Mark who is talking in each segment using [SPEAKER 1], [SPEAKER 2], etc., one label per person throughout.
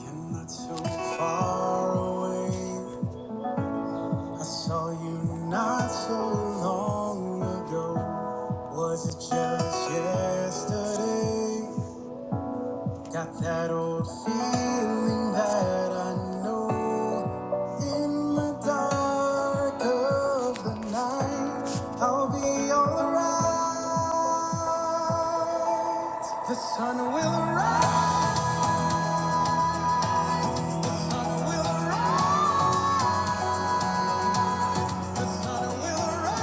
[SPEAKER 1] You're not so far away. I saw you not so long ago. Was it just yesterday? Got that old feeling that I know. In the dark of the night, I'll be alright. The sun will rise, will rise, will rise.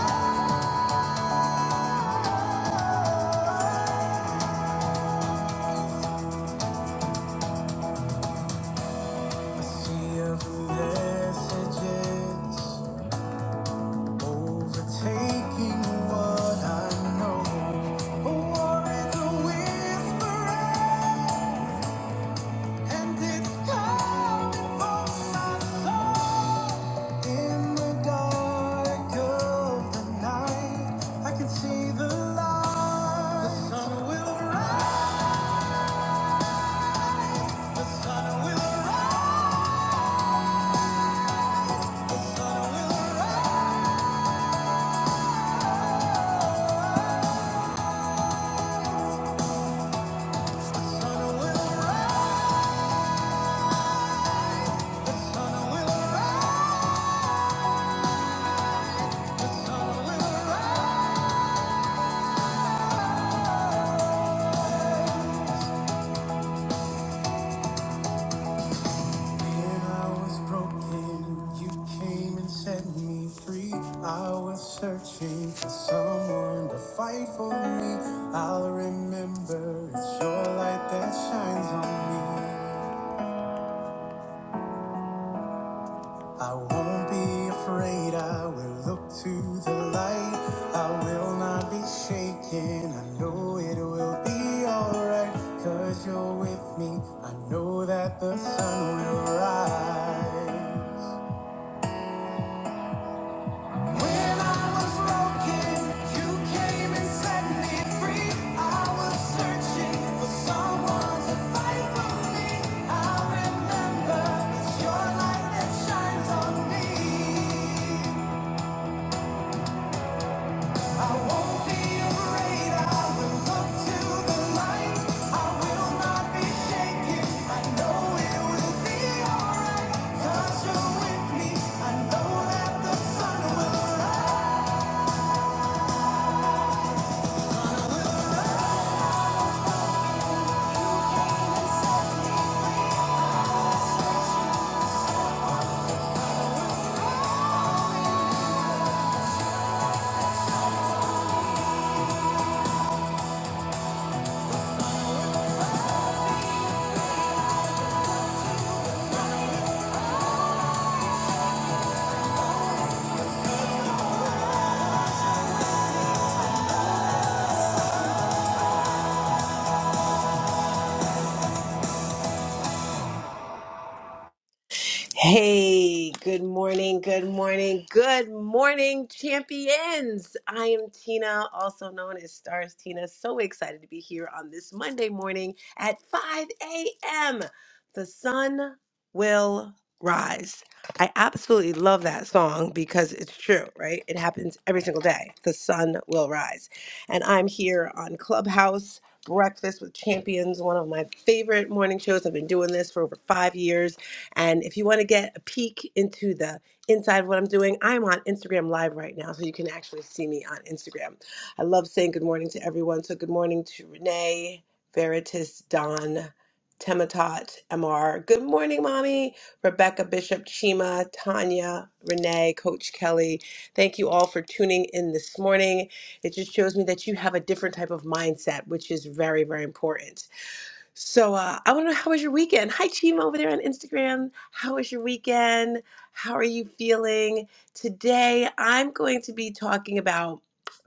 [SPEAKER 1] Sea of messages overtaking what I know. A war is a whisper, and it's coming for my soul. In the dark of the night, I can see the light. The sun will rise. The sun will rise. The sun will rise. sun will rise. sun will rise. sun will rise. When I was broken, you came and set me free. I was searching for someone to fight for me. I'll remember it's your light that shines on me. I won't be afraid, I will look to the light. I will not be shaken, I know it will be alright. Cause you're with me, I know that the sun will rise. When I was broken, you came and set me free. I was searching for someone to fight for me. I remember it's your light that shines on me. I won't be afraid. I will look to the light. I will not be shaken. I know it will be alright. 'Cause you're with me. I know that the sun will rise. set
[SPEAKER 2] Hey, good morning, good morning, good morning, champions. I am Tina, also known as Stars Tina. So excited to be here on this Monday morning at 5 a.m. The sun will rise. I absolutely love that song because it's true, right? It happens every single day. The sun will rise. And I'm here on Clubhouse Breakfast with Champions, one of my favorite morning shows. I've been doing this for over five years and if you want to get a peek into the inside of what I'm doing, I'm on Instagram Live right now, so you can actually see me on Instagram. I love saying good morning to everyone. So good morning to Renee, Veritas, Don, Tematot, MR. Good morning, mommy. Rebecca Bishop, Chima, Tanya, Renee, Coach Kelly. Thank you all for tuning in this morning. It just shows me that you have a different type of mindset, which is very, very important so uh, I want to know how was your weekend? Hi, Chima over there on Instagram. How was your weekend? How are you feeling? Today, I'm going to be talking about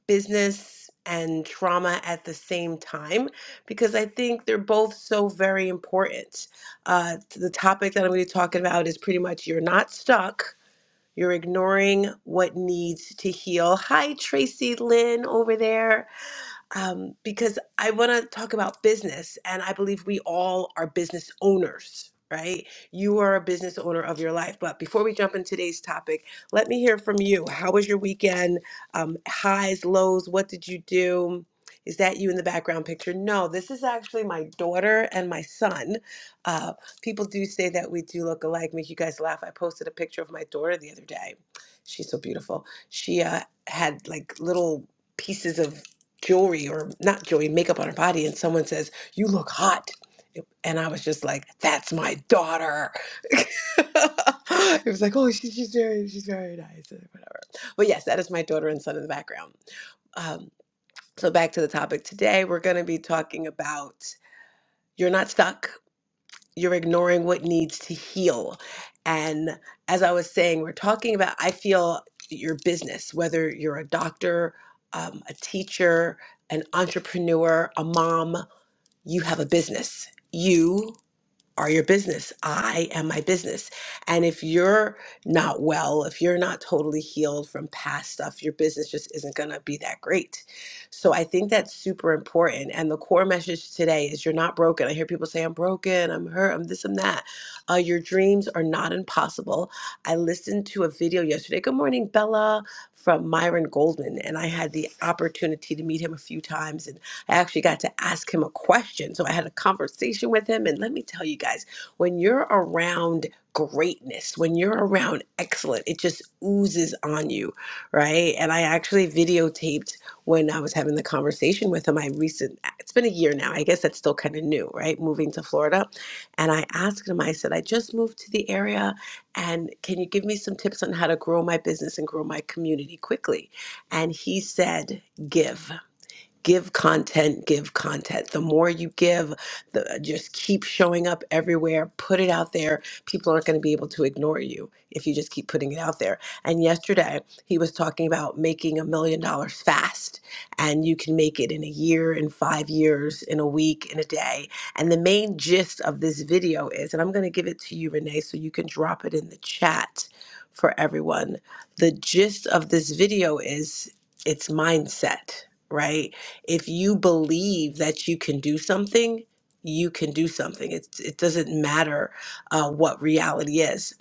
[SPEAKER 2] business and trauma at the same time because I think they're both so very important. Uh, the topic that I'm going to be talking about is pretty much you're not stuck. You're ignoring what needs to heal. Hi, Tracy Lynn over there um, because I want to talk about business, and I believe we all are business owners, right? You are a business owner of your life. But before we jump into today's topic, let me hear from you. How was your weekend? Um, highs, lows, what did you do? Is that you in the background picture? No, this is actually my daughter and my son. Uh, people do say that we do look alike, make you guys laugh. I posted a picture of my daughter the other day. She's so beautiful. She uh, had like little pieces of jewelry or not jewelry, makeup on her body, and someone says, You look hot. And I was just like, That's my daughter. it was like, Oh, she, she's very, she's very nice, or whatever. But yes, that is my daughter and son in the background. Um, so back to the topic today, we're going to be talking about you're not stuck you're ignoring what needs to heal. And as I was saying, we're talking about, I feel your business, whether you're a doctor, um, a teacher, an entrepreneur, a mom, you have a business. You are your business. I am my business. And if you're not well, if you're not totally healed from past stuff, your business just isn't going to be that great. So I think that's super important. And the core message today is you're not broken. I hear people say, I'm broken, I'm hurt, I'm this, I'm that. Uh, your dreams are not impossible. I listened to a video yesterday. Good morning, Bella, from Myron Goldman. And I had the opportunity to meet him a few times. I actually got to ask him a question. So I had a conversation with him. And let me tell you guys, when you're around greatness, when you're around excellent, it just oozes on you, right? And I actually videotaped when I was having the conversation with him. I recent it's been a year now. I guess that's still kind of new, right? Moving to Florida. And I asked him, I said, I just moved to the area and can you give me some tips on how to grow my business and grow my community quickly? And he said, give give content give content the more you give the just keep showing up everywhere put it out there people aren't going to be able to ignore you if you just keep putting it out there and yesterday he was talking about making a million dollars fast and you can make it in a year in 5 years in a week in a day and the main gist of this video is and I'm going to give it to you Renee so you can drop it in the chat for everyone the gist of this video is it's mindset right if you believe that you can do something, you can do something. It, it doesn't matter uh, what reality is.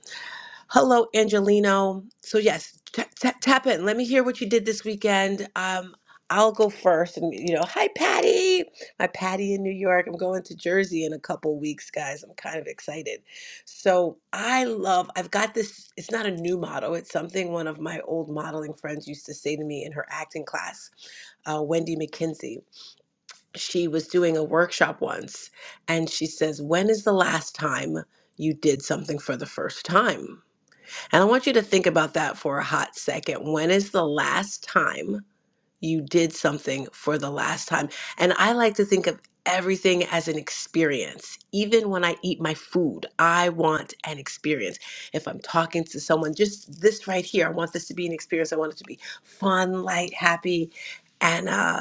[SPEAKER 2] Hello, Angelino. So, yes, t- t- tap in. Let me hear what you did this weekend. Um, I'll go first. And, you know, hi, Patty. My Patty in New York. I'm going to Jersey in a couple weeks, guys. I'm kind of excited. So, I love, I've got this, it's not a new motto, it's something one of my old modeling friends used to say to me in her acting class, uh, Wendy McKenzie she was doing a workshop once and she says, When is the last time you did something for the first time? And I want you to think about that for a hot second. When is the last time you did something for the last time? And I like to think of everything as an experience. Even when I eat my food, I want an experience. If I'm talking to someone, just this right here, I want this to be an experience. I want it to be fun, light, happy. And uh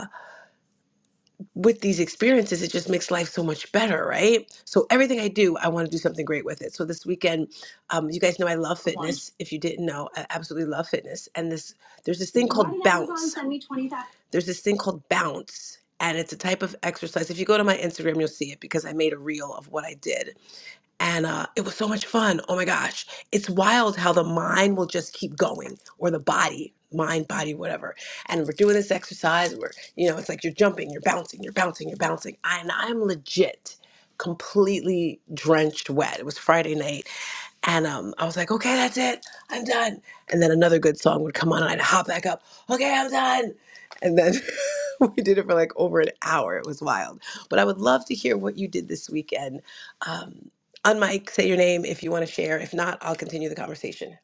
[SPEAKER 2] with these experiences, it just makes life so much better, right? So everything I do, I want to do something great with it. So this weekend, um, you guys know I love fitness. If you didn't know, I absolutely love fitness. And this, there's this thing called bounce. There's this thing called bounce, and it's a type of exercise. If you go to my Instagram, you'll see it because I made a reel of what I did and uh, it was so much fun. Oh my gosh, it's wild how the mind will just keep going, or the body, mind, body, whatever. And we're doing this exercise where you know it's like you're jumping, you're bouncing, you're bouncing, you're bouncing, I, and I'm legit completely drenched wet. It was Friday night and um, I was like, okay, that's it. I'm done. And then another good song would come on and I'd hop back up. Okay, I'm done. And then we did it for like over an hour. It was wild. But I would love to hear what you did this weekend. Um, on mic, say your name if you want to share. If not, I'll continue the conversation.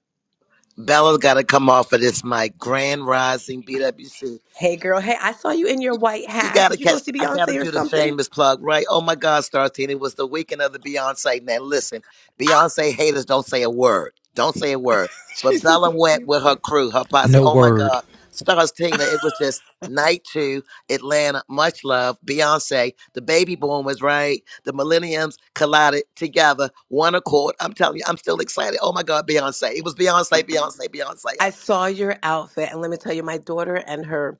[SPEAKER 3] Bella's got to come off of this mic. Grand Rising BWC.
[SPEAKER 2] Hey, girl. Hey, I saw you in your white
[SPEAKER 3] You
[SPEAKER 2] hat.
[SPEAKER 3] got to
[SPEAKER 2] Did you go
[SPEAKER 3] catch.
[SPEAKER 2] see
[SPEAKER 3] I got to
[SPEAKER 2] Beyonce or
[SPEAKER 3] do the
[SPEAKER 2] something?
[SPEAKER 3] shameless plug, right? Oh my God, Star it was the weekend of the Beyonce. Now listen, Beyonce haters don't say a word. Don't say a word.
[SPEAKER 2] She
[SPEAKER 3] But
[SPEAKER 2] said,
[SPEAKER 3] Bella
[SPEAKER 2] "Don't say
[SPEAKER 3] went
[SPEAKER 2] a
[SPEAKER 3] with
[SPEAKER 2] word."
[SPEAKER 3] her crew, her posse.
[SPEAKER 4] No
[SPEAKER 3] Oh my
[SPEAKER 4] word.
[SPEAKER 3] God, Stars it was just night two, Atlanta, much love, Beyonce. The baby boom was right. The millenniums collided together, one accord. I'm telling you, I'm still excited. Oh my God, Beyonce. It was Beyonce, Beyonce, Beyonce.
[SPEAKER 2] I saw your outfit, and let me tell you, my daughter and her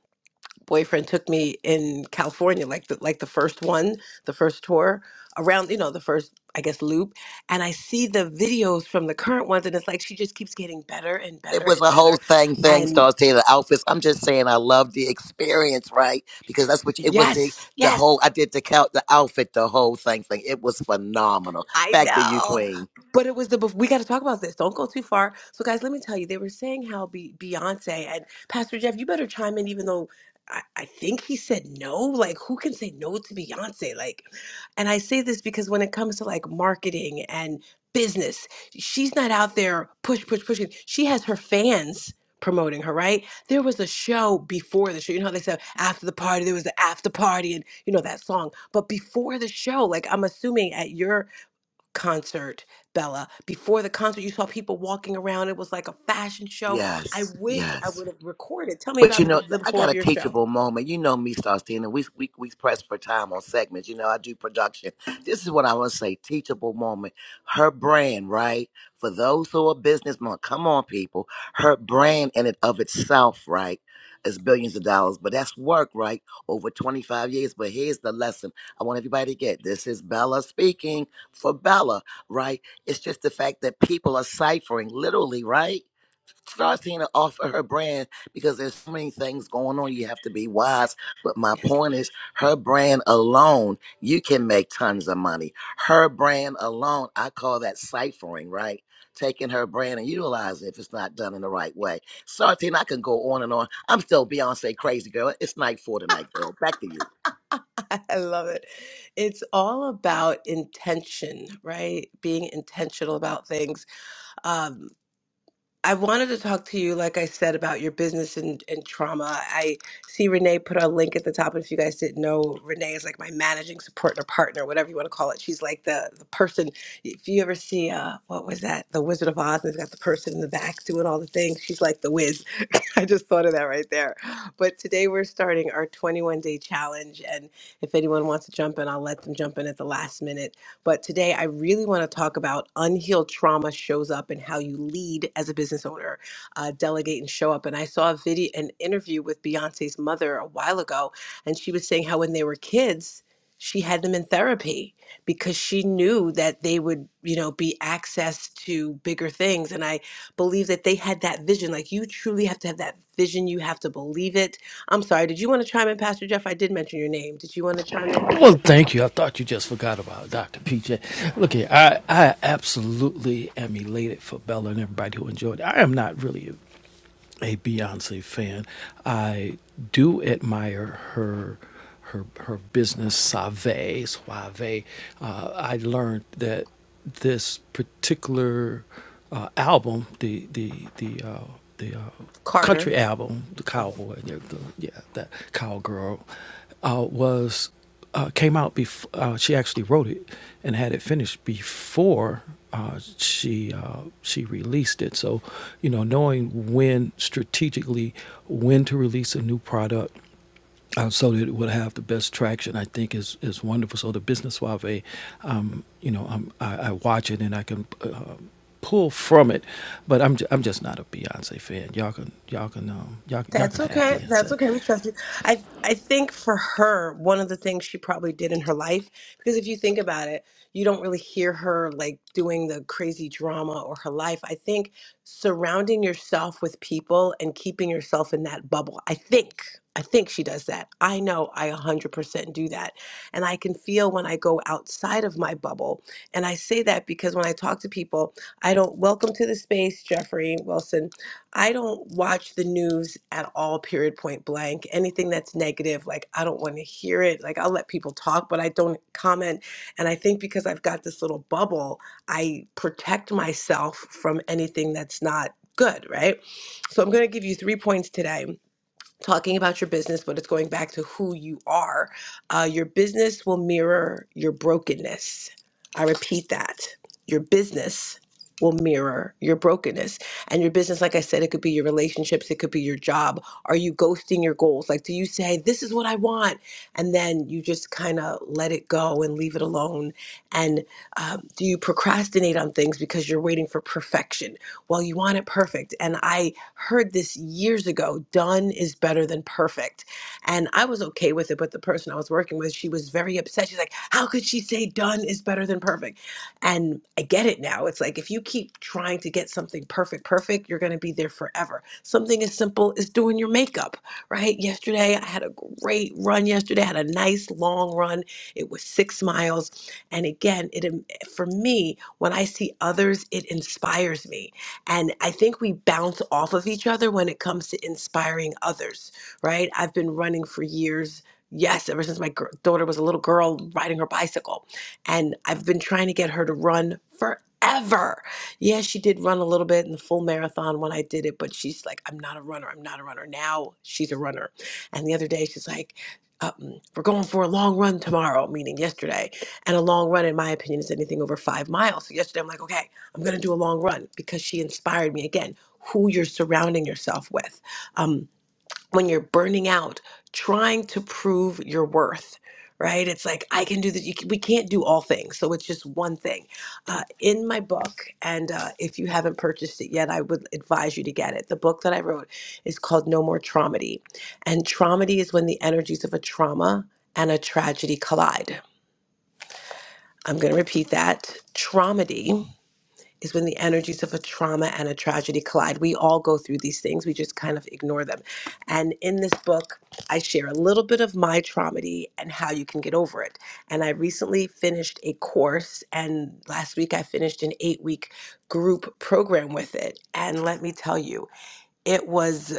[SPEAKER 2] boyfriend took me in California, like the like the first one, the first tour around, you know, the first I guess loop. And I see the videos from the current ones, and it's like she just keeps getting better and
[SPEAKER 3] It
[SPEAKER 2] better
[SPEAKER 3] was
[SPEAKER 2] and
[SPEAKER 3] a
[SPEAKER 2] better.
[SPEAKER 3] whole thing, thing,
[SPEAKER 2] And
[SPEAKER 3] Star Taylor outfits. I'm just saying, I love the experience, right? Because that's what it was the
[SPEAKER 2] yes,
[SPEAKER 3] the
[SPEAKER 2] yes,
[SPEAKER 3] whole. I did the count, the outfit, the whole thing, thing. It was phenomenal.
[SPEAKER 2] I
[SPEAKER 3] Back to you,
[SPEAKER 2] know.
[SPEAKER 3] Queen.
[SPEAKER 2] But it was the bef- we got to talk about this. Don't go too far. So, guys, let me tell you, they were saying how be- Beyonce and Pastor Jeff, you better chime in, even though I-, I think he said no. Like, who can say no to Beyonce? Like, and I say this because when it comes to like marketing and business, she's not out there push, push, pushing. She has her fans promoting her, right? There was a show before the show. You know how they said after the party, there was the after party, and you know that song. But before the show, like I'm assuming at your concert, Bella. Before the concert, you saw people walking around. It was like a fashion show. I
[SPEAKER 3] Yes,
[SPEAKER 2] wish I
[SPEAKER 3] yes.
[SPEAKER 2] would have recorded. Tell me
[SPEAKER 3] But
[SPEAKER 2] about
[SPEAKER 3] you
[SPEAKER 2] the,
[SPEAKER 3] know,
[SPEAKER 2] be- the
[SPEAKER 3] I
[SPEAKER 2] before
[SPEAKER 3] got
[SPEAKER 2] of
[SPEAKER 3] a
[SPEAKER 2] your show.
[SPEAKER 3] teachable moment. You know me, Faustina. We we we press for time on segments. You know, I do production. This is what I want to say: teachable moment. Her brand, right? For those who are business mom, come on, people. Her brand in and of itself, right, is billions of dollars. But that's work, right? Over twenty five years. But here's the lesson: I want everybody to get this. Is Bella speaking for Bella, right? It's just the fact that people are ciphering, literally, right? Startina offer her off of her brand because there's so many things going on. You have to be
[SPEAKER 2] Yes,
[SPEAKER 3] wise. But my
[SPEAKER 2] yes.
[SPEAKER 3] point is, her brand alone, you can make tons of money. Her brand alone, I call that ciphering, right? Taking her brand and utilizing it if it's not done in the right way. Startina, I can go on and on. I'm still Beyonce crazy girl. It's night four tonight, girl. Back to you.
[SPEAKER 2] I love it. It's all about intention, right? Being intentional about things. Um, I wanted to talk to you, like I said, about your business and, and trauma. I see Renee put a link at the top. And if you guys didn't know, Renee is like my managing support or partner, whatever you want to call it. She's like the, the person. If you ever see, uh, what was that? The Wizard of Oz, and it's got the person in the back doing all the things. She's like the whiz. I just thought of that right there. But today we're starting our 21 day challenge. And if anyone wants to jump in, I'll let them jump in at the last minute but today, I really want to talk about unhealed trauma shows up and how you lead as a business owner, uh, delegate and show up. And I saw a video, an interview with Beyonce's mother a while ago, and she was saying how when they were kids, she had them in therapy because she knew that they would, you know, be access to bigger things. And I believe that they had that vision. Like you truly have to have that vision. You have to believe it. I'm sorry. Did you want to chime in, Pastor Jeff? I did mention your name. Did you want to chime in?
[SPEAKER 4] Well, thank you. I thought you just forgot about Dr. PJ. Look here, I, I absolutely am elated for Bella and everybody who enjoyed it. I am not really a Beyonce fan. I do admire her her her business Save Suave. Uh, I learned that this particular uh, album, the the the uh, the uh,
[SPEAKER 2] Carter.
[SPEAKER 4] country album, the
[SPEAKER 2] Uh-huh.
[SPEAKER 4] cowboy, yeah, the, yeah that cowgirl, uh, was uh, came out before uh, she actually wrote it and had it finished before uh, she uh, she released it. So, you know, knowing when strategically when to release a new product. Uh, so that it would have the best traction, I think is is wonderful. So the business suave, um, you know, I'm, I, I watch it and I can uh, pull from it, but I'm j- I'm just not a Beyonce fan. Y'all can y'all can um, y'all y'all
[SPEAKER 2] That's
[SPEAKER 4] can have
[SPEAKER 2] okay. That's
[SPEAKER 4] Beyonce
[SPEAKER 2] okay. We trust you. I I think for her, one of the things she probably did in her life, because if you think about it, you don't really hear her like doing the crazy drama or her life. I think surrounding yourself with people and keeping yourself in that bubble. I think I think she does that. I know I 100% do that. And I can feel when I go outside of my bubble. And I say that because when I talk to people, I don't welcome to the space, Jeffrey Wilson. I don't watch the news at all, period, point blank. Anything that's negative, like, I don't want to hear it. Like, I'll let people talk, but I don't comment. And I think because I've got this little bubble, I protect myself from anything that's not good, right? So I'm going to give you three points today talking about your business, but it's going back to who you are. Uh, your business will mirror your brokenness. I repeat that. Your business will mirror your brokenness. And your business, like I said, it could be your relationships, it could be your job. Are you ghosting your goals? Like, do you say, This is what I want? And then you just kind of let it go and leave it alone. And um, do you procrastinate on things because you're waiting for perfection? Well, you want it perfect. And I, heard this years ago done is better than perfect. And I was okay with it, but the person I was working with, she was very upset. She's like, How could she say done is better than perfect? And I get it now. It's like if you keep trying to get something perfect, perfect, you're going to be there forever. Something as simple as doing your makeup, right? Yesterday, I had a great run yesterday. I had a nice long run. It was six miles. And again, it for me, when I see others, it inspires me and I think we bounce off of each other when it comes to inspiring others, right? I've been running for years. Yes, ever since my gir- daughter was a little girl riding her bicycle. And I've been trying to get her to run forever. Yeah, she did run a little bit in the full marathon when I did it, but she's like, I'm not a runner. I'm not a runner. Now she's a runner. And the other day, she's like, um, we're going for a long run tomorrow, meaning yesterday. And a long run, in my opinion, is anything over five miles. So yesterday, I'm like, okay, I'm going to do a long run because she inspired me again. Who you're surrounding yourself with. Um, when you're burning out, trying to prove your worth, right? It's like, I can do this. You can, we can't do all things. So it's just one thing. Uh, in my book, and uh, if you haven't purchased it yet, I would advise you to get it. The book that I wrote is called No More Traumedy. And traumedy is when the energies of a trauma and a tragedy collide. I'm going to repeat that. Traumedy is when the energies of a trauma and a tragedy collide. We all go through these things, we just kind of ignore them. And in this book, I share a little bit of my traumedy and how you can get over it. And I recently finished a course, and last week I finished an eight week group program with it. And let me tell you, it was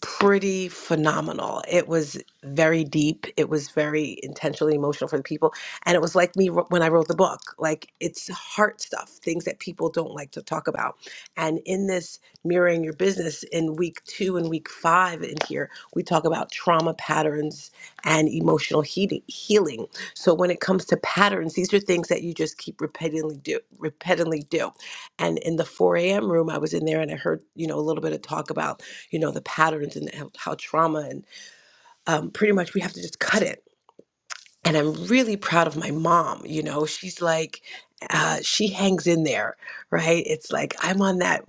[SPEAKER 2] pretty phenomenal. It was very deep. It was very intentionally emotional for the people. And it was like me wr- when I wrote the book. Like it's heart stuff, things that people don't like to talk about. And in this mirroring your business in week two and week five in here, we talk about trauma patterns and emotional heating, healing. So when it comes to patterns, these are things that you just keep repeatedly do, repeatedly do. And in the 4 a.m. room, I was in there and I heard, you know, a little bit of talk about you know the patterns and how, how trauma and um, pretty much we have to just cut it and I'm really proud of my mom. You know, she's like, uh, she hangs in there, right? It's like I'm on that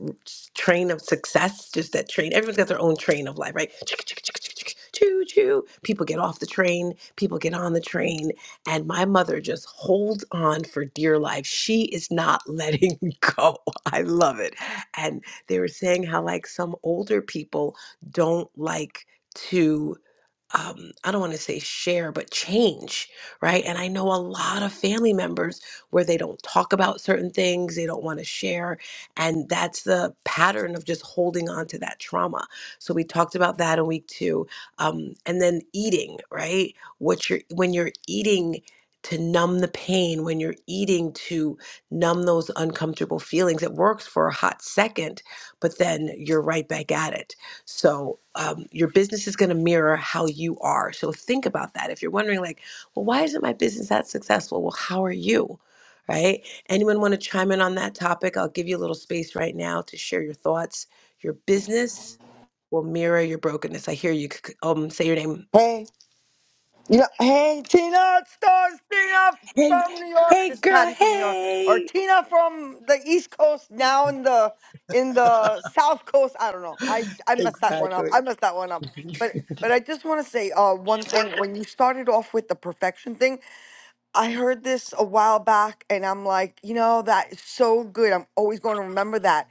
[SPEAKER 2] train of success, just that train. Everyone's got their own train of life, right? Chicka, chicka, chicka, chicka, chicka, Choo choo. People get off the train, people get on the train, and my mother just holds on for dear life. She is not letting go. I love it. And they were saying how, like, some older people don't like to um, I don't want to say share, but change, right? And I know a lot of family members where they don't talk about certain things, they don't want to share. And that's the pattern of just holding on to that trauma. So we talked about that in week two. Um, and then eating, right? What you're, when you're eating, to numb the pain when you're eating to numb those uncomfortable feelings it works for a hot second but then you're right back at it so um, your business is going to mirror how you are. So think about that. If you're wondering, like, well, why isn't my business that successful? Well, how are you? Right? Anyone want to chime in on that topic? I'll give you a little space right now to share your thoughts. Your business will mirror your brokenness. I hear you. c- c- Um, say your name.
[SPEAKER 5] Hey, you know, hey, Tina, it's Stars, Tina
[SPEAKER 2] Hey,
[SPEAKER 5] from New York.
[SPEAKER 2] hey,
[SPEAKER 5] It's
[SPEAKER 2] girl.
[SPEAKER 5] Patty from New York, or
[SPEAKER 2] Hey.
[SPEAKER 5] Tina from the East Coast now in the in the South Coast. I don't know. I I messed that one up.
[SPEAKER 2] Exactly.
[SPEAKER 5] I messed that one up. But but I just want to say uh one thing. When you started off with the perfection thing, I heard this a while back, and I'm like, you know, that is so good. I'm always going to remember that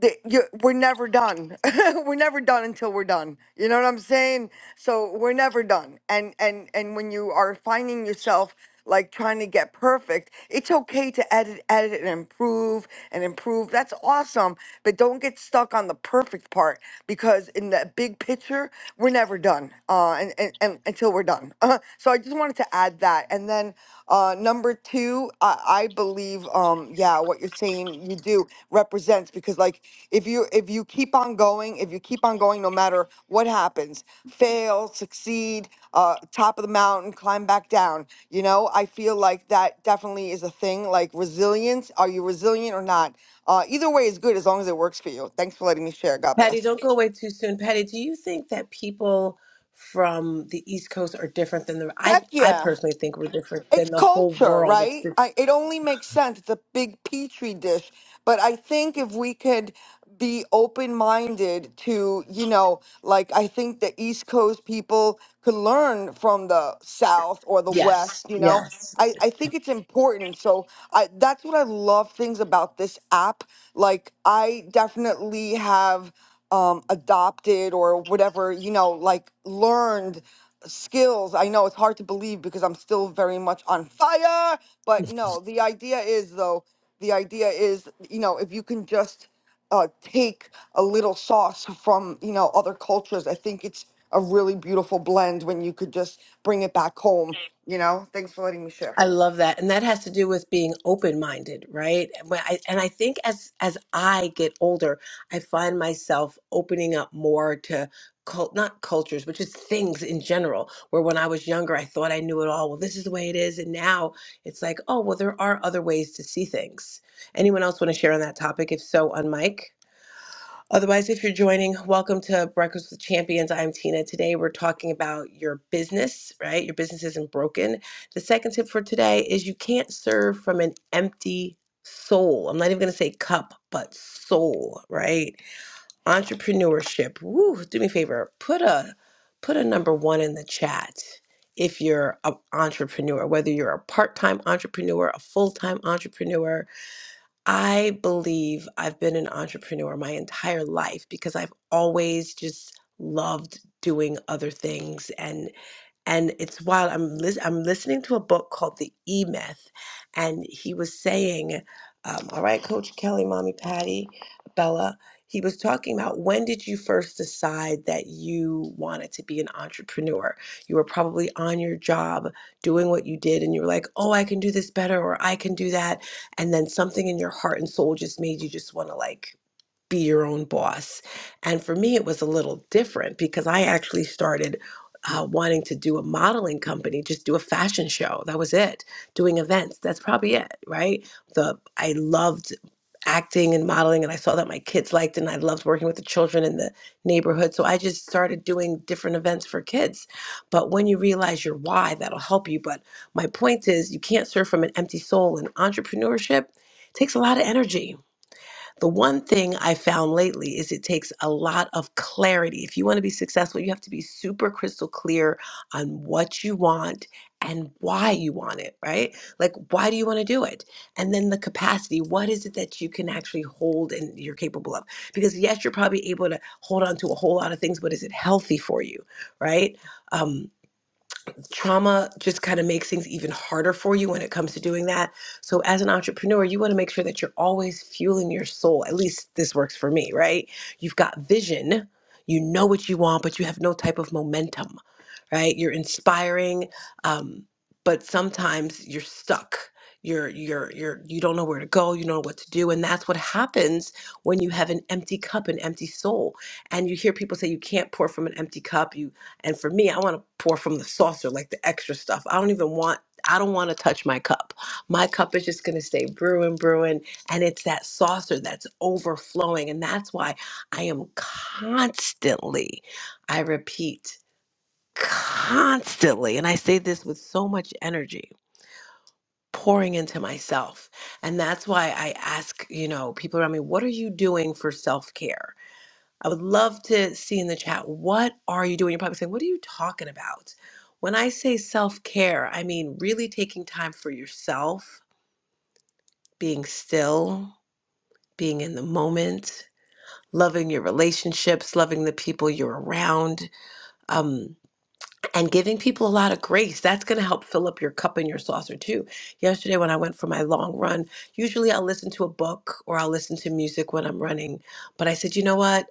[SPEAKER 5] the, you we're never done. we're never done until we're done. You know what I'm saying? So we're never done. And and and when you are finding yourself like trying to get perfect, it's okay to edit, edit, and improve and improve. That's awesome. But don't get stuck on the perfect part because in the big picture, we're never done. Uh, and, and, and until we're done. Uh, so I just wanted to add that. And then uh, number two, I, I believe, um, yeah, what you're saying you do represents because like if you if you keep on going, if you keep on going, no matter what happens, fail, succeed, uh, top of the mountain, climb back down. You know, I feel like that definitely is a thing. Like resilience, are you resilient or not? Uh, either way is good as long as it works for you. Thanks for letting me share. God
[SPEAKER 2] Patty,
[SPEAKER 5] bless.
[SPEAKER 2] don't go away too soon. Patty, do you think that people from the East Coast are different than the I
[SPEAKER 5] Heck
[SPEAKER 2] I
[SPEAKER 5] yeah.
[SPEAKER 2] personally think we're different
[SPEAKER 5] It's
[SPEAKER 2] than the whole
[SPEAKER 5] culture,
[SPEAKER 2] world. It's
[SPEAKER 5] right?
[SPEAKER 2] the,
[SPEAKER 5] I, it only makes sense. It's a big petri dish. But I think if we could be open minded to, you know, like I think the East Coast people could learn from the South or the
[SPEAKER 2] yes.
[SPEAKER 5] West, you know,
[SPEAKER 2] Yes.
[SPEAKER 5] I, I think it's important. So I, that's what I love things about this app. Like, I definitely have um, adopted or whatever, you know, like learned skills. I know it's hard to believe because I'm still very much on fire, but no, the idea is though, the idea is, you know, if you can just uh, take a little sauce from, you know, other cultures, I think it's a really beautiful blend when you could just bring it back home, you know? Thanks for letting me share.
[SPEAKER 2] I love that. And that has to do with being open-minded, right? When I- And I think as as I get older, I find myself opening up more to cult not cultures, but just things in general. Where when I was younger, I thought I knew it all. Well, this is the way it is. And now it's like, oh, well, there are other ways to see things. Anyone else want to share on that topic? If so, on mic. Otherwise, if you're joining, welcome to Breakfast with Champions. I'm Tina. Today, we're talking about your business, right? Your business isn't broken. The second tip for today is you can't serve from an empty soul. I'm not even going to say cup, but soul, right? Entrepreneurship. Woo, do me a favor. Put a put a number 1 in the chat if you're an entrepreneur, whether you're a part-time entrepreneur, a full-time entrepreneur, I believe I've been an entrepreneur my entire life because I've always just loved doing other things and it's while I'm lis- I'm listening to a book called The E Myth, and he was saying, um, "All right, Coach Kelly, Mommy Patty, Bella." He was talking about when did you first decide that you wanted to be an entrepreneur? You were probably on your job doing what you did, and you were like, "Oh, I can do this better," or "I can do that," and then something in your heart and soul just made you just want to like be your own boss. And for me, it was a little different because I actually started uh, wanting to do a modeling company, just do a fashion show. That was it. Doing events. That's probably it, right? The I loved acting and modeling, and I saw that my kids liked it, and I loved working with the children in the neighborhood. So I just started doing different events for kids. But when you realize your why, that'll help you. But my point is, you can't serve from an empty soul, and entrepreneurship takes a lot of energy the one thing I found lately is it takes a lot of clarity. If you want to be successful, you have to be super crystal clear on what you want and why you want it, right? Like, why do you want to do it? And then the capacity what is it that you can actually hold and you're capable of? Because, yes, you're probably able to hold on to a whole lot of things, but is it healthy for you, right? Um, trauma just kind of makes things even harder for you when it comes to doing that. So, as an entrepreneur, you want to make sure that you're always fueling your soul. At least this works for me, right? You've got vision, you know what you want, but you have no type of momentum, right? You're inspiring, um, but sometimes you're stuck. You're you're you're you don't know where to go. You don't know what to do, and that's what happens when you have an empty cup, an empty soul. And you hear people say you can't pour from an empty cup. And for me, I want to pour from the saucer, like the extra stuff. I don't even want, I don't want to touch my cup. My cup is just going to stay brewing, brewing. And it's that saucer that's overflowing. And that's why I am constantly, I repeat, constantly, and I say this with so much energy. Pouring into myself. And that's why I ask, you know, people around me, what are you doing for self care? I would love to see in the chat what are you doing? You're probably saying, What are you talking about? When I say self care, I mean really taking time for yourself, being still, being in the moment, loving your relationships, loving the people you're around, um, and giving people a lot of grace. That's going to help fill up your cup and your saucer too. Yesterday, when I went for my long run, usually I'll listen to a book or I'll listen to music when I'm running. But I said, You know what?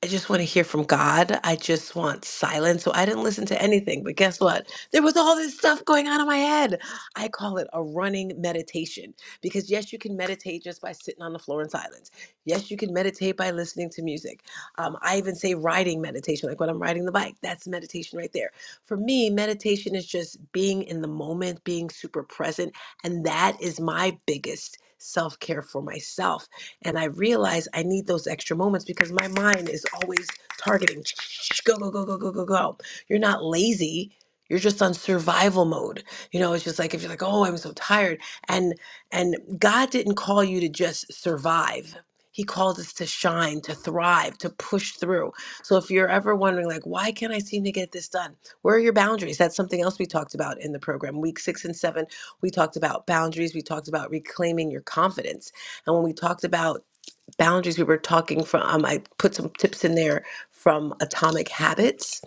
[SPEAKER 2] I just want to hear from God. I just want silence. So I didn't listen to anything. But guess what? There was all this stuff going on in my head. I call it a running meditation because, yes, you can meditate just by sitting on the floor in silence. Yes, you can meditate by listening to music. Um, I even say riding meditation, like when I'm riding the bike. That's meditation right there. For me, meditation is just being in the moment, being super present. And that is my biggest self care for myself and I realize I need those extra moments because my mind is always targeting go, go, go, go, go, go, go. You're not lazy. You're just on survival mode. You know, it's just like if you're like, oh, I'm so tired. And and God didn't call you to just survive. He called us to shine, to thrive, to push through. So if you're ever wondering, like, why can't I seem to get this done? Where are your boundaries? That's something else we talked about in the program. Week six and seven, we talked about boundaries. We talked about reclaiming your confidence and when we talked about boundaries, we were talking from, um, I put some tips in there from Atomic Habits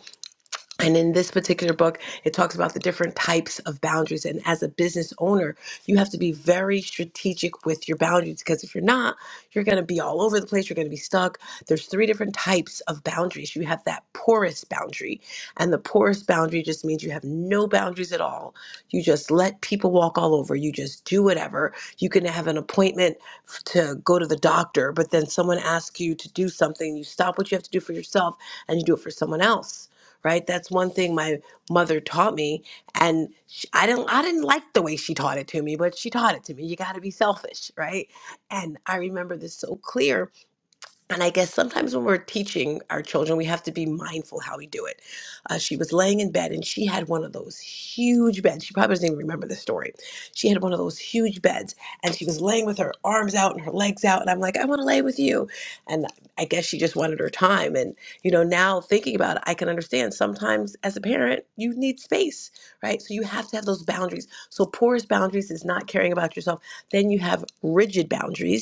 [SPEAKER 2] and in this particular book, it talks about the different types of boundaries. And as a business owner, you have to be very strategic with your boundaries because if you're not, you're going to be all over the place. You're going to be stuck. There's three different types of boundaries. You have that porous boundary. And the porous boundary just means you have no boundaries at all. You just let people walk all over. You just do whatever. You can have an appointment f- to go to the doctor, but then someone asks you to do something. You stop what you have to do for yourself and you do it for someone else right? That's one thing my mother taught me, and sh I didn't I didn't like the way she taught it to me, but she taught it to me. You got to be selfish, right? And I remember this so clear and I guess sometimes when we're teaching our children, we have to be mindful how we do it. Uh, she was laying in bed and she had one of those huge beds. She probably doesn't even remember the story. She had one of those huge beds and she was laying with her arms out and her legs out. And I'm like, I want to lay with you. And I guess she just wanted her time. And, you know, now thinking about it, I can understand sometimes as a parent, you need space, right? So you have to have those boundaries. So porous boundaries is not caring about yourself. Then you have rigid boundaries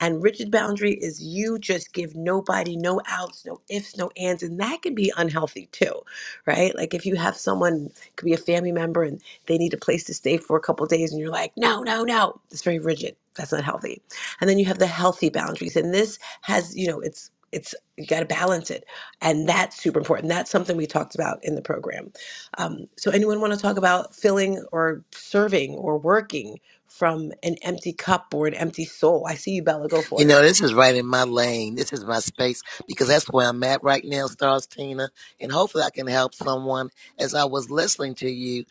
[SPEAKER 2] and rigid boundary is you just give nobody no outs, no ifs, no ands. And that can be unhealthy too, right? Like if you have someone, it could be a family member, and they need a place to stay for a couple days, and you're like, no, no, no. It's very rigid. That's not healthy. And then you have the healthy boundaries. And this has, you know, it's, it's you got to balance it and that's super important that's something we talked about in the program um, so anyone want to talk about filling or serving or working from an empty cup or an empty soul. I see you, Bella. Go
[SPEAKER 3] You
[SPEAKER 2] for it.
[SPEAKER 3] know, this is right in my lane. This is my space because that's where I'm at right now, Stars Tina. And hopefully I can help someone as I was listening to you.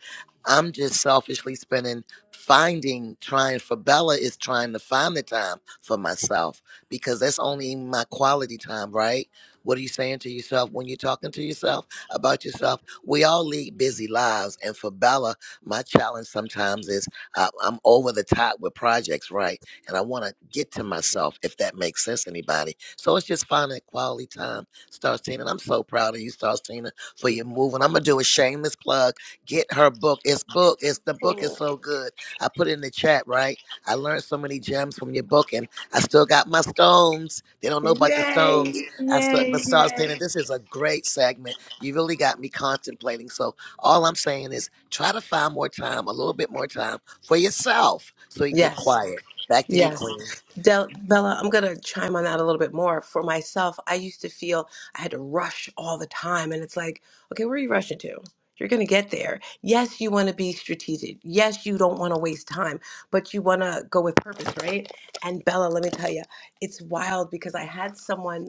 [SPEAKER 3] I'm just selfishly spending, finding, trying for Bella is trying to find the time for myself because that's only my quality time, right? What are you saying to yourself when you're talking to yourself about yourself? We all lead busy lives. And for Bella, my challenge sometimes is uh, I'm over the top with projects, right? and I want to get to myself, if that makes sense to anybody. So it's just finding that quality time, Starstina. And I'm so proud of you, Starstina, for your move. And I'm going to do a shameless plug. Get her book. It's book. It's the book is
[SPEAKER 2] Mm.
[SPEAKER 3] so good. I put it in the chat, right? I learned so many gems from your book, and I still got my stones. They don't know about the stones.
[SPEAKER 2] Yay!
[SPEAKER 3] I still, but
[SPEAKER 2] Yay!
[SPEAKER 3] Starstina,
[SPEAKER 2] Yay!
[SPEAKER 3] this is a great segment. You really got me contemplating. So all I'm saying is try to find more time, a little bit more time for yourself so you can get
[SPEAKER 2] Yes.
[SPEAKER 3] quiet. Back to you,
[SPEAKER 2] Yes.
[SPEAKER 3] Queen.
[SPEAKER 2] Del- Bella, I'm going to chime on that a little bit more. For myself, I used to feel I had to rush all the time. And it's like, okay, where are you rushing to? You're going to get there. Yes, you want to be strategic. Yes, you don't want to waste time, but you want to go with purpose, right? And Bella, let me tell you, it's wild because I had someone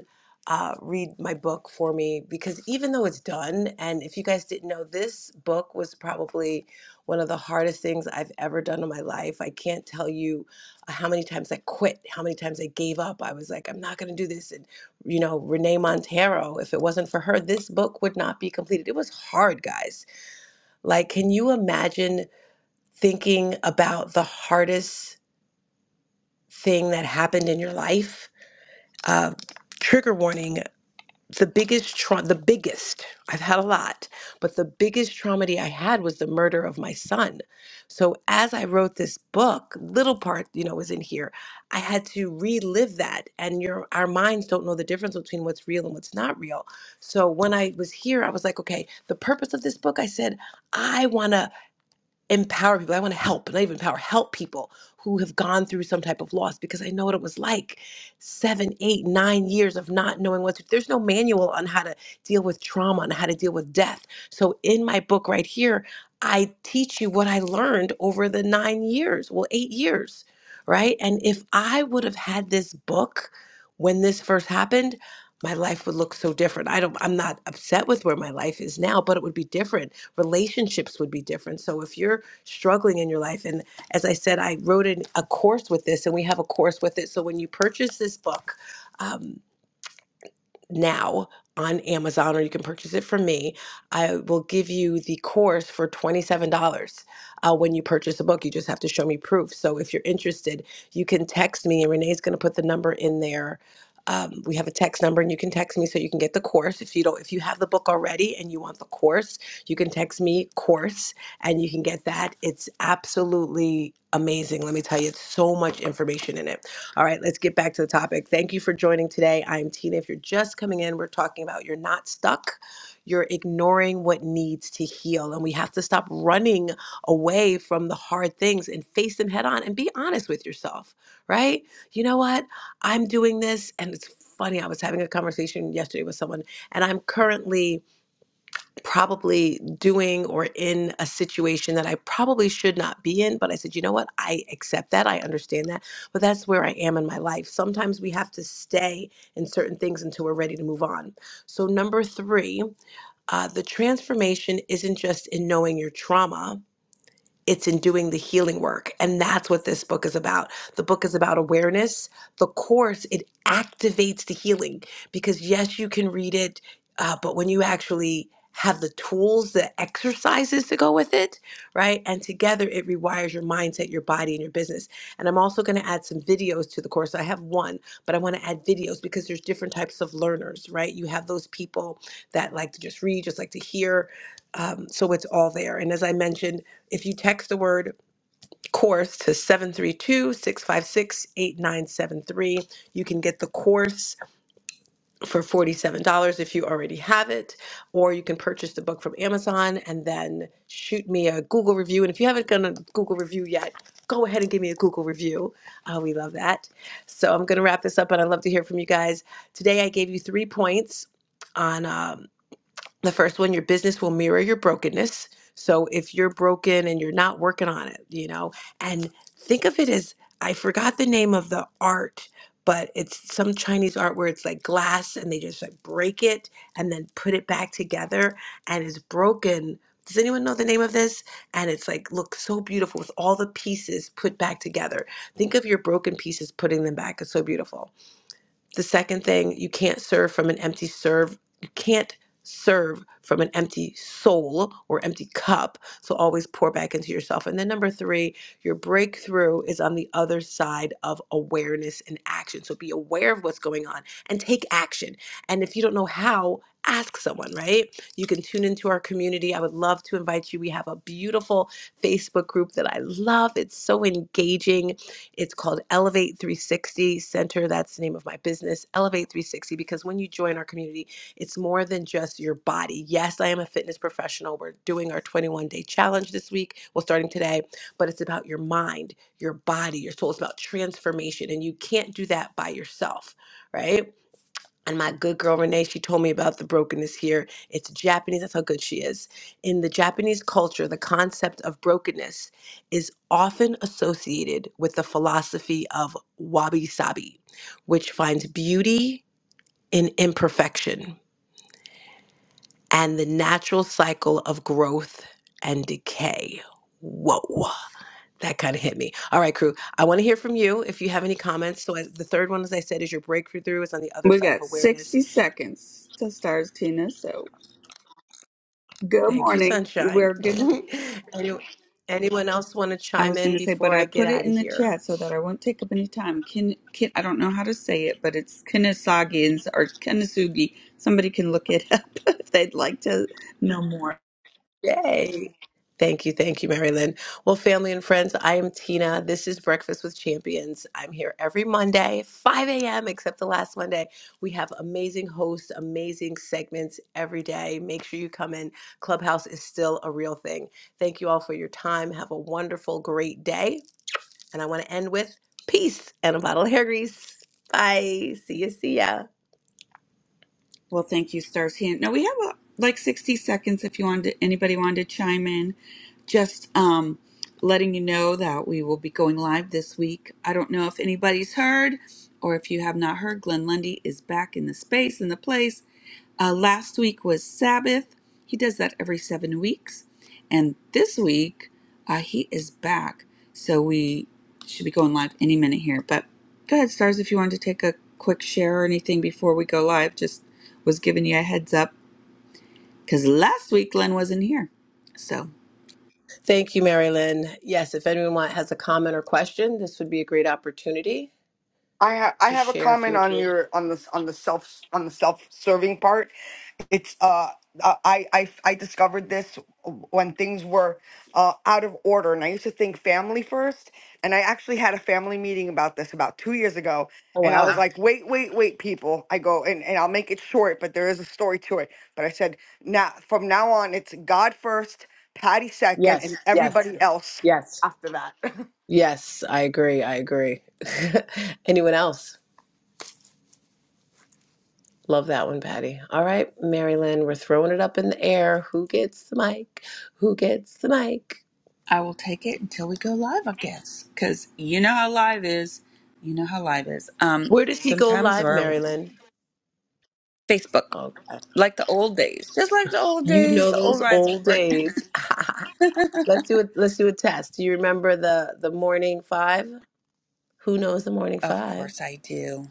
[SPEAKER 2] uh, read my book for me because even though it's done, and if you guys didn't know, this book was probably one of the hardest things I've ever done in my life. I can't tell you how many times I quit, how many times I gave up. I was like, I'm not going to do this. And, you know, Renee Montero, if it wasn't for her, this book would not be completed. It was hard, guys. Like, can you imagine thinking about the hardest thing that happened in your life? Uh, trigger warning the biggest trauma, the biggest, I've had a lot, but the biggest traumedy I had was the murder of my son. So as I wrote this book, little part, you know, was in here. I had to relive that. And your our minds don't know the difference between what's real and what's not real. So when I was here, I was like, okay, the purpose of this book, I said, I wanna empower people. I want to help, and I even empower help people who have gone through some type of loss because I know what it was like seven, eight, nine years of not knowing what to. There's no manual on how to deal with trauma and how to deal with death. So in my book right here, I teach you what I learned over the nine years, well, eight years, right? And if I would have had this book when this first happened. My life would look so different. I don't. I'm not upset with where my life is now, but it would be different relationships would be different. So if you're struggling in your life. And as I said, I wrote in a course with this, and we have a course with it. So when you purchase this book, um, now on Amazon, or you can purchase it from me. I will give you the course for $27 uh, when you purchase a book. You just have to show me proof. So if you're interested, you can text me, and Renee's going to put the number in there. Um, we have a text number, and you can text me so you can get the course. If you don't, if you have the book already and you want the course, you can text me course, and you can get that. It's absolutely amazing. Let me tell you, it's so much information in it. All right, let's get back to the topic. Thank you for joining today. I am Tina. If you're just coming in, we're talking about you're not stuck. You're ignoring what needs to heal. And we have to stop running away from the hard things and face them head on and be honest with yourself, right? You know what? I'm doing this. And it's funny, I was having a conversation yesterday with someone, and I'm currently probably doing or in a situation that I probably should not be in. But I said, you know what? I accept that. I understand that. But that's where I am in my life. Sometimes we have to stay in certain things until we're ready to move on. So, number three, uh, the transformation isn't just in knowing your trauma it's in doing the healing work and that's what this book is about the book is about awareness the course it activates the healing because yes you can read it uh, but when you actually have the tools the exercises to go with it right and together it rewires your mindset your body and your business and i'm also going to add some videos to the course i have one but i want to add videos because there's different types of learners right you have those people that like to just read just like to hear um, so it's all there and as i mentioned if you text the word course to 732 656 8973, you can get the course for $47 if you already have it, or you can purchase the book from Amazon and then shoot me a Google review. And if you haven't done a Google review yet, go ahead and give me a Google review. Uh, we love that. So I'm going to wrap this up, and I'd love to hear from you guys. Today, I gave you three points on. um, the first one, your business will mirror your brokenness. So if you're broken and you're not working on it, you know, and think of it as I forgot the name of the art, but it's some Chinese art where it's like glass and they just like break it and then put it back together and it's broken. Does anyone know the name of this? And it's like, look so beautiful with all the pieces put back together. Think of your broken pieces, putting them back. It's so beautiful. The second thing, you can't serve from an empty serve. You can't serve from an empty soul or empty cup. So always pour back into yourself. And then number three, your breakthrough is on the other side of awareness and action. So be aware of what's going on and take action. And if you don't know how, ask someone, right? You can tune into our community. I would love to invite you. We have a beautiful Facebook group that I love. It's so engaging it's called Elevate 360 Center. That's the name of my business, Elevate 360, because when you join our community, it's more than just your body. Yes, I am a fitness professional. We're doing our 21 day challenge this week. Well, starting today, but it's about your mind, your body, your soul. It's about transformation. And you can't do that by yourself, right? And my good girl Renee, she told me about the brokenness here. It's Japanese. That's how good she is. In the Japanese culture, the concept of brokenness is often associated with the philosophy of wabi sabi, which finds beauty in imperfection and the natural cycle of growth and decay. Whoa, that kind of hit me. All right, crew, I want to hear from you if you have any comments. So, as the third one, as I said, is your breakthrough is on the other
[SPEAKER 6] We
[SPEAKER 2] side of
[SPEAKER 6] got
[SPEAKER 2] awareness
[SPEAKER 6] 60 seconds to start, Tina. So, good
[SPEAKER 2] Thank you,
[SPEAKER 6] morning.
[SPEAKER 2] sunshine.
[SPEAKER 6] We're going to be,
[SPEAKER 2] Any- anyone else want to
[SPEAKER 6] I
[SPEAKER 2] chime
[SPEAKER 6] was going
[SPEAKER 2] in
[SPEAKER 6] to say, but
[SPEAKER 2] before
[SPEAKER 6] I
[SPEAKER 2] I get
[SPEAKER 6] put it
[SPEAKER 2] out of
[SPEAKER 6] in the
[SPEAKER 2] here?
[SPEAKER 6] chat so that I won't take up any time. Kin, kin, I don't know how to say it, but it's Kinesagians or Kinesugi. Somebody can look it up if they'd like to know more.
[SPEAKER 2] Yay. Thank you. Thank you, Mary Lynn. Well, family and friends, I am Tina. This is Breakfast with Champions. I'm here every Monday, 5 a.m., except the last Monday. We have amazing hosts, amazing segments every day. Make sure you come in. Clubhouse is still a real thing. Thank you all for your time. Have a wonderful, great day. And I want to end with peace and a bottle of hair grease. Bye. See ya. See ya.
[SPEAKER 6] Well, thank you, Stars. Hand. Now we have uh, like 60 seconds if you wanted anybody wanted to chime in. Just um, letting you know that we will be going live this week. I don't know if anybody's heard or if you have not heard, Glenn Lundy is back in the space in the place. Uh, last week was Sabbath. He does that every seven weeks. And this week, uh, he is back. So we should be going live any minute here. But go ahead, Stars, if you wanted to take a quick share or anything before we go live, just was giving you a heads up because last week Glenn wasn't here. So
[SPEAKER 2] Thank you, Mary Lynn. Yes, if anyone want- has a comment or question, this would be a great opportunity
[SPEAKER 5] I have I
[SPEAKER 2] to
[SPEAKER 5] have a
[SPEAKER 2] share if you
[SPEAKER 5] comment on
[SPEAKER 2] agree.
[SPEAKER 5] your on the on the self on the self serving part. It's uh uh, I I I discovered this when things were uh, out of order, and I used to think family first. And I actually had a family meeting about this about two years ago,
[SPEAKER 2] Oh,
[SPEAKER 5] and I
[SPEAKER 2] wow.
[SPEAKER 5] was like, wait, wait, wait, people. I go and and I'll make it short, but there is a story to it. But I said now from now on, it's God first, Patty second,
[SPEAKER 2] Yes,
[SPEAKER 5] and
[SPEAKER 2] yes,
[SPEAKER 5] everybody else
[SPEAKER 2] yes.
[SPEAKER 5] after that.
[SPEAKER 2] Yes, I agree. I agree. anyone else? Love that one, Patty. All right, Mary Lynn, we're throwing it up in the air. Who gets the mic? Who gets the mic?
[SPEAKER 6] I will take it until we go live, I guess. Because you know how live is. You know how live is. Um,
[SPEAKER 2] Where does he go
[SPEAKER 6] sometimes
[SPEAKER 2] live,
[SPEAKER 6] we're
[SPEAKER 2] Mary Lynn?
[SPEAKER 6] Facebook,
[SPEAKER 2] Okay.
[SPEAKER 6] like the old days, just like the old
[SPEAKER 2] You
[SPEAKER 6] days,
[SPEAKER 2] know
[SPEAKER 6] the
[SPEAKER 2] those
[SPEAKER 6] old rising
[SPEAKER 2] old
[SPEAKER 6] brain.
[SPEAKER 2] days. let's do it. Let's do a test. Do you remember the the morning five? Who knows the morning
[SPEAKER 6] Of
[SPEAKER 2] five?
[SPEAKER 6] course I do.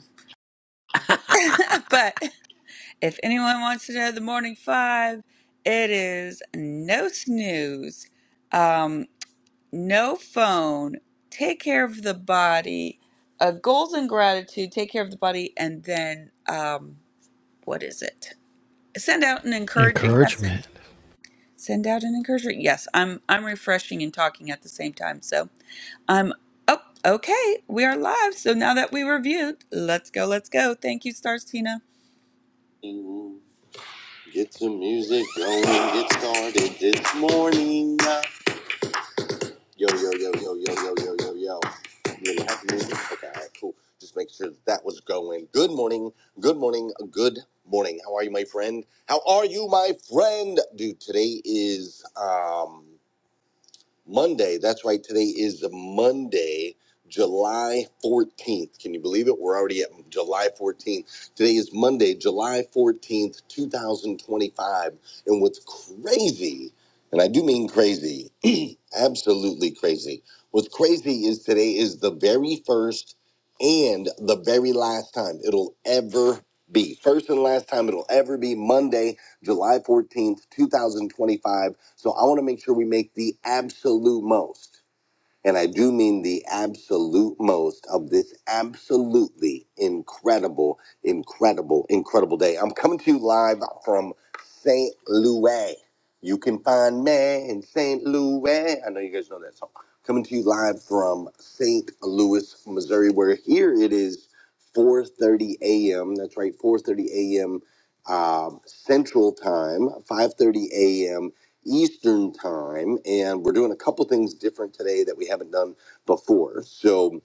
[SPEAKER 6] but if anyone wants to know the morning five, it is no snooze, um, no phone, take care of the body, uh, goals and gratitude, take care of the body, and then um, what is it? Send out an encouraging message.
[SPEAKER 4] encouragement.
[SPEAKER 6] Send out an encouragement. Yes, I'm I'm refreshing and talking at the same time. So I'm oh okay. We are live. So now that we reviewed, let's go, let's go. Thank you, Stars Tina. Get some music going, get started this morning. Yo, yo, yo, yo, yo, yo, yo, yo, yo. You gonna have music? Okay, all right, cool. Just make sure that, that was going. Good morning, good morning, good morning. How are you, my friend? How are you, my friend? Dude, today is, um. Monday. That's right. Today is Monday, July 14th. Can you believe it? We're already at July 14th. Today is Monday, July 14th, 2025. And what's crazy, and I do mean crazy, absolutely crazy, what's crazy is today is the very first and the very last time it'll ever be. First and last time it'll ever be Monday, July 14th, 2025 so I want to make sure we make the absolute most, and I do mean the absolute most of this absolutely incredible, incredible, incredible day. I'm coming to you live from St. Louis. You can find me in St. Louis. I know you guys know that song. Coming to you live from St. Louis, Missouri, where here it is 4:30 a.m. That's right, 4:30 a.m. Um, Central Time, 5:30 a.m. Eastern Time, and we're doing a couple things different today that we haven't done before. So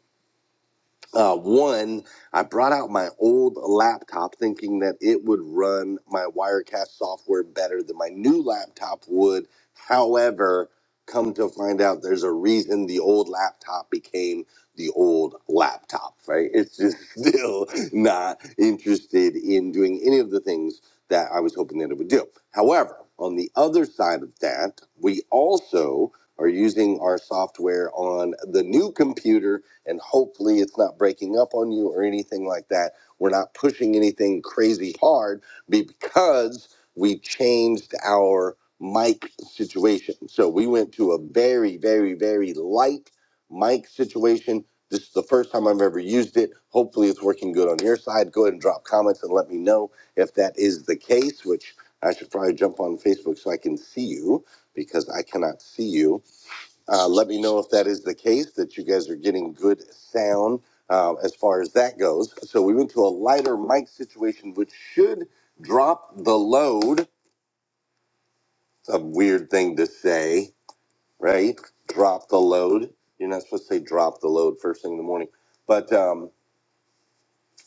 [SPEAKER 6] uh, one, I brought out my old laptop thinking that it would run my Wirecast software better than my new laptop would. However, come to find out there's a reason the old laptop became the old laptop, right? It's just still not interested in doing any of the things that I was hoping that it would do. However, on the other side of that, we also are using our software on the new computer and hopefully it's not breaking up on you or anything like that. We're not pushing anything crazy hard because we changed our mic situation. So we went to a very, very, very light mic situation. This is the first time I've ever used it. Hopefully, it's working good on your side. Go ahead and drop comments and let me know if that is the case, which I should probably jump on Facebook so I can see you because I cannot see you. Uh, let me know if that is the case, that you guys are getting good sound uh, as far as that goes. So we went to a lighter mic situation, which should drop the load. It's a weird thing to say, right? Drop the load. You're not supposed to say drop the load first thing in the morning. But um,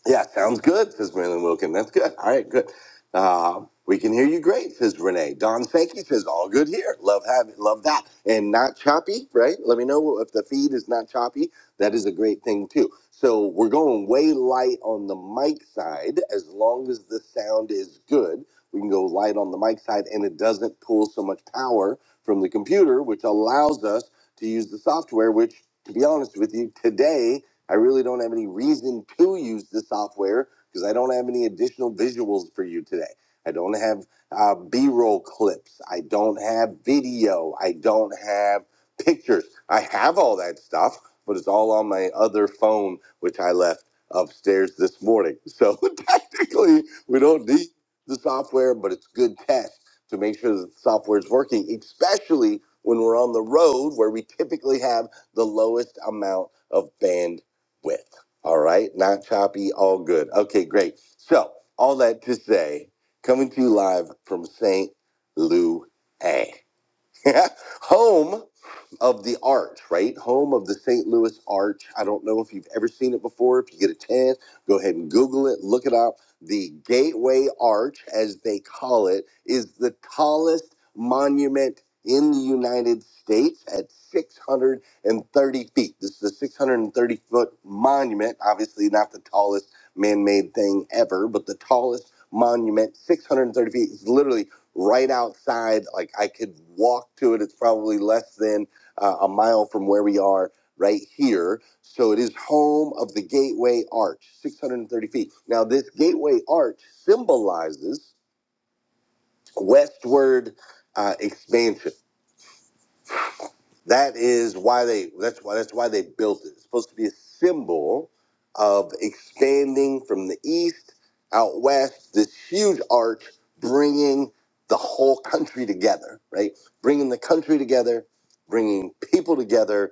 [SPEAKER 6] Yeah, sounds good, says Marilyn Wilkin. That's good. All right, good. Uh, we can hear you great, says Renee. Don Sankey says, all good here. Love having, love that. And not choppy, right? Let me know if the feed is not choppy. That is a great thing, too. So we're going way light on the mic side. As long as the sound is good, we can go light on the mic side and it doesn't pull so much power from the computer, which allows us to use the software, which, to be honest with you, today, I really don't have any reason to use the software because I don't have any additional visuals for you today. I don't have uh, B roll clips. I don't have video. I don't have pictures. I have all that stuff, but it's all on my other phone, which I left upstairs this morning. So technically, we don't need the software, but it's good test to make sure that the software is working, especially when we're on the road where we typically have the lowest amount of bandwidth with. All right, not choppy, all good. Okay, great. So, all that to say, coming to you live from St. Louis. home of the art, right? Home of the St. Louis Arch. I don't know if you've ever seen it before. If you get a chance, go ahead and Google it, look it up. The Gateway Arch, as they call it, is the tallest monument in the United States at 630 feet. This is a 630 foot monument, obviously not the tallest man made thing ever, but the tallest monument, 630 feet. It's literally right outside. Like I could walk to it. It's probably less than uh, a mile from where we are right here. So it is home of the Gateway Arch, 630 feet. Now, this Gateway Arch symbolizes westward uh, expansion. That is why they. That's why. That's why they built it. It's supposed to be a symbol of expanding from the east out west. This huge arch, bringing the whole country together. Right, bringing the country together, bringing people together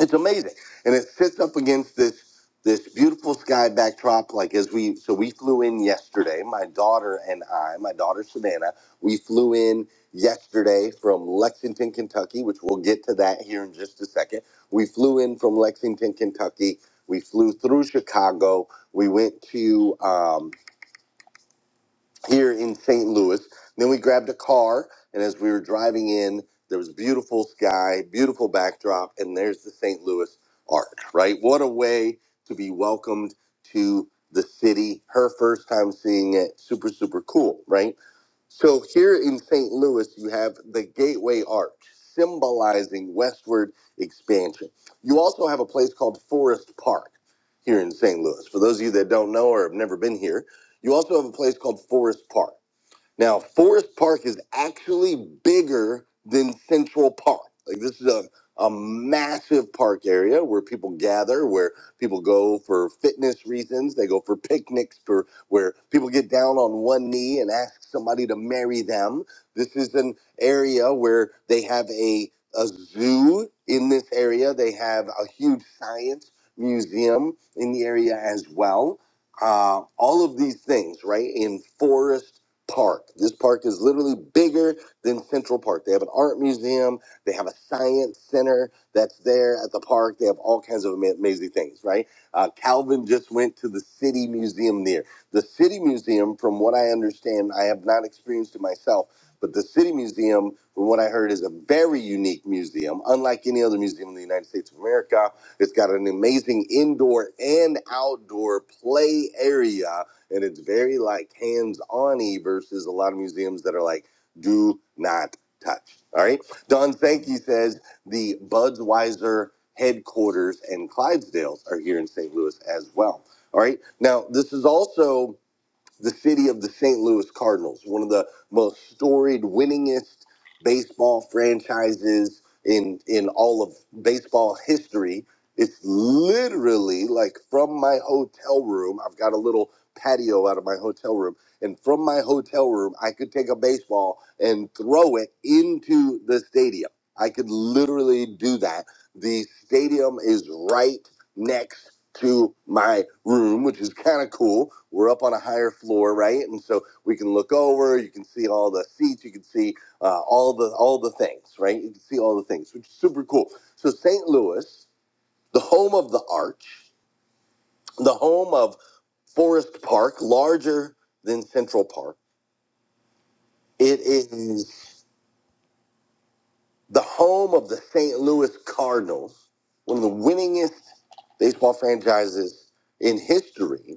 [SPEAKER 6] it's amazing and it sits up against this this beautiful sky backdrop like as we so we flew in yesterday my daughter and i my daughter savannah we flew in yesterday from lexington kentucky which we'll get to that here in just a second we flew in from lexington kentucky we flew through chicago we went to um, here in St. Louis. Then we grabbed a car, and as we were driving in, there was beautiful sky, beautiful backdrop, and there's the St. Louis Arch, right? What a way to be welcomed to the city. Her first time seeing it, super, super cool, right? So here in St. Louis, you have the Gateway Arch, symbolizing westward expansion. You also have a place called Forest Park here in St. Louis. For those of you that don't know or have never been here, you also have a place called Forest Park. Now, Forest Park is actually bigger than Central Park. Like this is a, a massive park area where people gather, where people go for fitness reasons, they go for picnics, for where people get down on one knee and ask somebody to marry them. This is an area where they have a, a zoo in this area. They have a huge science museum in the area as well uh, all of these things, right? In Forest park. This park is literally bigger than Central Park. They have an art museum, they have a science center that's there at the park. They have all kinds of ama- amazing things, right? Uh, Calvin just went to the city museum there. The city museum, from what I understand, I have not experienced it myself, but the city museum, from what I heard, is a very unique museum, unlike any other museum in the United States of America. It's got an amazing indoor and outdoor play area and it's very like hands on y versus a lot of museums that are like, do not touch. All right. Don Sankey says the Budweiser headquarters and Clydesdales are here in St. Louis as well. All right. Now, this is also the city of the St. Louis Cardinals, one of the most storied, winningest baseball franchises in in all of baseball history. It's literally like from my hotel room. I've got a little patio out of my hotel room, and from my hotel room, I could take a baseball and throw it into the stadium. I could literally do that. The stadium is right next to my room, which is kind of cool. We're up on a higher floor, right? And so we can look over. You can see all the seats. You can see uh, all the all the things, right? You can see all the things, which is super cool. So St. Louis, the home of the Arch, the home of Forest Park, larger than Central Park. It is the home of the St. Louis Cardinals, one of the winningest baseball franchises in history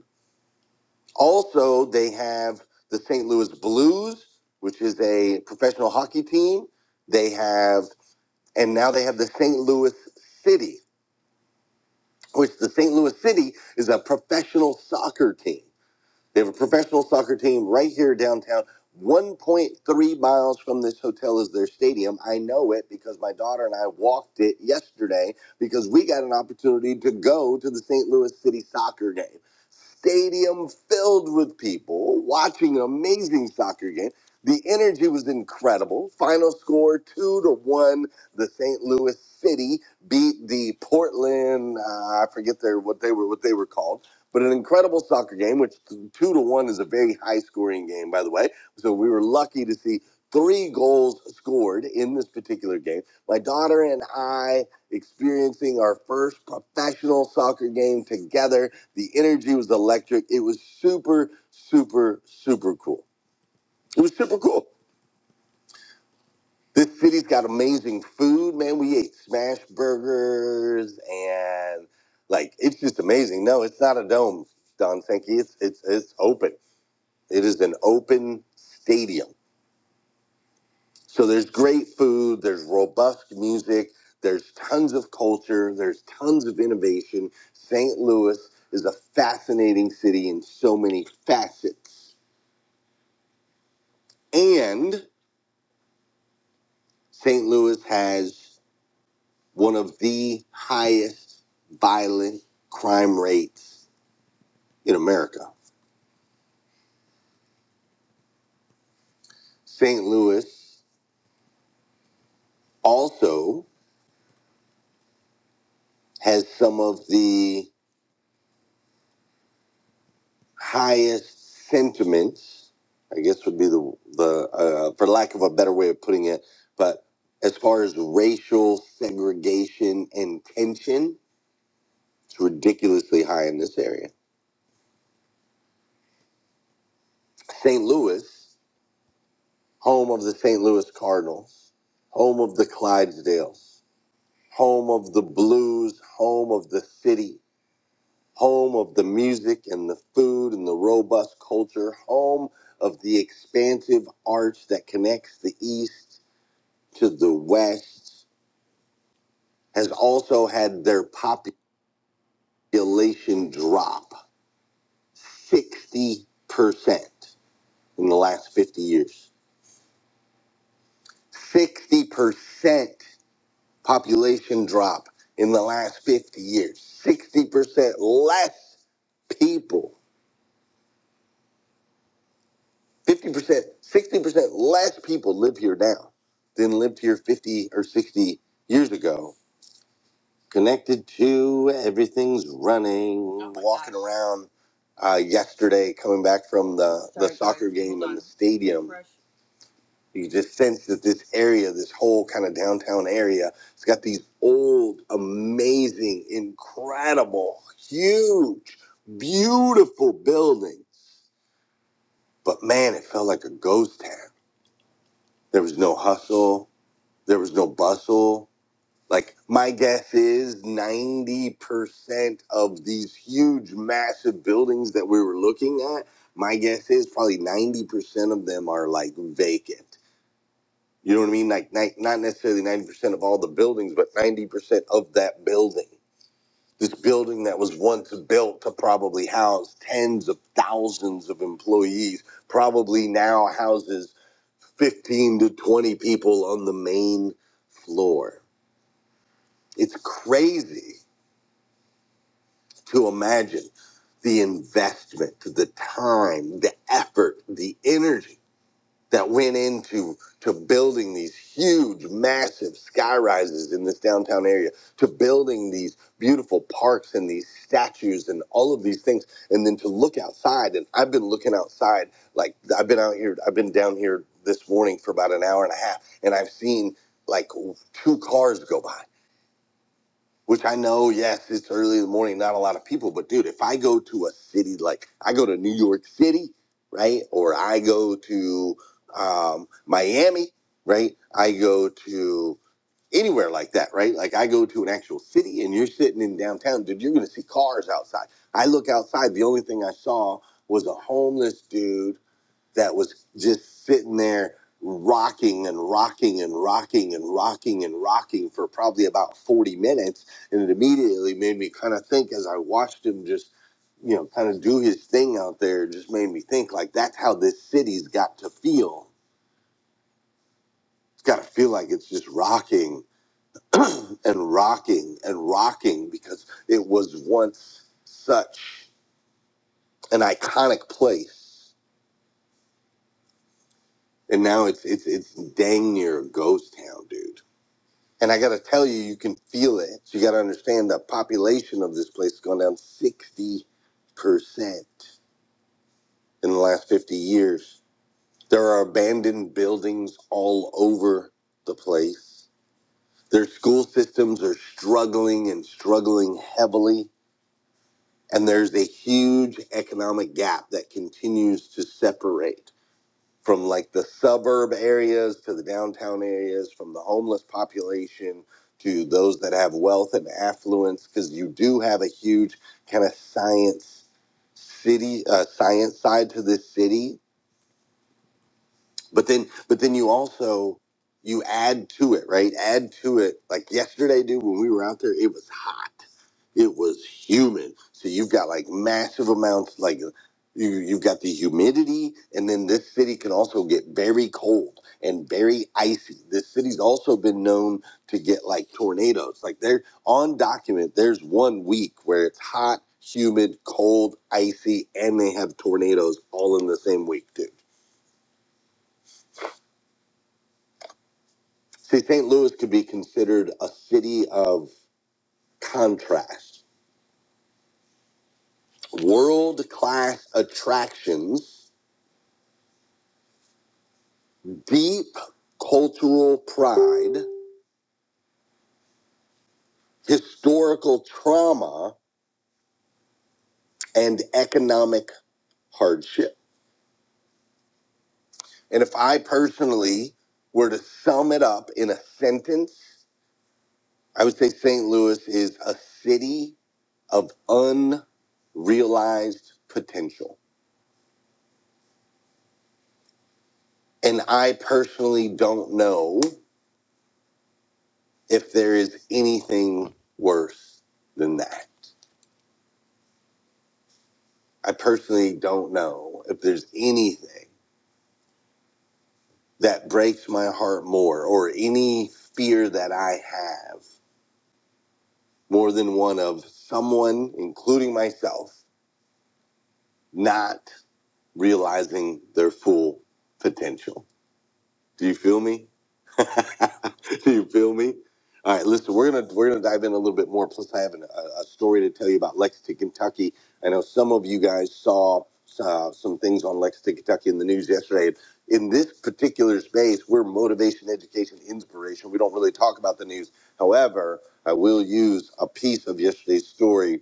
[SPEAKER 6] Also, they have the St. Louis Blues, which is a professional hockey team. They have, and now they have the St. Louis City, which the St. Louis City is a professional soccer team. They have a professional soccer team right here downtown. 1.3 miles from this hotel is their stadium. I know it because my daughter and I walked it yesterday because we got an opportunity to go to the St. Louis City soccer game stadium filled with people watching an amazing soccer game. The energy was incredible. Final score two to one. The St. Louis City beat the Portland. Uh, I forget their what they were what they were called, but an incredible soccer game. Which t- two to one is a very high scoring game, by the way. So we were lucky to see three goals scored in this particular game. My daughter and I experiencing our first professional soccer game together the energy was electric. It was super, super, super cool. It was super cool. This city's got amazing food, man. We ate smash burgers and like it's just amazing. No, it's not a dome, Don Sankey. It's it's it's open. It is an open stadium. So there's great food, there's robust music, there's tons of culture, there's tons of innovation. St. Louis is a fascinating city in so many facets And St. Louis has one of the highest violent crime rates in America. St. Louis also has some of the highest sentiments, I guess would be the, the uh, for lack of a better way of putting it, but as far as racial segregation and tension, it's ridiculously high in this area. St. Louis home of the St. Louis Cardinals, home of the Clydesdales, home of the blues, home of the city, home of the music and the food and the robust culture, home of the expansive arch that connects the East to the West, has also had their population drop 60% in the last 50 years. 60%. population drop in the last 50 years 60% less people 50% 60% less people live here now than lived here 50 or 60 years ago connected to everything's running Oh my walking gosh. around uh, yesterday coming back from the, the Sorry, guys, soccer game hold in on. the stadium You just sense that this area, this whole kind of downtown area, it's got these old, amazing, incredible, huge, beautiful buildings. But man, it felt like a ghost town. There was no hustle, there was no bustle. Like, my guess is 90% of these huge, massive buildings that we were looking at, my guess is probably 90% of them are like vacant You know what I mean? Like, ni- not necessarily 90% of all the buildings, but 90% of that building. This building that was once built to probably house tens of thousands of employees probably now houses 15 to 20 people on the main floor. It's crazy to imagine the investment, the time, the effort, the energy that went into to building these huge, massive sky rises in this downtown area, to building these beautiful parks and these statues and all of these things, and then to look outside. And I've been looking outside, like I've been out here, I've been down here this morning for about an hour and a half, and I've seen like two cars go by. Which I know, yes, it's early in the morning, not a lot of people, but dude, if I go to a city like I go to New York City, right, or I go to um, Miami, right, I go to anywhere like that, right? Like I go to an actual city, and you're sitting in downtown, dude, you're gonna see cars outside. I look outside, the only thing I saw was a homeless dude that was just sitting there rocking and rocking and rocking and rocking and rocking for probably about 40 minutes. And it immediately made me kind of think as I watched him just, you know, kind of do his thing out there, it just made me think like that's how this city's got to feel. It's got to feel like it's just rocking and rocking and rocking because it was once such an iconic place. And now it's it's it's dang near a ghost town, dude And I got to tell you, you can feel it. You got to understand the population of this place has gone down 60% in the last 50 years. There are abandoned buildings all over the place. Their school systems are struggling and struggling heavily. And there's a huge economic gap that continues to separate. from like the suburb areas to the downtown areas, from the homeless population to those that have wealth and affluence, because you do have a huge kind of science city, uh, science side to this city. But then, but then you also you add to it, right? Add to it. Like yesterday, dude, when we were out there, it was it was humid, So you've got like massive amounts, like you you've got the humidity, and then this city can also get very cold and very icy. This city's also been known to get like tornadoes. Like they're on document. There's one week where it's hot, humid, cold, icy, and they have tornadoes all in the same week, dude. See, St. Louis could be considered a city of contrast, world class attractions deep cultural pride, historical trauma, and economic hardship. And if I personally were to sum it up in a sentence, I would say St. Louis is a city of unrealized potential. And I personally don't know if there is anything worse than that. I personally don't know if there's anything that breaks my heart more, or any fear that I have more than one of someone, including myself, not realizing their full potential. Do you feel me? Do you feel me? All right, listen, we're gonna we're gonna dive in a little bit more. Plus, I have an, a, a story to tell you about Lexington, Kentucky. I know some of you guys saw uh, some things on Lexington, Kentucky in the news yesterday. In this particular space, we're motivation, education, inspiration. We don't really talk about the news. However, I will use a piece of yesterday's story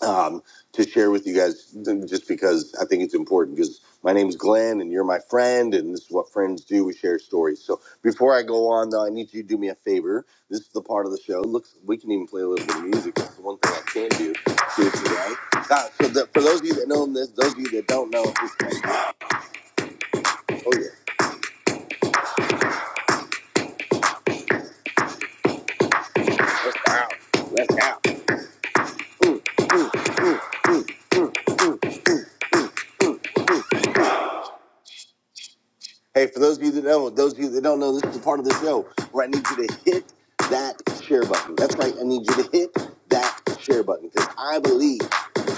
[SPEAKER 6] um, to share with you guys just because I think it's important because my name's Glenn and you're my friend and this is what friends do. We share stories. So before I go on though, I need you to do me a favor. This is the part of the show. Looks we can even play a little bit of music. That's the one thing I can do. See if you Ah, so the, for those of you that know this, those of you that don't know, it's like, oh yeah, let's go out, let's go out. Mm, mm, mm. Hey, for those of you that know, those of you that don't know, this is a part of the show where I need you to hit that share button. That's right, I need you to hit that share button because I believe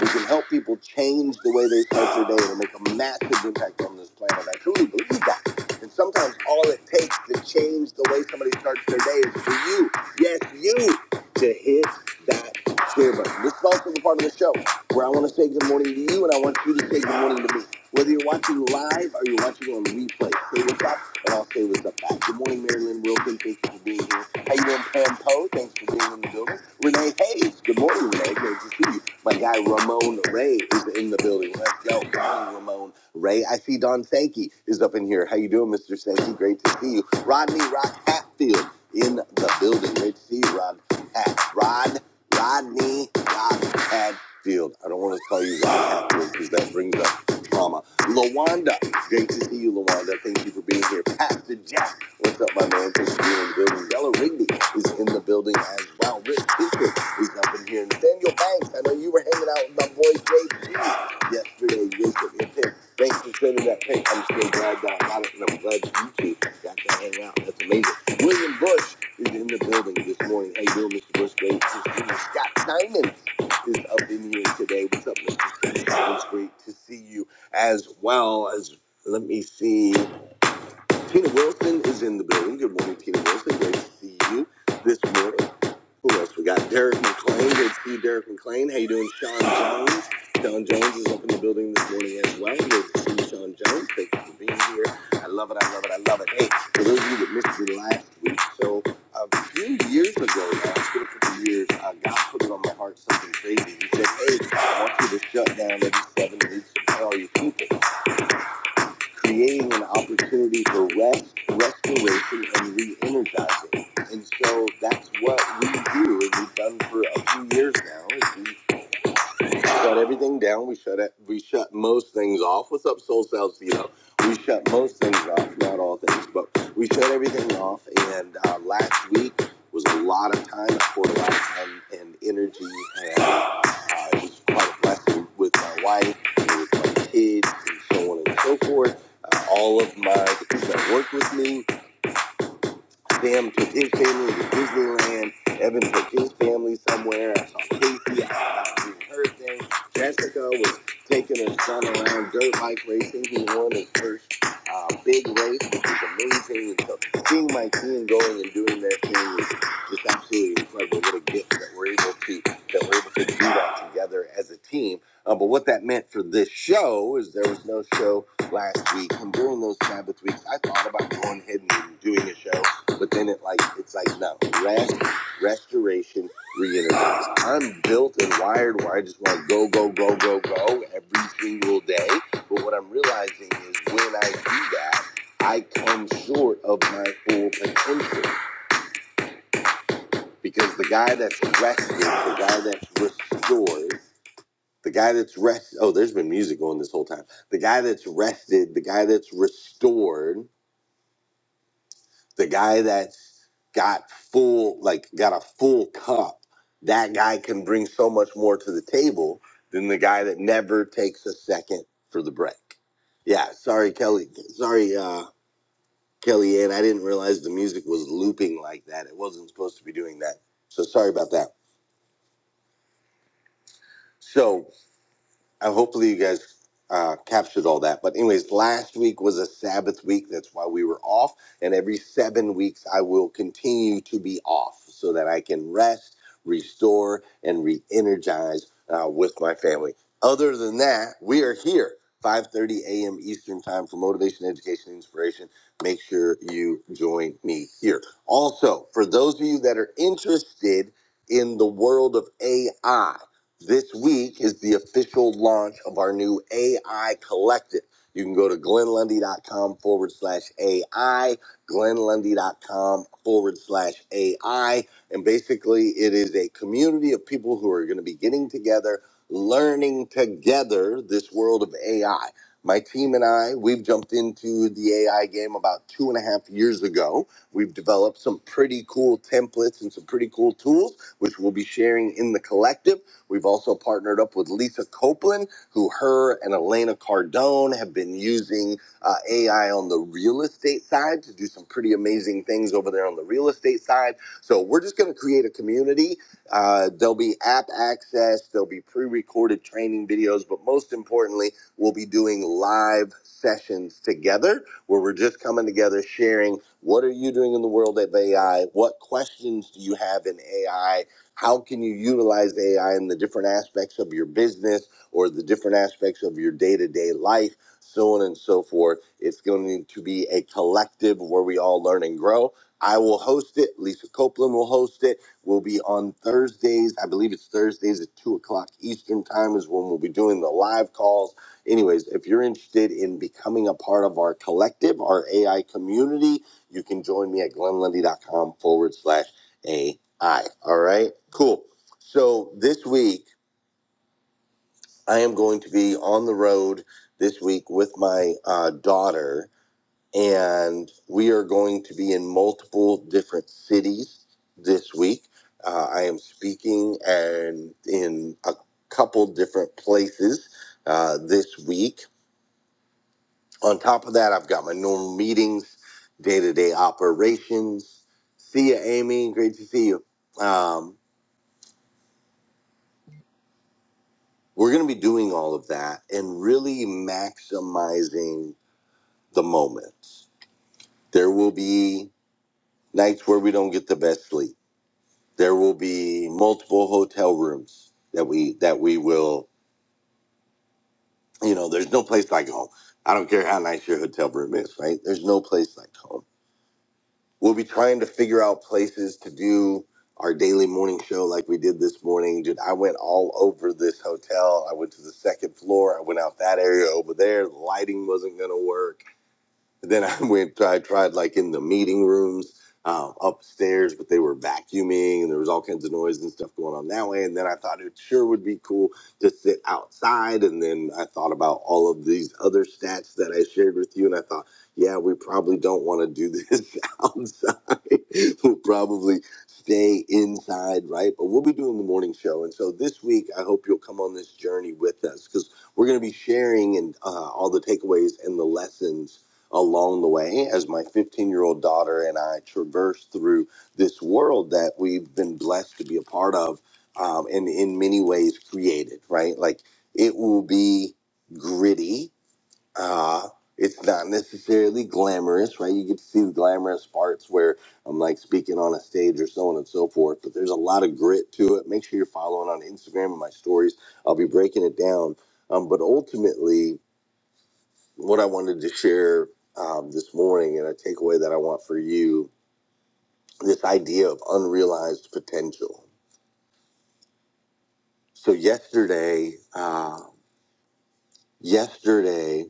[SPEAKER 6] we can help people change the way they start their day and make a massive impact on this planet. I truly believe that. And sometimes all it takes to change the way somebody starts their day is for you, yes, you, to hit that share button. This is also the part of the show where I want to say good morning to you and I want you to say good morning to me. Whether you're watching live or you're watching on replay, say what's up, and I'll say what's up back. Good morning, Marilyn Wilkin. Thank you for being here. How you doing, Pam Poe? Thanks for being in the building. Renee Hayes. Good morning, Renee. Great to see you. My guy Ramon Ray is in the building. Let's go, Good morning, Ramon Ray. I see Don Sankey is up in here. How you doing, Mr. Sankey? Great to see you. Rodney Rock Hatfield in the building. Great to see you, Rod. Hat. Rod. Rodney Rock Hatfield. I don't want to call you Rod Hatfield because that brings up trauma. Lawanda, great to see you, Lawanda. Thank you for being here. Pastor Jack, what's up, my man? Thanks for being in the building. Yellow Rigby is in the building as well. Rich Bishop is up in here. Nathaniel Banks, I know you were hanging out with my boy JG yesterday. Bishop and Pimp. Thanks for sending that pic. I'm still glad that I got it, and I'm glad that you two got to hang out. That's amazing. William Bush is in the building this morning. Hey, you, Mr. Bush? Great to see you. Scott Simon is up in here today. What's up, Mr. Simon? It's great to see you as well as let me see. Tina Wilson is in the building. Good morning, Tina Wilson. Great to see you this morning. Who else? We got Derek McLean. Good to see you, Derek McLean. How you doing, Sean Jones? Sean Jones is up in the building this morning as well. Good to see you, Sean Jones. Thank you for being here. I love it. I love it. I love it. Hey, for those of you that missed it last week, so a few years ago, now it's been a couple years, uh, God put it on my heart something crazy. He said, "Hey, I want you to shut down every seven weeks and tell all your people." creating an opportunity for rest, restoration, and re-energizing. And so that's what we do, and we've done for a few years now. Is we shut everything down. We shut it, we shut most things off. What's up, Soul Salcedo? We shut most things off, not all things, but we shut everything off. And uh, last week was a lot of time. I poured a lot of time and energy and uh, it was quite a blessing with my wife and with my kids and so on and so forth. Uh, all of my the people that work with me, Sam took his family to Disneyland. Evan took his family somewhere. I saw Casey out about doing her thing. Jessica was taking her son around dirt bike racing. He won his first uh, big race, which was amazing. So seeing my team going and doing their thing is just absolutely incredible. What a gift that we're able to that we're able to do that together as a team. Uh, but what that meant for this show is there was no show last week. And during those Sabbath weeks, I thought about going ahead and doing a show but then it like it's like no rest, restoration, reintegrates. I'm built and wired where I just want to go, go, go, go, go every single day. But what I'm realizing is when I do that, I come short of my full potential because the guy that's rested, the guy that's restored. The guy that's rest oh, there's been music going this whole time. The guy that's rested, the guy that's restored the guy that got full like got a full cup that guy can bring so much more to the table than the guy that never takes a second for the break yeah sorry kelly sorry uh kelly and i didn't realize the music was looping like that it wasn't supposed to be doing that so sorry about that so I hopefully you guys uh, captured all that. But anyways, last week was a Sabbath week. That's why we were off. And every seven weeks, I will continue to be off so that I can rest, restore, and re-energize uh, with my family. Other than that, we are here. 5:30 a.m. Eastern Time for motivation, education, and inspiration. Make sure you join me here. Also, for those of you that are interested in the world of AI, this week is the official launch of our new AI Collective. You can go to glenlundy.com forward slash AI, glenlundy.com forward slash AI. And basically, it is a community of people who are going to be getting together, learning together this world of AI. My team and I, we've jumped into the AI game about two and a half years ago. We've developed some pretty cool templates and some pretty cool tools, which we'll be sharing in the collective. We've also partnered up with Lisa Copeland, who her and Elena Cardone have been using uh, AI on the real estate side to do some pretty amazing things over there on the real estate side. So we're just going to create a community. Uh, there'll be app access, there'll be pre recorded training videos, but most importantly, we'll be doing live sessions together where we're just coming together sharing what are you doing in the world of AI? What questions do you have in AI? How can you utilize AI in the different aspects of your business or the different aspects of your day to day life, so on and so forth? It's going to be a collective where we all learn and grow. I will host it. Lisa Copeland will host it. We'll be on Thursdays. I believe it's Thursdays at 2 o'clock Eastern Time is when we'll be doing the live calls. Anyways, if you're interested in becoming a part of our collective, our AI community, you can join me at glenlundy.com forward slash A I. I. All right. Cool. So this week I am going to be on the road this week with my uh, daughter, and we are going to be in multiple different cities this week. Uh, I am speaking and in a couple different places uh, this week. On top of that, I've got my normal meetings, day to day operations. See you, Amy. Great to see you. Um, We're going to be doing all of that and really maximizing the moments. There will be nights where we don't get the best sleep. There will be multiple hotel rooms that we that we will, you know, there's no place like home. I don't care how nice your hotel room is, right? There's no place like home. We'll be trying to figure out places to do our daily morning show like we did this morning. Dude, I went all over this hotel. I went to the second floor. I went out that area over there. The lighting wasn't going to work then I went. I tried like in the meeting rooms um, upstairs, but they were vacuuming, and there was all kinds of noise and stuff going on that way. And then I thought it sure would be cool to sit outside. And then I thought about all of these other stats that I shared with you, and I thought, yeah, we probably don't want to do this outside. we'll probably stay inside, right? But we'll be doing the morning show, and so this week I hope you'll come on this journey with us because we're going to be sharing and uh, all the takeaways and the lessons along the way as my 15 year old daughter and I traverse through this world that we've been blessed to be a part of um, and in many ways created, right? Like it will be gritty. Uh, it's not necessarily glamorous, right? You get to see the glamorous parts where I'm like speaking on a stage or so on and so forth, but there's a lot of grit to it. Make sure you're following on Instagram and my stories. I'll be breaking it down. Um, but ultimately, what I wanted to share um, this morning and a takeaway that I want for you this idea of unrealized potential. So, yesterday, uh, yesterday,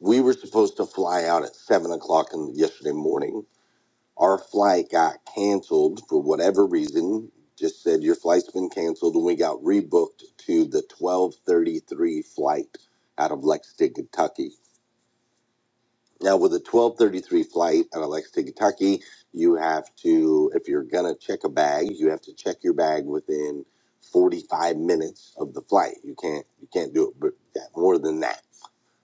[SPEAKER 6] we were supposed to fly out at seven o'clock in yesterday morning. Our flight got canceled for whatever reason. Just said your flight's been canceled, and we got rebooked to the twelve thirty three flight out of Lexington, Kentucky. Now, with a 12:33 flight out of Lexington, Kentucky, you have to, if you're gonna check a bag, you have to check your bag within 45 minutes of the flight. You can't you can't do it but that, more than that.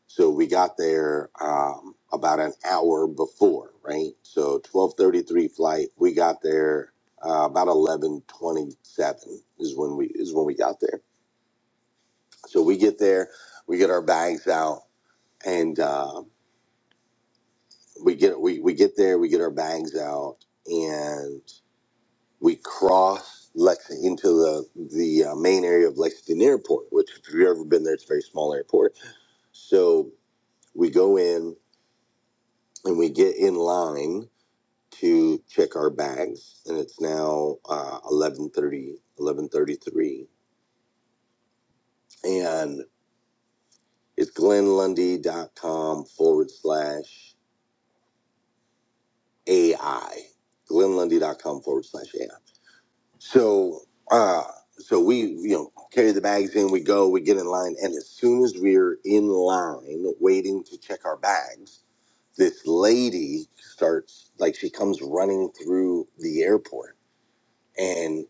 [SPEAKER 6] So we got there um, about an hour before, right? So 12:33 flight. We got there uh, about 11:27 is when we is when we got there. So we get there, we get our bags out, and. Uh, we get we, we get there, we get our bags out, and we cross Lexington into the the uh, main area of Lexington Airport. Which, if you've ever been there, it's a very small airport. So we go in and we get in line to check our bags, and it's now uh, 11:30, 11:33, and it's glenlundy dot com forward slash AI. glenlundy dot com forward slash AI So uh so we you know carry the bags in, we go, we get in line, and as soon as we're in line waiting to check our bags, this lady starts like she comes running through the airport and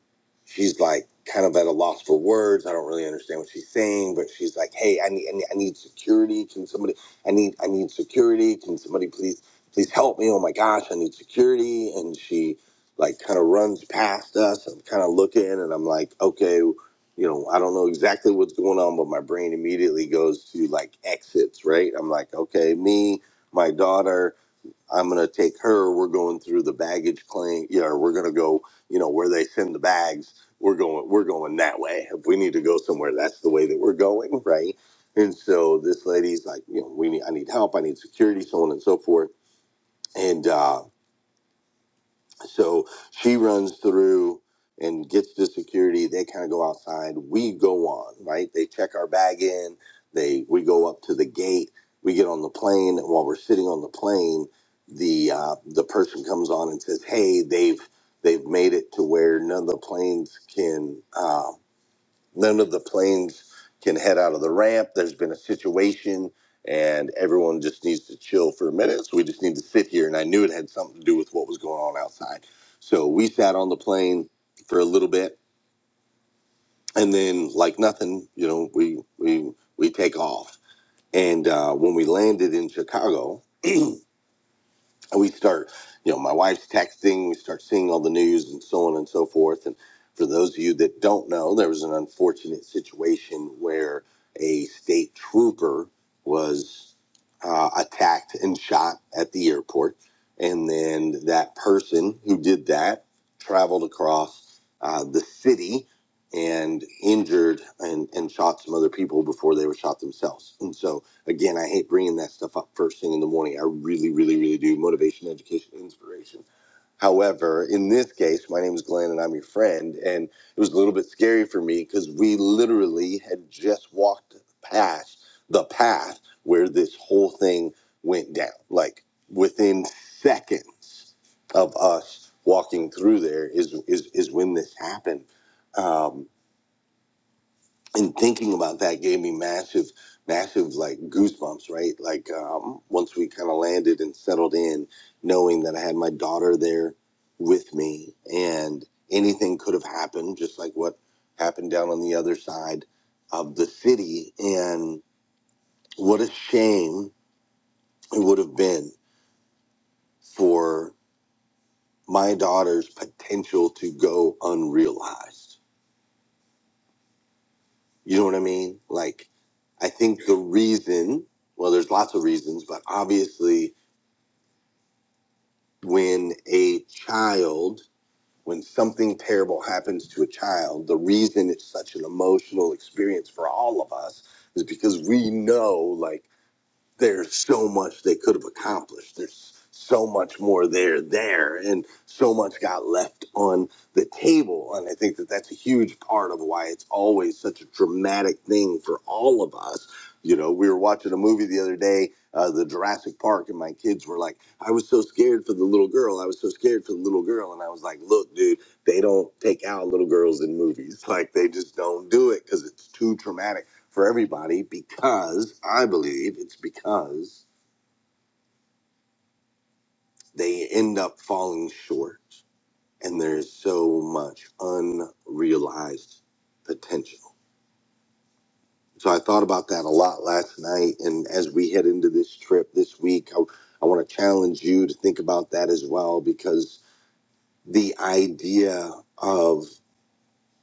[SPEAKER 6] she's like kind of at a loss for words. I don't really understand what she's saying, but she's like, "Hey, I need, I need, I need security. Can somebody? I need, I need security. Can somebody please, please help me? Oh my gosh, I need security!" And she like kind of runs past us. I'm kind of looking, and I'm like, "Okay." You know, I don't know exactly what's going on, but my brain immediately goes to like exits, right? I'm like, okay, me, my daughter, I'm going to take her. We're going through the baggage claim. Yeah, we're going to go, you know, where they send the bags. We're going, we're going that way. If we need to go somewhere, that's the way that we're going, right? And so this lady's like, you know, we need, I need help. I need security, so on and so forth. And uh, so she runs through and gets the security. They kind of go outside. We go on, right? They check our bag in. They we go up to the gate. We get on the plane. And while we're sitting on the plane, the uh, the person comes on and says, "Hey, they've they've made it to where none of the planes can." Uh, none of the planes can head out of the ramp. There's been a situation, and everyone just needs to chill for a minute. So we just need to sit here. And I knew it had something to do with what was going on outside. So we sat on the plane for a little bit, and then like nothing, you know, we we we take off. And uh, when we landed in Chicago, we start, you know, my wife's texting, we start seeing all the news and so on and so forth. And for those of you that don't know, there was an unfortunate situation where a state trooper was uh, attacked and shot at the airport. And then that person who did that traveled across uh, the city and injured and, and shot some other people before they were shot themselves. And so, Again, I hate bringing that stuff up first thing in the morning. I really, really, really do. Motivation, education, inspiration. However, in this case, my name is Glenn and I'm your friend. And it was a little bit scary for me because we literally had just walked past the path where this whole thing went down. Like within seconds of us walking through there is is is when this happened. Um, and thinking about that gave me massive massive like goosebumps right like um, once we kind of landed and settled in knowing that i had my daughter there with me and anything could have happened just like what happened down on the other side of the city and what a shame it would have been for my daughter's potential to go unrealized You know what I mean? Like, I think the reason, well, there's lots of reasons, but obviously, when a child, when something terrible happens to a child, the reason it's such an emotional experience for all of us is because we know, like, there's so much they could have accomplished. There's so much more there, there, and so much got left on the table. And I think that that's a huge part of why it's always such a dramatic thing for all of us. You know, we were watching a movie the other day, uh, the Jurassic Park, and my kids were like, I was so scared for the little girl. I was so scared for the little girl. And I was like, look, dude, they don't take out little girls in movies. Like, they just don't do it because it's too traumatic for everybody because I believe it's because they end up falling short and there's so much unrealized potential. So I thought about that a lot last night. And as we head into this trip this week, I, I want to challenge you to think about that as well because the idea of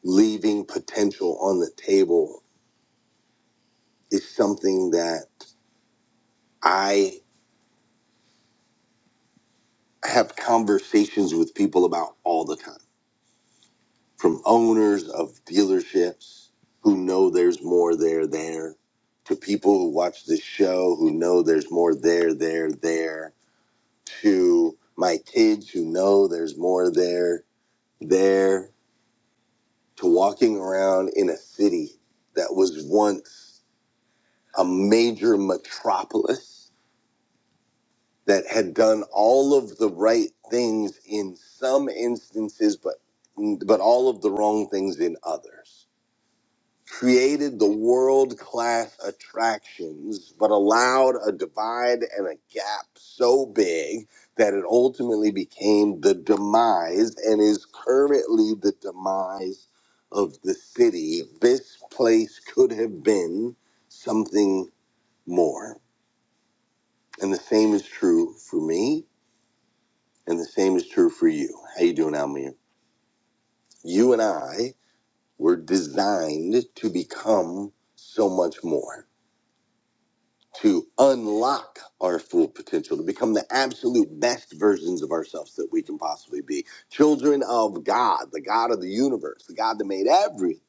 [SPEAKER 6] leaving potential on the table is something that I have conversations with people about all the time from owners of dealerships who know there's more there there to people who watch this show who know there's more there there there to my kids who know there's more there there to walking around in a city that was once a major metropolis that had done all of the right things in some instances but but all of the wrong things in others created the world class attractions, but allowed a divide and a gap so big that it ultimately became the demise and is currently the demise of the city. This place could have been something more. And the same is true for me, and the same is true for you. How you doing, Almir? You and I were designed to become so much more to unlock our full potential, to become the absolute best versions of ourselves that we can possibly be. Children of God, the God of the universe, the God that made everything.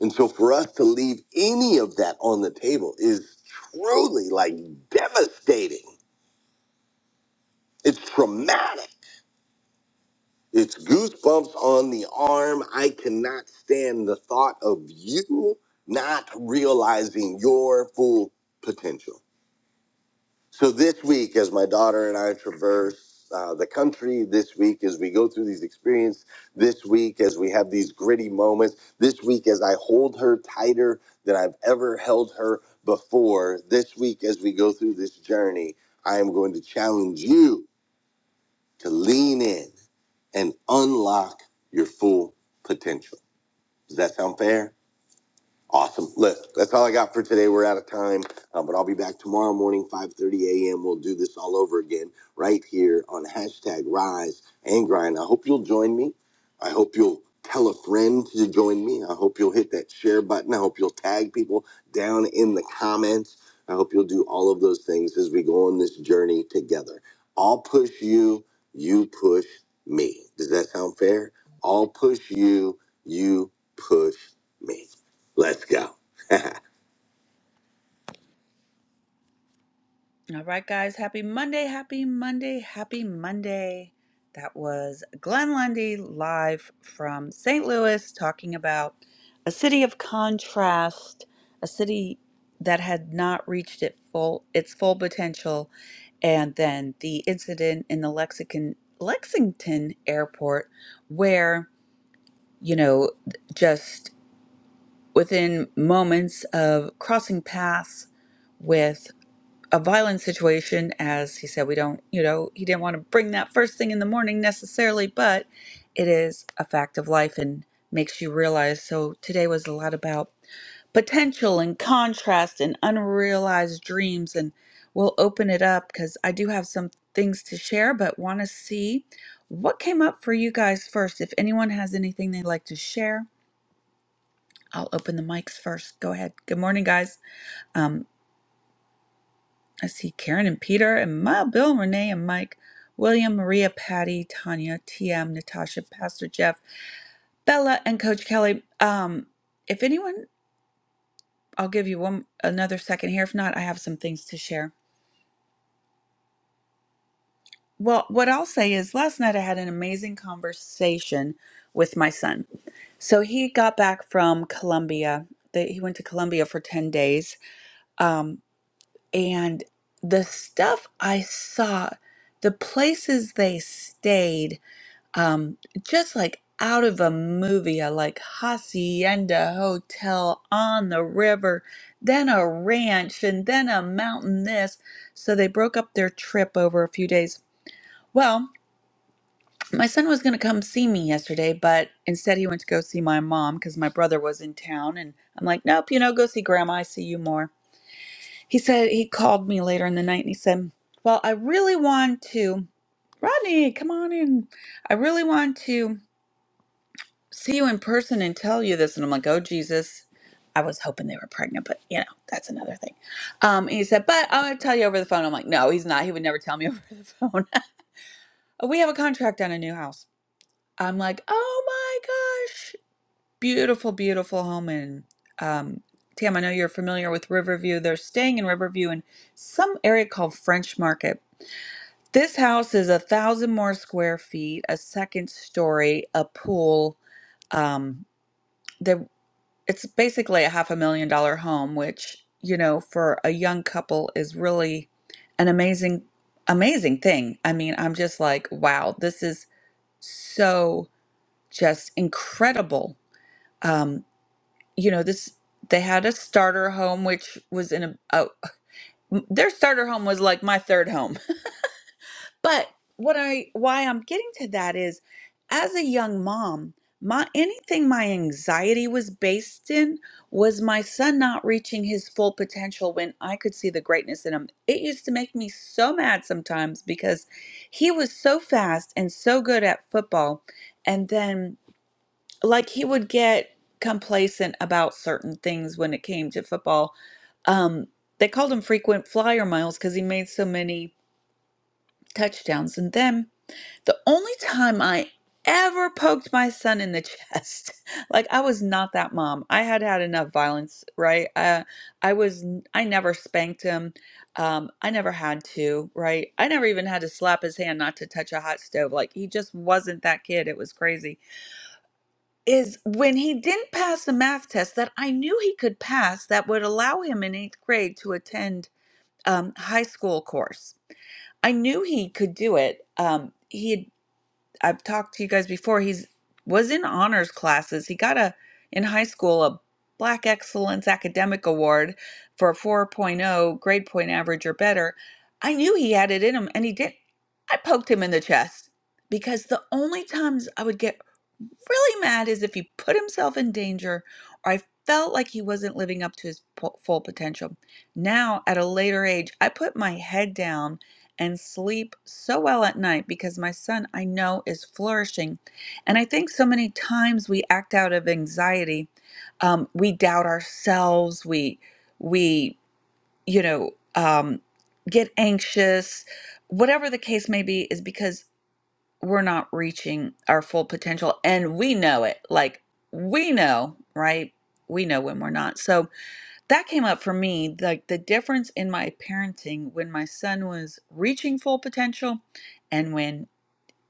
[SPEAKER 6] And so for us to leave any of that on the table is truly like devastating. It's traumatic. It's goosebumps on the arm. I cannot stand the thought of you not realizing your full potential. So this week, as my daughter and I traverse uh, the country, this week as we go through these experiences, this week as we have these gritty moments, this week as I hold her tighter than I've ever held her before, this week as we go through this journey, I am going to challenge you to lean in and unlock your full potential. Does that sound fair? Awesome. Look, that's all I got for today. We're out of time, uh, but I'll be back tomorrow morning, 5.30 a.m. We'll do this all over again right here on hashtag Rise and Grind. I hope you'll join me. I hope you'll tell a friend to join me. I hope you'll hit that share button. I hope you'll tag people down in the comments. I hope you'll do all of those things as we go on this journey together. I'll push you. You push me. Does that sound fair? I'll push you. You push me. Let's go. All right, guys. Happy Monday. Happy Monday. Happy Monday. That was Glenn Lundy live from St. Louis talking about a city of contrast, a city that had not reached its full its full potential, and then the incident in the Lexington Lexington airport where, you know, just within moments of crossing paths with a violent situation as he said we don't you know he didn't want to bring that first thing in the morning necessarily but it is a fact of life and makes you realize so today was a lot about potential and contrast and unrealized dreams and we'll open it up because i do have some things to share but want to see what came up for you guys first if anyone has anything they'd like to share i'll open the mics first go ahead good morning guys Um, I see Karen and Peter and Ma, Bill, Renee and Mike, William, Maria, Patty, Tanya, TM, Natasha, Pastor Jeff, Bella, and Coach Kelly. Um, if anyone, I'll give you one another second here. If not, I have some things to share. Well, what I'll say is last night I had an amazing conversation with my son. So he got back from Colombia. They- He went to Colombia for 10 days. Um, and the stuff I saw, the places they stayed, um, just like out of a movie. I like hacienda hotel on the river, then a ranch, and then a mountain. This, so they broke up their trip over a few days. Well, my son was going to come see me yesterday, but instead he went to go see my mom because my brother was in town. And I'm like, nope, you know, go see grandma. I see you more. He said he called me later in the night and he said, well, I really want to. Rodney, come on in. I really want to. see you in person and tell you this. And I'm like, oh, Jesus. I was hoping they were pregnant, but you know, that's another thing. Um, and he said, but I'm going to tell you over the phone. I'm like, no, he's not. He would never tell me over the phone. we have a contract on a new house. I'm like, oh my gosh. Beautiful, beautiful home. And um, Tam, I know you're familiar with Riverview. They're staying in Riverview in some area called French Market. This house is a thousand more square feet, a second story, a pool. Um, it's basically a half a million dollar home, which, you know, for a young couple is really an amazing, amazing thing. I mean, I'm just like, wow, this is so just incredible. Um, you know, this, they had a starter home, which was in a, a, their starter home was like my third home. But what I why I'm getting to that is as a young mom, my anything my anxiety was based in was my son not reaching his full potential when I could see the greatness in him. It used to make me so mad sometimes because he was so fast and so good at football and then like he would get complacent about certain things when it came to football. Um they called him frequent flyer miles because he made so many touchdowns and then the only time I ever poked my son in the chest, like I was not that mom. I had had enough violence, right? Uh, I was, n- I never spanked him. Um, I never had to, right? I never even had to slap his hand not to touch a hot stove. Like he just wasn't that kid. It was crazy. Is when he didn't pass the math test that I knew he could pass that would allow him in eighth grade to attend um, high school course. I knew he could do it. Um, he had I've talked to you guys before. He's was in honors classes. He got a in high school a Black Excellence Academic Award for a 4.0 grade point average or better. I knew he had it in him and he did. I poked him in the chest because the only times I would get really mad is if he put himself in danger or I felt like he wasn't living up to his po- full potential. Now, at a later age, I put my head down and sleep so well at night because my son I know is flourishing. And I think so many times we act out of anxiety. Um, we doubt ourselves. We, we, you know, um, get anxious. Whatever the case may be, is because we're not reaching our full potential and we know it like we know right we know when we're not so that came up for me like the difference in my parenting when my son was reaching full potential and when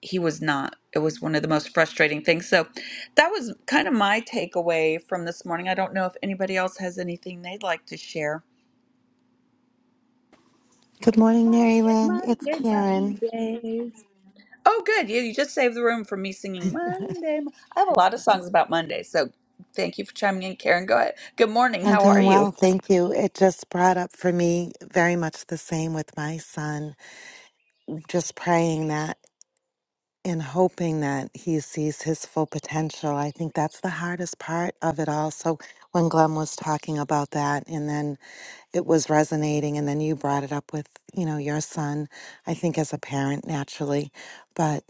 [SPEAKER 6] he was not it was one of the most frustrating things so that was kind of my takeaway from this morning i don't know if anybody else has anything they'd like to share
[SPEAKER 7] Good morning, Mary Lynn. It's
[SPEAKER 6] monday
[SPEAKER 7] Karen.
[SPEAKER 6] mondays Oh, good. You, you just saved the room for me singing Monday. Mo- I have a lot of songs about Monday, so thank you for chiming in, Karen. Go ahead. Good morning.
[SPEAKER 7] I'm
[SPEAKER 6] How are
[SPEAKER 7] doing well,
[SPEAKER 6] you?
[SPEAKER 7] thank you. It just brought up for me very much the same with my son. Just praying that and hoping that he sees his full potential. I think that's the hardest part of it all. So when Glenn was talking about that and then it was resonating and then you brought it up with, you know, your son, I think as a parent naturally. But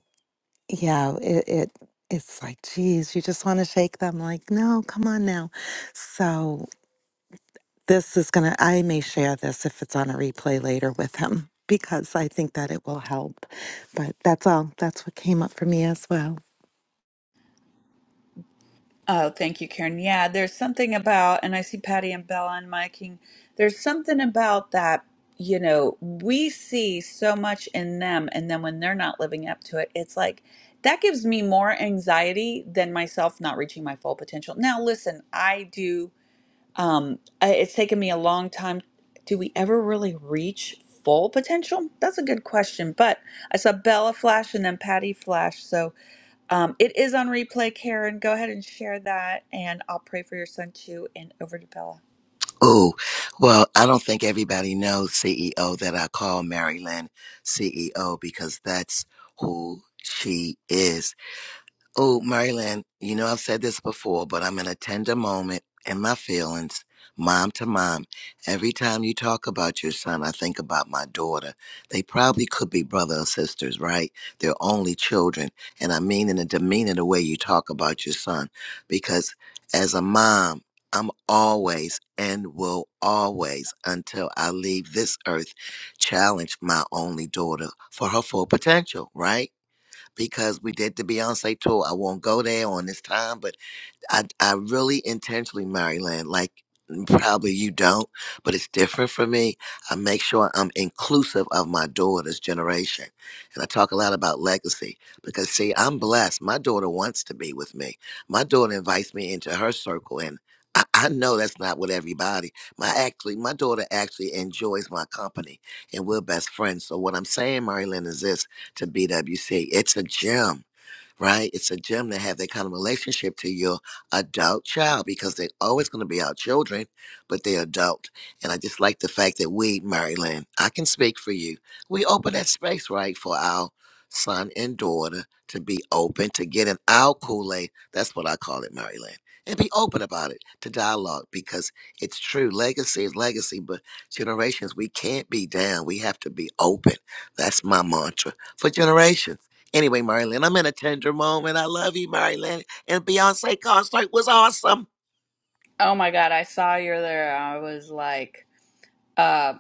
[SPEAKER 7] yeah, it, it it's like, geez, you just want to shake them like, no, come on now. So this is going to, I may share this if it's on a replay later with him because I think that it will help. But that's all. That's what came up for me as well.
[SPEAKER 6] Oh, thank you, Karen. Yeah, there's something about, and I see Patty and Bella and Miking. There's something about that, you know, we see so much in them, and then when they're not living up to it, it's like that gives me more anxiety than myself not reaching my full potential. Now, listen, I do. Um, I- it's taken me a long time. Do we ever really reach full potential? That's a good question. But I saw Bella flash and then Patty flash. So um, it is on replay, Karen. Go ahead and share that, and I'll pray for your son too. And over to Bella.
[SPEAKER 3] Oh, well, I don't think everybody knows CEO that I call Mary Lynn CEO because that's who she is. Oh, Marilyn, you know I've said this before, but I'm in a tender moment in my feelings, mom to mom. Every time you talk about your son, I think about my daughter. They probably could be brother or sisters, right? They're only children. And I mean in a demeanor the way you talk about your son. Because as a mom, I'm always and will always, until I leave this earth, challenge my only daughter for her full potential, right? because we did the Beyonce tour. I won't go there on this time, but I, I really intentionally, Maryland, like mm, probably you don't, but it's different for me. I make sure I'm inclusive of my daughter's generation. And I talk a lot about legacy because, see, I'm blessed. My daughter wants to be with me, my daughter invites me into her circle. And I I know that's not with everybody. My actually, my daughter actually enjoys my company, and we're best friends. So what I'm saying, Maryland, is this to BWC: it's a gym right? It's a gem to have that kind of relationship to your adult child because they're always going to be our children, but they're adult. And I just like the fact that we, Maryland, I can speak for you. We open that space, right, for our son and daughter to be open, to get in our Kool Aid. That's what I call it, Maryland. And be open about it to dialogue because it's true. Legacy is legacy, but generations, we can't be down. We have to be open. That's my mantra for generations. Anyway, Marilyn, I'm in a tender moment. I love you, Marilyn. And Beyonce concert was awesome.
[SPEAKER 6] Oh my God, I saw you there. I was like, uh,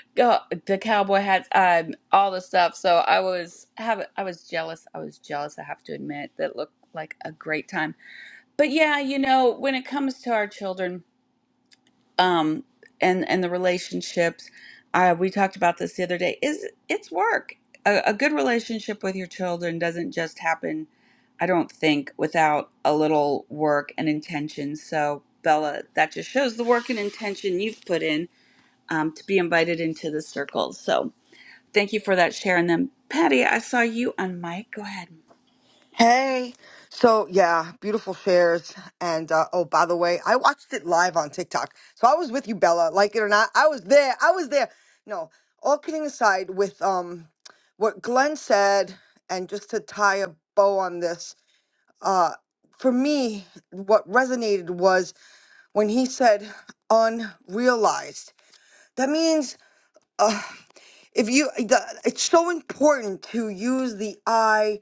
[SPEAKER 6] go the cowboy hats, um, all the stuff. So I was have I was jealous. I was jealous. I have to admit that looked like a great time. But yeah, you know, when it comes to our children, um, and and the relationships, uh, we talked about this the other day. Is it's work. A, a good relationship with your children doesn't just happen, I don't think, without a little work and intention. So Bella, that just shows the work and intention you've put in um, to be invited into the circle. So thank you for that share. And then Patty, I saw you on mic. Go ahead.
[SPEAKER 5] Hey. So yeah, beautiful shares. And uh, oh, by the way, I watched it live on TikTok. So I was with you, Bella. Like it or not, I was there. I was there. No, all kidding aside, with um, what Glenn said, and just to tie a bow on this, uh, for me, what resonated was when he said unrealized. That means if you, the, it's so important to use the eye,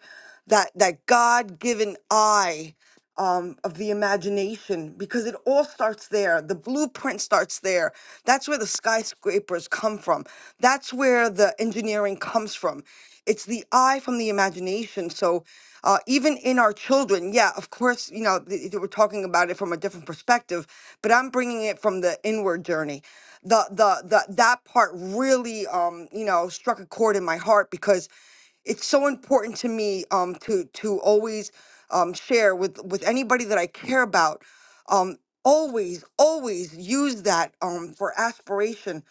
[SPEAKER 5] that that God-given eye um, of the imagination because it all starts there. The blueprint starts there. That's where the skyscrapers come from. That's where the engineering comes from. It's the eye from the imagination. So, uh, even in our children, yeah, of course, you know, th- th- we're talking about it from a different perspective, but I'm bringing it from the inward journey. The, the, the, that part really, um, you know, struck a chord in my heart because it's so important to me um to to always um, share with with anybody that I care about. Um, always, always use that um, for aspiration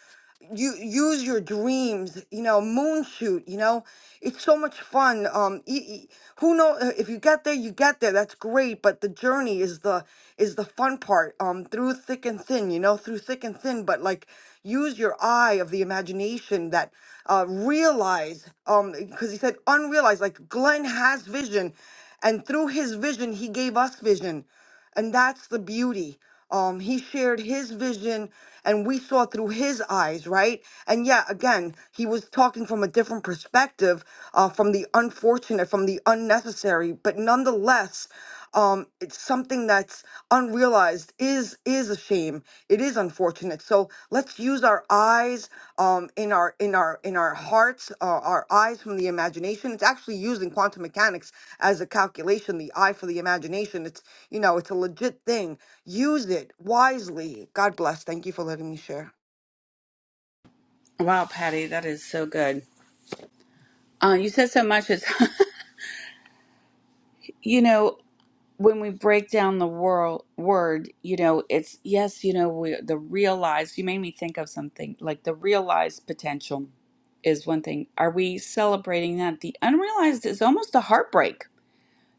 [SPEAKER 5] you use your dreams you know moon shoot you know it's so much fun um e- e- who know uh, if you get there you get there that's great but the journey is the is the fun part um through thick and thin you know through thick and thin but like use your eye of the imagination that uh realize um because he said unrealized like glenn has vision and through his vision he gave us vision and that's the beauty. Um, he shared his vision and we saw through his eyes, right? And yeah, again, he was talking from a different perspective, uh, from the unfortunate, from the unnecessary, but nonetheless, um, it's something that's unrealized is is is a shame. It is unfortunate. So let's use our eyes um, in our in our in our hearts, uh, our eyes from the imagination. It's actually used in quantum mechanics as a calculation. The eye for the imagination. It's you know it's a legit thing. Use it wisely. God bless. Thank you for letting me share.
[SPEAKER 6] Wow, Patty, that is so good. Uh, you said so much. It's you know when we break down the world word, you know, it's yes, you know, we, the realized. You made me think of something like the realized potential is one thing. Are we celebrating that? The unrealized is almost a heartbreak.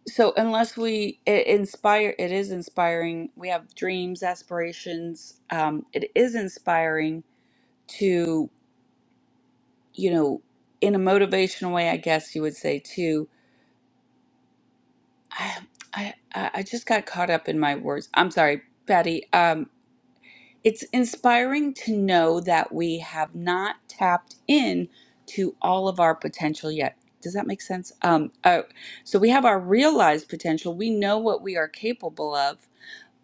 [SPEAKER 6] So unless we it inspire, it is inspiring. We have dreams, aspirations. Um, it is inspiring to you know, in a motivational way, I guess you would say too. I I I I just got caught up in my words. I'm sorry, Patty. Um, It's inspiring to know that we have not tapped in to all of our potential yet. Does that make sense? Um, uh, so we have our realized potential. We know what we are capable of,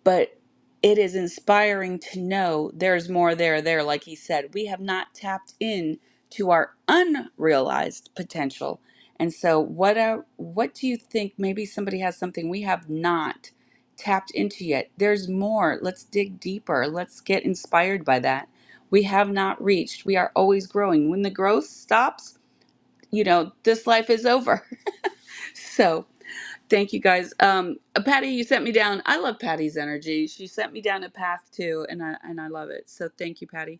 [SPEAKER 6] but it is inspiring to know there's more there there like he said we have not tapped in to our unrealized potential and so what a, what do you think maybe somebody has something we have not tapped into yet there's more let's dig deeper let's get inspired by that we have not reached we are always growing when the growth stops you know this life is over so Thank you guys. Um, uh, Patty, you sent me down. I love Patty's energy. She sent me down a path too, and I and I love it. So thank you, Patty.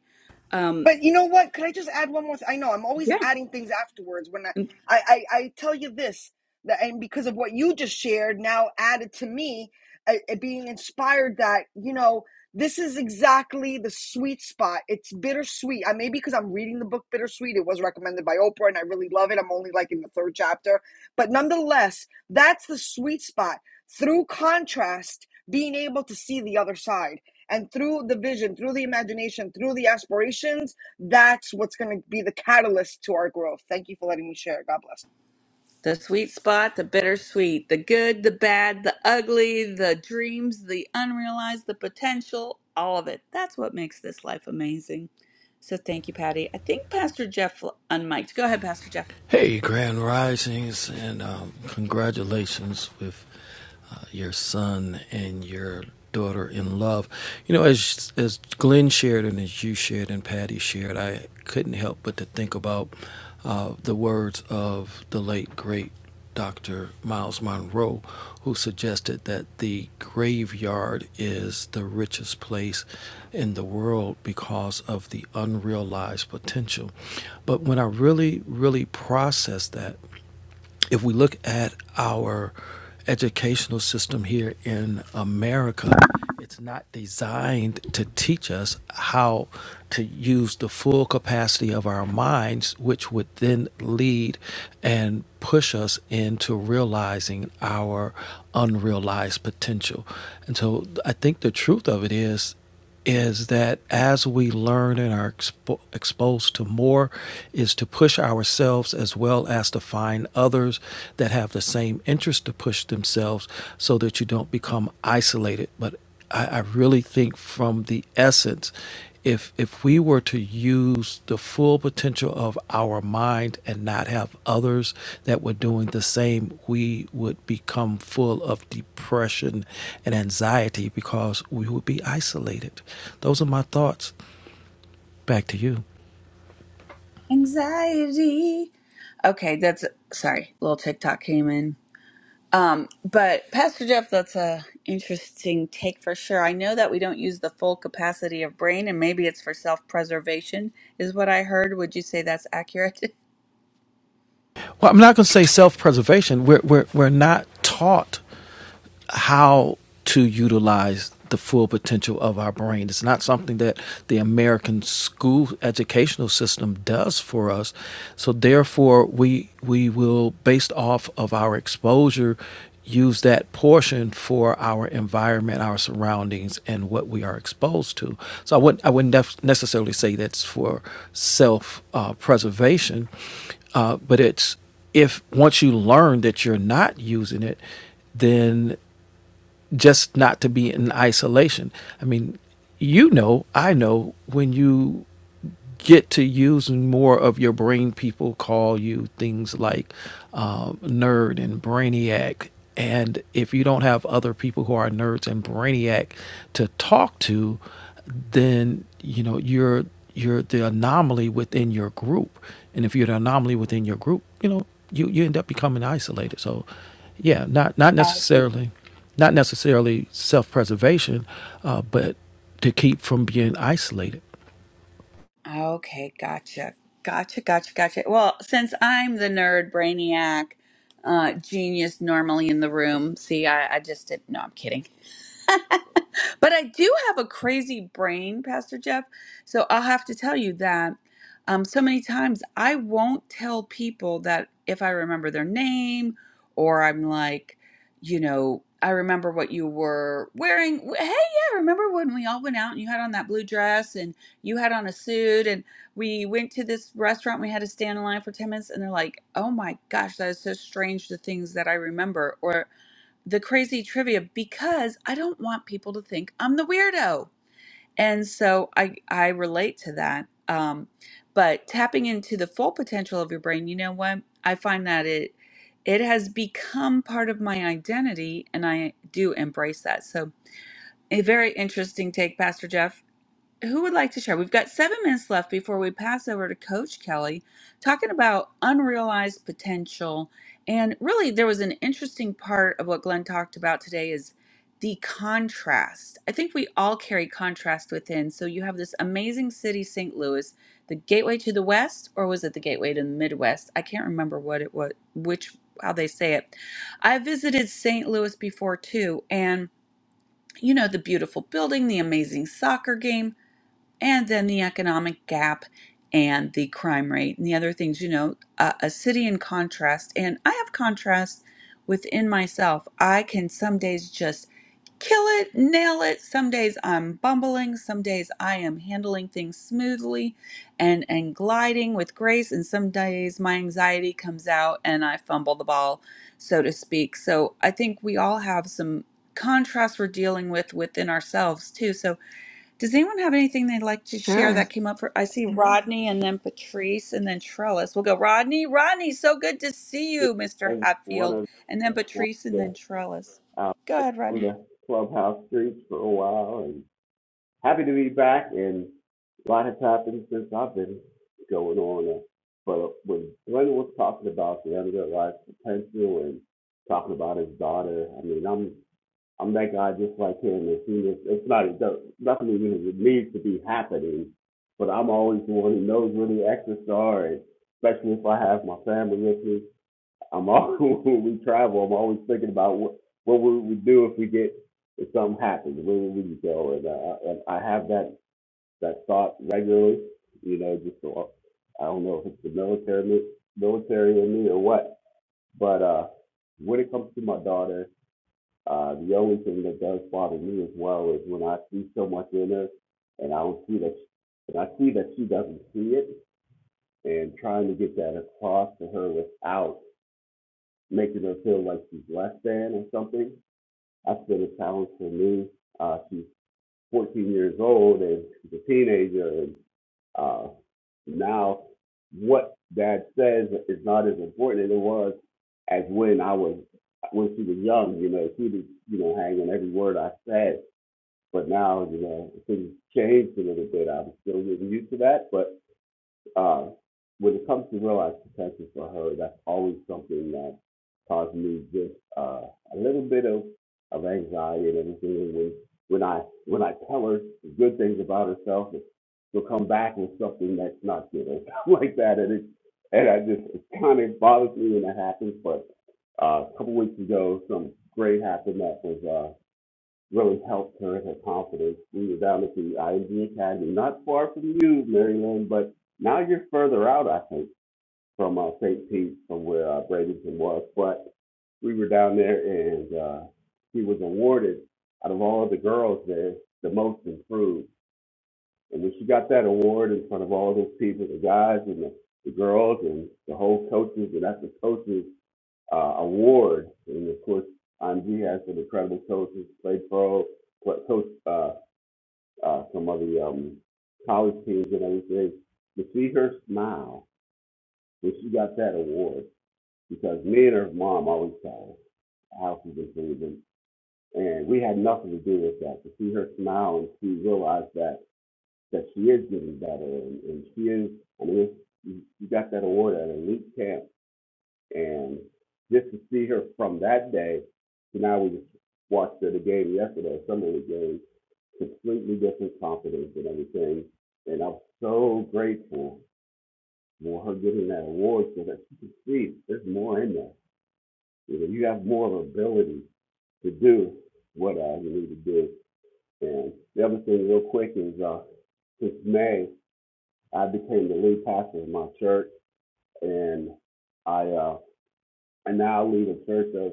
[SPEAKER 6] Um,
[SPEAKER 5] But you know what? Could I just add one more? Th- I know I'm always
[SPEAKER 6] yeah,
[SPEAKER 5] adding things afterwards. When I, I, I, I tell you this, that and because of what you just shared, now added to me, I, I being inspired that you know this is exactly the sweet spot. It's bittersweet. I maybe because I'm reading the book Bittersweet. It was recommended by Oprah, and I really love it. I'm only like in the third chapter, but nonetheless, that's the sweet spot. Through contrast, being able to see the other side. And through the vision, through the imagination, through the aspirations, that's what's going to be the catalyst to our growth. Thank you for letting me share. God bless.
[SPEAKER 6] the sweet spot, the bittersweet, the good, the bad, the ugly, the dreams, the unrealized, the potential, all of it. That's what makes this life amazing. So thank you, Patty. I think Pastor Jeff unmiked. Go ahead, Pastor Jeff.
[SPEAKER 4] Hey, Grand Risings, and um, congratulations with uh, your son and your daughter in love. You know, as as Glenn shared and as you shared and Patty shared, I couldn't help but to think about uh, the words of the late great Dr. Miles Monroe, who suggested that the graveyard is the richest place in the world because of the unrealized potential. But when I really, really processed that, if we look at our educational system here in America, it's not designed to teach us how to use the full capacity of our minds, which would then lead and push us into realizing our unrealized potential. And so I think the truth of it is is that as we learn and are expo- exposed to more is to push ourselves as well as to find others that have the same interest to push themselves so that you don't become isolated but I, I really think from the essence if if we were to use the full potential of our mind and not have others that were doing the same we would become full of depression and anxiety because we would be isolated those are my thoughts back to you
[SPEAKER 6] Anxiety. Okay, that's sorry. Little TikTok came in. Um, but Pastor Jeff, that's a interesting take for sure. I know that we don't use the full capacity of brain, and maybe it's for self-preservation, is what I heard. Would you say that's accurate?
[SPEAKER 4] well i'm not going to say self-preservation we're, we're, we're not taught how to utilize the full potential of our brain. It's not something that the American school educational system does for us. So therefore we we will based off of our exposure use that portion for our environment, our surroundings and what we are exposed to. So I wouldn't I wouldn't nef- necessarily say that's for self uh, preservation, uh, but it's if once you learn that you're not using it, then just not to be in isolation. I mean, you know, I know when you get to using more of your brain, people call you things like uh, nerd and brainiac. And if you don't have other people who are nerds and brainiac to talk to, then you know you're you're the anomaly within your group. And if you're the anomaly within your group, you know you you end up becoming isolated. So, yeah, not not
[SPEAKER 6] Absolutely.
[SPEAKER 4] necessarily not necessarily self-preservation, uh, but to keep from being isolated.
[SPEAKER 6] Okay, gotcha, gotcha, gotcha, gotcha. Well, since I'm the nerd brainiac, uh, genius normally in the room. See, I, I just did. No, I'm kidding. But I do have a crazy brain, Pastor Jeff. So I'll have to tell you that um, so many times I won't tell people that if I remember their name or I'm like, you know, I remember what you were wearing. W- Hey, yeah, remember when we all went out and you had on that blue dress and you had on a suit and we went to this restaurant, we had to stand in line for 10 minutes and they're like, oh my gosh, that is so strange the things that I remember the crazy trivia because I don't want people to think I'm the weirdo. And so I I relate to that. Um, but tapping into the full potential of your brain, you know what? I find that it it has become part of my identity and I do embrace that. So a very interesting take, Pastor Jeff who would like to share? We've got seven minutes left before we pass over to Coach Kelly, talking about unrealized potential. And really, there was an interesting part of what Glenn talked about today is the contrast. I think we all carry contrast within. So you have this amazing city, St. Louis, the gateway to the West, or was it the gateway to the Midwest? I can't remember what it was, which how they say it. I visited St. Louis before too, and you know the beautiful building, the amazing soccer game and then the economic gap and the crime rate and the other things you know a, a city in contrast and i have contrast within myself i can some days just kill it nail it some days i'm bumbling some days i am handling things smoothly and and gliding with grace and some days my anxiety comes out and i fumble the ball so to speak so i think we all have some contrast we're dealing with within ourselves too so does anyone have anything they'd like to share
[SPEAKER 8] Sure.
[SPEAKER 6] that came up for? I see Rodney and then Patrice and then Trellis. We'll go Rodney. Rodney, so good to see
[SPEAKER 9] to
[SPEAKER 6] you, Mr.
[SPEAKER 9] every one
[SPEAKER 6] Hatfield.
[SPEAKER 9] of
[SPEAKER 6] And then Patrice and
[SPEAKER 9] the
[SPEAKER 6] then Trellis.
[SPEAKER 9] uh,
[SPEAKER 6] Go ahead,
[SPEAKER 9] from
[SPEAKER 6] Rodney.
[SPEAKER 9] the clubhouse streets for a while, and happy to be back. And a lot has happened since I've been going on. Uh, but when Glenn was talking about the underlying potential and talking about his daughter, I mean, I'm I'm that guy just like him. It's, it's not it does not nothing even needs to be happening, but I'm always the one who knows where the exits are, and especially if I have my family with me I'm always when we travel, I'm always thinking about what what we would do if we get if something happens, where would we go? And I, and I have that that thought regularly, you know, just so, I don't know if it's the military military in me or what, but uh, when it comes to my daughter, uh, the only thing that does bother me as well is when I see so much in her, and I don't see that, she, and I see that she doesn't see it, and trying to get that across to her without making her feel like she's less than or something. That's been a challenge for me. Uh, she's 14 years old and she's a teenager, and uh, now what dad says is not as important as it was as when I was when she was young. You know, she was you know hang on every word I said, but now you know things changed a little bit. I'm still getting used to that, but uh, when it comes to real life protection for her, that's always something that caused me just uh, a little bit of, of anxiety and everything. When when I when I tell her good things about herself, she'll come back with something that's not good or something like that, and it and I just it kind of bothers me when that happens. But uh, a couple weeks ago, something great happened that was. uh, really helped her in her confidence. We were down at the IMG Academy, not far from you, Maryland, but now you're further out, I think, from uh, St. Pete, from where uh, Bradenton was. But we were down there, and uh, she was awarded, out of all the girls there, the most improved. And when she got that award in front of all those people, the guys and the, the girls and the whole coaches and after coaches, uh, award. And of course, Andre has some incredible coaches, played pro, coached uh, uh, some of the um, college teams and everything. To see her smile when she got that award, because me and her mom always tell us how she's been feeling, and we had nothing to do with that. To see her smile and she realize that that she is getting better and, and she is. I mean, it's, you you got that award at an elite camp And just to see her from that day to now, we just watched her the game yesterday, some of the game, completely different confidence and everything. And I'm so grateful for her getting that award so that she can see there's more in there. You know, you have more ability to do what uh, you need to do. And the other thing, real quick, is uh, since May, I became the lead pastor of my church, and I uh, I now lead a church of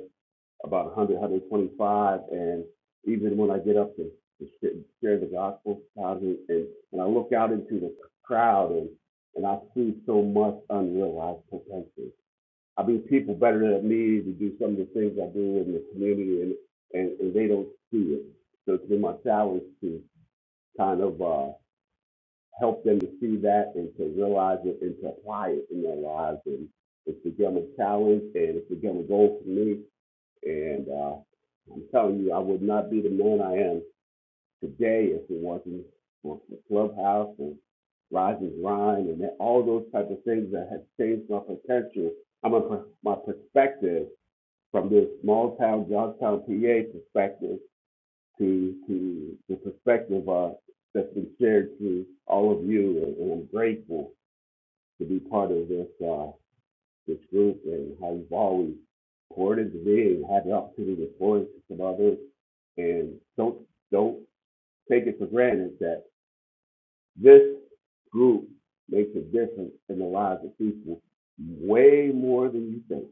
[SPEAKER 9] about 100, 125. And even when I get up to, to share the gospel, and, and and I look out into the crowd and, and I see so much unrealized potential. I mean, people better than me to do some of the things I do in the community, and, and, and they don't see it. So it's been my challenge to kind of uh, help them to see that and to realize it and to apply it in their lives. And it's become a challenge and it's become a goal for me and uh, I'm telling you, I would not be the man I am today if it wasn't for Clubhouse and Rise and Grind and all those type of things that have changed my potential. I mean, my perspective from this small town, Johnstown, PA perspective to to the perspective uh, that's been shared to all of you, and, and I'm grateful to be part of this. Uh, this group and how you've always supported the bid and had the opportunity to pour into some others. And don't don't take it for granted that this group makes a difference in the lives of people way more than you think.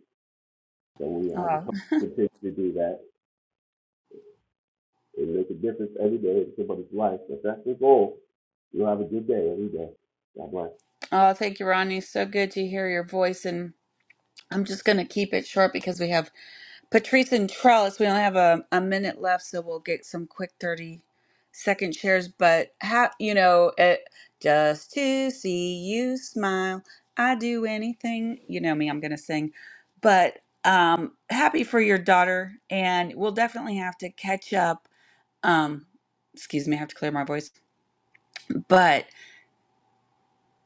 [SPEAKER 9] So we all just
[SPEAKER 6] Oh,
[SPEAKER 9] continue to do that and make a difference every day in somebody's life. If that's your goal, you'll have a good day every day. God bless.
[SPEAKER 6] oh thank you, Rodney. So good to hear your voice. And I'm just going to keep it short because we have Patrice and Trellis, we only have a, a minute left, so we'll get some quick 30 second shares. But how, you know, it, just to see you smile, I do anything. You know me, I'm going to sing. But um, happy for your daughter, and we'll definitely have to catch up. Um, excuse me, I have to clear my voice. But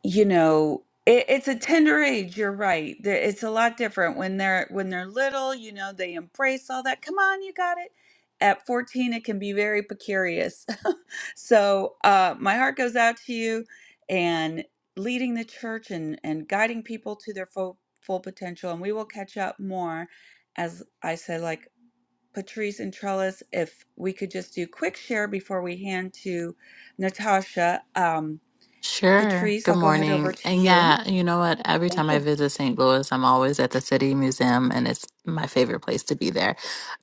[SPEAKER 6] you know it, it's a tender age you're right There- it's a lot different when they're when they're little you know they embrace all that come on you got it at 14 it can be very precarious so uh my heart goes out to you and leading the church and and guiding people to their full full potential and we will catch up more as i said like patrice and trellis if we could just do quick share before we hand to natasha um,
[SPEAKER 8] Sure.
[SPEAKER 6] Patrice,
[SPEAKER 8] Good
[SPEAKER 6] I'll go ahead over
[SPEAKER 8] morning.
[SPEAKER 6] to
[SPEAKER 8] And
[SPEAKER 6] you.
[SPEAKER 8] yeah, you know what? Every
[SPEAKER 6] Thank
[SPEAKER 8] time I
[SPEAKER 6] you.
[SPEAKER 8] visit St. Louis, I'm always at the City Museum, and it's my favorite place to be there.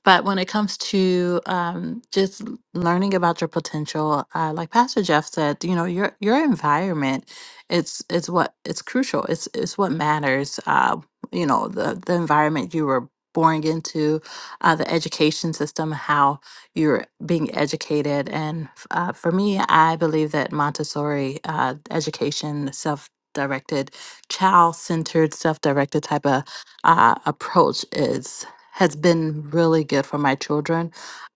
[SPEAKER 8] But when it comes to um, just l- learning about your potential, uh, like Pastor Jeff said, you know, your your environment, it's it's what it's crucial. It's it's what matters. Uh, you know, the the environment you were born into, uh, the education system, how you're being educated. And uh, for me, I believe that Montessori uh, education, self directed, child centered, self directed type of uh, approach is has been really good for my children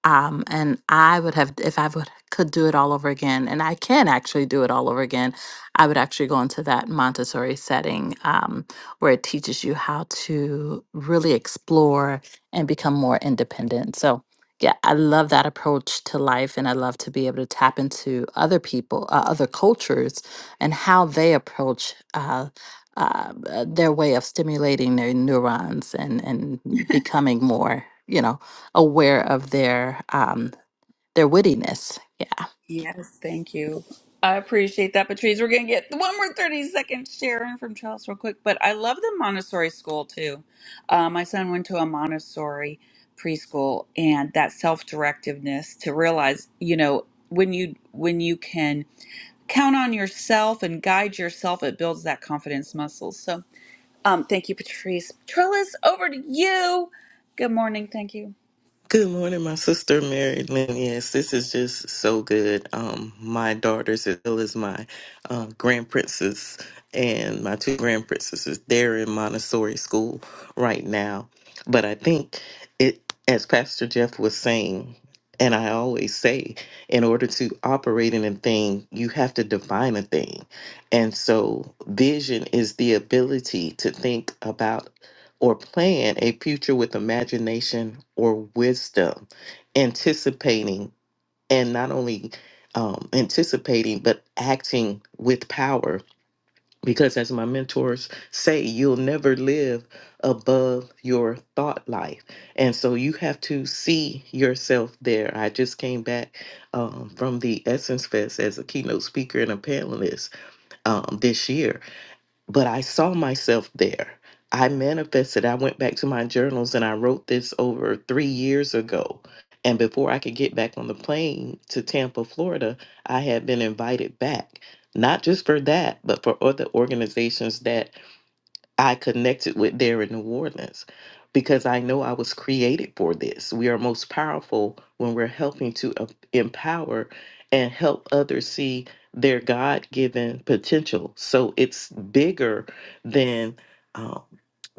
[SPEAKER 8] um, and I would have if I would could do it all over again, and I can actually do it all over again. I would actually go into that Montessori setting um, where it teaches you how to really explore and become more independent. So yeah, I love that approach to life, and I love to be able to tap into other people, uh, other cultures, and how they approach uh, uh, uh, their way of stimulating their neurons and and becoming more, you know, aware of their um, their wittiness. yeah.
[SPEAKER 6] Yes, thank you. I appreciate that, Patrice. We're going to get one more 30 second Sharon from Charles real quick, but I love the Montessori school too. Uh, my son went to a Montessori preschool and that self-directiveness to realize, you know, when you when you can count on yourself and guide yourself, it builds that confidence muscle. So, um, thank you, Patrice. Trellis, over to you. Good morning. Thank you.
[SPEAKER 10] Good morning, my sister Mary Lynn. Yes, this is just so good. Um, my daughters, as well as my uh, grand princess and my two grand princesses, they're in Montessori school right now. But I think it, as Pastor Jeff was saying, and I always say, in order to operate in a thing, you have to define a thing. And so, vision is the ability to think about or plan a future with imagination or wisdom, anticipating and not only um, anticipating but acting with power. Because as my mentors say, you'll never live above your thought life. And so you have to see yourself there. I just came back um, from the Essence Fest as a keynote speaker and a panelist um, this year but I saw myself there. I manifested. I went back to my journals and I wrote this over three years ago. And before I could get back on the plane to Tampa, Florida, I had been invited back, not just for that, but for other organizations that I connected with there in New Orleans because I know I was created for this. We are most powerful when we're helping to em- empower and help others see their God given potential. So it's bigger than um,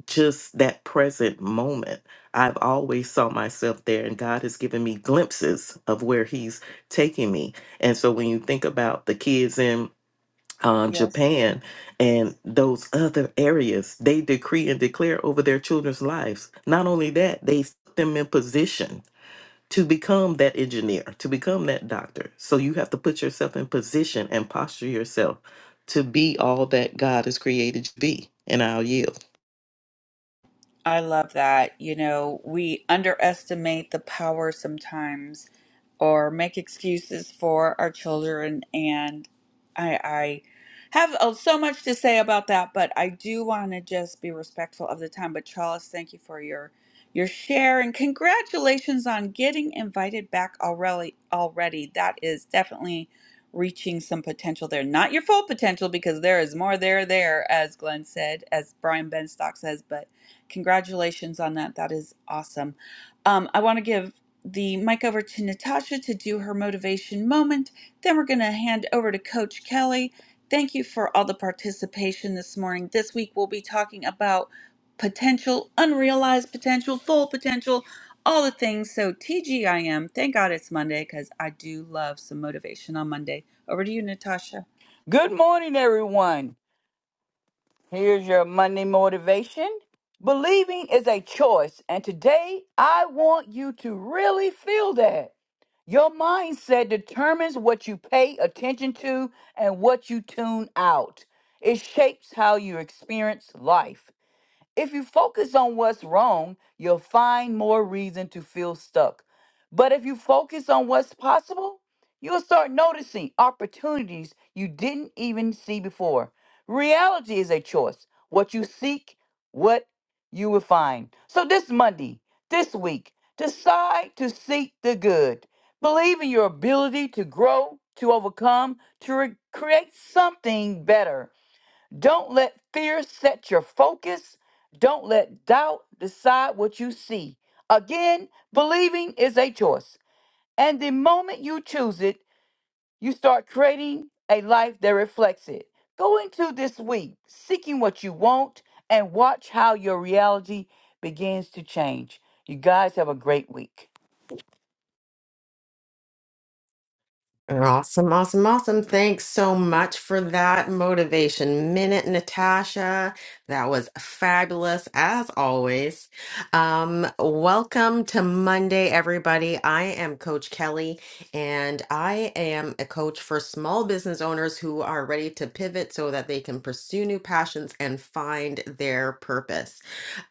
[SPEAKER 10] just that present moment. I've always saw myself there, and God has given me glimpses of where He's taking me. And so when you think about the kids in um,
[SPEAKER 6] Yes.
[SPEAKER 10] Japan and those other areas. They decree and declare over their children's lives. Not only that, they put them in position to become that engineer, to become that doctor. So you have to put yourself in position and posture yourself to be all that God has created you to be. And I'll yield.
[SPEAKER 6] I love that. You know, we underestimate the power sometimes or make excuses for our children and I I have uh, so much to say about that, but I do want to just be respectful of the time. But Charles, thank you for your your share and congratulations on getting invited back already already. That is definitely reaching some potential there. Not your full potential because there is more there there as Glenn said, as Brian Benstock says, but Congratulations on that. That is awesome. Um, I want to give the mic over to Natasha to do her motivation moment. Then we're going to hand over to Coach Kelly. Thank you for all the participation this morning. This week we'll be talking about potential, unrealized potential, full potential, all the things. So, TGIM, thank God it's Monday because I do love some motivation on Monday. Over to you, Natasha.
[SPEAKER 11] Good morning, everyone. Here's your Monday motivation. Believing is a choice, and today I want you to really feel that. Your mindset determines what you pay attention to and what you tune out. It shapes how you experience life. If you focus on what's wrong, you'll find more reason to feel stuck. But if you focus on what's possible, you'll start noticing opportunities you didn't even see before. Reality is a choice. What you seek, what you will find. So this Monday, this week, decide to seek the good. Believe in your ability to grow, to overcome, to re- create something better. Don't let fear set your focus. Don't let doubt decide what you see. Again, believing is a choice. And the moment you choose it, you start creating a life that reflects it. Go into this week seeking what you want and watch how your reality begins to change. You guys have a great week.
[SPEAKER 1] Awesome, awesome, awesome. Thanks so much for that motivation minute, Natasha. That was fabulous as always. Um, welcome to Monday, everybody. I am Coach Kelly, and I am a coach for small business owners who are ready to pivot so that they can pursue new passions and find their purpose.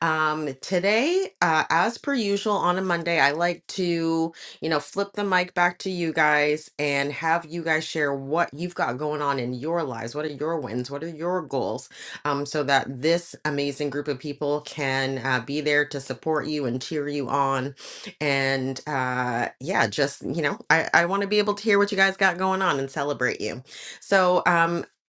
[SPEAKER 1] Um, today, uh, as per usual on a Monday, I like to, you know, flip the mic back to you guys and have you guys share what you've got going on in your lives. What are your wins? What are your goals? Um, so that this amazing group of people can uh, be there to support you and cheer you on. And uh, yeah, just, you know, I, I want to be able to hear what you guys got going on and celebrate you. So, um,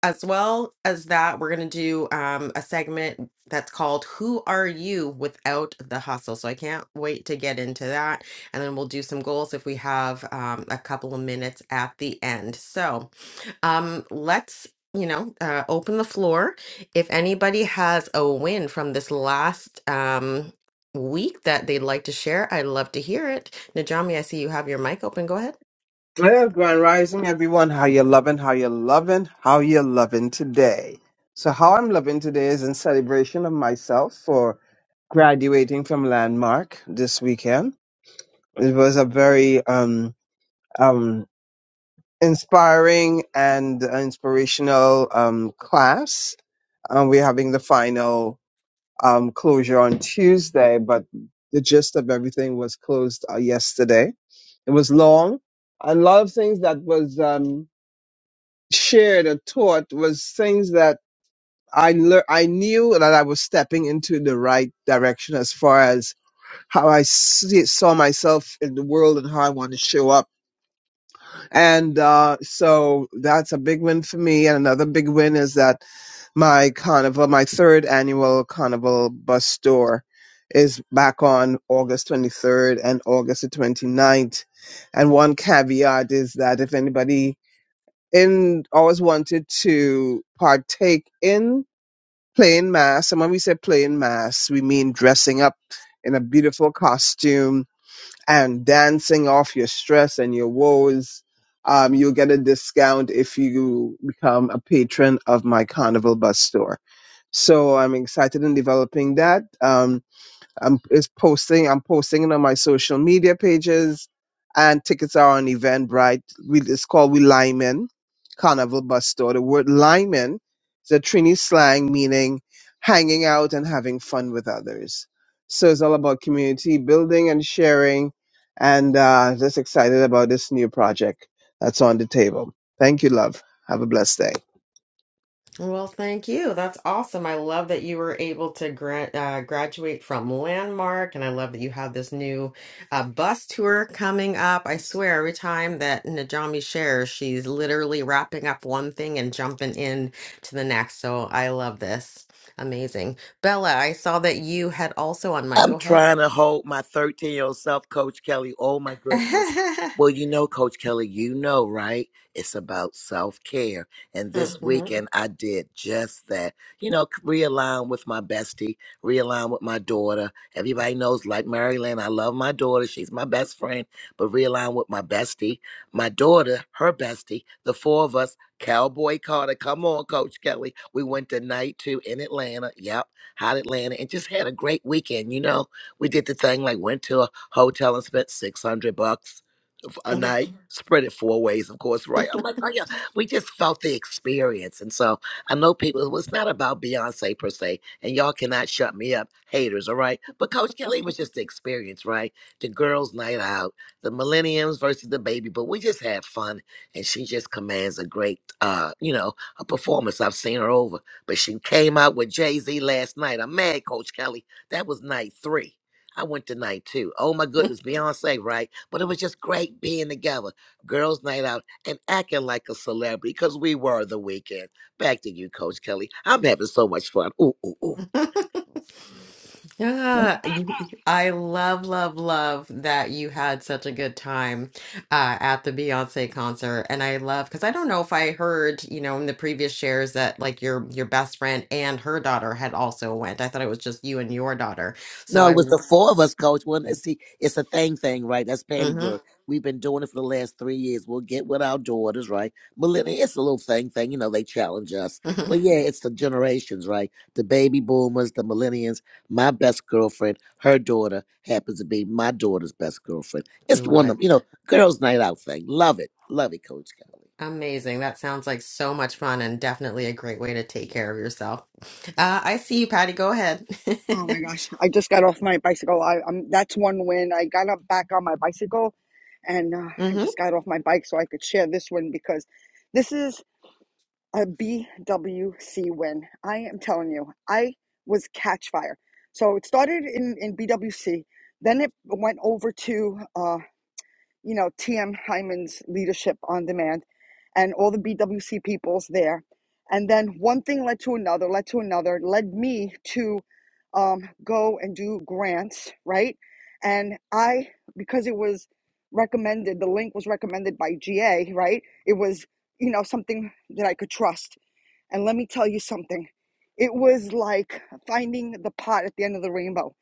[SPEAKER 1] as well as that, we're going to do um, a segment that's called Who Are You Without the Hustle? So I can't wait to get into that. And then we'll do some goals if we have um, a couple of minutes at the end. So, um let's you know uh, open the floor if anybody has a win from this last um week that they'd like to share i'd love to hear it najami i see you have your mic open go ahead
[SPEAKER 12] Well, Grand Rising, everyone. How you loving? How you loving? How you loving today? So, how I'm loving today is in celebration of myself for graduating from Landmark this weekend. It was a very um, um, inspiring and inspirational um, class. Um, we're having the final um, closure on Tuesday, but the gist of everything was closed uh, yesterday. It was long, and a lot of things that was. Um, shared or taught was things that I lear- I knew that I was stepping into the right direction as far as how I see- saw myself in the world and how I want to show up. And uh, so that's a big win for me. And another big win is that my carnival, my third annual carnival bus store, is back on August 23rd and August the twenty ninth. And one caveat is that if anybody and always wanted to partake in playing mass. And when we say playing mass, we mean dressing up in a beautiful costume and dancing off your stress and your woes. Um, you'll get a discount if you become a patron of my Carnival Bus store. So I'm excited in developing that. Um, I'm it's posting. I'm posting it on my social media pages, and tickets are on Eventbrite. We, it's called We Lyman Carnival Bus Store. The word Lyman is a Trini slang meaning hanging out and having fun with others. So it's all about community building and sharing, and uh, just excited about this new project that's on the table. Thank you, love. Have a blessed day.
[SPEAKER 1] Well, thank you. That's awesome. I love that you were able to gra- uh, graduate from Landmark, and I love that you have this new uh, bus tour coming up. I swear, every time that Najami shares, she's literally wrapping up one thing and jumping in to the next. So I love this. Amazing. Bella, I saw that you had also on mic.
[SPEAKER 3] I'm
[SPEAKER 1] Go ahead.
[SPEAKER 3] trying to hold my 13 year old self, Coach Kelly. Oh my goodness. Well, you know, Coach Kelly, you know, right? It's about self care. And this Mhm.
[SPEAKER 1] Mhm.
[SPEAKER 3] weekend, I did just that. You know, c- realign with my bestie, realign with my daughter. Everybody knows, like Marilyn, I love my daughter. She's my best friend, but realign with my bestie, my daughter, her bestie, the four of us, Cowboy Carter. Come on, Coach Kelly. We went to night two in Atlanta. Yep hot Atlanta, and just had a great weekend. You know, we did the thing like went to a hotel and spent six hundred bucks f- a
[SPEAKER 1] Mhm.
[SPEAKER 3] night, Mhm. spread it four ways, of course, right? I'm like, oh yeah, we just felt the experience, and so I know people. It was not about Beyonce per se, and y'all cannot shut me up, haters. All right, but Coach Kelly was just the experience, right? The girls' night out, the millenniums versus the baby, but we just had fun, and she just commands a great, uh, you know, a performance. I've seen her over. But she came out with Jay Z last night. I'm mad, Coach Kelly. That was night three. I went to night two. Oh my goodness, Beyonce, right? But it was just great being together. Girls' night out and acting like a celebrity because we were the weekend. Back to you, Coach Kelly. I'm having so much fun. Ooh, ooh, ooh.
[SPEAKER 1] Yeah, you- I love, love, love that you had such a good time uh, at the Beyonce concert, and I love because I don't know if I heard, you know, in the previous shares that like your your best friend and her daughter had also went. I thought it was just you and your daughter. So
[SPEAKER 3] No, it
[SPEAKER 1] I,
[SPEAKER 3] was the four of us, coach. Well, let's see, it's a thing thing, right? That's Patty
[SPEAKER 1] Mhm.
[SPEAKER 3] word. We've been doing it for the last three years. We'll get with our daughters, right? Millennial, it's a little thing thing. You know, they challenge us. But yeah, it's the generations, right? The baby boomers, the millennials. My best girlfriend, her daughter happens to be my daughter's best girlfriend. It's
[SPEAKER 1] Love
[SPEAKER 3] one of,
[SPEAKER 1] it.
[SPEAKER 3] them, you know, girls' night out thing. Love it. Love it, Coach Kelly.
[SPEAKER 1] Amazing. That sounds like so much fun and definitely a great way to take care of yourself. Uh, I see you, Patty. Go ahead.
[SPEAKER 5] Oh my gosh, I just got off my bicycle. I, i that's one win. I got up back on my bicycle, and uh, I
[SPEAKER 1] hmm
[SPEAKER 5] just got off my bike so I could share this win because this is a BWC win. I am telling you, I was catch fire. So it started in in BWC, then it went over to uh. you know, TM Hyman's Leadership on Demand and all the BWC peoples there. And then one thing led to another, led to another, led me to um, go and do grants, right? And I, because it was recommended, the link was recommended by GA, right? It was, you know, something that I could trust. And let me tell you something. It was like finding the pot at the end of the rainbow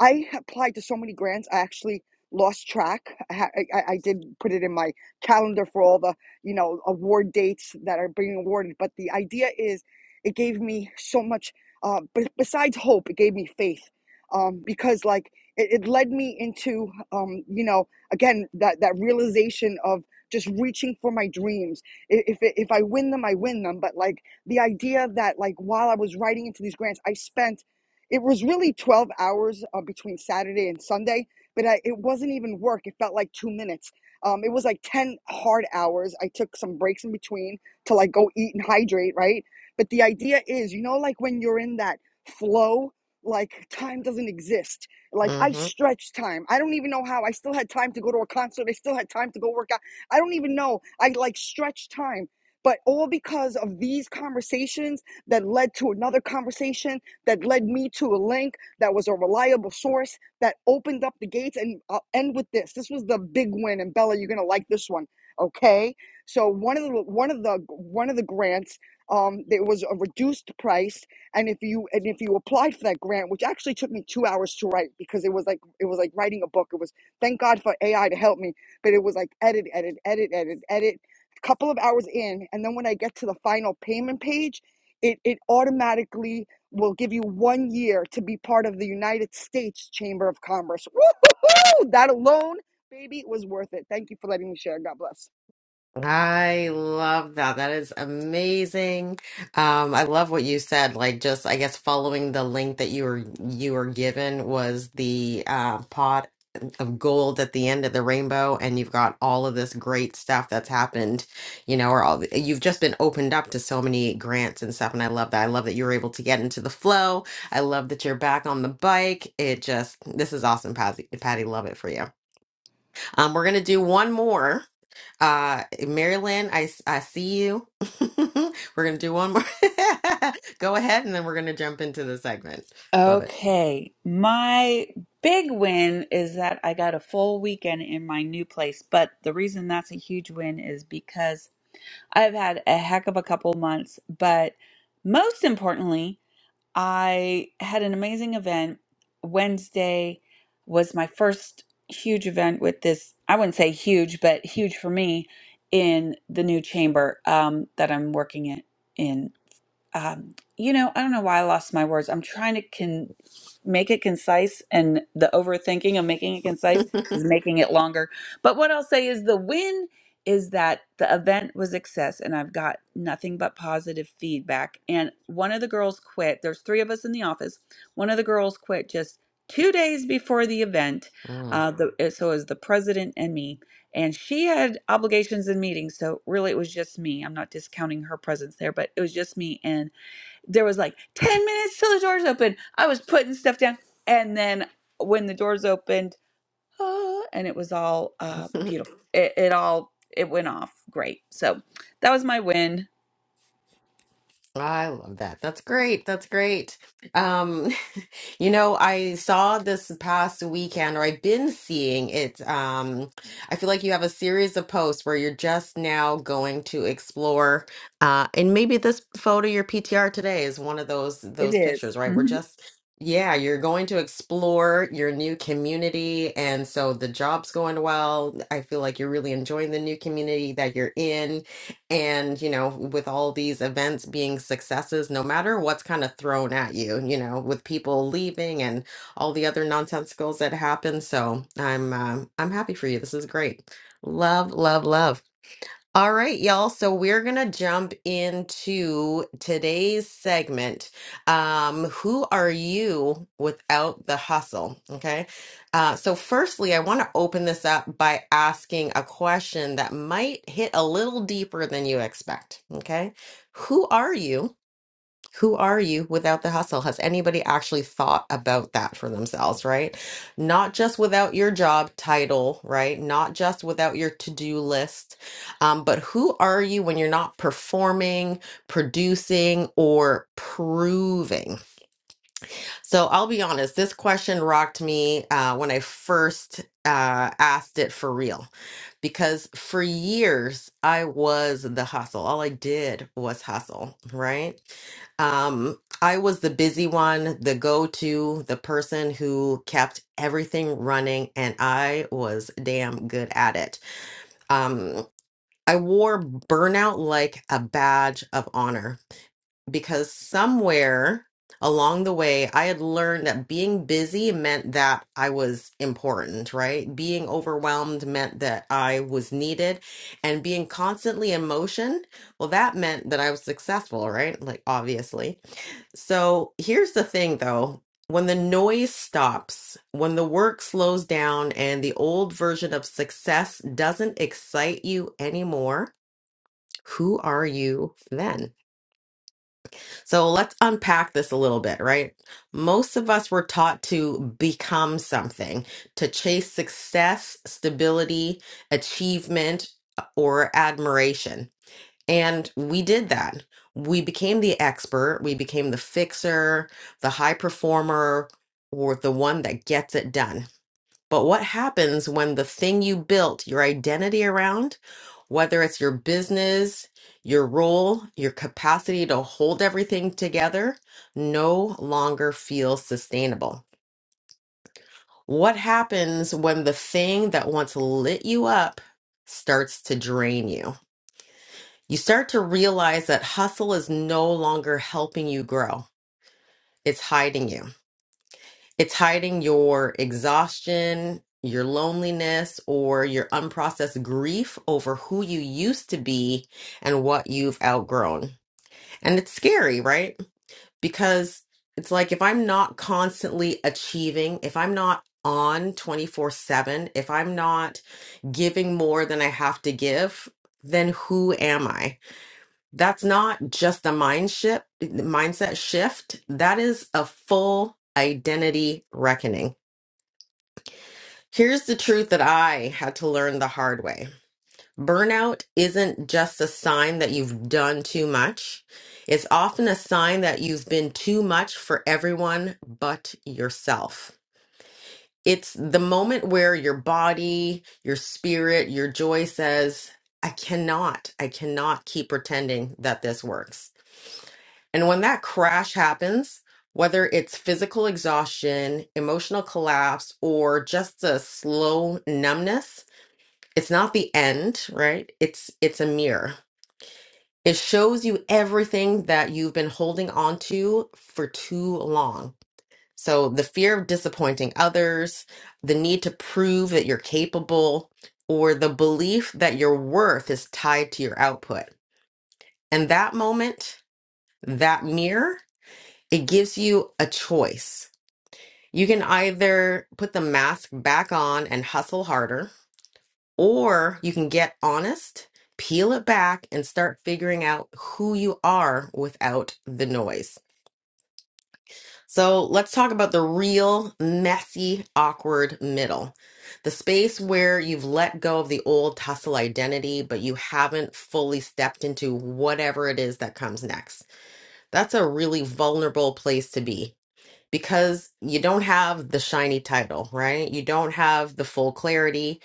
[SPEAKER 5] I applied to so many grants. I actually lost track. I, ha- I, I I did put it in my calendar for all the you know award dates that are being awarded. But the idea is, it gave me so much. Uh, b- besides hope, it gave me faith, um, because like it, it led me into um, you know again that that realization of just reaching for my dreams. I- If it- if I win them, I win them. But like the idea that like while I was writing into these grants, I spent it was really 12 hours uh, between Saturday and Sunday, but I, it wasn't even work. It felt like two minutes. Um, it was like 10 hard hours. I took some breaks in between to like go eat and hydrate, right? But the idea is, you know, like when you're in that flow, like time doesn't exist. Like I
[SPEAKER 1] hmm
[SPEAKER 5] stretched time. I don't even know how. I still had time to go to a concert. I still had time to go work out. I don't even know. I like stretched time. But all because of these conversations that led to another conversation that led me to a link that was a reliable source that opened up the gates. And I'll end with this. This was the big win, and Bella, you're gonna like this one. Okay, so one of the one of the one of the grants, um, there was a reduced price, and if you and if you applied for that grant, which actually took me two hours to write because it was like it was like writing a book. It was thank God for AI to help me, but it was like edit, edit, edit, edit, edit. Couple of hours in, and then when I get to the final payment page, it it automatically will give you one year to be part of the United States Chamber of Commerce. Woo-hoo-hoo! That alone, baby, was worth it. Thank you for letting me share. God bless.
[SPEAKER 1] I love that. That is amazing. Um, I love what you said. Like just, I guess following the link that you were you were given was the uh, pot of gold at the end of the rainbow, and you've got all of this great stuff that's happened. You know, or all the- you've just been opened up to so many grants and stuff. And I love that. I love that you were able to get into the flow. I love that you're back on the bike. It just, this is awesome, Patty. Patty, love it for you. Um, we're gonna do one more. Uh, Marilyn, I I see you. We're going to do one more. Go ahead, and then we're going to jump into the segment. Love it.
[SPEAKER 6] Okay, my big win is that I got a full weekend in my new place, but the reason that's a huge win is because I've had a heck of a couple months, but most importantly, I had an amazing event. Wednesday was my first huge event with this, I wouldn't say huge, but huge for me in the new chamber um, that I'm working in. in um, you know, I don't know why I lost my words. I'm trying to can make it concise, and the overthinking of making it concise is making it longer. But what I'll say is the win is that the event was a success, and I've got nothing but positive feedback. And one of the girls quit. There's three of us in the office. One of the girls quit just two days before the event.
[SPEAKER 1] Mm.
[SPEAKER 6] Uh, the, so it was the president and me, and she had obligations and meetings. So really, it was just me. I'm not discounting her presence there, but it was just me and there was like 10 minutes till the doors open. I was putting stuff down. And then when the doors opened, uh, and it was all uh, beautiful. It, it all, it went off great. So that was my win.
[SPEAKER 1] I love that. That's great. That's great. Um, you know, I saw this past weekend, or I've been seeing it. Um, I feel like you have a series of posts where you're just now going to explore, uh, and maybe this photo, your PTR today, is one of those
[SPEAKER 6] It
[SPEAKER 1] those
[SPEAKER 6] is.
[SPEAKER 1] pictures, right? We're
[SPEAKER 6] Mm-hmm.
[SPEAKER 1] just, yeah, you're going to explore your new community, and so the job's going well. I feel like you're really enjoying the new community that you're in and, you know, with all these events being successes, no matter what's kind of thrown at you, you know, with people leaving and all the other nonsensicals that happen. So I'm um, I'm happy for you. This is great. Love, love, love. All right, y'all. So we're going to jump into today's segment. Um, who are you without the hustle? Okay. Uh, so, firstly, I want to open this up by asking a question that might hit a little deeper than you expect. Okay. Who are you? who are you without the hustle? Has anybody actually thought about that for themselves, right? Not just without your job title, right? Not just without your to do list, um, but who are you when you're not performing, producing, or proving? So I'll be honest, this question rocked me uh, when I first uh, asked it for real because for years I was the hustle. All I did was hustle, right? Um, I was the busy one, the go to, the person who kept everything running, and I was damn good at it. Um, I wore burnout like a badge of honor because somewhere along the way, I had learned that being busy meant that I was important, right? Being overwhelmed meant that I was needed, and being constantly in motion, well, that meant that I was successful, right? Like, obviously. So here's the thing though. When the noise stops, when the work slows down, and the old version of success doesn't excite you anymore, who are you then? So let's unpack this a little bit, right? Most of us were taught to become something, to chase success, stability, achievement, uh, or admiration. And we did that. We became the expert, we became the fixer, the high performer, or the one that gets it done but what happens when the thing you built your identity around, whether it's your business, your role, your capacity to hold everything together, no longer feels sustainable? What happens when the thing that once lit you up starts to drain you? You start to realize that hustle is no longer helping you grow, it's hiding you. It's hiding your exhaustion, your loneliness, or your unprocessed grief over who you used to be and what you've outgrown. And it's scary, right? Because it's like if I'm not constantly achieving, if I'm not on 24 7, if I'm not giving more than I have to give, then who am I? That's not just a mind shift, mindset shift. That is a full identity reckoning. Here's the truth that I had to learn the hard way. Burnout isn't just a sign that you've done too much. It's often a sign that you've been too much for everyone but yourself. It's the moment where your body, your spirit, your joy says, I cannot, I cannot keep pretending that this works. And when that crash happens, whether it's physical exhaustion, emotional collapse, or just a slow numbness, it's not the end right it's it's a mirror it shows you everything that you've been holding on to for too long so the fear of disappointing others the need to prove that you're capable or the belief that your worth is tied to your output and that moment that mirror it gives you a choice you can either put the mask back on and hustle harder Or you can get honest, peel it back, and start figuring out who you are without the noise. So let's talk about the real, messy, awkward middle the space where you've let go of the old tussle identity, but you haven't fully stepped into whatever it is that comes next. That's a really vulnerable place to be because you don't have the shiny title, right? You don't have the full clarity.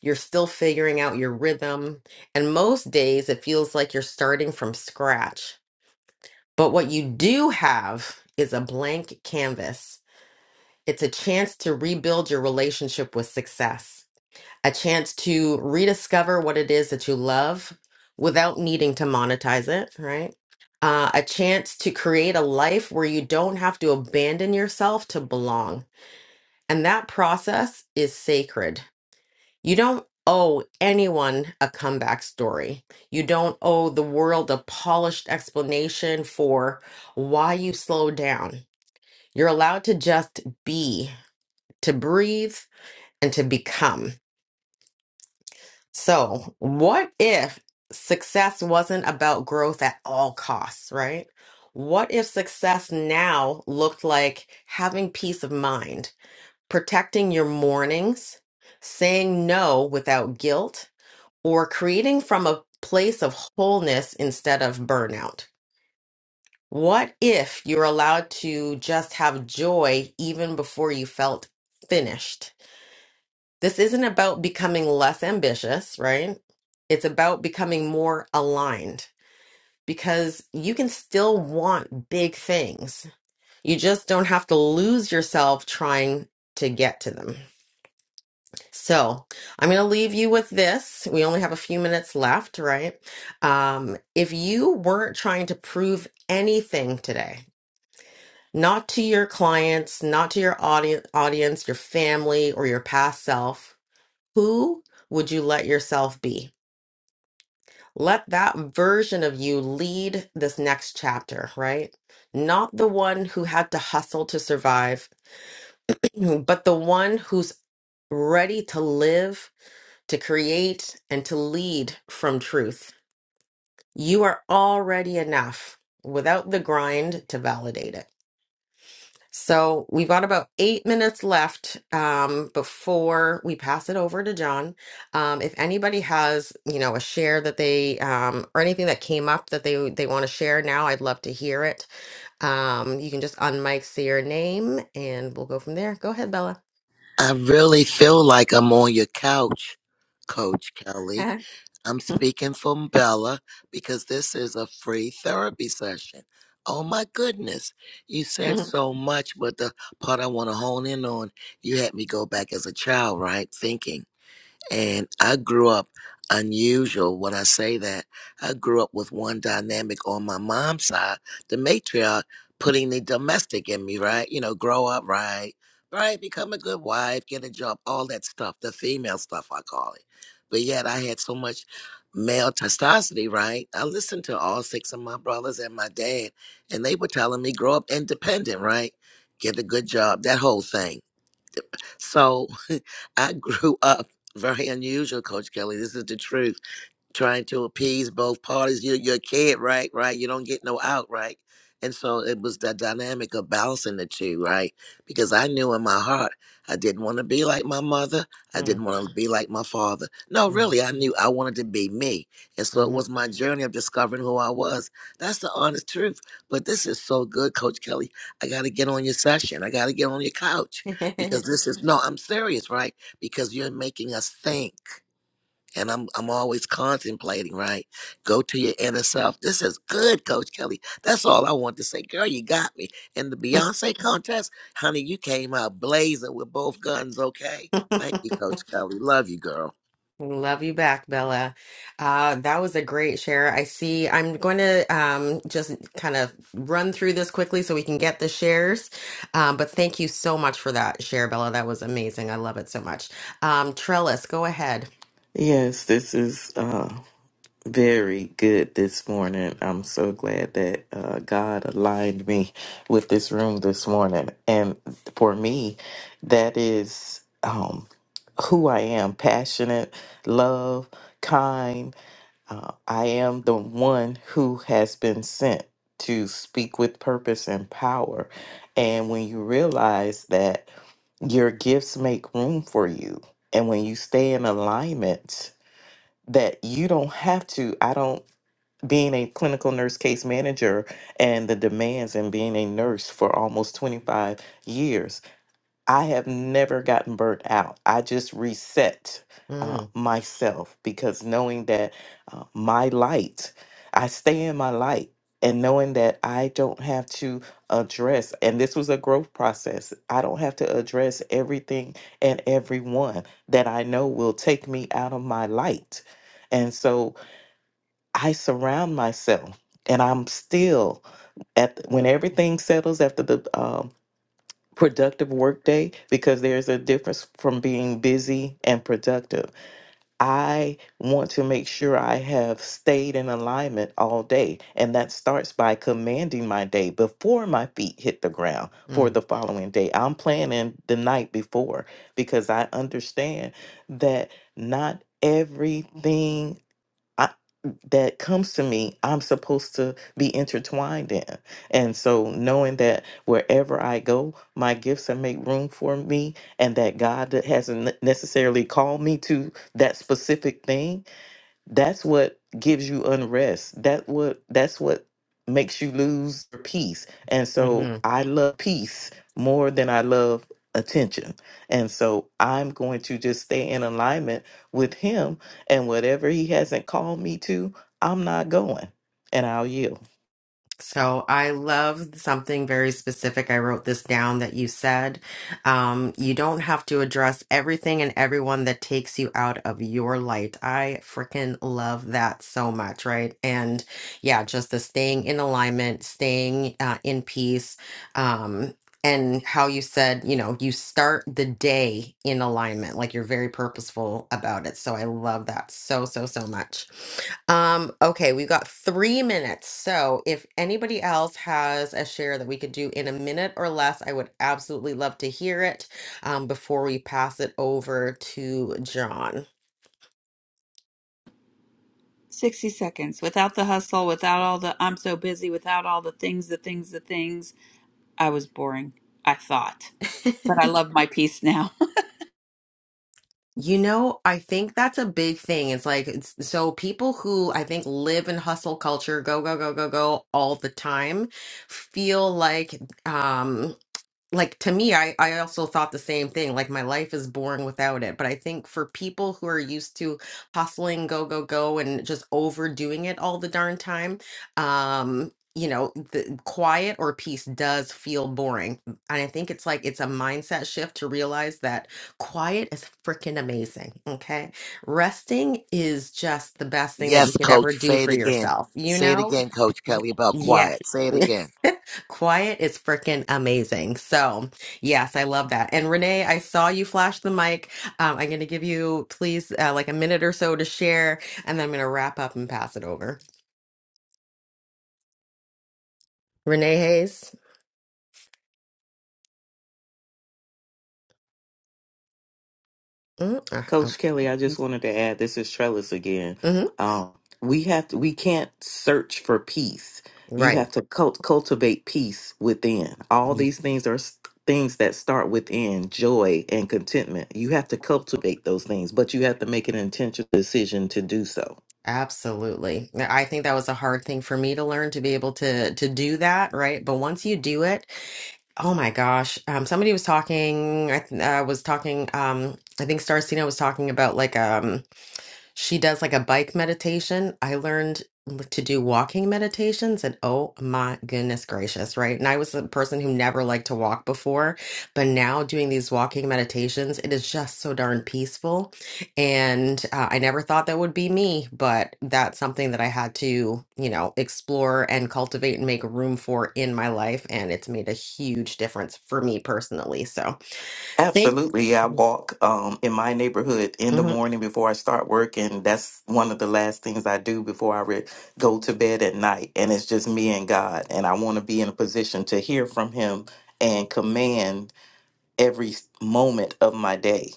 [SPEAKER 1] You're still figuring out your rhythm. And most days it feels like you're starting from scratch. But what you do have is a blank canvas. It's a chance to rebuild your relationship with success, a chance to rediscover what it is that you love without needing to monetize it, right? Uh, a chance to create a life where you don't have to abandon yourself to belong and that process is sacred. You don't owe anyone a comeback story. You don't owe the world a polished explanation for why you slowed down. You're allowed to just be, to breathe, and to become. So, what if success wasn't about growth at all costs, right? What if success now looked like having peace of mind? protecting your mornings, saying no without guilt, or creating from a place of wholeness instead of burnout? What if you're allowed to just have joy even before you felt finished? This isn't about becoming less ambitious, right? It's about becoming more aligned because you can still want big things. You just don't have to lose yourself trying to get to them. So I'm going to leave you with this. We only have a few minutes left, right? Um, if you weren't trying to prove anything today, not to your clients, not to your audience, audience, your family, or your past self, who would you let yourself be? Let that version of you lead this next chapter, right? Not the one who had to hustle to survive, but the one who's ready to live to create and to lead from truth. You are already enough without the grind to validate it. So we've got about eight minutes left um, before we pass it over to John. Um, if anybody has, you know, a share that they um, or anything that came up that they they want to share now, I'd love to hear it. Um, you can just unmic, say your name, and we'll go from there. Go ahead, Bella.
[SPEAKER 3] I really feel like I'm on your couch, Coach Kelly. I'm speaking from Bella because this is a free therapy session. Oh my goodness. You said
[SPEAKER 1] Mm,
[SPEAKER 3] so much, but the part I want to hone in on, you had me go back as a child, right? Thinking. And I grew up unusual when I say that. I grew up with one dynamic on my mom's side, the matriarch putting the domestic in me, right? You know, grow up right, right, become a good wife, get a job, all that stuff, the female stuff, I call it. But yet I had so much male testosterone, right? I listened to all six of my brothers and my dad, and they were telling me, grow up independent, right? Get a good job, that whole thing. So I grew up very unusual, Coach Kelly. This is the truth trying to appease both parties. You're, you're a kid, right? Right? You don't get no out, right? And so it was the dynamic of balancing the two, right? Because I knew in my heart I didn't want to be like my mother. I
[SPEAKER 1] mm,
[SPEAKER 3] didn't want to be like my father. No, really, I knew I wanted to be me. And so it
[SPEAKER 1] mm,
[SPEAKER 3] was my journey of discovering who I was. That's the honest truth. But this is so good, Coach Kelly. I got to get on your session. I got to get on your couch because this is, no, I'm serious, right? Because you're making us think and I'm I'm always contemplating, right? Go to your inner self. This is good, Coach Kelly. That's all I want to say. Girl, you got me. In the Beyonce contest, honey, you came out blazing with both guns, okay?
[SPEAKER 1] mhm.
[SPEAKER 3] Thank you, Coach Kelly. Love you, girl.
[SPEAKER 1] Love you back, Bella. Uh, that was a great share. I see. I'm going to um, just kind of run through this quickly so we can get the shares. Um, but thank you so much for that share, Bella. That was amazing. I love it so much. Um, Trellis, go ahead.
[SPEAKER 10] Yes, this is. Very good this morning. I'm so glad that uh, God aligned me with this room this morning. And for me, that is um, who I am passionate, love, kind. Uh, I am the one who has been sent to speak with purpose and power. And when you realize that your gifts make room for you, and when you stay in alignment, that you don't have to. I don't being a clinical nurse case manager and the demands and being a nurse for almost 25 years, I have never gotten burnt out. I just reset uh,
[SPEAKER 1] Mm,
[SPEAKER 10] myself because knowing that uh, my light, I stay in my light and knowing that I don't have to address, and this was a growth process, I don't have to address everything and everyone that I know will take me out of my light. And so, I surround myself, and I'm still at the- when everything settles after the um, productive workday, because there's a difference from being busy and productive. I want to make sure I have stayed in alignment all day, and that starts by commanding my day before my feet hit the ground for the following day. I'm planning the night before because I understand that not everything that comes to me, I'm supposed to be intertwined in. And so, knowing that wherever I go, my gifts have make room for me, and that God that hasn't ne- necessarily called me to that specific thing, that's what gives you unrest that what that's what makes you lose your peace and
[SPEAKER 1] mm,
[SPEAKER 10] so i love peace more than i love attention and so i'm going to just stay in alignment with him and whatever he hasn't called me to i'm not going and i'll yield
[SPEAKER 1] So I love something very specific. I wrote this down that you said. Um, you don't have to address everything and everyone that takes you out of your light. I freaking love that so much, right? And yeah, just the staying in alignment, staying uh, in peace. Um, and how you said, you know, you start the day in alignment, like you're very purposeful about it. So I love that so, so, so much. Um, okay, we've got three minutes. So if anybody else has a share that we could do in a minute or less, I would absolutely love to hear it um, before we pass it over to John.
[SPEAKER 6] 60 seconds. Without the hustle, without all the, I'm so busy, without all the things, the things, the things, I was boring. I thought. But I love my peace now.
[SPEAKER 1] You know, I think that's a big thing. It's like, it's, so people who I think live in hustle culture, go, go, go, go, go all the time, feel like, um, like to me I I also thought the same thing like my life is boring without it but I think for people who are used to hustling go go go and just overdoing it all the darn time um you know the quiet or peace does feel boring and I think it's like it's a mindset shift to realize that quiet is freaking amazing okay resting is just the best thing that you
[SPEAKER 3] Yes,
[SPEAKER 1] could
[SPEAKER 3] Coach,
[SPEAKER 1] ever do
[SPEAKER 3] say it
[SPEAKER 1] for
[SPEAKER 3] again.
[SPEAKER 1] yourself you
[SPEAKER 3] Say it
[SPEAKER 1] know
[SPEAKER 3] again, Coach
[SPEAKER 1] Ye-
[SPEAKER 3] Kelly, about
[SPEAKER 1] yes
[SPEAKER 3] quiet. Say it again.
[SPEAKER 1] Quiet is freaking amazing. So, yes, I love that. And Renee, I saw you flash the mic. Um, I'm going to give you, please, uh, like a minute or so to share, and then I'm going to wrap up and pass it over. Renee Hayes. Mm, uh, oh,
[SPEAKER 10] Coach Kelly, I just wanted to add this is Trellis again.
[SPEAKER 1] Mm-hmm.
[SPEAKER 10] Um, we have to, we can't search for peace. You
[SPEAKER 1] Right.
[SPEAKER 10] have to cult- cultivate peace within. All
[SPEAKER 1] You-
[SPEAKER 10] these things are s- things that start within joy and contentment. You have to cultivate those things, but you have to make an intentional decision to do so.
[SPEAKER 1] Absolutely. Yeah, I think that was a hard thing for me to learn to be able to to do that, right? But once you do it, oh my gosh. Um somebody was talking I th- uh, was talking um I think Starcina was talking about like um, She does like a bike meditation. I learned to do walking meditations and oh my goodness gracious, right? And I was a person who never liked to walk before, but now doing these walking meditations, it is just so darn peaceful. And uh, I never thought that would be me, but that's something that I had to, you know, explore and cultivate and make room for in my life. And it's made a huge difference for me personally. So thank.
[SPEAKER 10] Absolutely. yeah, I walk um, in my neighborhood in the morning before I start work, and that's one of the last things I do before I re- go to bed at night. And it's just me and God. And I want to be in a position to hear from Him and command every moment of my day.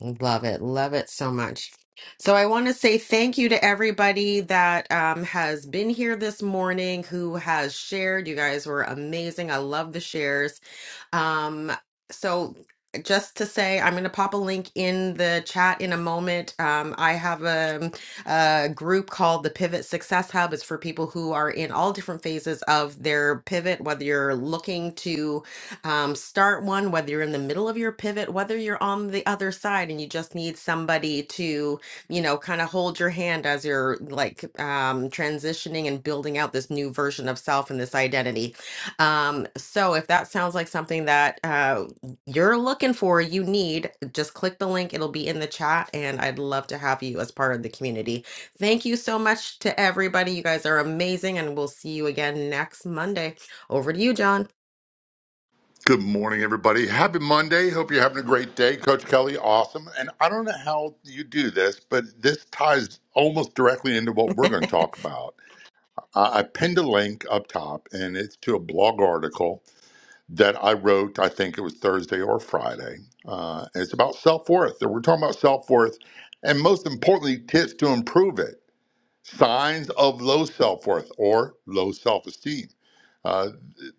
[SPEAKER 1] Love it. Love it so much. So I want to say thank you to everybody that um, has been here this morning who has shared. You guys were amazing. I love the shares. Um, so just to say, I'm going to pop a link in the chat in a moment. Um, I have a, a group called the Pivot Success Hub. It's for people who are in all different phases of their pivot, whether you're looking to um, start one, whether you're in the middle of your pivot, whether you're on the other side and you just need somebody to, you know, kind of hold your hand as you're like um, transitioning and building out this new version of self and this identity um, so if that sounds like something that uh, you're looking for, you need, just click the link. It'll be in the chat, and I'd love to have you as part of the community. Thank you so much to everybody. You guys are amazing, and we'll see you again next Monday. Over to you, John.
[SPEAKER 13] Good morning, everybody. Happy Monday. Hope you're having a great day. Coach Kelly, awesome. And I don't know how you do this, but this ties almost directly into what we're going to talk about. I I pinned a link up top, and it's to a blog article that I wrote, I think it was Thursday or Friday. Uh, and it's about self worth. And we're talking about self worth and, most importantly, tips to improve it signs of low self worth or low self esteem. Uh,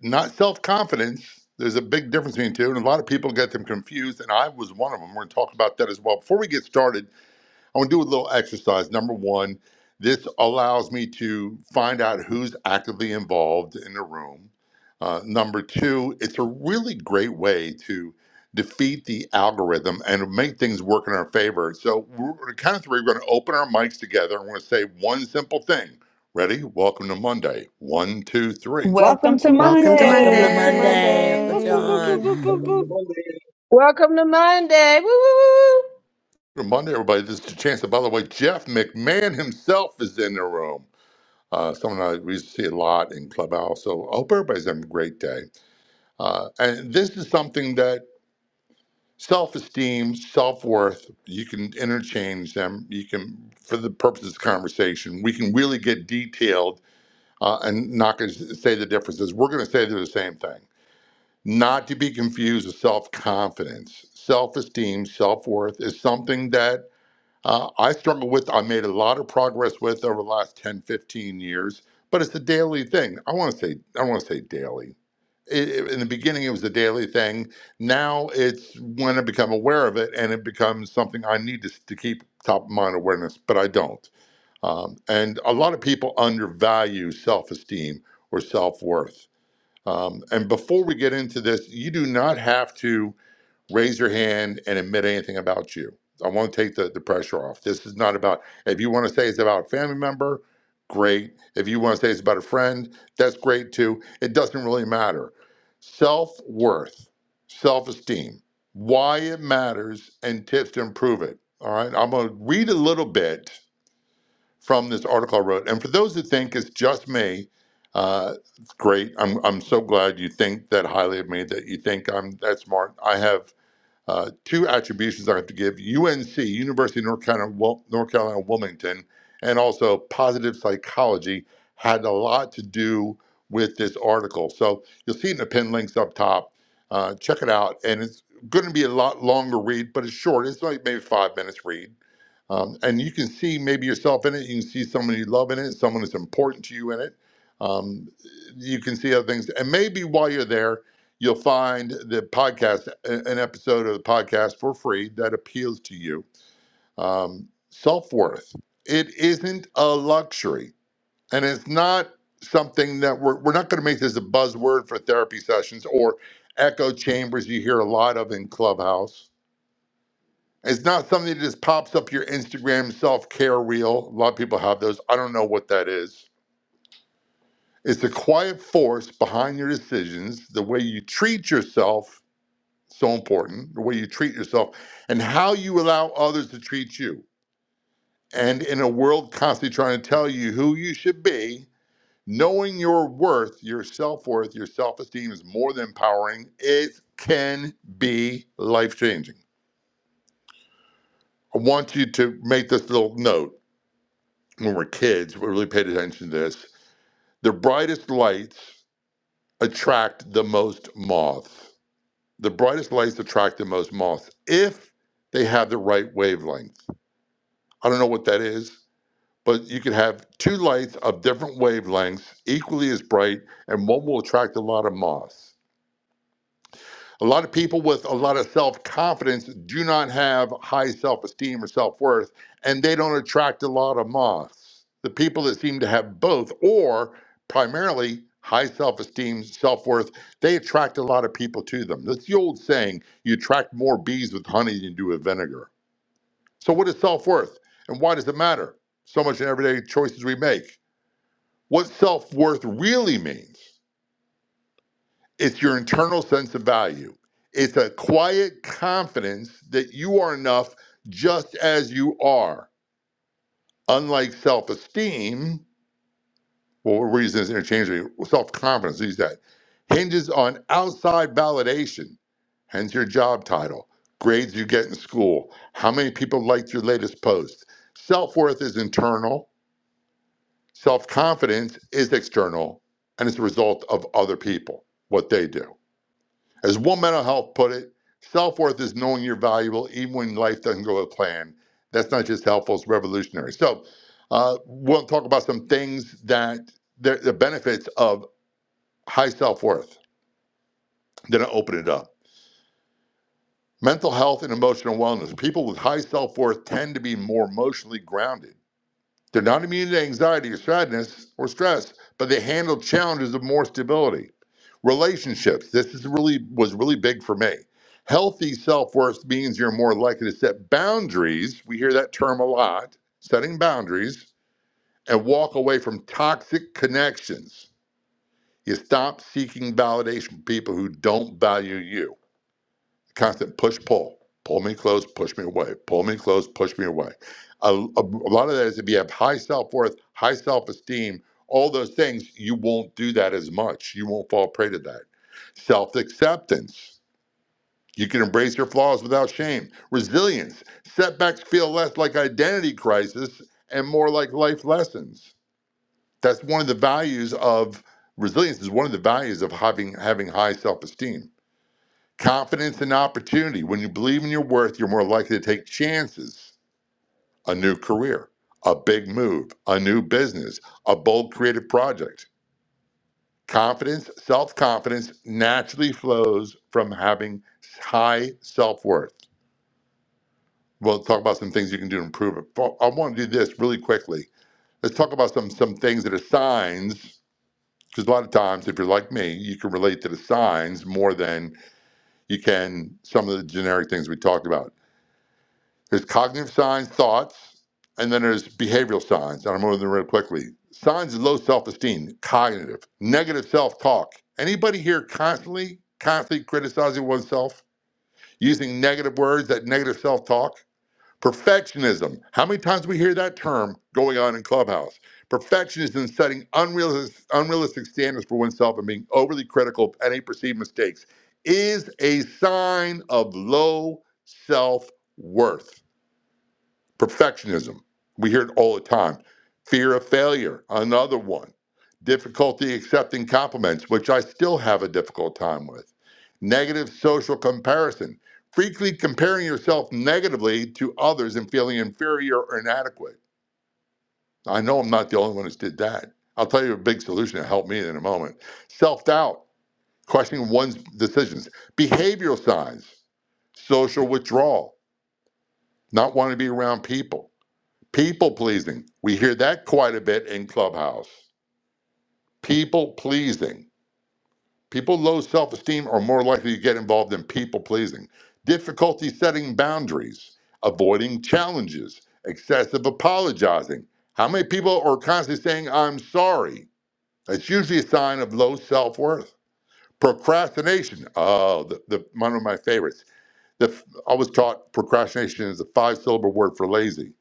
[SPEAKER 13] not self confidence. There's a big difference between the two, and a lot of people get them confused, and I was one of them. We're going to talk about that as well. Before we get started, I want to do a little exercise. Number one, this allows me to find out who's actively involved in the room. Uh, number two, it's a really great way to defeat the algorithm and make things work in our favor. So, we're, on the count of three, we're going to open our mics together and we're going to say one simple thing. Ready? Welcome to Monday. One, two, three.
[SPEAKER 14] Welcome
[SPEAKER 5] Welcome to
[SPEAKER 14] to
[SPEAKER 1] Welcome to
[SPEAKER 3] Welcome
[SPEAKER 5] Monday.
[SPEAKER 3] to
[SPEAKER 15] Welcome to
[SPEAKER 1] Monday.
[SPEAKER 3] Monday,
[SPEAKER 14] Monday.
[SPEAKER 3] Uncle
[SPEAKER 14] Whoop, whoop, whoop, whoop,
[SPEAKER 15] Monday.
[SPEAKER 3] John.
[SPEAKER 14] whoop, whoop,
[SPEAKER 16] Welcome to
[SPEAKER 17] Mhm.
[SPEAKER 14] whoop.
[SPEAKER 16] Monday.
[SPEAKER 18] Welcome to Monday. Woo, woo, woo.
[SPEAKER 13] Good Monday, everybody. This is the chance. By the way, Jeff McMahon himself is in the room. Uh, someone I we see a lot in Clubhouse. So I hope everybody's having a great day. Uh, and this is something that self-esteem, self-worth, you can interchange them. You can, for the purpose of this conversation, we can really get detailed uh, and not going to say the differences. We're going to say they're the same thing. Not to be confused with self-confidence. Self-esteem, self-worth is something that uh, I struggle with, I made a lot of progress with over the last 10, 15 years, but it's a daily thing. I want to say, I don't want to say daily. It, it- in the beginning, it was a daily thing. Now it's when I become aware of it and it becomes something I need to, s- to keep top of mind awareness, but I don't. Um, and a lot of people undervalue self esteem or self worth. Um, and before we get into this, you do not have to raise your hand and admit anything about you. I want to take the, the pressure off. This is not about, if you want to say it's about a family member, great. If you want to say it's about a friend, that's great too. It doesn't really matter. Self worth, self esteem, why it matters, and tips to improve it. All right. I'm going to read a little bit from this article I wrote. And for those who think it's just me, uh, great. I'm, I'm so glad you think that highly of me, that you think I'm that smart. I have. Uh, two attributions I have to give UNC, University of North Carolina, Wil- North Carolina Wilmington, and also positive psychology had a lot to do with this article. So you'll see it in the pin links up top. Uh, check it out. And it's going to be a lot longer read, but it's short. It's like maybe five minutes read um, and you can see maybe yourself in it. You can see someone you love in it, someone that's important to you in it. Um, you can see other things. And maybe while you're there, you'll find the podcast, an episode of the podcast for free that appeals to you. Um, Self worth. It isn't a luxury. And it's not something that we're, we're not going to make this a buzzword for therapy sessions or echo chambers you hear a lot of in Clubhouse it's not something that just pops up your Instagram self care reel. A lot of people have those. I don't know what that is. It's the quiet force behind your decisions, the way you treat yourself, so important, the way you treat yourself, and how you allow others to treat you. And in a world constantly trying to tell you who you should be, knowing your worth, your self worth, your self esteem is more than empowering. It can be life changing. I want you to make this little note when we're kids, we really paid attention to this. The brightest lights attract the most moths. The brightest lights attract the most moths if they have the right wavelength. I don't know what that is, but you could have two lights of different wavelengths, equally as bright, and one will attract a lot of moths. A lot of people with a lot of self confidence do not have high self esteem or self worth, and they don't attract a lot of moths. The people that seem to have both, or primarily high self esteem, self worth, they attract a lot of people to them. That's the old saying you attract more bees with honey than you do with vinegar. So, what is self worth, and why does it matter? So much in everyday choices we make. What self worth really means it's your internal sense of value. It's a quiet confidence that you are enough just as you are. Unlike self esteem, well, we're using this interchangeably, self confidence, use that, hinges on outside validation, hence your job title, grades you get in school, how many people liked your latest post. Self worth is internal, self confidence is external, and it's a result of other people, what they do. As One Mental Health put it, self worth is knowing you're valuable even when life doesn't go to plan. That's not just helpful, it's revolutionary. So, uh, we'll talk about some things that the, the benefits of high self worth. Then I open it up. Mental health and emotional wellness. People with high self worth tend to be more emotionally grounded They're not immune to anxiety or sadness or stress, but they handle challenges of more stability. Relationships. This is really was really big for me. Healthy self-worth means you're more likely to set boundaries. We hear that term a lot, setting boundaries, and walk away from toxic connections. You stop seeking validation from people who don't value you constant push pull pull me close push me away pull me close push me away a, a, a lot of that is if you have high self-worth high self-esteem all those things you won't do that as much you won't fall prey to that self-acceptance you can embrace your flaws without shame resilience setbacks feel less like identity crisis and more like life lessons that's one of the values of resilience is one of the values of having having high self-esteem Confidence and opportunity. When you believe in your worth, you're more likely to take chances. A new career, a big move, a new business, a bold creative project. Confidence, self confidence naturally flows from having high self worth. We'll talk about some things you can do to improve it. But I want to do this really quickly. Let's talk about some some things that are signs, because a lot of times, if you're like me, you can relate to the signs more than you can some of the generic things we talked about There's cognitive signs, thoughts, and then there's behavioral signs. And I'm moving them real quickly. Signs of low self-esteem, cognitive, negative self-talk. Anybody here constantly, constantly criticizing oneself, using negative words, that negative self-talk? Perfectionism. How many times we hear that term going on in Clubhouse? Perfectionism setting unrealistic, unrealistic standards for oneself and being overly critical of any perceived mistakes is a sign of low self-worth. Perfectionism. We hear it all the time. Fear of failure, another one. Difficulty accepting compliments, which I still have a difficult time with. Negative social comparison, frequently comparing yourself negatively to others and feeling inferior or inadequate. I know I'm not the only one who's did that. I'll tell you a big solution to help me in a moment. Self doubt, questioning one's decisions. Behavioral signs, social withdrawal, not wanting to be around people People pleasing. We hear that quite a bit in Clubhouse. People pleasing. People with low self esteem are more likely to get involved in people pleasing. Difficulty setting boundaries, avoiding challenges, excessive apologizing. How many people are constantly saying, I'm sorry? That's usually a sign of low self worth. Procrastination. Oh, the, the, one of my favorites. The, I was taught procrastination is a five syllable word for lazy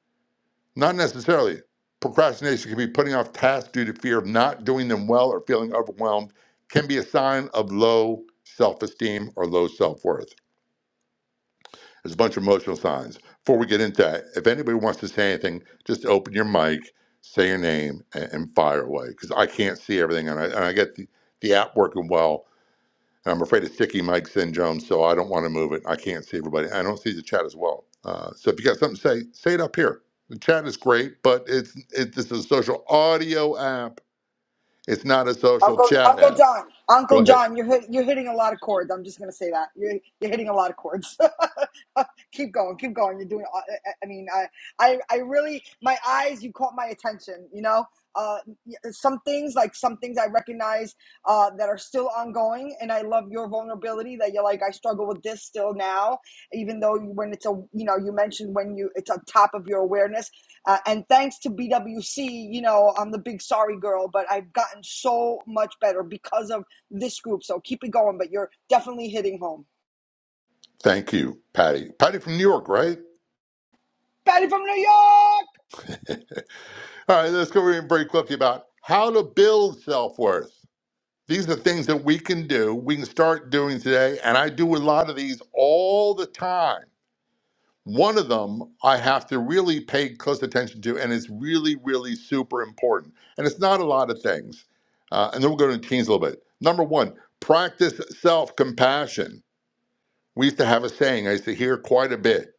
[SPEAKER 13] Not necessarily. Procrastination can be putting off tasks due to fear of not doing them well or feeling overwhelmed, can be a sign of low self esteem or low self worth. There's a bunch of emotional signs. Before we get into that, if anybody wants to say anything, just open your mic, say your name, and, and fire away because I can't see everything. And I, and I get the, the app working well. I'm afraid of sticky Mike syndrome, so I don't want to move it. I can't see everybody. I don't see the chat as well. Uh, so if you got something to say, say it up here. The chat is great, but it's it, this is a social audio app. It's not a social
[SPEAKER 5] Uncle
[SPEAKER 13] chat
[SPEAKER 5] Uncle
[SPEAKER 13] app.
[SPEAKER 5] John,
[SPEAKER 13] Go
[SPEAKER 5] Uncle
[SPEAKER 13] ahead.
[SPEAKER 5] John, you're hit, you're hitting a lot of chords. I'm just gonna say that you're you're hitting a lot of chords. keep going, keep going. You're doing. aw- I I mean, I I I really my eyes. You caught my attention. You know, uh, y- some things like some things I recognize uh, that are still ongoing, and I love your vulnerability that you're like I struggle with this still now, even though you, when it's a you know you mentioned when you it's on top of your awareness uh, and thanks to BWC, you know, I'm the big sorry girl, but I've gotten so much better because of this group. So keep it going, but you're definitely hitting home.
[SPEAKER 13] Thank you, Patty. Patty from New York, right?
[SPEAKER 5] Patty from New York!
[SPEAKER 13] All right, let's go over here very quickly about how to build self worth. These are things that we can do. We can start doing today, and I do a lot of these all the time One of them I have to really pay close attention to, and it's really, really super important. And it's not a lot of things. Uh, and then we'll go to teens a little bit. Number one, practice self compassion. We used to have a saying I used to hear quite a bit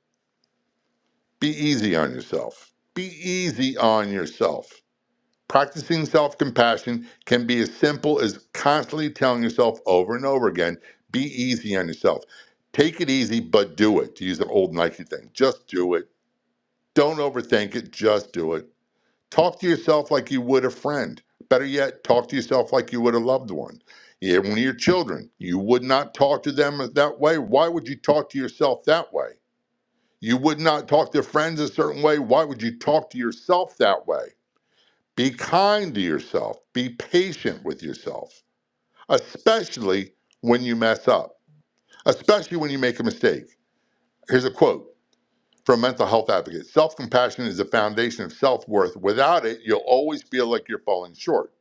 [SPEAKER 13] be easy on yourself. Be easy on yourself. Practicing self compassion can be as simple as constantly telling yourself over and over again be easy on yourself. Take it easy, but do it, to use an old Nike thing. Just do it Don't overthink it, just do it. Talk to yourself like you would a friend. Better yet, talk to yourself like you would a loved one. Yeah, When your children, you would not talk to them that way. Why would you talk to yourself that way? You would not talk to friends a certain way. Why would you talk to yourself that way? Be kind to yourself. Be patient with yourself, especially when you mess up, especially when you make a mistake. Here's a quote from mental health advocates. Self compassion is the foundation of self worth. Without it, you'll always feel like you're falling short.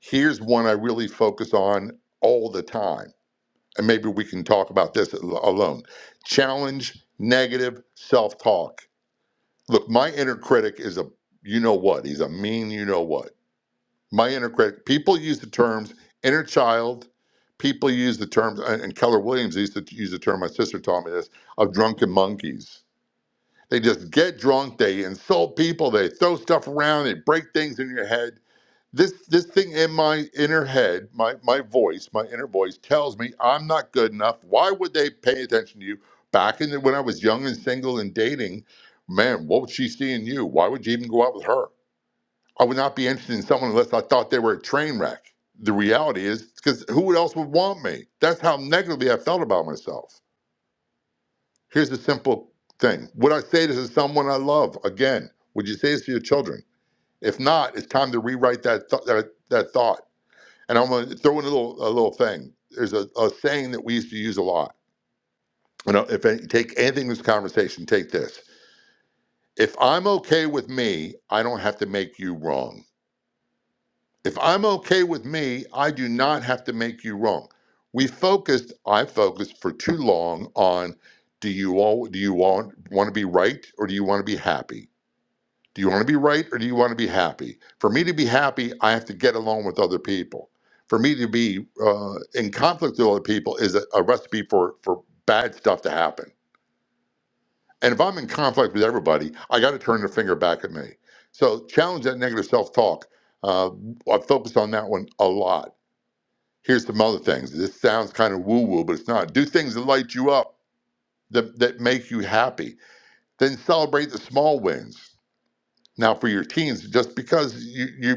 [SPEAKER 13] Here's one I really focus on all the time, and maybe we can talk about this al- alone. Challenge negative self talk. Look, my inner critic is a you know what? He's a mean you know what. My inner critic, people use the terms inner child. People use the terms, and and Keller Williams used to use the term, my sister taught me this, of drunken monkeys they just get drunk, they insult people, they throw stuff around, they break things in your head. This this thing in my inner head, my my voice, my inner voice tells me I'm not good enough. Why would they pay attention to you? Back in the, when I was young and single and dating, man, what would she see in you? Why would you even go out with her? I would not be interested in someone unless I thought they were a train wreck. The reality is because who else would want me? That's how negatively I felt about myself. Here's a simple thing. Would I say this to someone I love? Again, would you say this to your children? If not, it's time to rewrite that th- that, that thought. And I'm going to throw in a little a little thing. There's a, a saying that we used to use a lot. You know, if any, take anything in this conversation, take this. If I'm okay with me, I don't have to make you wrong. If I'm okay with me, I do not have to make you wrong. We focused, I focused for too long on do you all do you want want to be right or do you want to be happy? Do you want to be right or do you want to be happy? For me to be happy, I have to get along with other people. For me to be uh, in conflict with other people is a, a recipe for, for bad stuff to happen. And if I'm in conflict with everybody, I got to turn the finger back at me. So challenge that negative self talk. Uh, I've focused on that one a lot. Here's some other things. This sounds kind of woo woo, but it's not. Do things that light you up, that, that make you happy. Then celebrate the small wins. Now, for your teens, just because you, you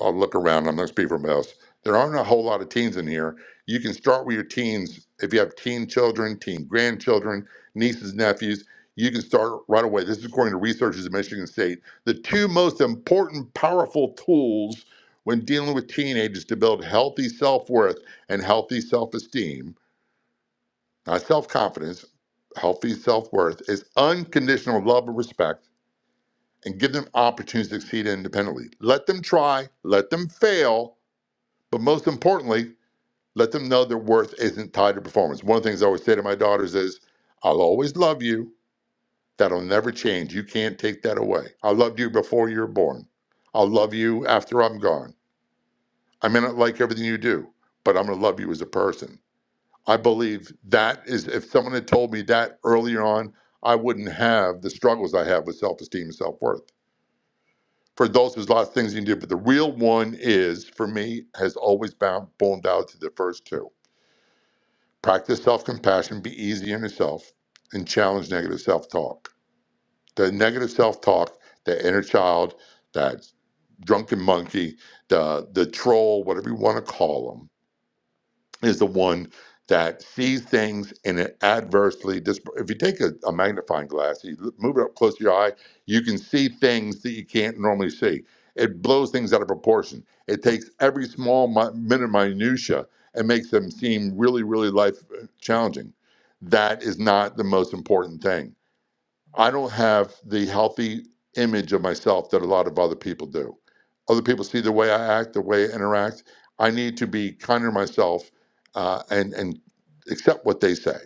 [SPEAKER 13] I'll look around. I'm not speaking from else. There aren't a whole lot of teens in here. You can start with your teens. If you have teen children, teen grandchildren, nieces, nephews, you can start right away. This is according to researchers at Michigan State. The two most important, powerful tools when dealing with teenagers to build healthy self worth and healthy self esteem, not self confidence, healthy self worth, is unconditional love and respect and give them opportunities to succeed independently. Let them try, let them fail, but most importantly, let them know their worth isn't tied to performance. One of the things I always say to my daughters is, I'll always love you. That'll never change. You can't take that away. I loved you before you were born. I'll love you after I'm gone. I may not like everything you do, but I'm going to love you as a person. I believe that is, if someone had told me that earlier on, I wouldn't have the struggles I have with self esteem and self worth. For adults, there's lots of things you can do, but the real one is, for me, has always bound, boiled down to the first two Practice self compassion, be easy on yourself, and challenge negative self talk. The negative self talk, the inner child, that drunken monkey, the, the troll, whatever you want to call them is the one that sees things in an adversely dis- if you take a, a magnifying glass you l- move it up close to your eye you can see things that you can't normally see it blows things out of proportion it takes every small mi- minute minutia and makes them seem really really life uh, challenging that is not the most important thing I don't have the healthy image of myself that a lot of other people do. Other people see the way I act, the way I interact. I need to be kinder to myself uh, and and accept what they say,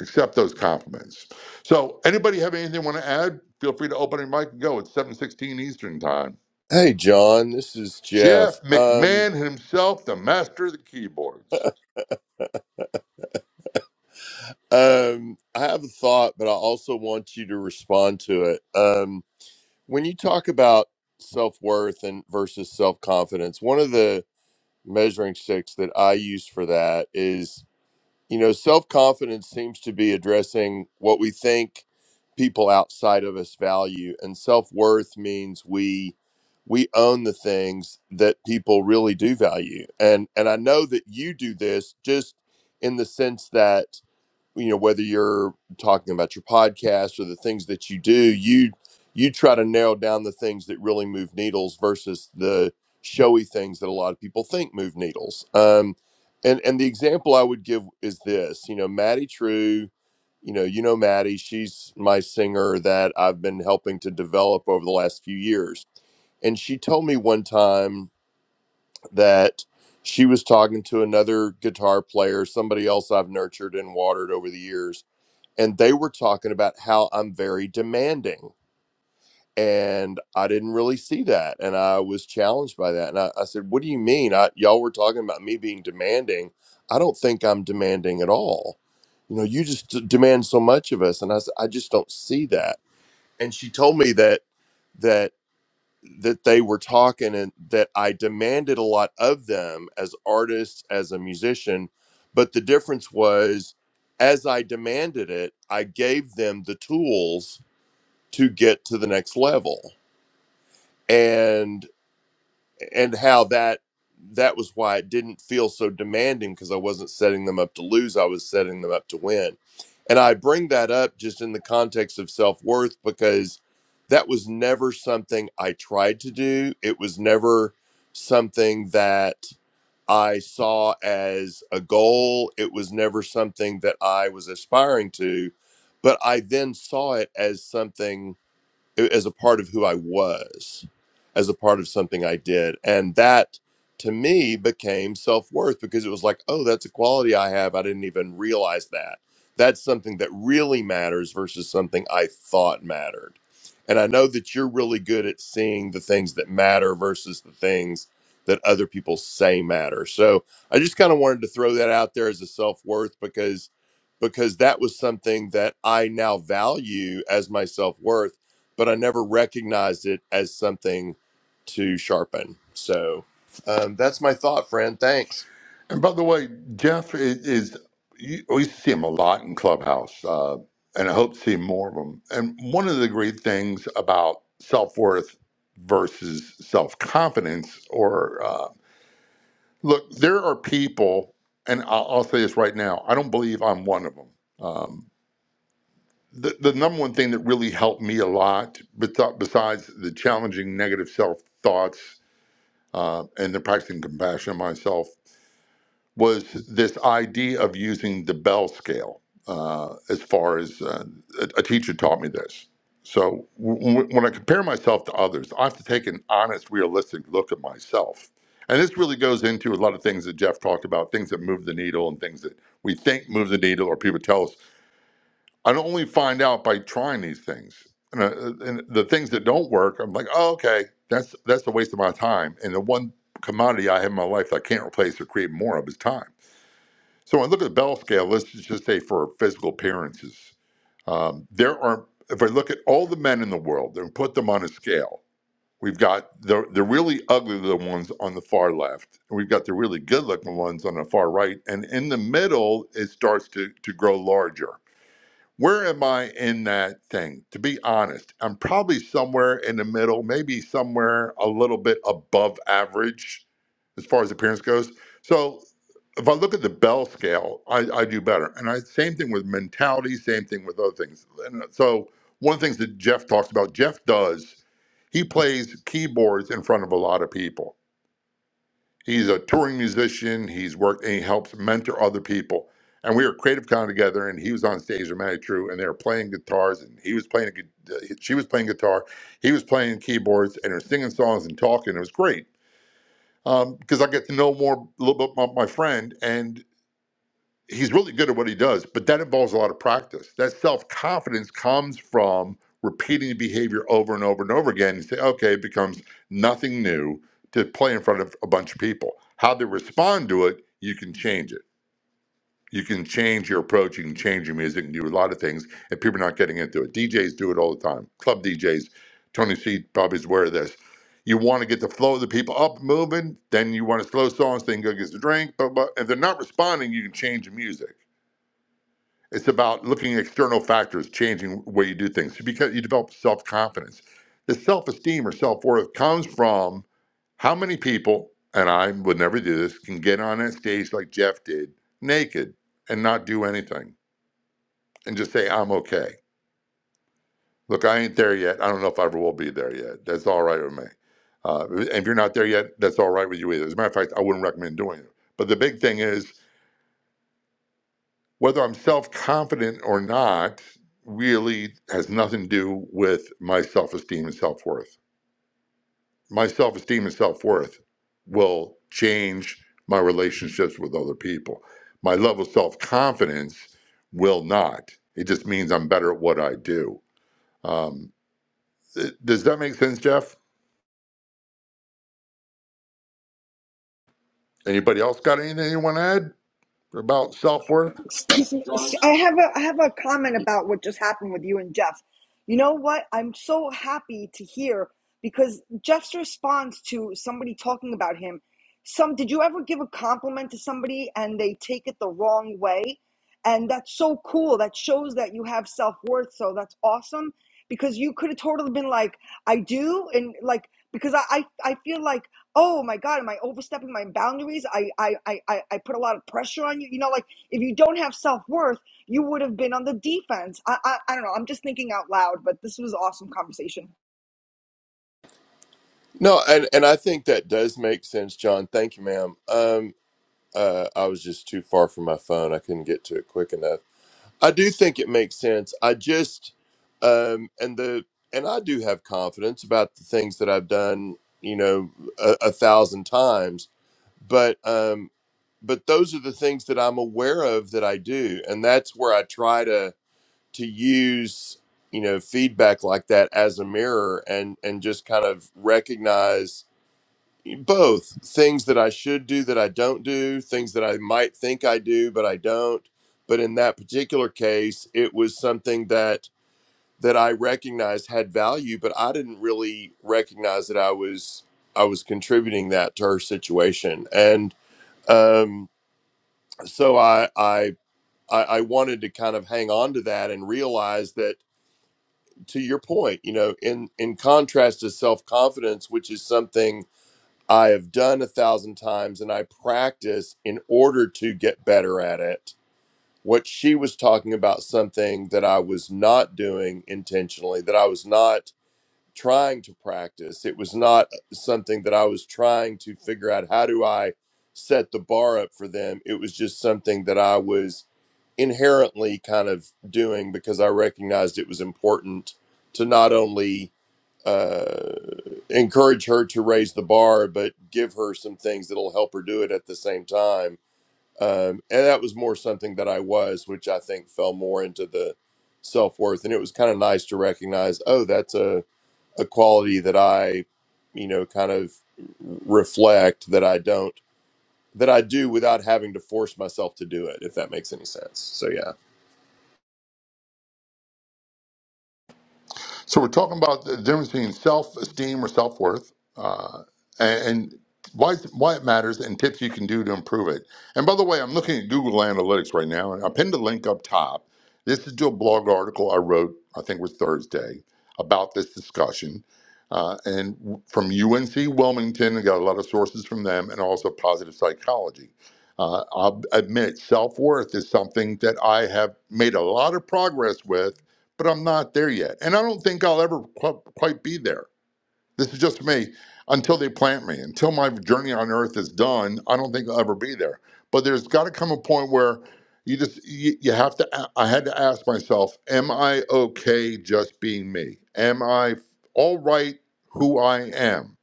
[SPEAKER 13] accept those compliments. So, anybody have anything want to add? Feel free to open your mic and go. It's seven sixteen Eastern time.
[SPEAKER 19] Hey, John, this is
[SPEAKER 13] Jeff
[SPEAKER 19] Jeff. Um,
[SPEAKER 13] McMahon himself, the master of the keyboards.
[SPEAKER 19] um, I have a thought, but I also want you to respond to it. Um, when you talk about self worth and versus self confidence, one of the measuring sticks that I use for that is you know, self confidence seems to be addressing what we think people outside of us value, and self worth means we we own the things that people really do value. And and I know that you do this just in the sense that you know whether you're talking about your podcast or the things that you do you you try to narrow down the things that really move needles versus the showy things that a lot of people think move needles um and and the example i would give is this you know maddie true you know you know maddie she's my singer that i've been helping to develop over the last few years and she told me one time that she was talking to another guitar player, somebody else I've nurtured and watered over the years, and they were talking about how I'm very demanding. And I didn't really see that. And I was challenged by that. And I, I said, What do you mean? I, y'all were talking about me being demanding. I don't think I'm demanding at all. You know, you just d- demand so much of us. And I said, I just don't see that. And she told me that that they were talking and that I demanded a lot of them as artists, as a musician. But the difference was, as I demanded it, I gave them the tools to get to the next level and how that that was why it didn't feel so demanding because I wasn't setting them up to lose, I was setting them up to win. And I bring that up just in the context of self-worth because that was never something I tried to do. It was never something that I saw as a goal. It was never something that I was aspiring to, but I then saw it as something as a part of who I was, as a part of something I did. And that to me became self worth because it was like, oh, that's a quality I have. I didn't even realize that. That's something that really matters versus something I thought mattered. And I know that you're really good at seeing the things that matter versus the things that other people say matter. So I just kind of wanted to throw that out there as a self worth because because that was something that I now value as my self worth but I never recognized it as something to sharpen. So um, that's my thought, friend. Thanks.
[SPEAKER 13] And by the way, Jeff is, is you, we see him a lot in Clubhouse, uh, and I hope to see more of him. And one of the great things about self worth versus self confidence, or uh, look, there are people, and I'll, I'll say this right now I don't believe I'm one of them. Um, the, the number one thing that really helped me a lot, bes- besides the challenging negative self thoughts uh, and the practicing compassion on myself, was this idea of using the bell scale uh, as far as uh, a, a teacher taught me this. So w- w- when I compare myself to others, I have to take an honest, realistic look at myself. And this really goes into a lot of things that Jeff talked about, things that move the needle and things that we think move the needle or people tell us. I don't only find out by trying these things. And, uh, uh, and the things that don't work, I'm like, oh, okay, that's that's a waste of my time. And the one commodity I have in my life that I can't replace or create more of is time. So when I look at the Bell scale, let's just say for physical appearances, um, there are, if I look at all the men in the world and put them on a scale, we've got the, the really ugly little ones on the far left, and we've got the really good looking ones on the far right. And in the middle, it starts to, to grow larger. Where am I in that thing? To be honest, I'm probably somewhere in the middle, maybe somewhere a little bit above average as far as appearance goes. So if I look at the Bell scale, I, I do better. And I same thing with mentality, same thing with other things. And uh, so one of the things that Jeff talks about, Jeff does, he plays keyboards in front of a lot of people. He's a touring musician. He's worked and he helps mentor other people. And we were Creative Con together, and he was on stage with Matty True, and they were playing guitars, and he was playing, a gu- uh, she was playing guitar, he was playing keyboards, and they were singing songs and talking. It was great because I get to know more a little bit about my friend, and he's really good at what he does, but that involves a lot of practice. That self confidence comes from repeating the behavior over and over and over again. You say, okay, it becomes nothing new to play in front of a bunch of people. How they respond to it, you can change it. You can change your approach, you can change your music, and do a lot of things, and people are not getting into it. DJs do it all the time. Club DJs, Tony C probably is aware of this. You want to get the flow of the people up moving, then you want to slow songs, then go get a drink, but, but if they're not responding, you can change the music it's about looking at external factors, changing the way you do things because you develop self confidence. The self esteem or self worth comes from how many people, and I would never do this, can get on that stage like Jeff did, naked and not do anything and just say, I'm okay. Look, I ain't there yet. I don't know if I ever will be there yet. That's all right with me. Uh, and if you're not there yet, that's all right with you either. As a matter of fact, I wouldn't recommend doing it. But the big thing is, whether I'm self confident or not really has nothing to do with my self esteem and self worth. My self esteem and self worth will change my relationships with other people. My level of self confidence will not. It just means I'm better at what I do. Um, th- does that make sense, Jeff? Anybody else got anything you want to add about self worth?
[SPEAKER 5] Excuse me.
[SPEAKER 16] John,
[SPEAKER 5] S- I have a I have a comment about what just happened with you and Jeff. You know what? I'm so happy to hear because Jeff's response to somebody talking about him. Some did you ever give a compliment to somebody and they take it the wrong way? And that's so cool. That shows that you have self worth. So that's awesome because you could have totally been like, I do, and like because I I, I feel like. Oh my God! Am I overstepping my boundaries? I, I I I I put a lot of pressure on you. You know, like if you don't have self worth, you would have been on the defense. I, I I don't know. I'm just thinking out loud, but this was an awesome conversation.
[SPEAKER 19] No, and, and I think that does make sense, John. Thank you, ma'am. Um, uh, I was just too far from my phone. I couldn't get to it quick enough. I do think it makes sense. I just um, and the and I do have confidence about the things that I've done, you know, a, a thousand times. But um, but those are the things that I'm aware of that I do, and that's where I try to. to use you know feedback like that as a mirror and and just kind of recognize both things that I should do that I don't do, things that I might think I do but I don't. But in that particular case, it was something that that I recognized had value, but I didn't really recognize that I was I was contributing that to her situation. And um, so I I I I wanted to kind of hang on to that and realize that to your point, you know, in in contrast to self confidence, which is something I have done a thousand times and I practice in order to get better at it. What she was talking about something that I was not doing intentionally, that I was not trying to practice. It was not uh, something that I was trying to figure out how do I set the bar up for them. It was just something that I was inherently kind of doing because I recognized it was important to not only uh, encourage her to raise the bar, but give her some things that'll help her do it at the same time. Um, and that was more something that I was, which I think fell more into the self worth. And it was kind of nice to recognize, oh, that's a, a quality that I, you know, kind of reflect that I don't, that I do without having to force myself to do it, if that makes any sense. So, yeah.
[SPEAKER 13] So we're talking about the difference between self-esteem or self-worth, uh, and, and why it's- why it matters, and tips you can do to improve it. And by the way, I'm looking at Google Analytics right now, and I pinned a link up top. This is to a blog article I wrote, I think it was Thursday, about this discussion, uh, and w- from UNC Wilmington. I got a lot of sources from them, and also Positive Psychology. Uh, I'll admit, self-worth is something that I have made a lot of progress with but I'm not there yet. And I don't think I'll ever qu- quite be there. This is just me until they plant me, until my journey on earth is done. I don't think I'll ever be there. But there's got to come a point where you just, you, you have to, a- I had to ask myself, am I okay just being me? Am I all right who I am?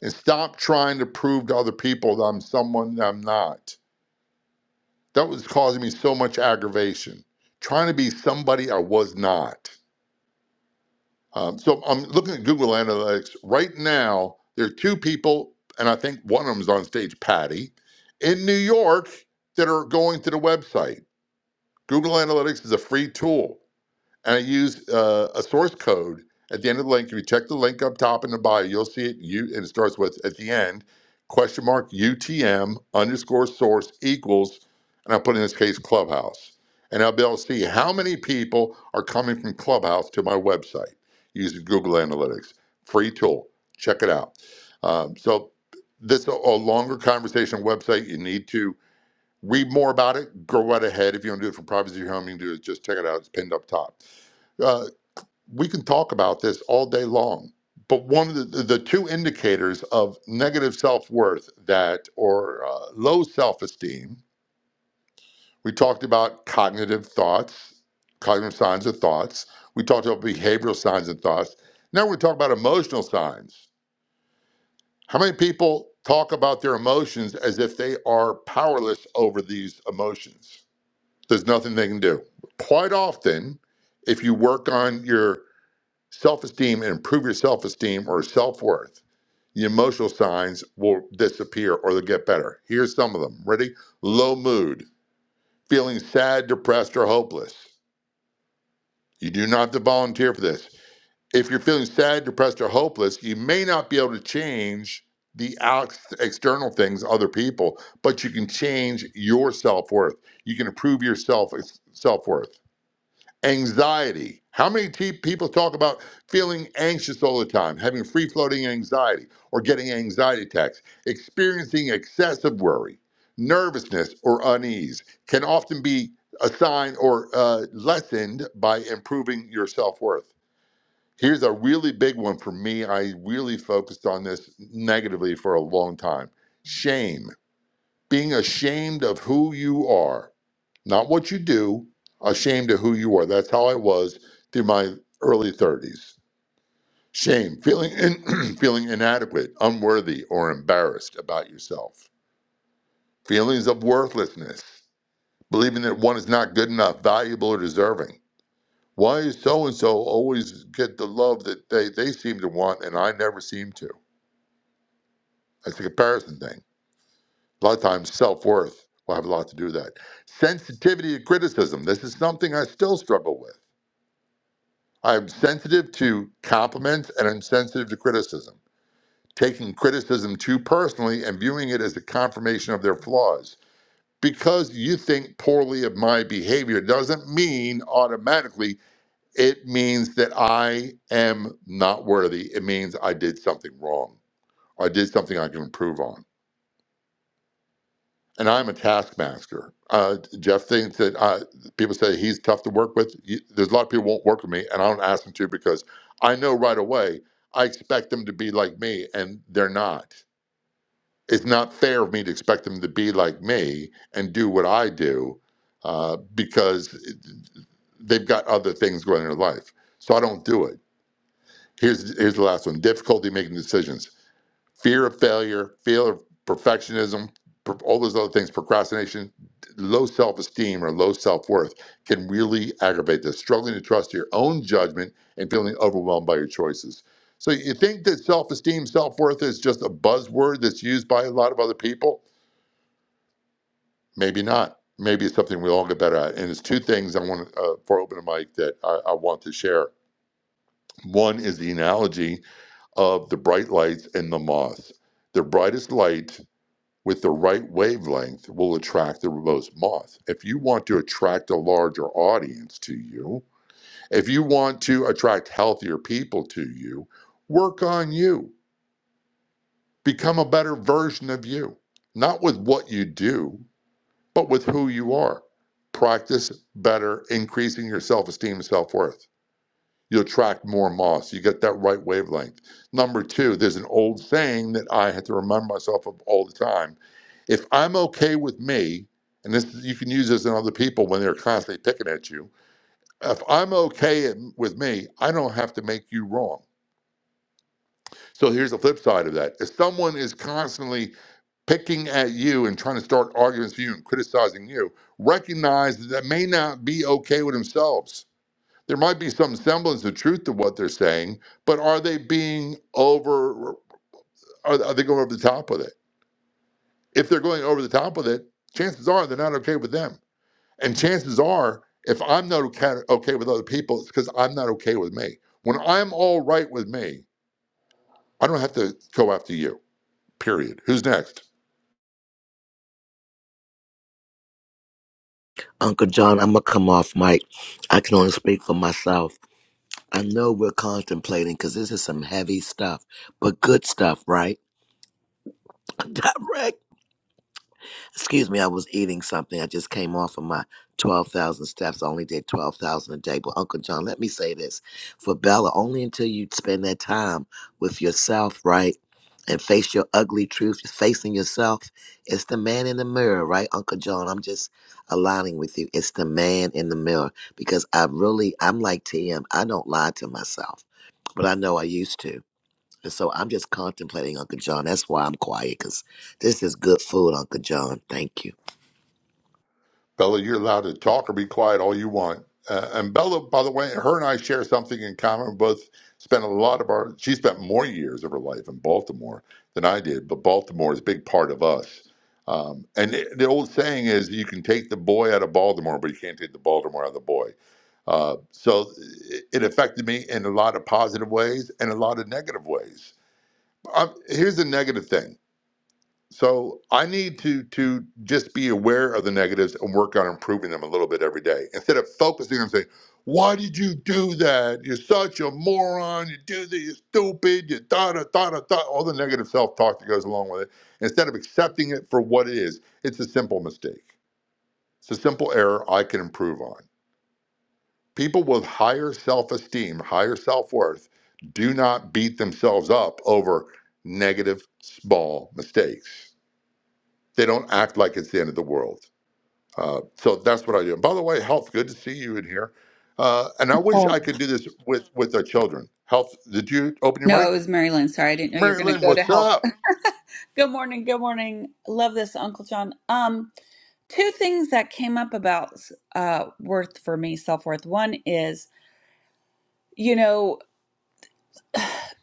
[SPEAKER 13] And stop trying to prove to other people that I'm someone that I'm not. That was causing me so much aggravation, trying to be somebody I was not. Um, so I'm looking at Google Analytics right now. There are two people, and I think one of them is on stage, Patty, in New York, that are going to the website. Google Analytics is a free tool and I use uh, a source code at the end of the link. If you check the link up top in the bio, you'll see it. You and it starts with at the end question mark UTM underscore source equals, and I put in this case Clubhouse, and I'll be able to see how many people are coming from Clubhouse to my website using Google Analytics. Free tool. Check it out. Um, so this is a a longer conversation website. You need to Read more about it. Go right ahead. If you want to do it from privacy of your home, you can do it. Just check it out. It's pinned up top. Uh, we can talk about this all day long. But one of the, the two indicators of negative self worth that or uh, low self esteem, we talked about cognitive thoughts, cognitive signs of thoughts. We talked about behavioral signs and thoughts. Now we're talking about emotional signs. How many people talk about their emotions as if they are powerless over these emotions? There's nothing they can do. Quite often, if you work on your self esteem and improve your self esteem or self worth, the emotional signs will disappear or they'll get better. Here's some of them. Ready? Low mood, feeling sad, depressed, or hopeless. You do not have to volunteer for this. If you're feeling sad, depressed, or hopeless, you may not be able to change the out- external things, other people, but you can change your self worth. You can improve your self self worth. Anxiety. How many t- people talk about feeling anxious all the time, having free floating anxiety, or getting anxiety attacks? Experiencing excessive worry, nervousness, or unease can often be a sign or uh, lessened by improving your self worth. Here's a really big one for me. I really focused on this negatively for a long time shame, being ashamed of who you are not what you do, ashamed of who you are. That's how I was through my early 30s. Shame, feeling in, feeling inadequate, unworthy, or embarrassed about yourself. Feelings of worthlessness, believing that one is not good enough, valuable, or deserving. Why is so and so always get the love that they, they seem to want and I never seem to? That's a comparison thing. A lot of times, self worth will have a lot to do with that. Sensitivity to criticism. This is something I still struggle with I'm sensitive to compliments and I'm sensitive to criticism, taking criticism too personally and viewing it as a confirmation of their flaws. Because you think poorly of my behavior doesn't mean automatically it means that I am not worthy. It means I did something wrong. I did something I can improve on. and I'm a taskmaster. Uh, Jeff thinks that uh, people say he's tough to work with. You- There's a lot of people who won't work with me, and I don't ask them to because I know right away I expect them to be like me, and they're not. It's not fair of me to expect them to be like me and do what I do uh, because it- they've got other things going in their life. So I don't do it. Here's here's the last one: difficulty making decisions fear of failure, fear of perfectionism, per- all those other things, procrastination, low self esteem or low self worth can really aggravate this, struggling to trust your own judgment and feeling overwhelmed by your choices. So, you think that self esteem, self worth is just a buzzword that's used by a lot of other people? Maybe not. Maybe it's something we all get better at. And it's two things I want uh, for open mic that I, I want to share. One is the analogy of the bright lights and the moth. The brightest light with the right wavelength will attract the most moth. If you want to attract a larger audience to you, if you want to attract healthier people to you, work on you. Become a better version of you, not with what you do, but with who you are. Practice better, increasing your self esteem and self worth you attract more moss. You get that right wavelength. Number two, there's an old saying that I had to remind myself of all the time. If I'm okay with me, and this you can use this in other people when they're constantly picking at you. If I'm okay with me, I don't have to make you wrong. So here's the flip side of that. If someone is constantly picking at you and trying to start arguments for you and criticizing you, recognize that they may not be okay with themselves there might be some semblance of truth to what they're saying, but are they being over? Are, are they going over the top with it? If they're going over the top with it, chances are they're not okay with them, and chances are if I'm not okay, okay with other people, it's because I'm not okay with me. When I'm all right with me, I don't have to go after you. Period. Who's next?
[SPEAKER 3] Uncle John, I'm going to come off mic. I can only speak for myself I know we're contemplating because this is some heavy stuff, but good stuff, right? I wreck. Excuse me, I was eating something. I just came off of my 12,000 steps. I only did 12,000 a day. But Uncle John, let me say this for Bella, only until you spend that time with yourself, right? And face your ugly truth, facing yourself. It's the man in the mirror, right, Uncle John? I'm just aligning with you. It's the man in the mirror because I really, I'm like TM. I don't lie to myself, but I know I used to. And so I'm just contemplating Uncle John. That's why I'm quiet, because this is good food, Uncle John. Thank you.
[SPEAKER 13] Bella, you're allowed to talk or be quiet all you want. Uh, and Bella, by the way, her and I share something in common. We both spent a lot of our, she spent more years of her life in Baltimore than I did, but Baltimore is a big part of us. Um, and it, the old saying is you can take the boy out of Baltimore, but you can't take the Baltimore out of the boy. Uh, so it, it affected me in a lot of positive ways and a lot of negative ways. Um here's the negative thing. So I need to to just be aware of the negatives and work on improving them a little bit every day instead of focusing on saying, "Why did you do that? You're such a moron. You do this. You're stupid. You da da da da da." All the negative self talk that goes along with it. Instead of accepting it for what it is, it's a simple mistake. It's a simple error I can improve on. People with higher self esteem, higher self worth, do not beat themselves up over negative small mistakes they don't act like it's the end of the world. Uh, so that's what I do. And by the way, health, good to see you in here. Uh, and I wish
[SPEAKER 6] Oh.
[SPEAKER 13] I could do this with with our children. Health, did you open your
[SPEAKER 6] No, it
[SPEAKER 13] mic?
[SPEAKER 6] was Marilyn. Sorry, I didn't know you were
[SPEAKER 13] Mary
[SPEAKER 6] going to
[SPEAKER 13] Lynn,
[SPEAKER 6] go to
[SPEAKER 13] what's
[SPEAKER 6] health.
[SPEAKER 13] up?
[SPEAKER 6] Good morning. Good morning. Love this, Uncle John. Um, two things that came up about uh worth for me, self-worth. One is, you know,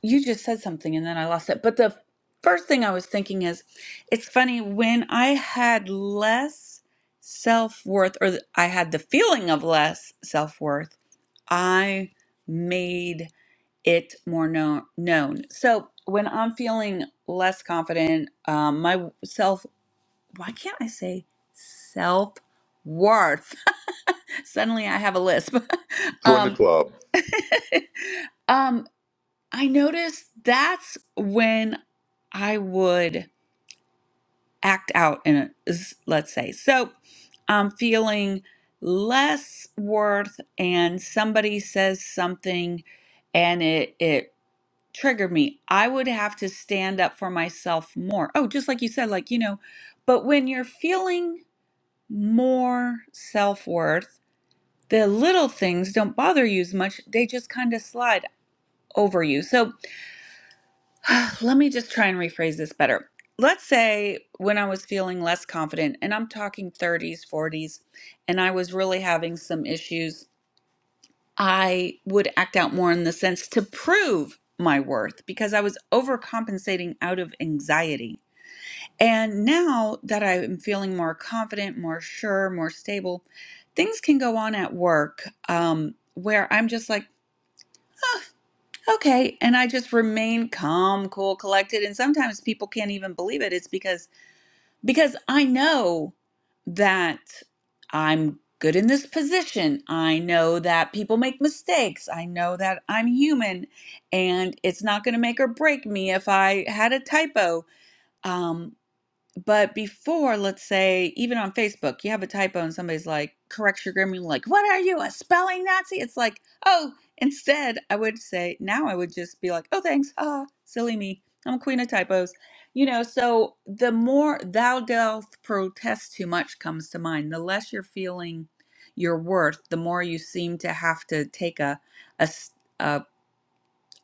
[SPEAKER 6] you just said something and then I lost it. But the first thing I was thinking is, it's funny when I had less self-worth or th- I had the feeling of less self-worth, I made it more known known. So when I'm feeling less confident, um, my self. why can't I say self worth? Suddenly I have a lisp.
[SPEAKER 13] Join the
[SPEAKER 6] um,
[SPEAKER 13] club.
[SPEAKER 6] um, I noticed that's when I would act out in it, is- let's say. So I'm feeling less worth, and somebody says something and it, it triggered me. I would have to stand up for myself more. Oh, just like you said, like, you know, but when you're feeling more self worth. The little things don't bother you as much, they just kind of slide over you. So let me just try and rephrase this better. Let's say when I was feeling less confident, and I'm talking 30s, 40s, and I was really having some issues, I would act out more in the sense to prove my worth because I was overcompensating out of anxiety. And now that I am feeling more confident, more sure, more stable, things can go on at work um, where I'm just like, "Huh, okay. And I just remain calm, cool, collected. And sometimes people can't even believe it. It's because because I know that I'm good in this position. I know that people make mistakes. I know that I'm human and it's not going to make or break me if I had a typo. Um, but before, let's say, even on Facebook, you have a typo and somebody's like, corrects your grammar, you're like, what are you, a spelling Nazi? It's like, oh, instead, I would say, now I would just be like, oh, thanks. Ah, silly me. I'm a queen of typos. You know, so the more thou dost protest too much comes to mind, the less you're feeling your worth, the more you seem to have to take a, a, s- a,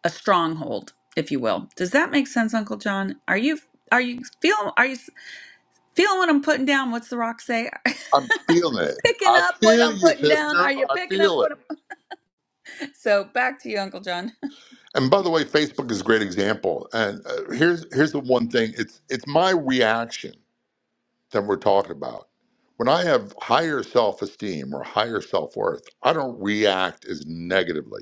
[SPEAKER 6] a stronghold, if you will. Does that make sense, Uncle John? Are you, are you feeling, are you Feeling what I'm putting down. What's the rock say?
[SPEAKER 13] I'm feeling it.
[SPEAKER 6] picking
[SPEAKER 13] I
[SPEAKER 6] up what
[SPEAKER 13] feel
[SPEAKER 6] I'm
[SPEAKER 13] you,
[SPEAKER 6] putting down.
[SPEAKER 13] sister.
[SPEAKER 6] Are you
[SPEAKER 13] I
[SPEAKER 6] picking up
[SPEAKER 13] feel it.
[SPEAKER 6] what I'm... So back to you, Uncle John.
[SPEAKER 13] And by the way, Facebook is a great example. And uh, here's here's the one thing. It's it's my reaction that we're talking about. When I have higher self esteem or higher self worth, I don't react as negatively.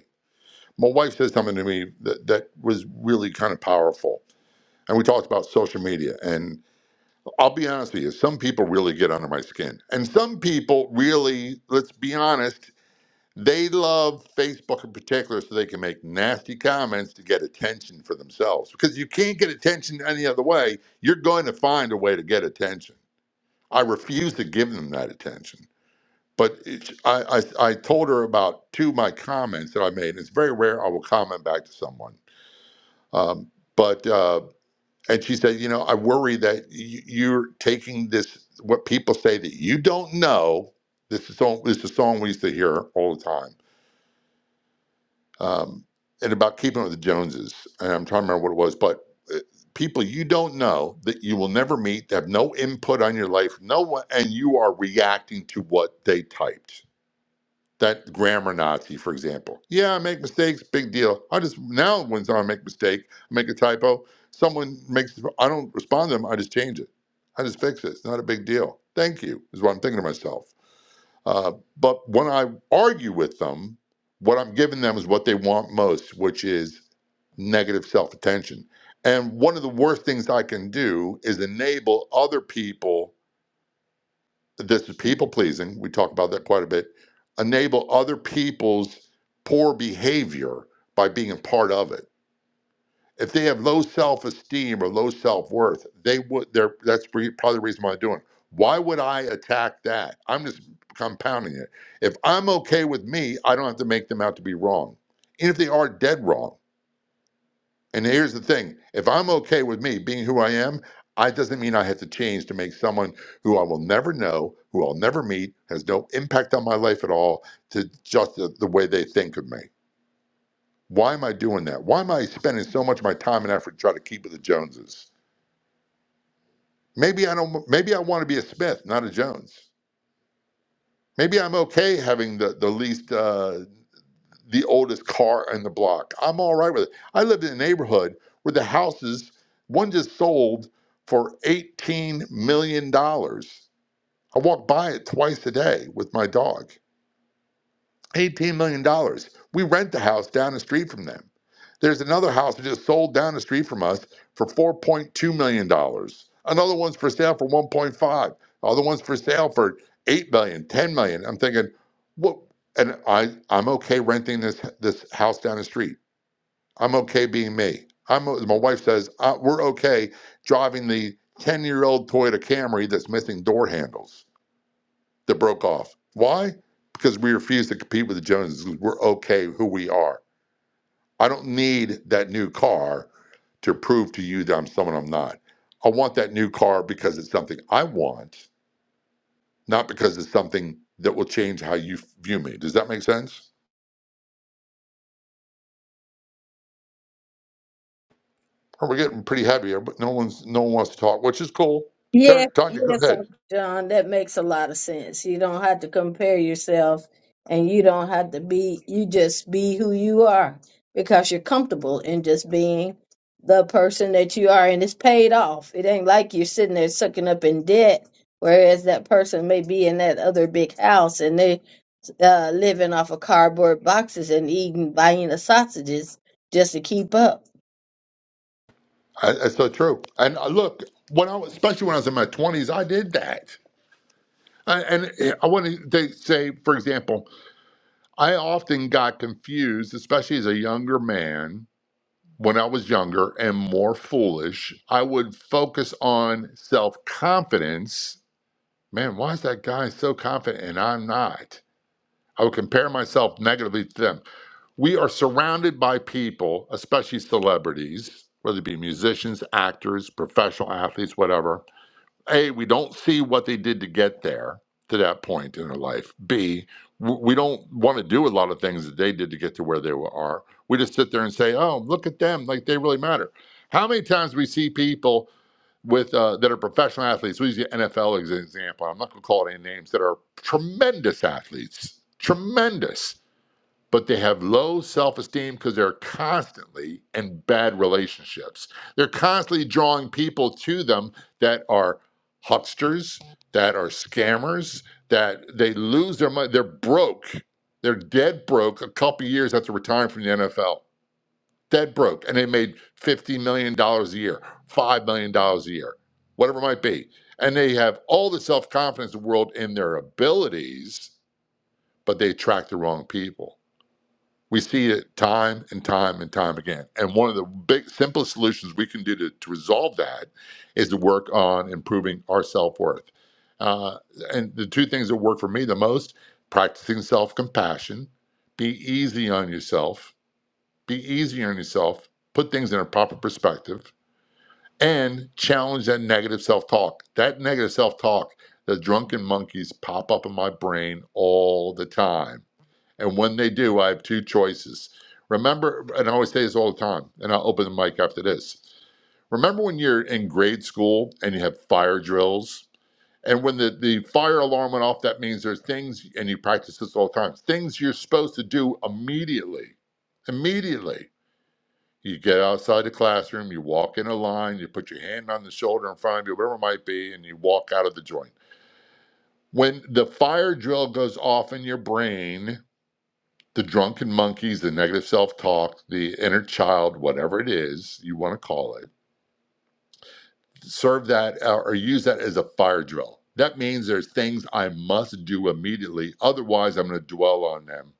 [SPEAKER 13] my wife said something to me that, that was really kind of powerful. And we talked about social media. And I'll be honest with you, some people really get under my skin. And some people really, let's be honest, they love Facebook in particular so they can make nasty comments to get attention for themselves. Because you can't get attention any other way. You're going to find a way to get attention. I refuse to give them that attention. But it, I, I, I told her about two of my comments that I made. It's very rare I will comment back to someone um, but uh, and she said, you know, I worry that y- you're taking this what people say that you don't know. This is song. This is a song we used to hear all the time, um, and about keeping with the Joneses. And I'm trying to remember what it was, but uh, people you don't know that you will never meet, that have no input on your life, no one, and you are reacting to what they typed that grammar Nazi, for example. Yeah, I make mistakes, big deal. I just now when I make a mistake, I make a typo, someone makes I don't respond to them, I just change it. I just fix it. It's not a big deal. Thank you, is what I'm thinking to myself. Uh, but when I argue with them, what I'm giving them is what they want most, which is negative self attention. And one of the worst things I can do is enable other people this is people pleasing. We talk about that quite a bit. Enable other people's poor behavior by being a part of it. If they have low self esteem or low self worth, they would. They're, that's probably the reason why they're doing. it. Why would I attack that? I'm just compounding it. If I'm okay with me, I don't have to make them out to be wrong. And if they are dead wrong, and here's the thing if I'm okay with me being who I am, I doesn't mean I have to change to make someone who I will never know, who I'll never meet, has no impact on my life at all, to just the, the way they think of me. Why am I doing that? Why am I spending so much of my time and effort trying to keep with the Joneses? Maybe I don't. Maybe I want to be a Smith, not a Jones. Maybe I'm okay having the the least uh, the oldest car in the block. I'm all right with it. I lived in a neighborhood where the houses, one just sold for $18 million. dollars. I walk by it twice a day with my dog. $18 million. dollars. We rent the house down the street from them. There's another house that just sold down the street from us for $4.2 million. dollars. Another one's for sale for 1.5. Other one's for sale for eight million, 10 million. I'm thinking, what and I I'm okay renting this this house down the street. I'm okay being me. I'm my wife says, uh, we're okay driving the 10-year-old Toyota Camry that's missing door handles that broke off. Why? Because we refuse to compete with the Joneses. 'cause We're okay who we are. I don't need that new car to prove to you that I'm someone I'm not. I want that new car because it's something I want, not because it's something that will change how you view me. Does that make sense? Or we're getting pretty heavy here, but no one's no one wants to talk, which is cool.
[SPEAKER 18] Yeah,
[SPEAKER 13] Terry, Tanya, go
[SPEAKER 18] yes,
[SPEAKER 13] ahead.
[SPEAKER 18] Uncle John. That makes a lot of sense. You don't have to compare yourself and you don't have to be, you just be who you are because you're comfortable in just being the person that you are and it's paid off. It ain't like you're sitting there sucking up in debt, whereas that person may be in that other big house and they uh, living off of cardboard boxes and eating, buying the sausages just to keep up.
[SPEAKER 13] I- That's so true. And uh, look, when I was, especially when I was in my twenties, I did that. I, and uh, I want to say, for example, I often got confused, especially as a younger man, when I was younger and more foolish. I would focus on self confidence. Man, why is that guy so confident and I'm not? I would compare myself negatively to them. We are surrounded by people, especially celebrities, whether it be musicians, actors, professional athletes, whatever, a, we don't see what they did to get there to that point in their life. B, w- we don't want to do a lot of things that they did to get to where they were- are. We just sit there and say, "Oh, look at them! Like they really matter." How many times we see people with uh, that are professional athletes? We use the NFL as an example. I'm not going to call it any names that are tremendous athletes, tremendous but they have low self esteem because they're constantly in bad relationships. They're constantly drawing people to them that are hucksters, that are scammers, that they lose their money. They're broke. They're dead broke a couple of years after retiring from the NFL. Dead broke. And they made $50 million dollars a year, $5 million dollars a year, whatever it might be. And they have all the self confidence in the world in their abilities, but they attract the wrong people. We see it time and time and time again. And one of the big, simplest solutions we can do to, to resolve that is to work on improving our self worth. Uh, and the two things that work for me the most practicing self compassion, be easy on yourself, be easy on yourself, put things in a proper perspective, and challenge that negative self talk. That negative self talk, the drunken monkeys pop up in my brain all the time and when they do, I have two choices. Remember, and I always say this all the time, and I'll open the mic after this. Remember when you're in grade school and you have fire drills? And when the, the fire alarm went off, that means there's things, and you practice this all the time, things you're supposed to do immediately. Immediately. You get outside the classroom, you walk in a line, you put your hand on the shoulder in front of you, whatever it might be, and you walk out of the joint. When the fire drill goes off in your brain, the drunken monkeys, the negative self talk, the inner child, whatever it is you want to call it, serve that uh, or use that as a fire drill. That means there's things I must do immediately. Otherwise, I'm going to dwell on them.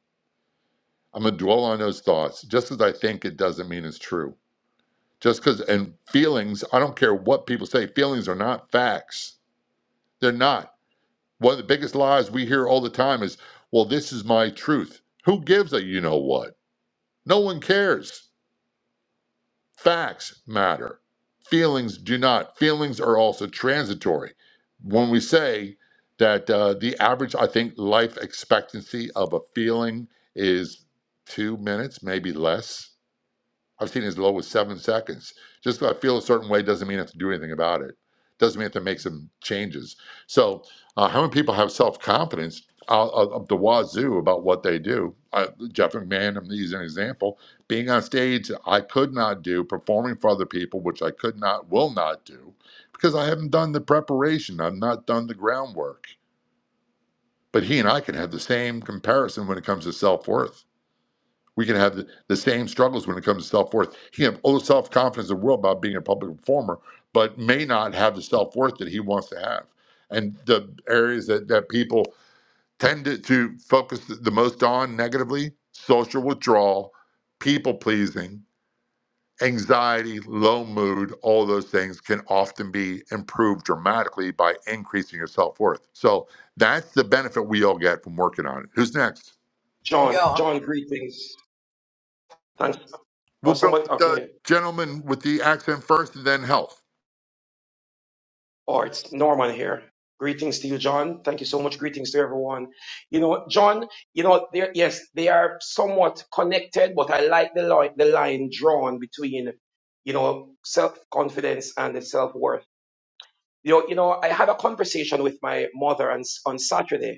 [SPEAKER 13] I'm going to dwell on those thoughts. Just as I think it doesn't mean it's true. Just because, and feelings, I don't care what people say, feelings are not facts. They're not. One of the biggest lies we hear all the time is, well, this is my truth. Who gives a you know what? No one cares. Facts matter. Feelings do not. Feelings are also transitory. When we say that uh, the average, I think, life expectancy of a feeling is two minutes, maybe less. I've seen as low as seven seconds. Just because I feel a certain way doesn't mean I have to do anything about it. Doesn't mean I have to make some changes. So, uh, how many people have self confidence out of of the wazoo about what they do? Uh, Jeff McMahon, I'm using an example. Being on stage, I could not do, performing for other people, which I could not, will not do, because I haven't done the preparation. I've not done the groundwork. But he and I can have the same comparison when it comes to self worth we can have the, the same struggles when it comes to self worth. He can have all the self confidence in the world about being a public performer, but may not have the self worth that he wants to have. And the areas that, that people tend to, to focus the the most on negatively social withdrawal, people pleasing, anxiety, low mood, all those things can often be improved dramatically by increasing your self worth. So that's the benefit we all get from working on it. Who's next?
[SPEAKER 16] John,
[SPEAKER 20] Yo.
[SPEAKER 16] John, greetings. Thanks. Oh,
[SPEAKER 13] We'll go
[SPEAKER 16] somebody,
[SPEAKER 13] with the
[SPEAKER 16] okay.
[SPEAKER 13] gentleman with the accent first and then health.
[SPEAKER 16] Oh, it's Norman here. Greetings to you, John. Thank you so much. Greetings to everyone. You know, John, you know, there, yes, they are somewhat connected, but I like the line, the line drawn between, you know, self-confidence and the self-worth. You know, you know, I had a conversation with my mother on, on Saturday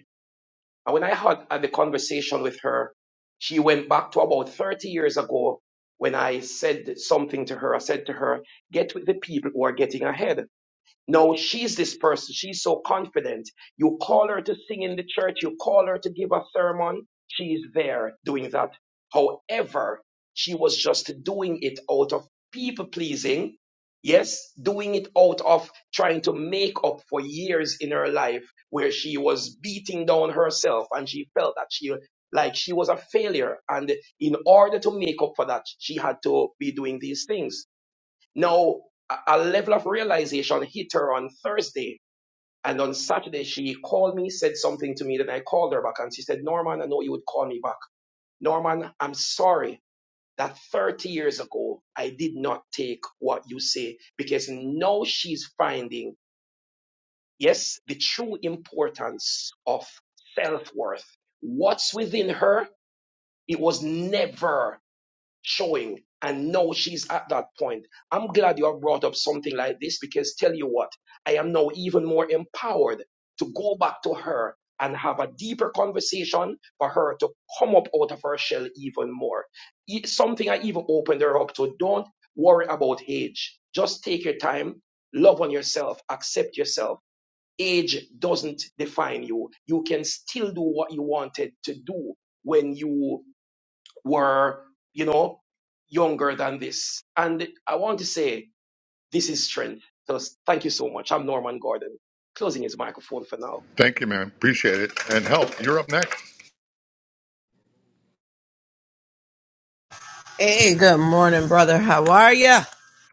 [SPEAKER 16] And when I had uh, the conversation with her, she went back to about 30 years ago when I said something to her. I said to her, get with the people who are getting ahead. No, she's this person. She's so confident. You call her to sing in the church, you call her to give a sermon. She's there doing that. However, she was just doing it out of people pleasing. Yes, doing it out of trying to make up for years in her life where she was beating down herself and she felt that she like she was a failure. And in order to make up for that, she had to be doing these things. Now, a a level of realization hit her on Thursday. And on Saturday, she called me, said something to me. Then I called her back and she said, Norman, I know you would call me back. Norman, I'm sorry that 30 years ago, I did not take what you say because now she's finding, yes, the true importance of self worth. What's within her? It was never showing and now she's at that point. I'm glad you have brought up something like this because tell you what, I am now even more empowered to go back to her and have a deeper conversation for her to come up out of her shell even more. E- Something I even opened her up to. Don't worry about age. Just take your time, love on yourself, accept yourself. Age doesn't define you. You can still do what you wanted to do when you were, you know, younger than this. And I want to say this is strength. So thank you so much. I'm Norman Gordon, closing his microphone for now.
[SPEAKER 13] Thank you, man. Appreciate it. And health, you're up next.
[SPEAKER 20] Hey, good morning, brother. How are ya?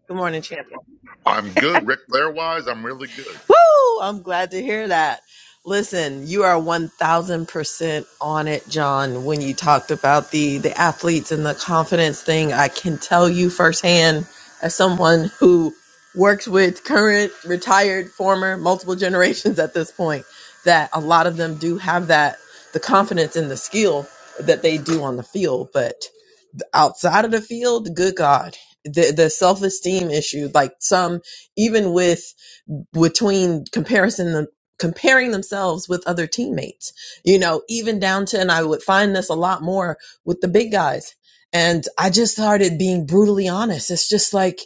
[SPEAKER 20] Good morning, champion.
[SPEAKER 13] I'm good. Ric Flair wise, I'm really good.
[SPEAKER 20] Woo! I'm glad to hear that. Listen, you are 1000% on it, John, when you talked about the the athletes and the confidence thing. I can tell you firsthand as someone who works with current, retired, former, multiple generations at this point that a lot of them do have that the confidence and the skill that they do on the field, but outside of the field, good God, the the self esteem issue. Like some, even with between comparison comparing themselves with other teammates you know even down to and i would find this a lot more with the big guys and i just started being brutally honest it's just like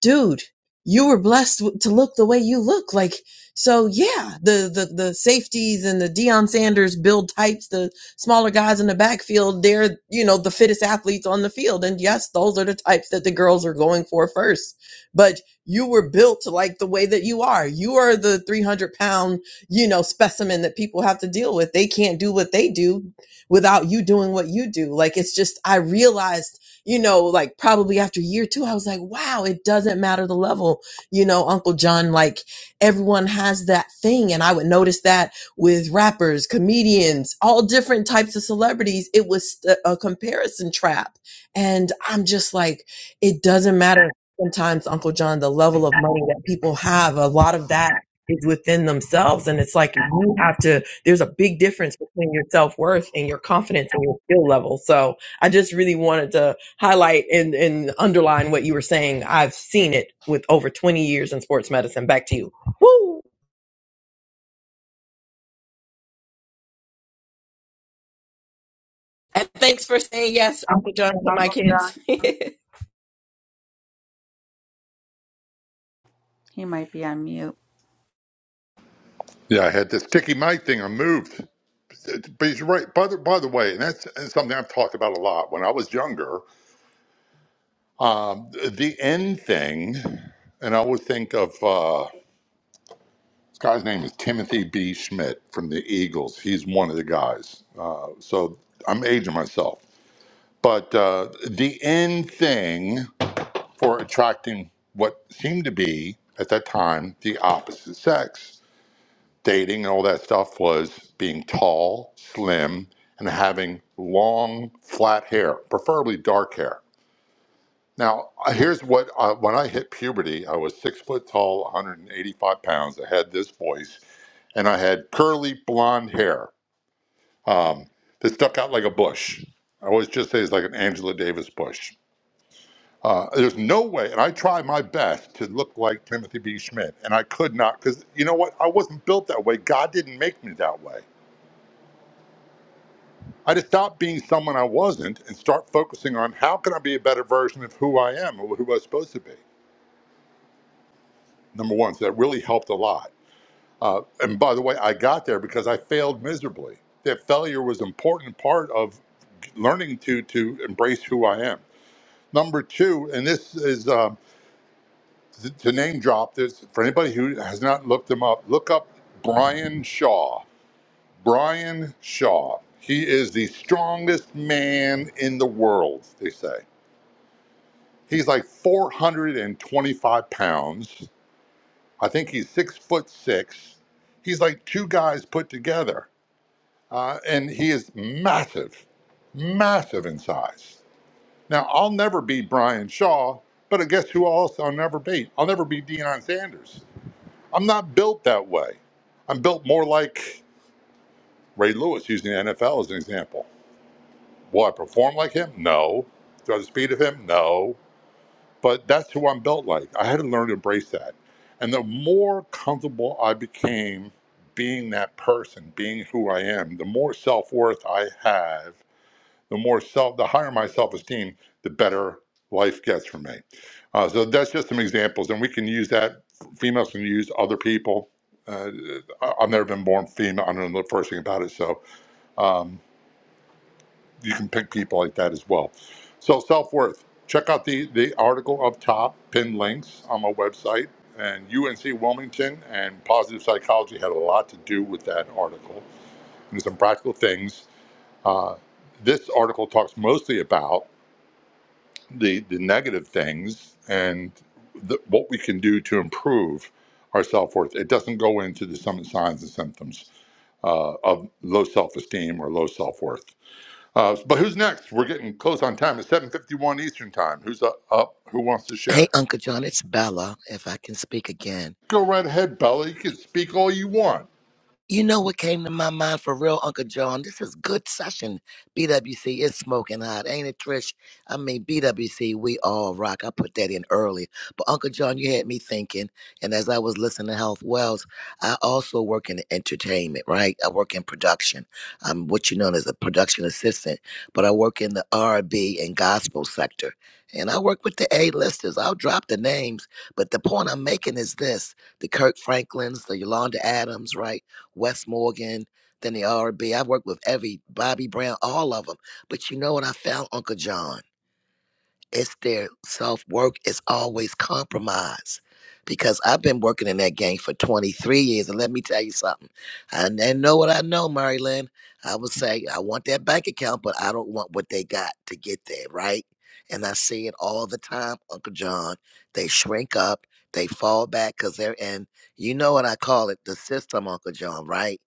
[SPEAKER 20] dude you were blessed w- to look the way you look like so yeah the the the safeties and the Deion sanders build types the smaller guys in the backfield they're you know the fittest athletes on the field and yes those are the types that the girls are going for first But you were built like the way that you are. You are the 300 pound, you know, specimen that people have to deal with. They can't do what they do without you doing what you do. Like, it's just, I realized, you know, like probably after year two, I was like, wow, it doesn't matter the level. You know, Uncle John, like everyone has that thing. And I would notice that with rappers, comedians, all different types of celebrities. It was a a comparison trap. And I'm just like, it doesn't matter sometimes Uncle John, the level of money that people have, a lot of that is within themselves. And it's like you have to, there's a big difference between your self worth and your confidence and your skill level. So I just really wanted to highlight and, and underline what you were saying. I've seen it with over 20 years in sports medicine. Back to you. Woo! And thanks for saying yes, Uncle John, to my
[SPEAKER 6] Uncle John.
[SPEAKER 20] kids.
[SPEAKER 6] He might be on mute.
[SPEAKER 13] Yeah, I had this sticky mic thing. I moved. But he's right. By the, by the way, and that's something I've talked about a lot. When I was younger, um, the end thing, and I always think of uh, this guy's name is Timothy B. Schmidt from the Eagles. He's one of the guys. Uh, so I'm aging myself. But uh, the end thing. for attracting what seemed to be, at that time, the opposite sex. Dating and all that stuff was being tall, slim, and having long, flat hair, preferably dark hair. Now, uh, here's what uh, when I hit puberty, I was six foot tall, 185 pounds. I had this voice, and I had curly blonde hair um, that stuck out like a bush. I always just say it's like an Angela Davis bush Uh, there's no way, and I try my best to look like Timothy B. Schmidt, and I could not because you know what? I wasn't built that way. God didn't make me that way. I had to stop being someone I wasn't and start focusing on how can I be a better version of who I am or who I was supposed to be. Number one, so that really helped a lot. Uh, and by the way, I got there because I failed miserably. That failure was an important part of learning to to embrace who I am. Number two, and this is. uh, to, to name drop this for anybody who has not looked him up look up brian shaw brian shaw he is the strongest man in the world they say he's like 425 pounds i think he's six foot six he's like two guys put together uh, and he is massive massive in size now i'll never beat brian shaw but guess who else i'll never beat i'll never beat Deion sanders I'm not built that way. I'm built more like Ray Lewis, using the NFL as an example. Will I perform like him? No. Do I have the speed of him? No. But that's who I'm built like. I had to learn to embrace that. And the more comfortable I became being that person, being who I am, the more self worth I have the more self, the higher my self esteem, the better life gets for me. Uh, so that's just some examples, and we can use that. Females can use other people. Uh, I- have never been born female. I don't know the first thing about it, so um, you can pick people like that as well. So self worth. Check out the the article up top, pinned links on my website. And UNC Wilmington and positive psychology had a lot to do with that article and some practical things. Uh, this article talks mostly about the the negative things and the, what we can do to improve our self worth. It doesn't go into the some signs and symptoms uh, of low self esteem or low self worth. Uh, but who's next? We're getting close on time. It's seven fifty one Eastern time. Who's up, up? Who wants to
[SPEAKER 3] Hey,
[SPEAKER 13] share?
[SPEAKER 3] Uncle John, it's Bella, if I can speak again.
[SPEAKER 13] Go right ahead, Bella. You can speak all you want.
[SPEAKER 3] You know what came to my mind for real, Uncle John? This is good session. BWC is smoking hot, ain't it, Trish? I mean, BWC, we all rock. I put that in early. But Uncle John, you had me thinking. And as I was listening to Health Wells, I also work in entertainment, right? I work in production. I'm what you know as a production assistant, but I work in the R&B and B and gospel sector. And I work with the A-listers. I'll drop the names, but the point I'm making is this: the Kirk Franklins, the Yolanda Adams, right? Wes Morgan, then the r RB. I've worked with every Bobby Brown, all of them. But you know what I found, Uncle John? It's their self work is always compromised. Because I've been working in that game for 23 years. And let me tell you something. I I know what I know, Marilyn. I would say, I want that bank account, but I don't want what they got to get there, right? And I see it all the time, Uncle John. They shrink up, they fall back because they're in, you know what I call it, the system, Uncle John, right?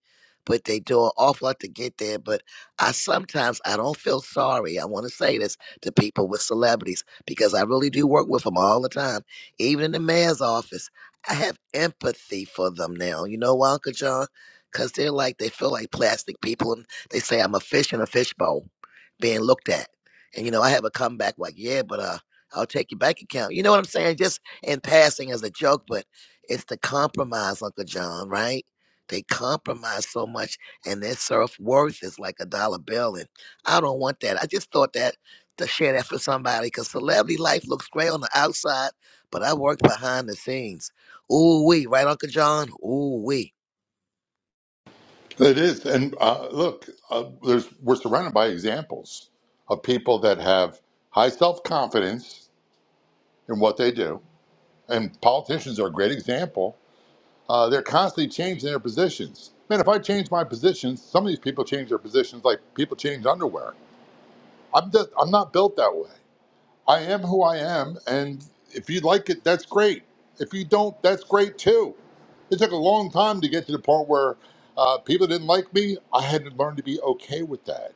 [SPEAKER 3] But they do an awful lot to get there. But I sometimes I don't feel sorry. I want to say this to people with celebrities because I really do work with them all the time. Even in the mayor's office, I have empathy for them now. You know why, Uncle John? Because they're like, they feel like plastic people and they say, I'm a fish in a fishbowl being looked at. And, you know, I have a comeback like, yeah, but uh, I'll take your bank account. You know what I'm saying? Just in passing as a joke, but it's the compromise, Uncle John, right? They compromise so much and their self worth is like a dollar bill. And I don't want that. I just thought that to share that for somebody because celebrity life looks great on the outside, but I worked behind the scenes. Ooh wee, right, Uncle John? Ooh wee.
[SPEAKER 13] It is, and uh, look, uh, there's we're surrounded by examples of people that have high self confidence in what they do, and politicians are a great example Uh, they're constantly changing their positions. Man, if I change my positions, some of these people change their positions like people change underwear. I'm just, I'm not built that way. I am who I am, and if you like it, that's great. If you don't, that's great too. It took a long time to get to the point where uh, people didn't like me. I had to learn to be okay with that.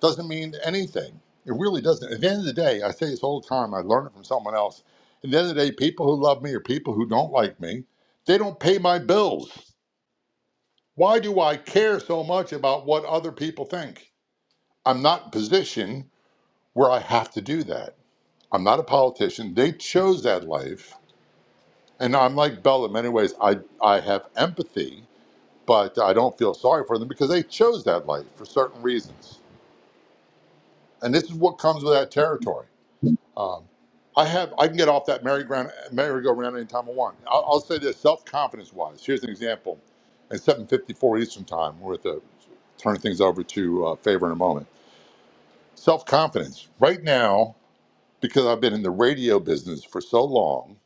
[SPEAKER 13] Doesn't mean anything. It really doesn't. At the end of the day, I say this all the time. I learned it from someone else. At the end of the day, people who love me or people who don't like me, they don't pay my bills. Why do I care so much about what other people think? I'm not in a position where I have to do that. I'm not a politician. They chose that life. And I'm like Bella in many ways. I, I have empathy, but I don't feel sorry for them because they chose that life for certain reasons. And this is what comes with that territory. Um, I have I can get off that merry-go-round merry-go-round anytime I want. I'll, I'll say this self-confidence wise. Here's an example. At 7:54 Eastern Time, we're at the turn things over to uh, Favor in a moment Self confidence. Right now, because I've been in the radio business for so long,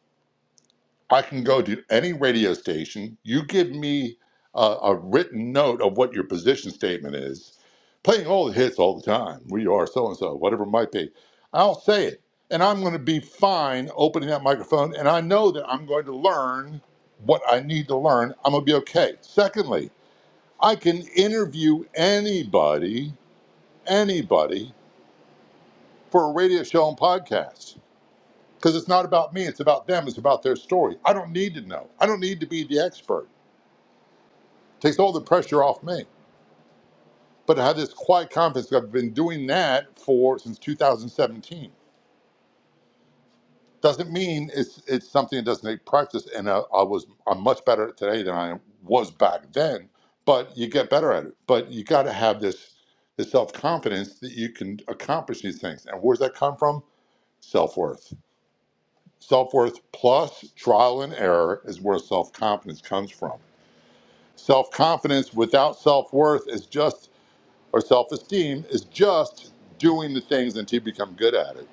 [SPEAKER 13] I can go to any radio station. You give me a, a written note of what your position statement is, playing all the hits all the time. We are so and so, whatever it might be. I'll say it. And I'm going to be fine opening that microphone. And I know that I'm going to learn what I need to learn. I'm going to be okay. Secondly, I can interview anybody, anybody for a radio show and podcast. because it's not about me it's about them it's about their story i don't need to know i don't need to be the expert It takes all the pressure off me but i have this quiet confidence i've been doing that for since 2017 doesn't mean it's it's something that doesn't take practice and I, I was i'm much better at today than i was back then but you get better at it but you got to have this this self-confidence that you can accomplish these things and where's that come from self-worth self-worth plus trial and error is where self-confidence comes from Self confidence without self worth is just, or self esteem is just doing the things until you become good at it.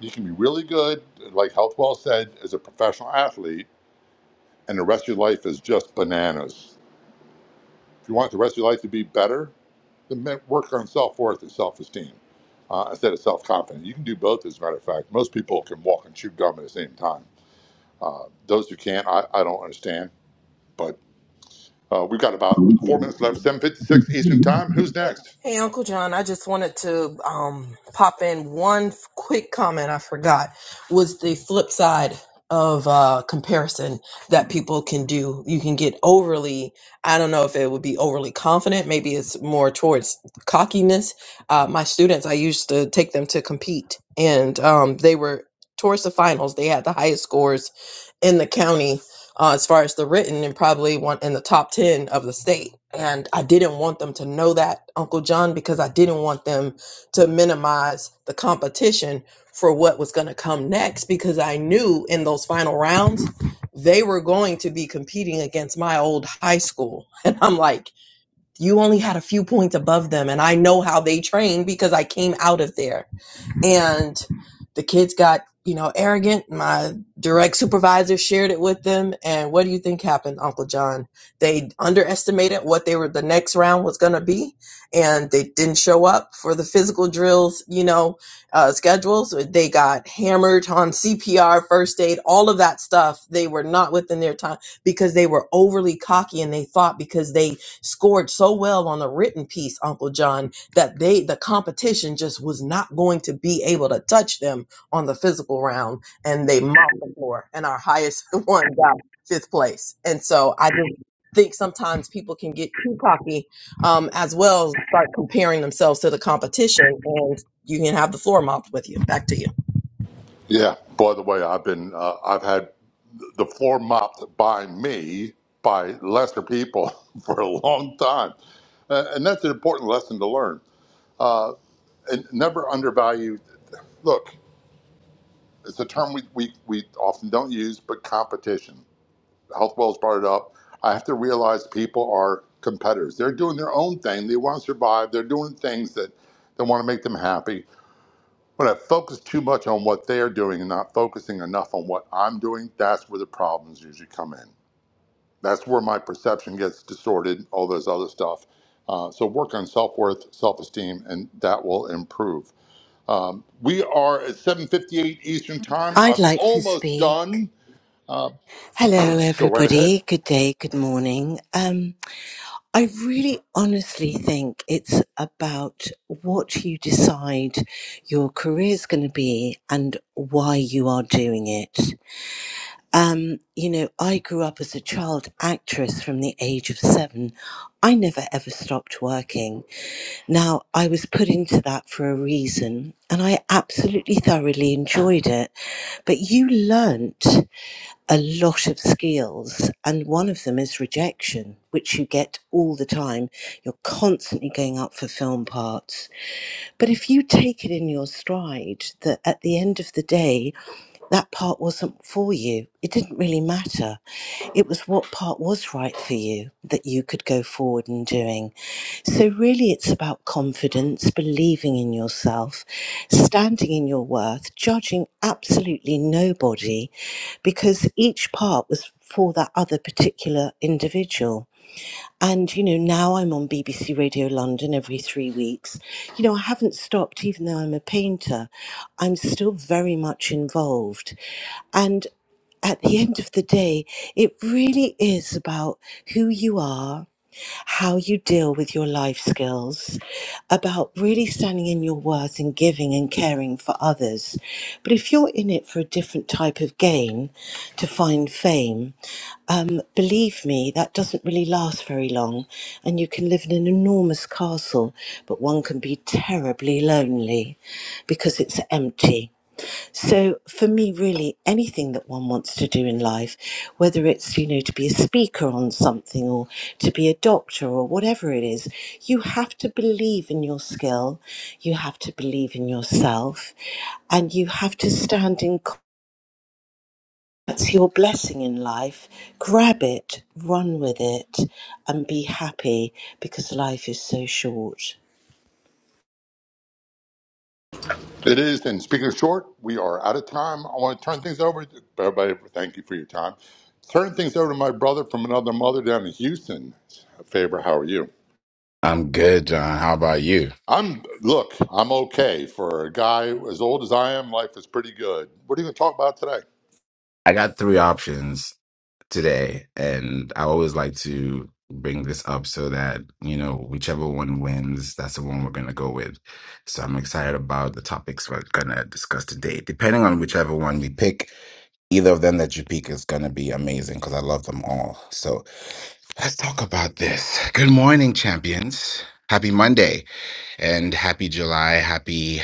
[SPEAKER 13] You can be really good, like Healthwell said, as a professional athlete, and the rest of your life is just bananas. If you want the rest of your life to be better, then work on self worth and self esteem uh, instead of self confidence. You can do both, as a matter of fact. Most people can walk and chew gum at the same time. Uh, those who can't, I, I don't understand. But uh, we've got about four minutes left, 7.56 Eastern Time. Who's next?
[SPEAKER 20] Hey, Uncle John, I just wanted to um, pop in one f- quick comment I forgot was the flip side of uh, comparison that people can do. You can get overly, I don't know if it would be overly confident, maybe it's more towards cockiness. Uh, my students, I used to take them to compete, and um, they were towards the finals, they had the highest scores in the county uh, as far as the written and probably one in the top 10 of the state and i didn't want them to know that uncle john because i didn't want them to minimize the competition for what was going to come next because i knew in those final rounds they were going to be competing against my old high school and i'm like you only had a few points above them and i know how they train because i came out of there and the kids got you know arrogant my direct supervisor shared it with them and what do you think happened uncle john they underestimated what they were the next round was going to be and they didn't show up for the physical drills you know uh, schedules they got hammered on cpr first aid all of that stuff they were not within their time because they were overly cocky and they thought because they scored so well on the written piece uncle john that they the competition just was not going to be able to touch them on the physical round and they mopped the floor and our highest one got fifth place and so i just think sometimes people can get too cocky um, as well as start comparing themselves to the competition you can have the floor mopped with you. Back to you.
[SPEAKER 13] Yeah. By the way, I've been uh, I've had the floor mopped by me by lesser people for a long time, uh, and that's an important lesson to learn. Uh, and never undervalue. Look, it's a term we, we we often don't use, but competition. Health Wells brought it up. I have to realize people are competitors. They're doing their own thing. They want to survive. They're doing things that that want to make them happy When I focus too much on what they're doing and not focusing enough on what I'm doing, that's where the problems usually come in. That's where my perception gets distorted, all those other stuff. Uh, so work on self-worth, self-esteem, and that will improve. Um, we are at 7.58 Eastern Time.
[SPEAKER 21] I'd
[SPEAKER 13] I'm
[SPEAKER 21] like to
[SPEAKER 13] almost
[SPEAKER 21] speak.
[SPEAKER 13] done. Uh,
[SPEAKER 21] Hello,
[SPEAKER 13] go right ahead.
[SPEAKER 21] everybody. Good day, good morning. Um, I really honestly think it's about what you decide your career is going to be and why you are doing it. Um, you know, I grew up as a child actress from the age of seven. I never ever stopped working. Now, I was put into that for a reason, and I absolutely thoroughly enjoyed it but you learnt. a lot of skills, and one of them is rejection, which you get all the time. You're constantly going up for film parts but if you take it in your stride that at the end of the day, that part wasn't for you, it didn't really matter. It was what part was right for you that you could go forward and doing. So, really, it's about confidence, believing in yourself, standing in your worth, judging absolutely nobody because each part was for that other particular individual. And, you know, now I'm on BBC Radio London every three weeks. You know, I haven't stopped, even though I'm a painter. I'm still very much involved. And at the end of the day, it really is about who you are how you deal with your life skills, about really standing in your worth and giving and caring for others. But if you're in it for a different type of gain to find fame, um, believe me, that doesn't really last very long. And you can live in an enormous castle, but one can be terribly lonely because it's empty. So for me, really, anything that one wants to do in life, whether it's, you know, to be a speaker on something or to be a doctor or whatever it is, you have to believe in your skill, you have to believe in yourself, and you have to stand in co- that's your blessing in life. Grab it, run with it, and be happy because life is so short.
[SPEAKER 13] It is, and speaking of short, we are out of time. I want to turn things over to everybody. Thank you for your time. Turn things over to my brother from another mother down in Houston. Faber, how are you?
[SPEAKER 22] I'm good, John. How about you?
[SPEAKER 13] I'm look, I'm okay for a guy as old as I am. Life is pretty good. What are you going to talk about today?
[SPEAKER 22] I got three options today, and I always like to bring this up so that, you know, whichever one wins, that's the one we're going to go with. So I'm excited about the topics we're going to discuss today. Depending on whichever one we pick, either of them that you pick is going to be amazing because I love them all. So let's talk about this. Good morning, champions. Happy Monday and happy July. Happy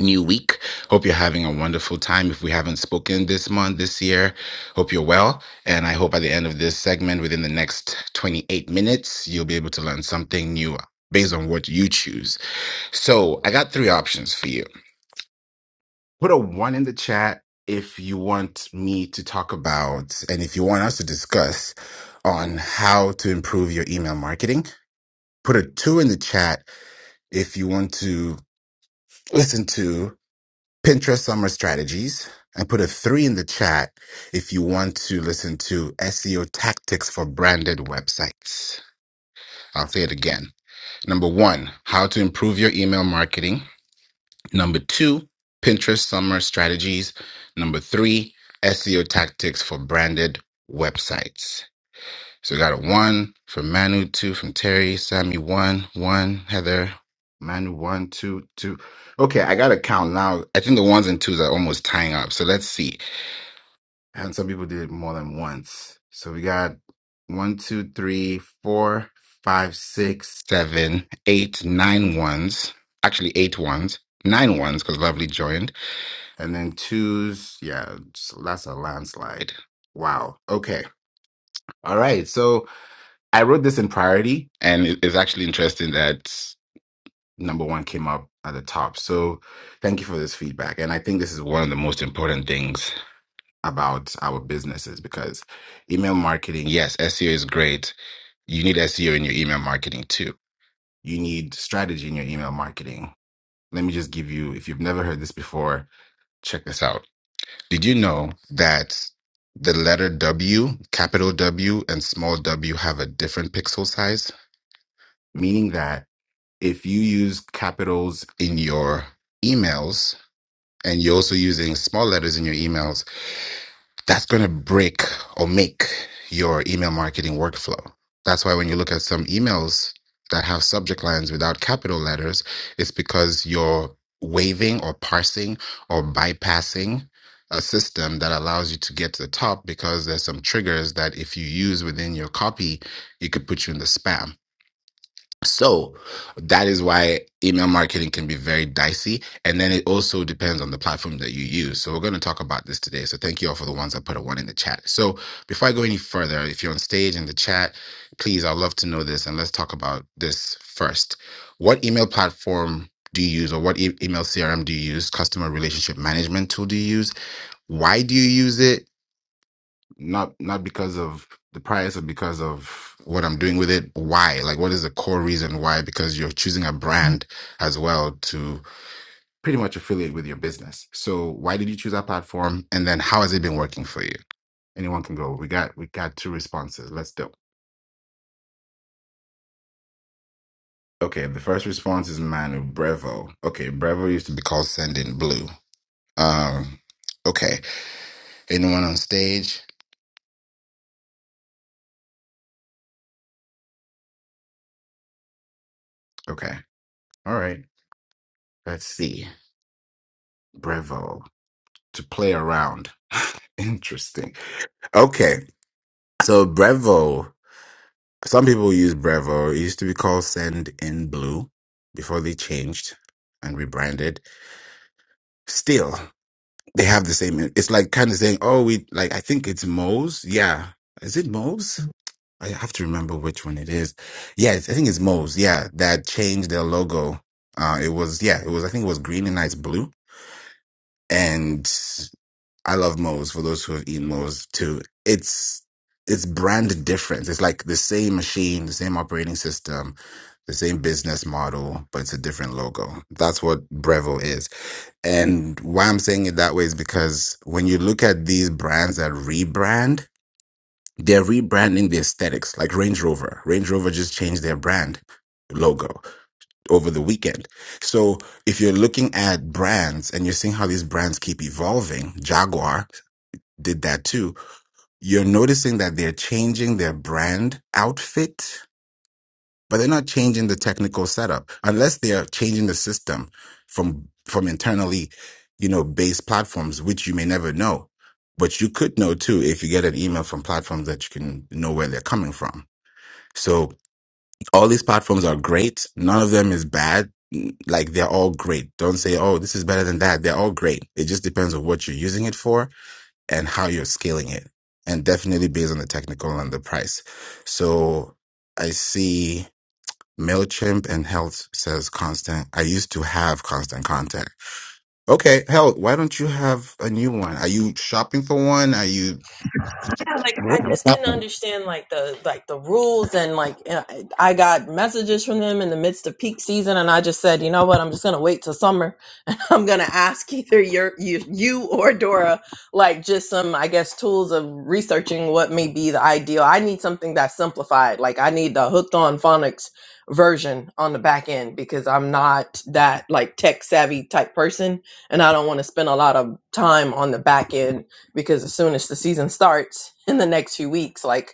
[SPEAKER 22] new week. Hope you're having a wonderful time. If we haven't spoken this month, this year, hope you're well. And I hope by the end of this segment, within the next 28 minutes, you'll be able to learn something new based on what you choose. So I got three options for you. Put a one in the chat if you want me to talk about and if you want us to discuss on how to improve your email marketing. Put a two in the chat if you want to listen to Pinterest Summer Strategies. I put a three in the chat if you want to listen to SEO tactics for branded websites. I'll say it again. Number one, how to improve your email marketing. Number two, Pinterest Summer Strategies. Number three, SEO tactics for branded websites. So we got a one from Manu, two from Terry, Sammy, one, one, Heather, Manu, one, two, two. Okay, I gotta count now. I think the ones and twos are almost tying up. So let's see. And some people did it more than once. So we got one, two, three, four, five, six, seven, eight, nine ones. Actually, eight ones. Nine ones because Lovely joined. And then twos. Yeah, so that's a landslide. Wow. Okay. All right. So I wrote this in priority, and it- it's actually interesting that number one came up at the top. So, thank you for this feedback. And I think this is one of the most important things about our businesses because email marketing, yes, SEO is great. You need SEO in your email marketing too. You need strategy in your email marketing. Let me just give you, if you've never heard this before, check this out. Did you know that the letter W, capital W, and small w have a different pixel size? Meaning that if you use capitals in your emails and you're also using small letters in your emails, that's going to break or make your email marketing workflow. That's why when you look at some emails that have subject lines without capital letters, it's because you're waiving or parsing or bypassing a system that allows you to get to the top because there's some triggers that if you use within your copy, it could put you in the spam so that is why email marketing can be very dicey. And then it also depends on the platform that you use. So we're going to talk about this today. So thank you all for the ones that put a one in the chat. So before I go any further, if you're on stage in the chat, please, I'd love to know this and let's talk about this first. What email platform do you use or what e- email CRM do you use? Customer relationship management tool do you use? Why do you use it? not not because of the price or because of what I'm doing with it. Why? Like, what is the core reason why? Because you're choosing a brand as well to pretty much affiliate with your business. So, why did you choose that platform? And then, how has it been working for you? Anyone can go. We got we got two responses. Let's do. Okay, the first response is Manu Brevo. Okay, Brevo used to be called Sending Blue. Um, okay, anyone on stage? Okay, all right. Let's see. Brevo to play around. Interesting. Okay. So Brevo, some people use Brevo. It used to be called Send in Blue before they changed and rebranded. Still, they have the same. It's like kind of saying, oh, we like, I think it's Moe's. Yeah. Is it Moe's? I have to remember which one it is. Yes, I think it's Moe's. Yeah. That changed their logo. Uh, it was, yeah, it was, I think it was green and nice blue. I love Moe's for those who have eaten Moe's too. It's it's brand different. It's like the same machine, the same operating system, the same business model, but it's a different logo. That's what Breville is. And why I'm saying it that way is because when you look at these brands that rebrand, they're rebranding the aesthetics, like Range Rover. Range Rover just changed their brand logo over the weekend. So if you're looking at brands and you're seeing how these brands keep evolving, Jaguar did that too. You're noticing that they're changing their brand outfit, but they're not changing the technical setup unless they're changing the system from from internally, you know, based platforms, which you may never know. But you could know too if you get an email from platforms that you can know where they're coming from. So all these platforms are great. None of them is bad. Like they're all great. Don't say, oh, this is better than that. They're all great. It just depends on what you're using it for and how you're scaling it, and definitely based on the technical and the price. So I see MailChimp and Health says constant. I used to have constant contact. Okay, Health, why don't you have a new one? Are you shopping for one? Are you.
[SPEAKER 20] Yeah, like I
[SPEAKER 22] What- What's
[SPEAKER 20] just didn't
[SPEAKER 22] happening?
[SPEAKER 20] understand like the like the rules and like and I I got messages from them in the midst of peak season and I just said, you know what, I'm just gonna wait till summer I'm gonna ask either your you you or Dora like just some I guess tools of researching what may be the ideal. I need something that's simplified. Like I need the hooked on phonics version on the back end because I'm not that like tech savvy type person and I don't want to spend a lot of time on the back end because as soon as the season starts in the next few weeks, like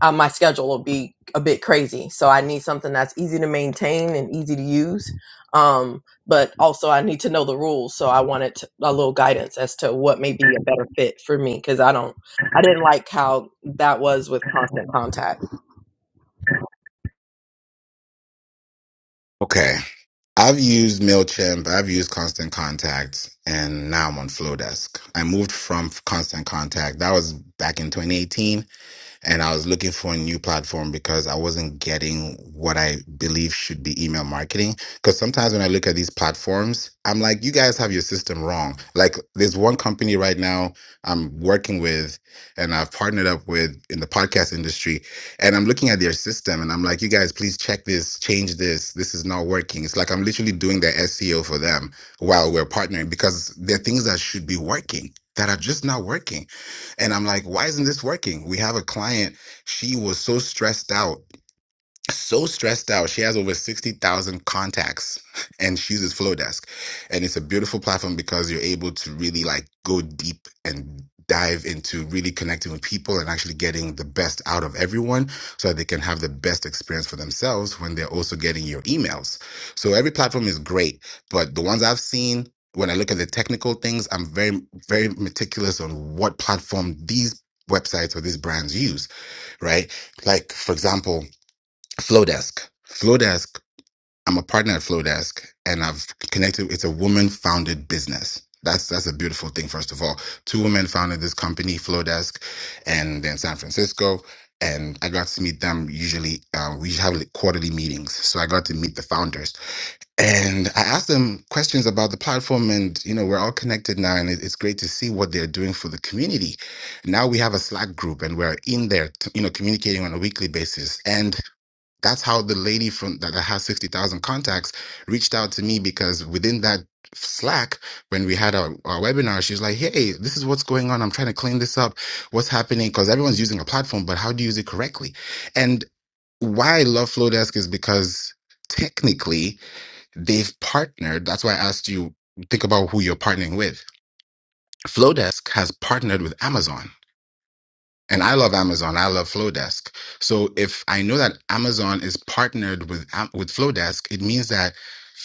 [SPEAKER 20] uh, my schedule will be a bit crazy. So I need something that's easy to maintain and easy to use. Um, but also, I need to know the rules. So I wanted to, a little guidance as to what may be a better fit for me because I don't, I didn't like how that was with constant contact.
[SPEAKER 22] Okay. I've used MailChimp, I've used Constant Contact, and now I'm on Flowdesk. I moved from Constant Contact. That was back in 2018 and I was looking for a new platform because I wasn't getting what I believe should be email marketing. Because sometimes when I look at these platforms, I'm like, you guys have your system wrong. Like, there's one company right now I'm working with and I've partnered up with in the podcast industry, and I'm looking at their system and I'm like, you guys, please check this, change this. This is not working. It's like I'm literally doing their SEO for them while we're partnering because there are things that should be working that are just not working and I'm like, why isn't this working? We have a client, she was so stressed out so stressed out. She has over 60,000 contacts and she uses Flowdesk. And it's a beautiful platform because you're able to really like go deep and dive into really connecting with people and actually getting the best out of everyone so that they can have the best experience for themselves when they're also getting your emails. So every platform is great, but the ones I've seen when I look at the technical things, I'm very very meticulous on what platform these websites or these brands use, right? Like for example, Flowdesk. Flowdesk. I'm a partner at Flowdesk, and I've connected. It's a woman-founded business. That's that's a beautiful thing. First of all, two women founded this company, Flowdesk, and they're in San Francisco. And I got to meet them. Usually, uh, we have like quarterly meetings, so I got to meet the founders. And I asked them questions about the platform, and you know, we're all connected now, and it- it's great to see what they're doing for the community. Now we have a Slack group, and we're in there, t- you know, communicating on a weekly basis. And that's how the lady from that, that has 60,000 contacts reached out to me because within that Slack, when we had our, our webinar, she's like, Hey, this is what's going on. I'm trying to clean this up. What's happening? Because everyone's using a platform, but how do you use it correctly? And why I love Flowdesk is because technically they've partnered. That's why I asked you, think about who you're partnering with. Flowdesk has partnered with Amazon. And I love Amazon. I love Flowdesk. So if I know that Amazon is partnered with Am- with Flowdesk, it means that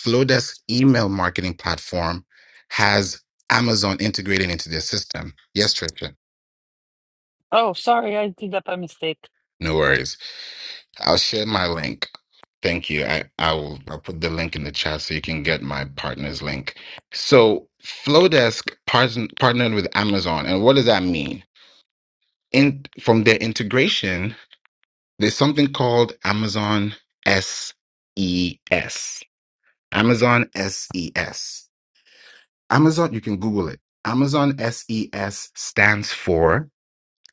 [SPEAKER 22] Flowdesk email marketing platform has Amazon integrated into their system. Yes, Trisha.
[SPEAKER 14] Oh, sorry, I did that by mistake.
[SPEAKER 22] No worries. I'll share my link. Thank you. I, I will I'll put the link in the chat so you can get my partner's link. So Flowdesk part- partnered with Amazon. And what does that mean? In from their integration, There's something called Amazon SES. Amazon SES. Amazon, you can Google it. Amazon SES stands for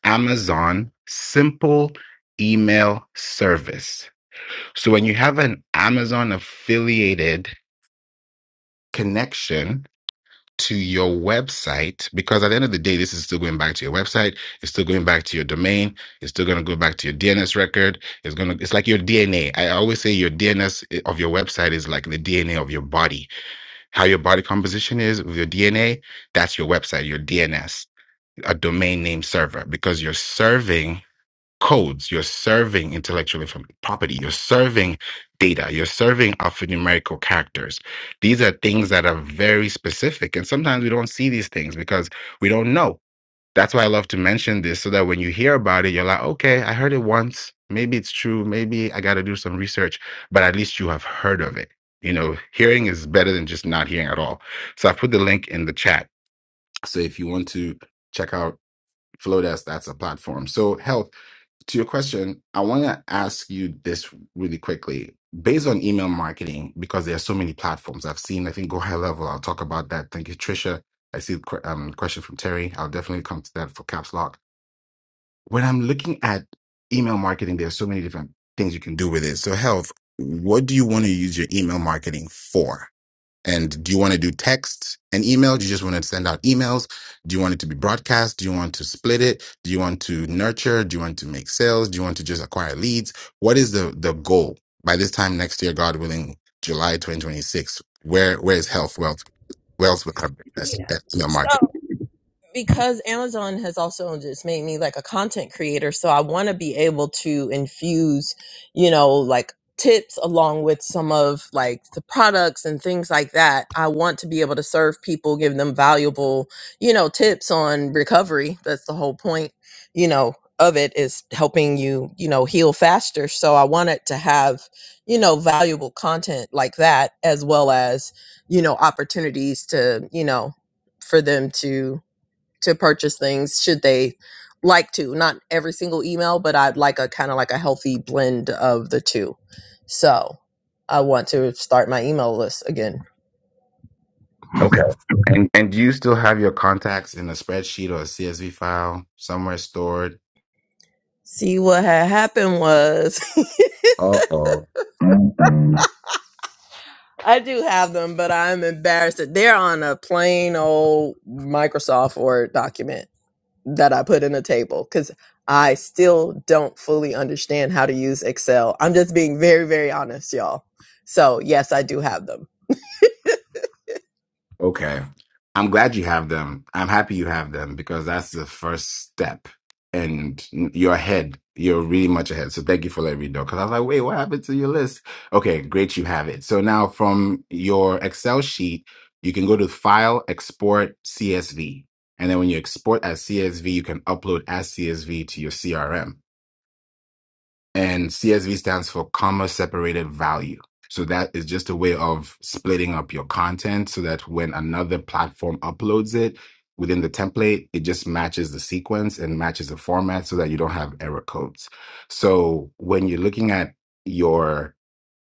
[SPEAKER 22] Amazon Simple Email Service. So when you have an Amazon affiliated connection, to your website because at the end of the day, this is still going back to your website. It's still going back to your domain. It's still going to go back to your DNS record. It's going to, it's like your DNA. I always say your DNS of your website is like the DNA of your body. How your body composition is with your DNA, that's your website, your DNS, a domain name server, because you're serving codes, you're serving intellectual inform- property, you're serving data, you're serving alphanumerical characters. These are things that are very specific. And sometimes we don't see these things because we don't know. That's why I love to mention this so that when you hear about it, you're like, okay, I heard it once. Maybe it's true. Maybe I got to do some research, but at least you have heard of it. You know, hearing is better than just not hearing at all. So I put the link in the chat. So if you want to check out Flowdesk, that's a platform. So health to your question, I want to ask you this really quickly. Based on email marketing, because there are so many platforms I've seen, I think go high level. I'll talk about that. Thank you, Trisha. I see the que- um, question from Terry. I'll definitely come to that for Caps Lock. When I'm looking at email marketing, there are so many different things you can do with it. So, Health, what do you want to use your email marketing for? And do you want to do text and email? Do you just want to send out emails? Do you want it to be broadcast? Do you want to split it? Do you want to nurture? Do you want to make sales? Do you want to just acquire leads? What is the the goal? By this time next year, God willing, July 2026, where where is health, wealth, wealth with our business
[SPEAKER 20] Yeah.
[SPEAKER 22] at your
[SPEAKER 20] So.
[SPEAKER 22] market?
[SPEAKER 20] because Amazon has also just made me like a content creator, so I want to be able to infuse, you know, like tips along with some of like the products and things like that. I want to be able to serve people, give them valuable, you know, tips on recovery. That's the whole point, you know, of it is helping you, you know, heal faster. So I want it to have, you know, valuable content like that as well as, you know, opportunities to, you know, for them to to purchase things should they like to not every single email but i'd like a kind of like a healthy blend of the two so i want to start my email list again
[SPEAKER 22] Okay. And and do you still have your contacts in a spreadsheet or a CSV file somewhere stored?
[SPEAKER 20] see what had happened was
[SPEAKER 22] Uh oh.
[SPEAKER 20] i do have them but i'm embarrassed that they're on a plain old microsoft word document that i put in a table because i still don't fully understand how to use excel i'm just being very very honest y'all so yes i do have them
[SPEAKER 22] Okay. I'm glad you have them. I'm happy you have them because that's the first step. And you're ahead. You're really much ahead. So thank you for letting me know. Because I was like, wait, what happened to your list? Okay, great. You have it. So now from your Excel sheet, you can go to File, Export, CSV. And then when you export as CSV, you can upload as CSV to your CRM and CSV stands for comma separated value. So that is just a way of splitting up your content so that when another platform uploads it within the template, it just matches the sequence and matches the format so that you don't have error codes. So when you're looking at your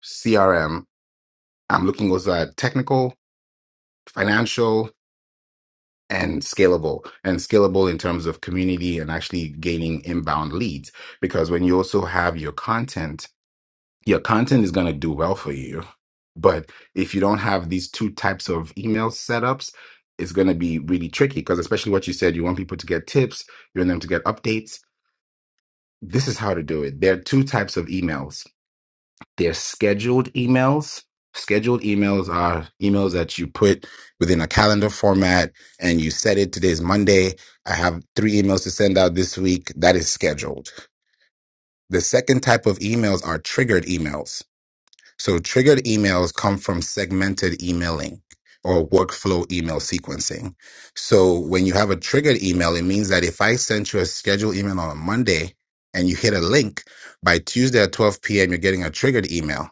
[SPEAKER 22] CRM, I'm looking also at technical, financial, and scalable, and scalable in terms of community and actually gaining inbound leads. Because when you also have your content, your content is going to do well for you. But if you don't have these two types of email setups, it's going to be really tricky because, especially what you said, you want people to get tips, you want them to get updates. This is how to do it. There are two types of emails. They're scheduled emails. Scheduled emails are emails that you put within a calendar format and you set it. Today's Monday. I have three emails to send out this week. That is scheduled. The second type of emails are triggered emails So triggered emails come from segmented emailing or workflow email sequencing. So when you have a triggered email, it means that if I sent you a scheduled email on a Monday and you hit a link, by Tuesday at 12 p.m., you're getting a triggered email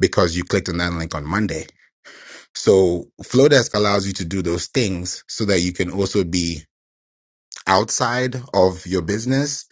[SPEAKER 22] because you clicked on that link on Monday. So Flowdesk allows you to do those things so that you can also be outside of your business,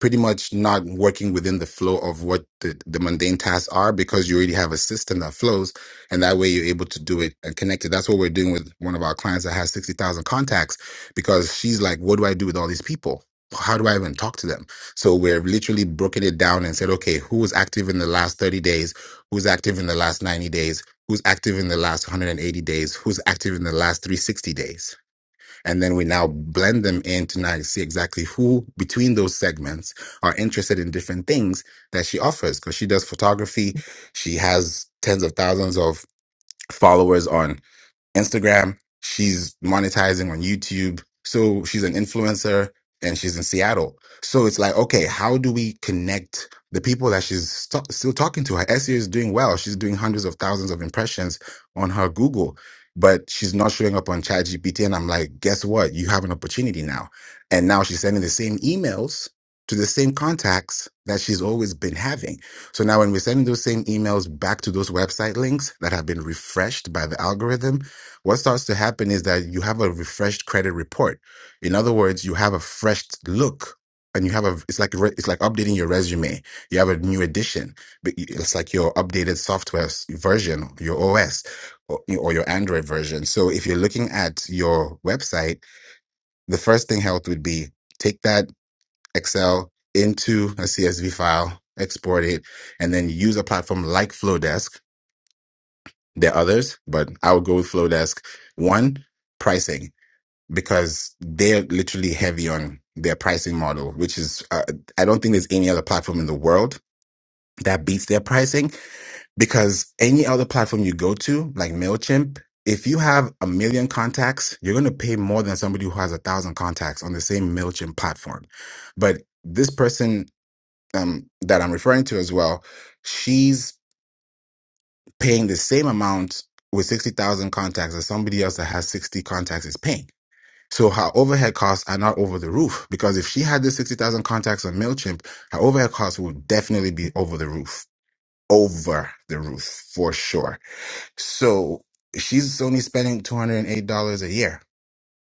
[SPEAKER 22] pretty much not working within the flow of what the, the mundane tasks are because you already have a system that flows. And that way you're able to do it and connect it. That's what we're doing with one of our clients that has 60,000 contacts because she's like, what do I do with all these people? How do I even talk to them? So we're literally broken it down and said, okay, who was active in the last 30 days? Who's active in the last 90 days? Who's active in the last 180 days? Who's active in the last 360 days? And then we now blend them in to now see exactly who between those segments are interested in different things that she offers. Cause she does photography. She has tens of thousands of followers on Instagram. She's monetizing on YouTube. So she's an influencer and she's in Seattle. So it's like, okay, how do we connect the people that she's st- still talking to? Her SEO is doing well. She's doing hundreds of thousands of impressions on her Google, but she's not showing up on ChatGPT. And I'm like, guess what? You have an opportunity now. And now she's sending the same emails to the same contacts that she's always been having. So now when we're sending those same emails back to those website links that have been refreshed by the algorithm, what starts to happen is that you have a refreshed credit report. In other words, you have a fresh look and you have a it's like re- it's like updating your resume. You have a new edition. But you- It's like your updated software s- version, your OS or, or your Android version. So if you're looking at your website, the first thing helped would be take that Excel into a CSV file, export it, and then use a platform like Flowdesk. There are others, but I would go with Flowdesk. One, pricing because they're literally heavy on their pricing model, which is, uh, I don't think there's any other platform in the world that beats their pricing because any other platform you go to, like MailChimp, if you have a million contacts, you're going to pay more than somebody who has a thousand contacts on the same MailChimp platform. But this person um, that I'm referring to as well, she's paying the same amount with 60,000 contacts as somebody else that has 60 contacts is paying so her overhead costs are not over the roof because if she had the 60,000 contacts on MailChimp, her overhead costs would definitely be over the roof, over the roof for sure. So she's only spending $208 a year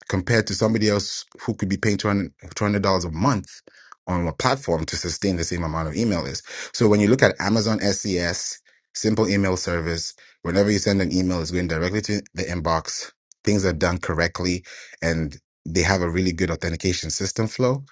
[SPEAKER 22] compared to somebody else who could be paying 200 dollars a month on a platform to sustain the same amount of email list. So when you look at Amazon SES, simple email service, whenever you send an email, it's going directly to the inbox. Things are done correctly, and they have a really good authentication system flow.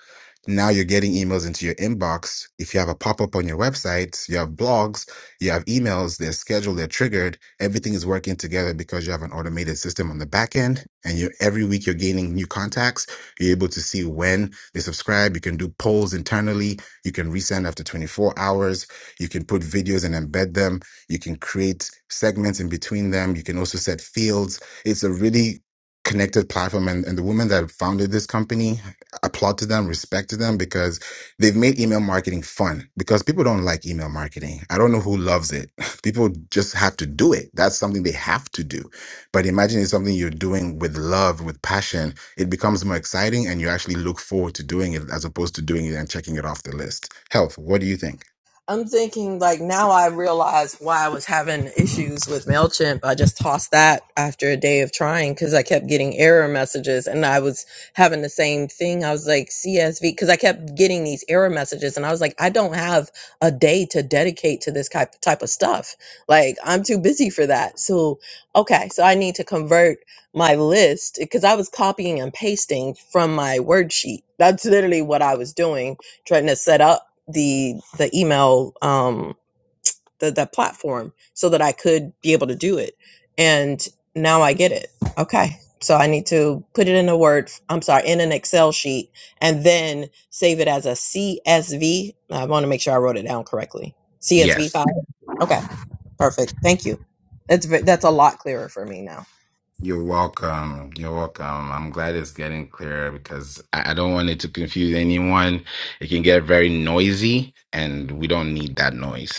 [SPEAKER 22] Now you're getting emails into your inbox. If you have a pop up on your website, you have blogs you have emails, they're scheduled, they're triggered. Everything is working together because you have an automated system on the back end. And you every week you're gaining new contacts. You're able to see when they subscribe. You can do polls internally. You can resend after 24 hours. You can put videos and embed them. You can create segments in between them. You can also set fields. It's a really connected platform and, and the woman that founded this company applaud to them respect to them because They've made email marketing fun because people don't like email marketing. I don't know who loves it. People just have to do it. That's something they have to do. But imagine it's something you're doing with love, with passion. It becomes more exciting and you actually look forward to doing it as opposed to doing it and checking it off the list. Health, what do you think?
[SPEAKER 20] I'm thinking like now I realize why I was having issues with MailChimp. I just tossed that after a day of trying because I kept getting error messages and I was having the same thing. I was like, CSV, because I kept getting these error messages and I was like, I don't have a day to dedicate to this type, type of stuff. Like, I'm too busy for that. So, okay, so I need to convert my list because I was copying and pasting from my word sheet. That's literally what I was doing, trying to set up the the email um the that platform so that I could be able to do it. And now I get it. Okay. So I need to put it in a word, I'm sorry, in an Excel sheet and then save it as a CSV. I want to make sure I wrote it down correctly. CSV
[SPEAKER 22] Yes.
[SPEAKER 20] file. Okay. Perfect. Thank you. That's ve- that's a lot clearer for me now.
[SPEAKER 22] You're welcome. You're welcome. I'm glad it's getting clearer because I I don't want it to confuse anyone. It can get very noisy, and we don't need that noise.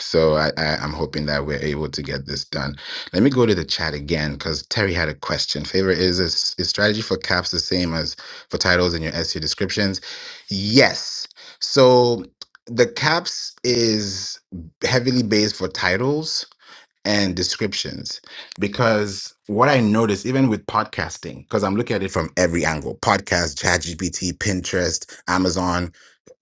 [SPEAKER 22] So I, I, I'm hoping that we're able to get this done. Let me go to the chat again because Terry had a question. Favor is is is strategy for caps the same as for titles in your SEO descriptions? Yes. So the caps is heavily based for titles and descriptions because what I notice even with podcasting, because I'm looking at it from every angle, podcast, ChatGPT, Pinterest, Amazon,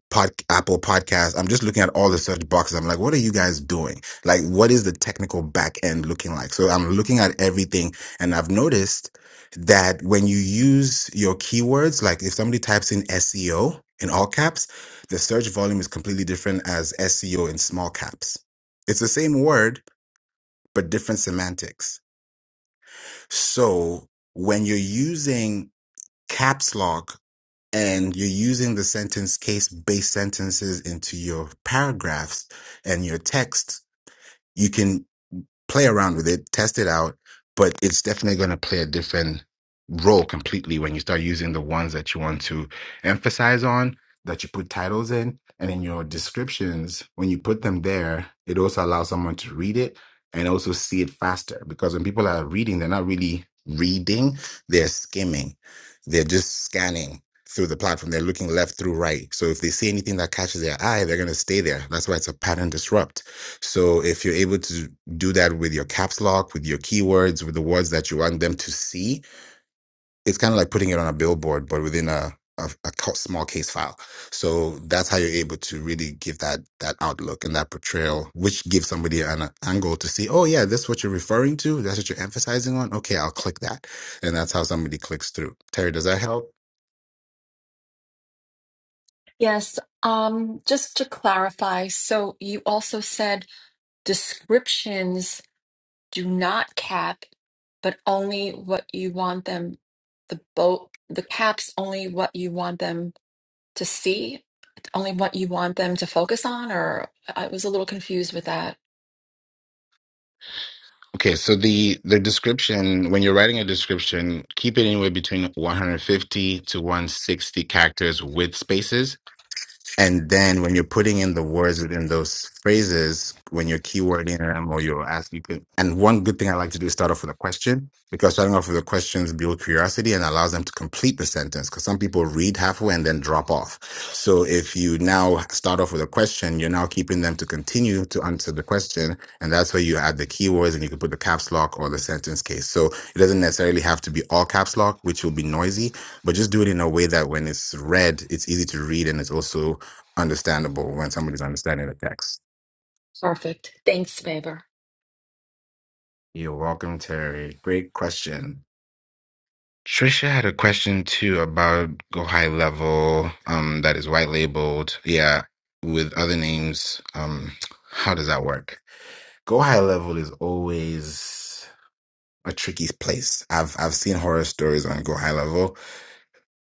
[SPEAKER 22] pod, Apple Podcast. I'm just looking at all the search boxes. I'm like, what are you guys doing? Like, what is the technical back end looking like? So I'm looking at everything and I've noticed that when you use your keywords, like if somebody types in SEO in all caps, the search volume is completely different as SEO in small caps. It's the same word, but different semantics. So when you're using caps lock and you're using the sentence case based sentences into your paragraphs and your text, you can play around with it, test it out, but it's definitely going to play a different role completely when you start using the ones that you want to emphasize on, that you put titles in, and in your descriptions, when you put them there, it also allows someone to read it and also see it faster. Because when people are reading, they're not really reading, they're skimming, they're just scanning. Through the platform, they're looking left through right. So if they see anything that catches their eye, they're going to stay there. That's why it's a pattern disrupt. So if you're able to do that with your caps lock, with your keywords, with the words that you want them to see. It's kind of like putting it on a billboard, but within a, a, a co- small case file. So that's how you're able to really give that that outlook and that portrayal, which gives somebody an uh, angle to see. Oh yeah, that's what you're referring to. That's what you're emphasizing on. Okay, I'll click that, and that's how somebody clicks through. Terry, does that help?
[SPEAKER 23] Yes, um, just to clarify, so you also said descriptions do not cap, but only what you want them, the boat, the caps only what you want them to see, only what you want them to focus on, or uh, I was a little confused with that.
[SPEAKER 22] Okay, so the the description when you're writing a description, keep it anywhere between 150 to 160 characters with spaces And then when you're putting in the words within those phrases, when you're keywording them or you're asking, pe- and one good thing I like to do is start off with a question because starting off with the questions build curiosity and allows them to complete the sentence because some people read halfway and then drop off. So if you now start off with a question, you're now keeping them to continue to answer the question. And that's where you add the keywords and you can put the caps lock or the sentence case. So it doesn't necessarily have to be all caps lock, which will be noisy, but just do it in a way that when it's read, it's easy to read and it's also understandable when somebody's understanding the text.
[SPEAKER 23] Perfect. Thanks, Faber.
[SPEAKER 22] You're welcome, Terry. Great question. Trisha had a question too about go high level, um, that is white labeled. Yeah, with other names, um, how does that work? Go high level is always a tricky place. I've I've seen horror stories on go high level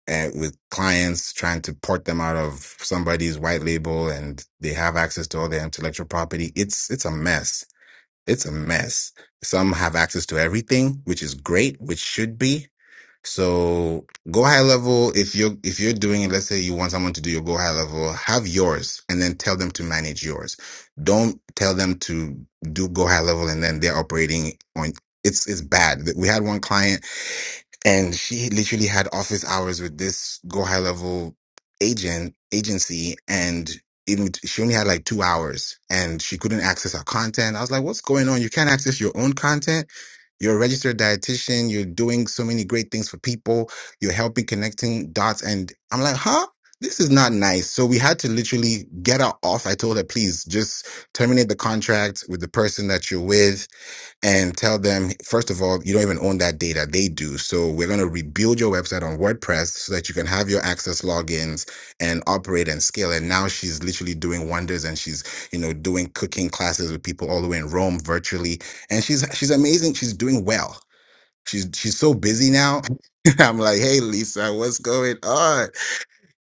[SPEAKER 22] and with clients trying to port them out of somebody's white label and they have access to all their intellectual property. It's it's a mess it's a mess. Some have access to everything, which is great, which should be. So go high level. If you're, if you're doing it, let's say you want someone to do your go high level, have yours and then tell them to manage yours. Don't tell them to do go high level and then they're operating on it's, it's bad. We had one client and she literally had office hours with this go high level agent agency and even she only had like two hours and she couldn't access our content i was like what's going on you can't access your own content you're a registered dietitian you're doing so many great things for people you're helping connecting dots and i'm like huh this is not nice so we had to literally get her off i told her please just terminate the contract with the person that you're with and tell them, first of all, you don't even own that data. They do. So we're going to rebuild your website on WordPress so that you can have your access logins and operate and scale. And now she's literally doing wonders and she's, you know, doing cooking classes with people all the way in Rome virtually. And she's she's amazing. She's doing well. She's she's so busy now. I'm like, hey Lisa, what's going on?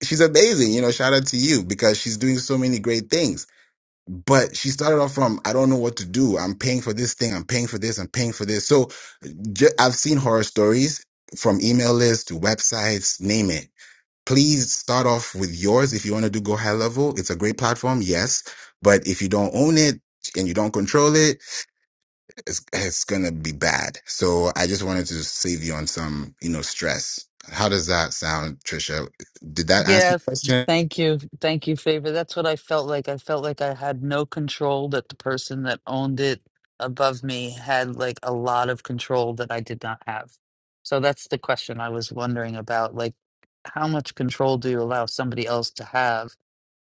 [SPEAKER 22] She's amazing. You know, shout out to you because she's doing so many great things but she started off from i don't know what to do i'm paying for this thing i'm paying for this i'm paying for this so ju- i've seen horror stories from email lists to websites name it please start off with yours if you want to do go high level it's a great platform yes but if you don't own it and you don't control it it's, it's gonna be bad so i just wanted to save you on some you know stress how does that sound trisha did that answer your
[SPEAKER 14] Yes,
[SPEAKER 22] question
[SPEAKER 14] thank you. Thank you, favor. That's what I felt like. I felt like I had no control, that the person that owned it above me had like a lot of control that I did not have. So that's the question I was wondering about. Like, how much control do you allow somebody else to have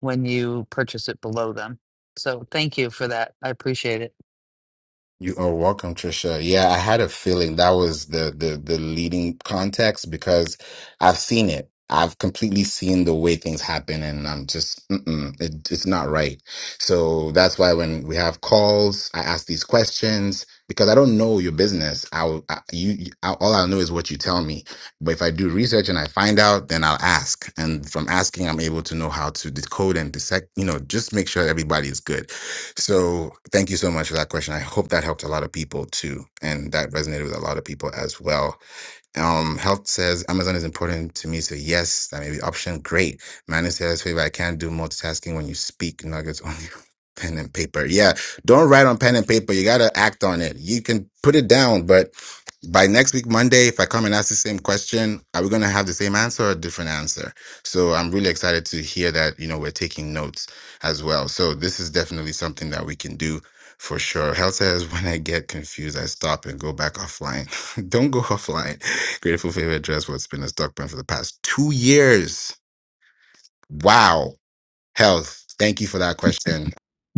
[SPEAKER 14] when you purchase it below them? So thank you for that. I appreciate it.
[SPEAKER 22] You are welcome, Trisha. Yeah, I had a feeling that was the the the leading context because I've seen it. I've completely seen the way things happen, and I'm just mm-mm, it, it's not right. So that's why when we have calls, I ask these questions because I don't know your business. I'll I, you I, all I know is what you tell me. But if I do research and I find out, then I'll ask, and from asking, I'm able to know how to decode and dissect. You know, just make sure everybody is good. So thank you so much for that question. I hope that helped a lot of people too, and that resonated with a lot of people as well. Um, health says Amazon is important to me, so yes, that may be option. Great. Manus says, favor, I can't do multitasking when you speak nuggets on your pen and paper. Yeah, don't write on pen and paper. You gotta act on it. You can put it down, but by next week, Monday, if I come and ask the same question, are we gonna have the same answer or a different answer? So I'm really excited to hear that, you know, we're taking notes as well. So this is definitely something that we can do for sure. Health says when I get confused, I stop and go back offline. Don't go offline. Grateful favorite address what's been a stock plan for the past two years. Wow. Health. Thank you for that question.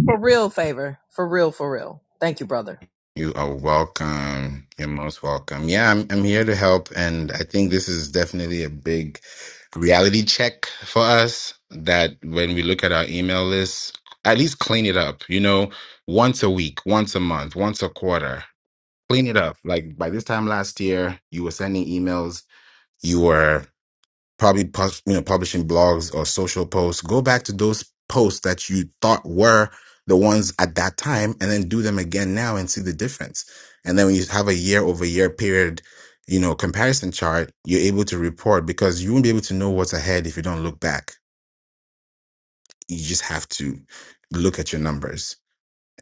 [SPEAKER 20] For real favor. For real. For real. Thank you, brother.
[SPEAKER 22] You are welcome. You're most welcome. Yeah, I'm, I'm here to help. And I think this is definitely a big reality check for us that when we look at our email list, at least clean it up, you know, once a week, once a month, once a quarter. Clean it up. Like by this time last year, you were sending emails. You were probably pub- you know publishing blogs or social posts go back to those posts that you thought were the ones at that time and then do them again now and see the difference and then when you have a year over year period you know comparison chart you're able to report because you won't be able to know what's ahead if you don't look back you just have to look at your numbers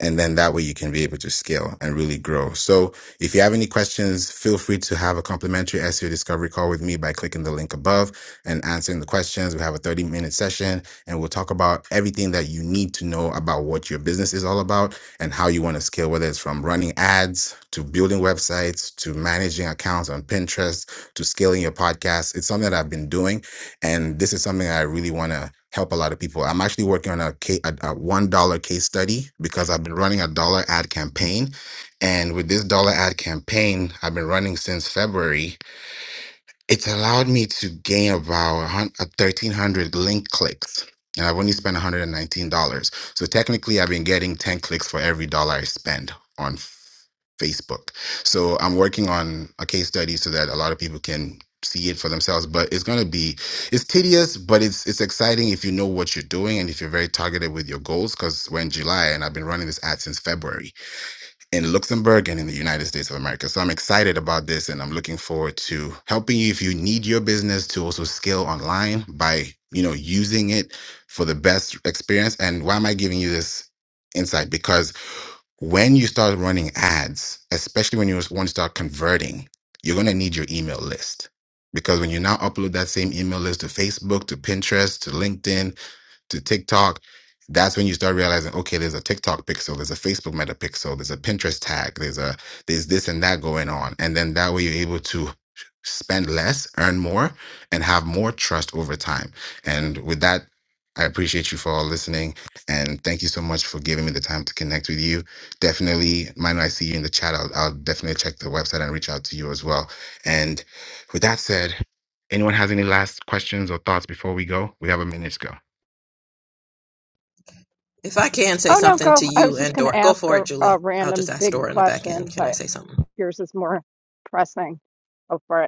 [SPEAKER 22] and then that way you can be able to scale and really grow. So if you have any questions, feel free to have a complimentary SEO discovery call with me by clicking the link above and answering the questions. We have a 30 minute session and we'll talk about everything that you need to know about what your business is all about and how you want to scale, whether it's from running ads to building websites to managing accounts on Pinterest to scaling your podcast. It's something that I've been doing and this is something I really want to help a lot of people. I'm actually working on a, ca- a, a $1 case study because I've been running a dollar ad campaign. And with this dollar ad campaign, I've been running since February it's allowed me to gain about a hun- a 1,300 link clicks, and I've only spent $119. So technically, I've been getting 10 clicks for every dollar I spend on F- Facebook. So I'm working on a case study so that a lot of people can see it for themselves but it's going to be it's tedious but it's it's exciting if you know what you're doing and if you're very targeted with your goals because we're in july and i've been running this ad since february in Luxembourg and in the United States of America. So I'm excited about this and I'm looking forward to helping you if you need your business to also scale online by, you know, using it for the best experience. And why am I giving you this insight? Because when you start running ads, especially when you want to start converting, you're going to need your email list. Because when you now upload that same email list to Facebook, to Pinterest, to LinkedIn, to TikTok, that's when you start realizing, okay, there's a TikTok pixel, there's a Facebook meta pixel, there's a Pinterest tag, there's a there's this and that going on. And then that way you're able to spend less, earn more, and have more trust over time. And with that, I appreciate you for all listening. And thank you so much for giving me the time to connect with you. Definitely, mind Manu, I see you in the chat. I'll, I'll definitely check the website and reach out to you as well. And with that said, anyone has any last questions or thoughts before we go? We have a minute to go.
[SPEAKER 20] If I can say
[SPEAKER 24] Oh, no,
[SPEAKER 20] something
[SPEAKER 24] go.
[SPEAKER 20] to
[SPEAKER 24] I was
[SPEAKER 20] you
[SPEAKER 24] just
[SPEAKER 20] and
[SPEAKER 24] going to
[SPEAKER 20] Dora, go
[SPEAKER 24] ask
[SPEAKER 20] for it,
[SPEAKER 24] a,
[SPEAKER 20] Julie.
[SPEAKER 24] a
[SPEAKER 20] I'll
[SPEAKER 24] random
[SPEAKER 20] just ask
[SPEAKER 24] big
[SPEAKER 20] Dora in the back end.
[SPEAKER 24] question,
[SPEAKER 20] Can I
[SPEAKER 24] but
[SPEAKER 20] say something?
[SPEAKER 24] yours is more pressing. Go for it.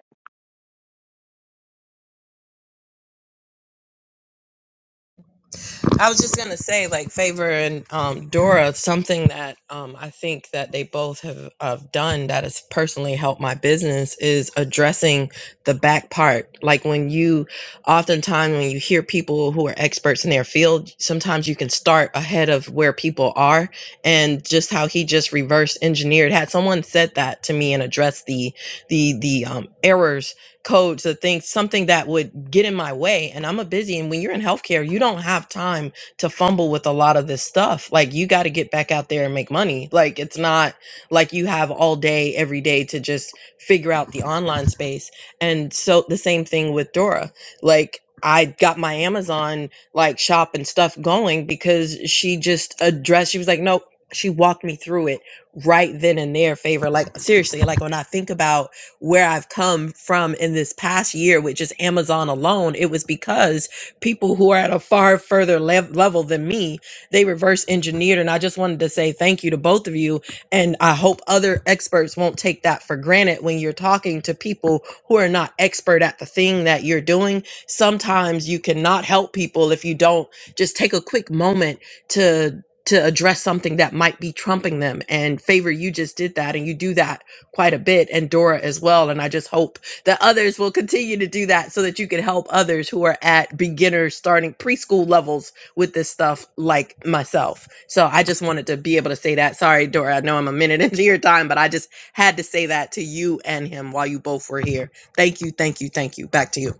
[SPEAKER 20] I was just gonna say, like Favor and um, Dora, something that um, I think that they both have, have done that has personally helped my business is addressing the back part. Like when you, oftentimes when you hear people who are experts in their field, sometimes you can start ahead of where people are, and just how he just reverse engineered. Had someone said that to me and addressed the the the um, errors codes or things, something that would get in my way. And I'm a busy, and when you're in healthcare, you don't have time to fumble with a lot of this stuff. Like you got to get back out there and make money. Like it's not like you have all day, every day to just figure out the online space. And so the same thing with Dora. Like I got my Amazon like shop and stuff going because she just addressed, she was like, nope. She walked me through it right then and there, favor. Like seriously, like when I think about where I've come from in this past year, which is Amazon alone, it was because people who are at a far further lev- level than me, they reverse engineered. And I just wanted to say thank you to both of you. And I hope other experts won't take that for granted when you're talking to people who are not expert at the thing that you're doing. Sometimes you cannot help people if you don't just take a quick moment to to address something that might be trumping them and favor you just did that and you do that quite a bit and Dora as well. And I just hope that others will continue to do that so that you can help others who are at beginner starting preschool levels with this stuff like myself. So I just wanted to be able to say that. Sorry, Dora, I know I'm a minute into your time, but I just had to say that to you and him while you both were here. Thank you, thank you, thank you. Back to you.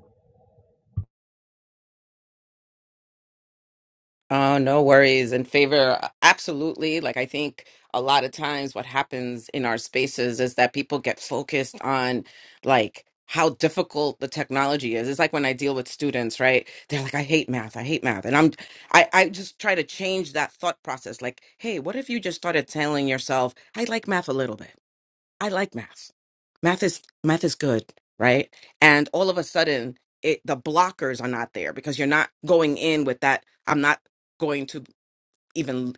[SPEAKER 25] Oh, no worries. In favor, absolutely. Like, I think a lot of times what happens in our spaces is that people get focused on like how difficult the technology is. It's like when I deal with students, right? They're like, I hate math. I hate math. And I'm, I, I just try to change that thought process. Like, hey, what if you just started telling yourself, I like math a little bit? I like math. Math is math is good, right? And all of a sudden, it the blockers are not there because you're not going in with that. I'm not going to even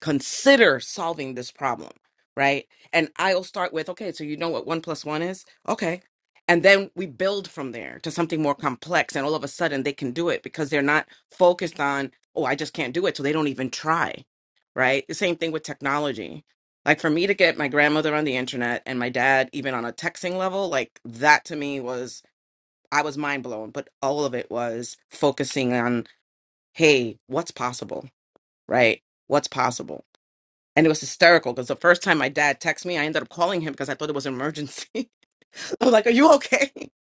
[SPEAKER 25] consider solving this problem, right? And I'll start with, okay, so you know what one plus one is? Okay. And then we build from there to something more complex. And all of a sudden they can do it because they're not focused on, oh, I just can't do it. So they don't even try, right? The same thing with technology. Like for me to get my grandmother on the internet and my dad even on a texting level, like that to me was, I was mind blown. But all of it was focusing on, hey, what's possible, right? What's possible? And it was hysterical because the first time my dad texted me, I ended up calling him because I thought it was an emergency. I was like, Are you okay?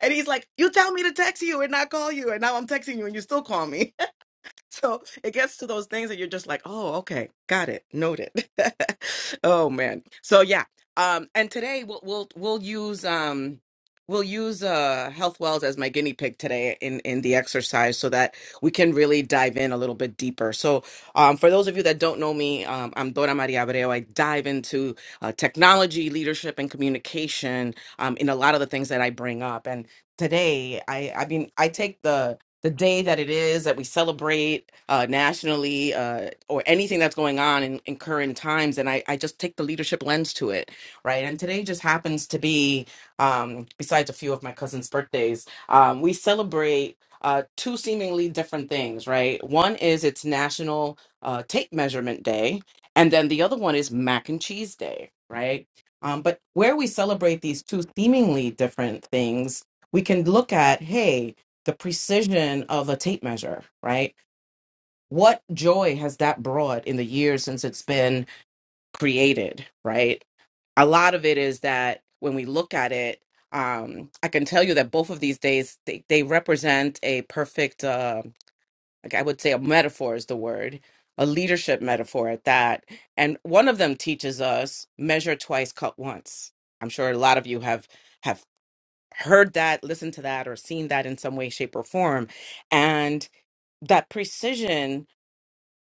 [SPEAKER 25] And he's like, You tell me to text you and not call you. And now I'm texting you and you still call me. So it gets to those things that you're just like, oh, okay, got it, noted. oh man. So yeah. Um, and today we'll we'll we'll use um we'll use uh health wells as my guinea pig today in in the exercise so that we can really dive in a little bit deeper. So um for those of you that don't know me, um I'm Dora Maria Abreu. I dive into uh, technology, leadership, and communication um in a lot of the things that I bring up. And today I I mean I take the the day that it is that we celebrate uh, nationally uh, or anything that's going on in, in current times and I, I just take the leadership lens to it right and today just happens to be um, besides a few of my cousins birthdays um, we celebrate uh, two seemingly different things right one is it's national uh, tape measurement day and then the other one is mac and cheese day right um, but where we celebrate these two seemingly different things we can look at hey the precision of a tape measure, right? What joy has that brought in the years since it's been created, right? A lot of it is that when we look at it, um, I can tell you that both of these days they, they represent a perfect, uh, like I would say, a metaphor is the word, a leadership metaphor at that. And one of them teaches us measure twice, cut once. I'm sure a lot of you have have heard that, listened to that, or seen that in some way, shape, or form, and that precision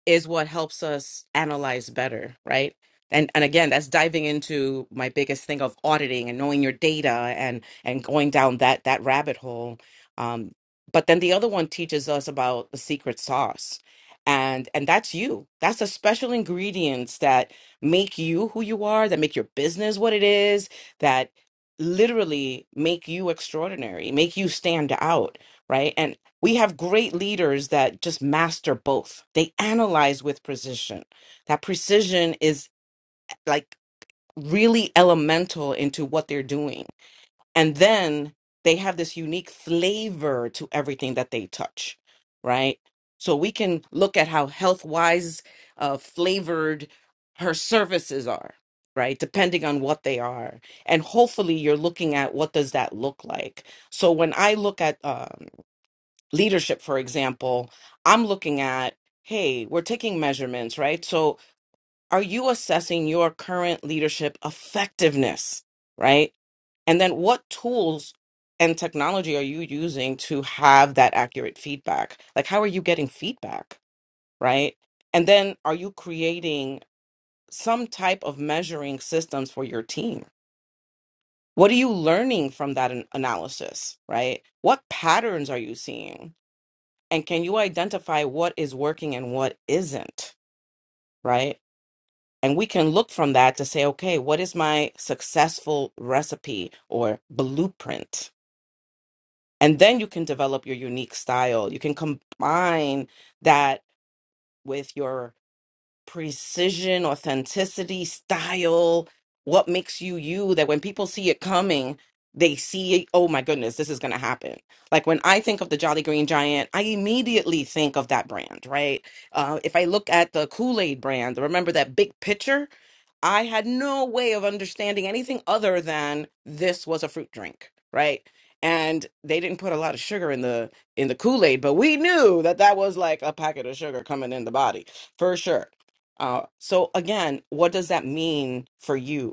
[SPEAKER 25] is what helps us analyze better right and and again that's diving into my biggest thing of auditing and knowing your data and and going down that that rabbit hole um but then the other one teaches us about the secret sauce and and that's you that's the special ingredients that make you who you are that make your business what it is that literally make you extraordinary make you stand out right And. We have great leaders that just master both. They analyze with precision. That precision is like really elemental into what they're doing. And then they have this unique flavor to everything that they touch, right? So we can look at how health wise uh, flavored her services are right depending on what they are and hopefully you're looking at what does that look like so when i look at um, leadership, for example, I'm looking at, hey, we're taking measurements, right? So are you assessing your current leadership effectiveness, right? And then what tools and technology are you using to have that accurate feedback? Like, how are you getting feedback, right? And then are you creating some type of measuring systems for your team? What are you learning from that an- analysis, right? What patterns are you seeing? and can you identify what is working and what isn't right and we can look from that to say okay what is my successful recipe or blueprint and then you can develop your unique style you can combine that with your precision, authenticity, style, what makes you you that when people see it coming, they see, oh my goodness, this is going to happen. Like when I think of the Jolly Green Giant, I immediately think of that brand, right? Uh, if I look at the Kool Aid brand, remember that big picture? I had no way of understanding anything other than this was a fruit drink, right? And they didn't put a lot of sugar in the in the Kool Aid, but we knew that that was like a packet of sugar coming in the body for sure. Uh, so again, what does that mean for you?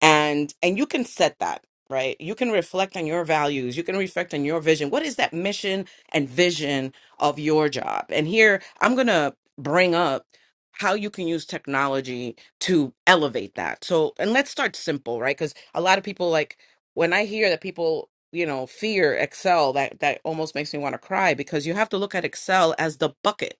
[SPEAKER 25] and and you can set that right you can reflect on your values you can reflect on your vision what is that mission and vision of your job and here i'm going to bring up how you can use technology to elevate that so and let's start simple right cuz a lot of people like when i hear that people you know fear excel that that almost makes me want to cry because you have to look at excel as the bucket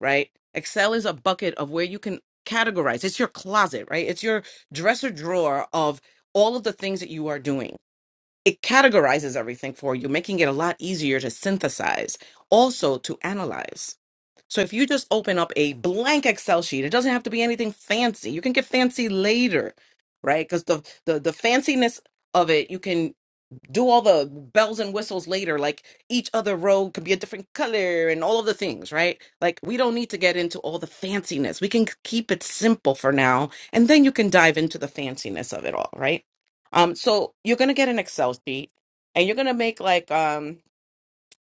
[SPEAKER 25] right? Excel is a bucket of where you can categorize. It's your closet, right? It's your dresser drawer of all of the things that you are doing. It categorizes everything for you, making it a lot easier to synthesize, also to analyze. So if you just open up a blank Excel sheet, it doesn't have to be anything fancy. You can get fancy later, right? Because the, the the fanciness of it, you can do all the bells and whistles later like each other road could be a different color and all of the things right like we don't need to get into all the fanciness we can keep it simple for now and then you can dive into the fanciness of it all right um so you're going to get an excel sheet and you're going to make like um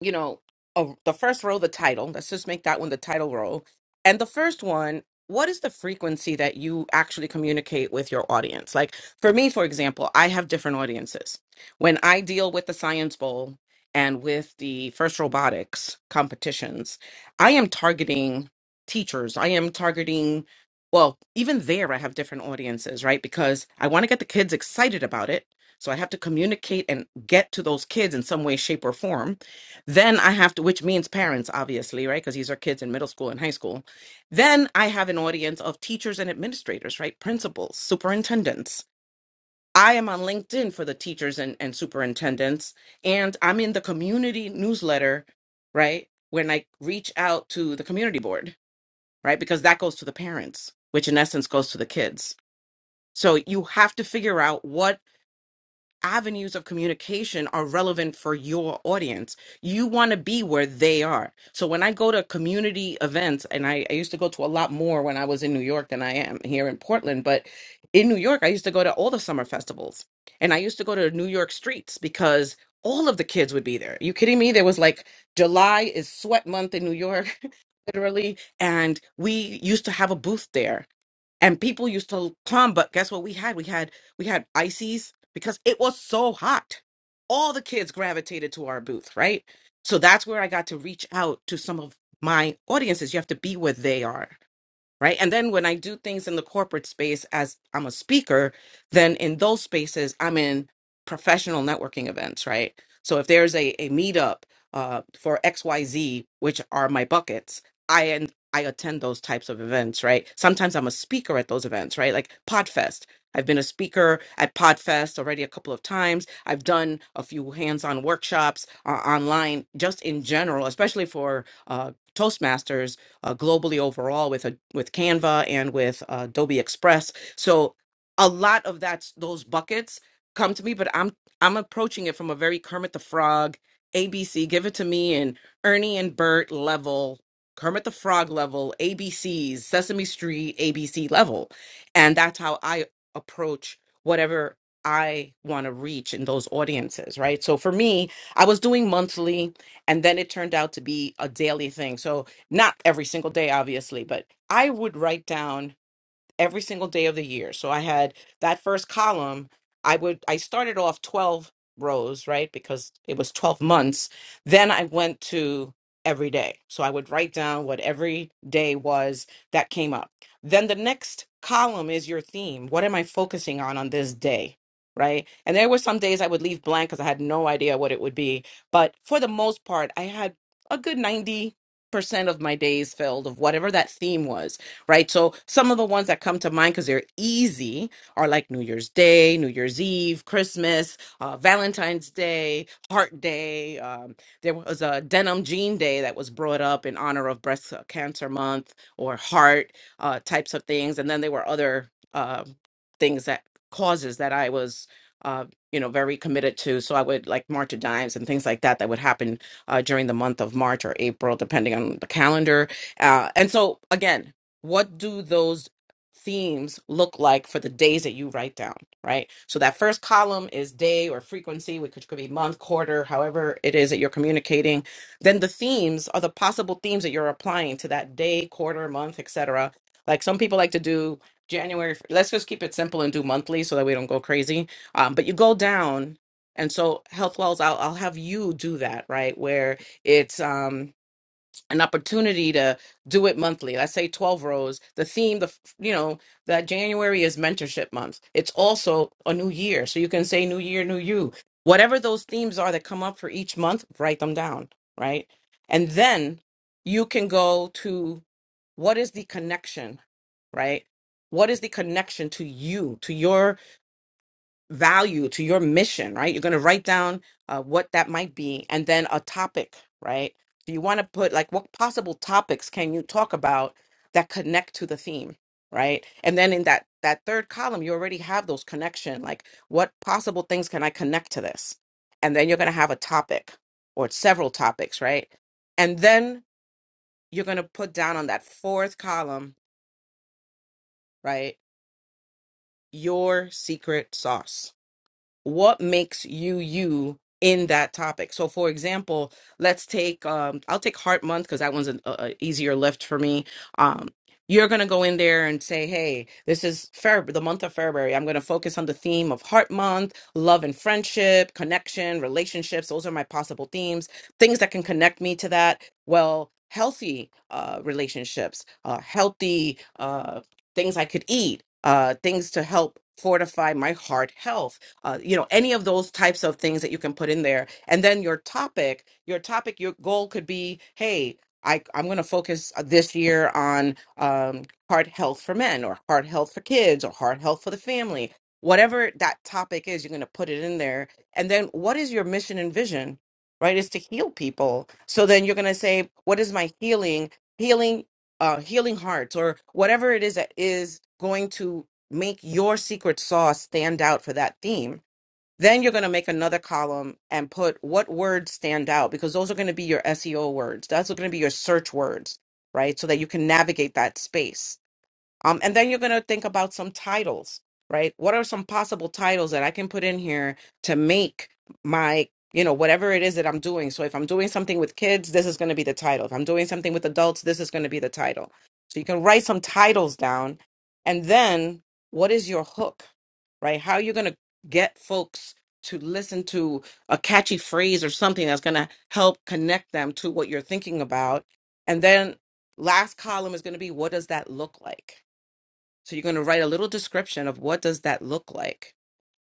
[SPEAKER 25] you know, a, the first row, the title. Let's just make that one the title row. And the first one, what is the frequency that you actually communicate with your audience? Like for me, for example, I have different audiences. When I deal with the Science Bowl and with the first robotics competitions, I am targeting teachers. I am targeting, well, even there, I have different audiences, right? Because I want to get the kids excited about it. So I have to communicate and get to those kids in some way, shape, or form then I have to, which means parents, obviously, right? Because these are kids in middle school and high school. Then I have an audience of teachers and administrators, right? Principals, superintendents. I am on LinkedIn for the teachers and, and superintendents, and I'm in the community newsletter, right? When I reach out to the community board, right? Because that goes to the parents, which in essence goes to the kids. So you have to figure out what avenues of communication are relevant for your audience. You want to be where they are. So when I go to community events, and I, I used to go to a lot more when I was in New York than I am here in Portland, but in New York, I used to go to all the summer festivals and I used to go to New York streets because all of the kids would be there. you kidding me? There was like July is sweat month in New York, literally. And we used to have a booth there and people used to come but guess what we had we had we had ices because it was so hot all the kids gravitated to our booth right so that's where i got to reach out to some of my audiences you have to be where they are right and then when i do things in the corporate space as i'm a speaker then in those spaces i'm in professional networking events right so if there's a, a meetup uh, for xyz which are my buckets i and i attend those types of events right sometimes i'm a speaker at those events right like podfest i've been a speaker at podfest already a couple of times i've done a few hands-on workshops uh, online just in general especially for uh, toastmasters uh, globally overall with a, with Canva and with uh, Adobe Express. So a lot of that's those buckets come to me, but I'm I'm approaching it from a very Kermit the Frog, ABC, give it to me, and Ernie and Bert level, Kermit the Frog level, ABCs, Sesame Street ABC level, and that's how I approach whatever I want to reach in those audiences, right? So for me, I was doing monthly and then it turned out to be a daily thing. So not every single day, obviously, but I would write down every single day of the year. So I had that first column. I would I started off 12 rows, right? Because it was 12 months. Then I went to every day. So I would write down what every day was that came up. Then the next column is your theme. What am I focusing on on this day? Right. And there were some days I would leave blank because I had no idea what it would be. But for the most part, I had a good 90% of my days filled of whatever that theme was right? So some of the ones that come to mind because they're easy are like New Year's Day, New Year's Eve, Christmas, uh, Valentine's Day, Heart Day. Um, there was a denim jean day that was brought up in honor of Breast uh, Cancer Month or heart uh, types of things. And then there were other uh, things that causes that I was. Uh, you know, very committed to. So I would like March of Dimes and things like that that would happen uh, during the month of March or April, depending on the calendar. Uh, and so, again, what do those themes look like for the days that you write down, right? So that first column is day or frequency, which could be month, quarter, however it is that you're communicating. Then the themes are the possible themes that you're applying to that day, quarter, month, etc. Like some people like to do January. Let's just keep it simple and do monthly so that we don't go crazy. Um, but you go down, and so health wells, I'll I'll have you do that, right? Where it's um an opportunity to do it monthly. Let's say 12 rows. The theme, the f- you know, that January is mentorship month. It's also a new year. So you can say new year, new you. Whatever those themes are that come up for each month, write them down, right? And then you can go to what is the connection, right? What is the connection to you, to your value to your mission, right? You're going to write down uh, what that might be and then a topic, right? Do you want to put like what possible topics can you talk about that connect to the theme, right? And then in that that third column, you already have those connection, like what possible things can I connect to this? And then you're going to have a topic or several topics, right? And then you're going to put down on that fourth column, right? Your secret sauce what makes you you in that topic so for example let's take um i'll take heart month because that one's an a, a easier lift for me um you're going to go in there and say hey this is Feb- the month of february i'm going to focus on the theme of heart month love and friendship connection relationships those are my possible themes things that can connect me to that well healthy uh, relationships uh, healthy uh, things i could eat uh, things to help fortify my heart health uh, you know, any of those types of things that you can put in there. And then your topic, your topic, your goal could be, hey, I, I'm going to focus uh, this year on um, heart health for men or heart health for kids or heart health for the family. Whatever that topic is, you're going to put it in there. And then what is your mission and vision? Right, is to heal people. So then you're gonna say, "What is my healing? Healing, uh, healing hearts, or whatever it is that is going to make your secret sauce stand out for that theme. Then you're going to make another column and put what words stand out because those are going to be your SEO words. That's going to be your search words, right? So that you can navigate that space um, and then you're going to think about some titles, right? What are some possible titles that I can put in here to make my, you know, whatever it is that I'm doing? So if I'm doing something with kids, this is going to be the title. If I'm doing something with adults, this is going to be the title. So you can write some titles down. And then what is your hook, right? How are you going to get folks to listen to a catchy phrase or something that's going to help connect them to what you're thinking about? And then last column is going to be what does that look like? So you're going to write a little description of what does that look like.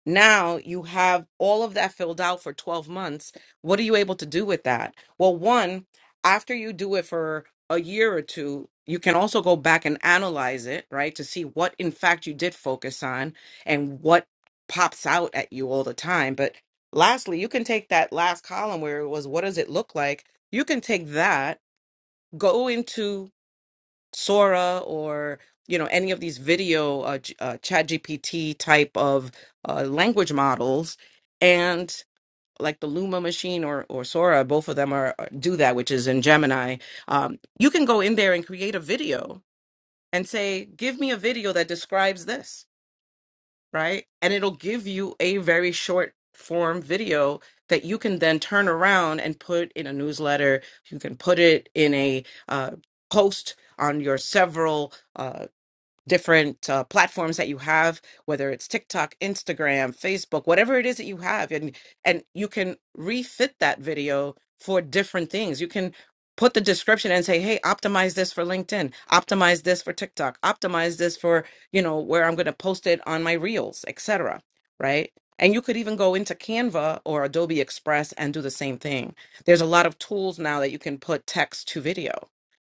[SPEAKER 25] Now you have all of that filled out for 12 months. What are you able to do with that? Well, one, after you do it for a year or two, you can also go back and analyze it, right? To see what in fact you did focus on and what pops out at you all the time. But lastly, you can take that last column where it was what does it look like? You can take that, go into Sora or you know any of these video uh, G- uh, Chat GPT type of uh, language models, and like the Luma machine or or Sora, both of them are are- do that, which is in Gemini. Um, you can go in there and create a video and say, "Give me a video that describes this," right? And it'll give you a very short form video that you can then turn around and put in a newsletter. You can put it in a uh, post on your several uh, different uh, platforms that you have whether it's tiktok instagram facebook whatever it is that you have and and you can refit that video for different things you can put the description and say hey optimize this for linkedin optimize this for tiktok optimize this for you know where i'm going to post it on my reels etc right and you could even go into canva or adobe express and do the same thing there's a lot of tools now that you can put text to video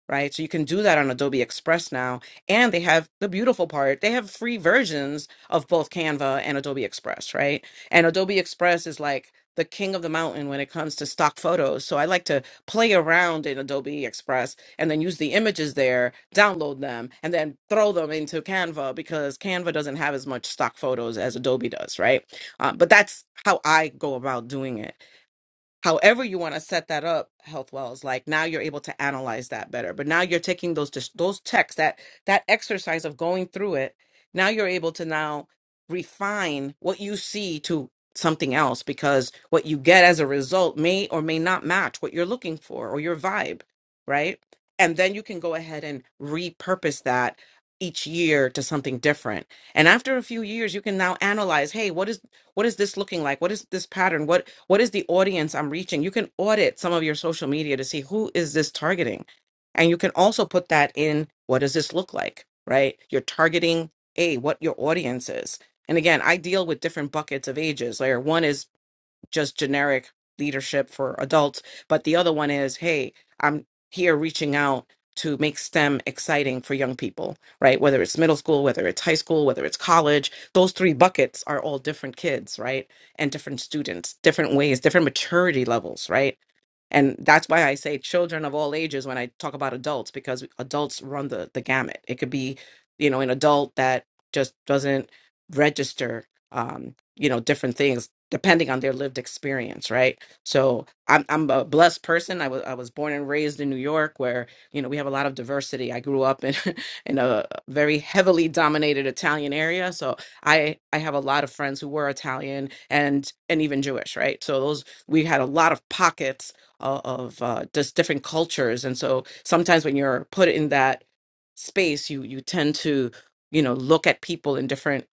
[SPEAKER 25] right so you can do that on adobe express now and they have the beautiful part. They have free versions of both Canva and Adobe Express, right? And Adobe Express is like the king of the mountain when it comes to stock photos. So I like to play around in Adobe Express and then use the images there, download them, and then throw them into Canva because Canva doesn't have as much stock photos as Adobe does, right? Uh, but that's how I go about doing it however you want to set that up health wells like now you're able to analyze that better but now you're taking those dis- those texts that that exercise of going through it now you're able to now refine what you see to something else because what you get as a result may or may not match what you're looking for or your vibe right and then you can go ahead and repurpose that each year to something different and after a few years you can now analyze hey what is what is this looking like? What is this pattern? What what is the audience I'm reaching? You can audit some of your social media to see who is this targeting. And you can also put that in what does this look like, right? You're targeting a what your audience is. And again, I deal with different buckets of ages. Like one is just generic leadership for adults, but the other one is, hey, I'm here reaching out to make STEM exciting for young people, right? Whether it's middle school, whether it's high school, whether it's college, those three buckets are all different kids, right? And different students, different ways, different maturity levels, right? And that's why I say children of all ages when I talk about adults, because adults run the, the gamut. It could be, you know, an adult that just doesn't register, um, you know, different things depending on their lived experience, right? So I'm I'm a blessed person. I was I was born and raised in New York, where you know we have a lot of diversity. I grew up in in a very heavily dominated Italian area, so I I have a lot of friends who were Italian and and even Jewish, right? So those we had a lot of pockets o- of uh, just different cultures and so sometimes when you're put in that space you you tend to you know look at people in different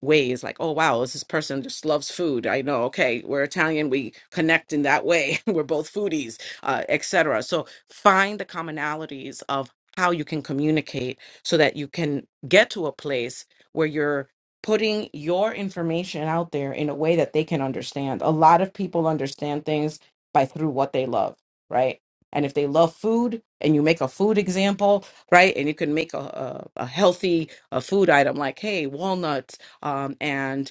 [SPEAKER 25] ways like oh wow this is person just loves food i know okay we're italian we connect in that way we're both foodies uh, etc so find the commonalities of how you can communicate so that you can get to a place where you're putting your information out there in a way that they can understand a lot of people understand things by through what they love right and if they love food and you make a food example right and you can make a, a, a healthy a food item like hey walnuts um, and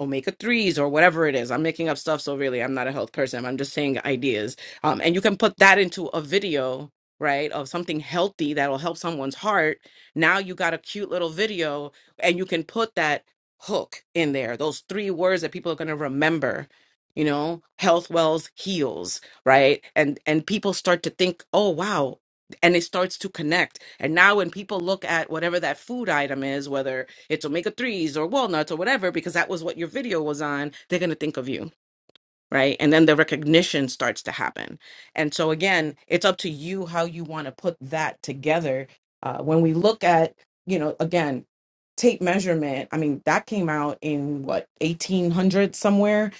[SPEAKER 25] omega 3s or whatever it is. I'm making up stuff, so really, I'm not a health person. I'm just saying ideas. Um, and you can put that into a video, right, of something healthy that'll help someone's heart. Now you got a cute little video, and you can put that hook in there, those three words that people are going to remember. You know, health wells heals, right? And and people start to think, oh wow, and it starts to connect. And now when people look at whatever that food item is, whether it's omega 3s or walnuts or whatever because that was what your video was on they're going to think of you right and then the recognition starts to happen and so again it's up to you how you want to put that together uh, when we look at you know again tape measurement i mean that came out in what 1800 somewhere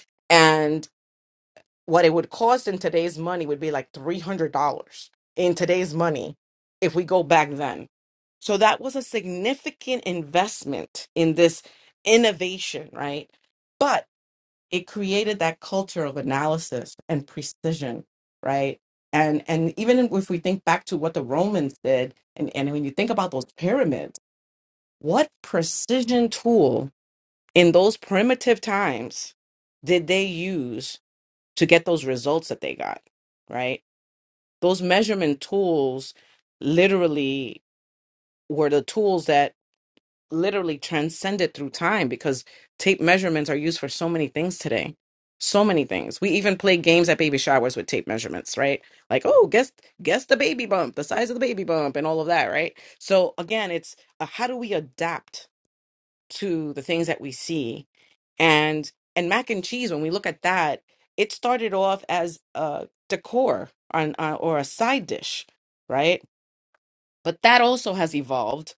[SPEAKER 25] what it would cost in today's money would be like $300 in today's money if we go back then. So that was a significant investment in this innovation, right? But it created that culture of analysis and precision, right? And and even if we think back to what the Romans did, and, and when you think about those pyramids, what precision tool in those primitive times did they use to get those results that they got, right? Those measurement tools literally were the tools that literally transcended through time because tape measurements are used for so many things today. So many things. We even play games at baby showers with tape measurements, right? Like, oh, guess guess the baby bump, the size of the baby bump and all of that, right? So again, it's uh, how do we adapt to the things that we see and and mac and cheese when we look at that it started off as a decor on, uh, or a side dish right but that also has evolved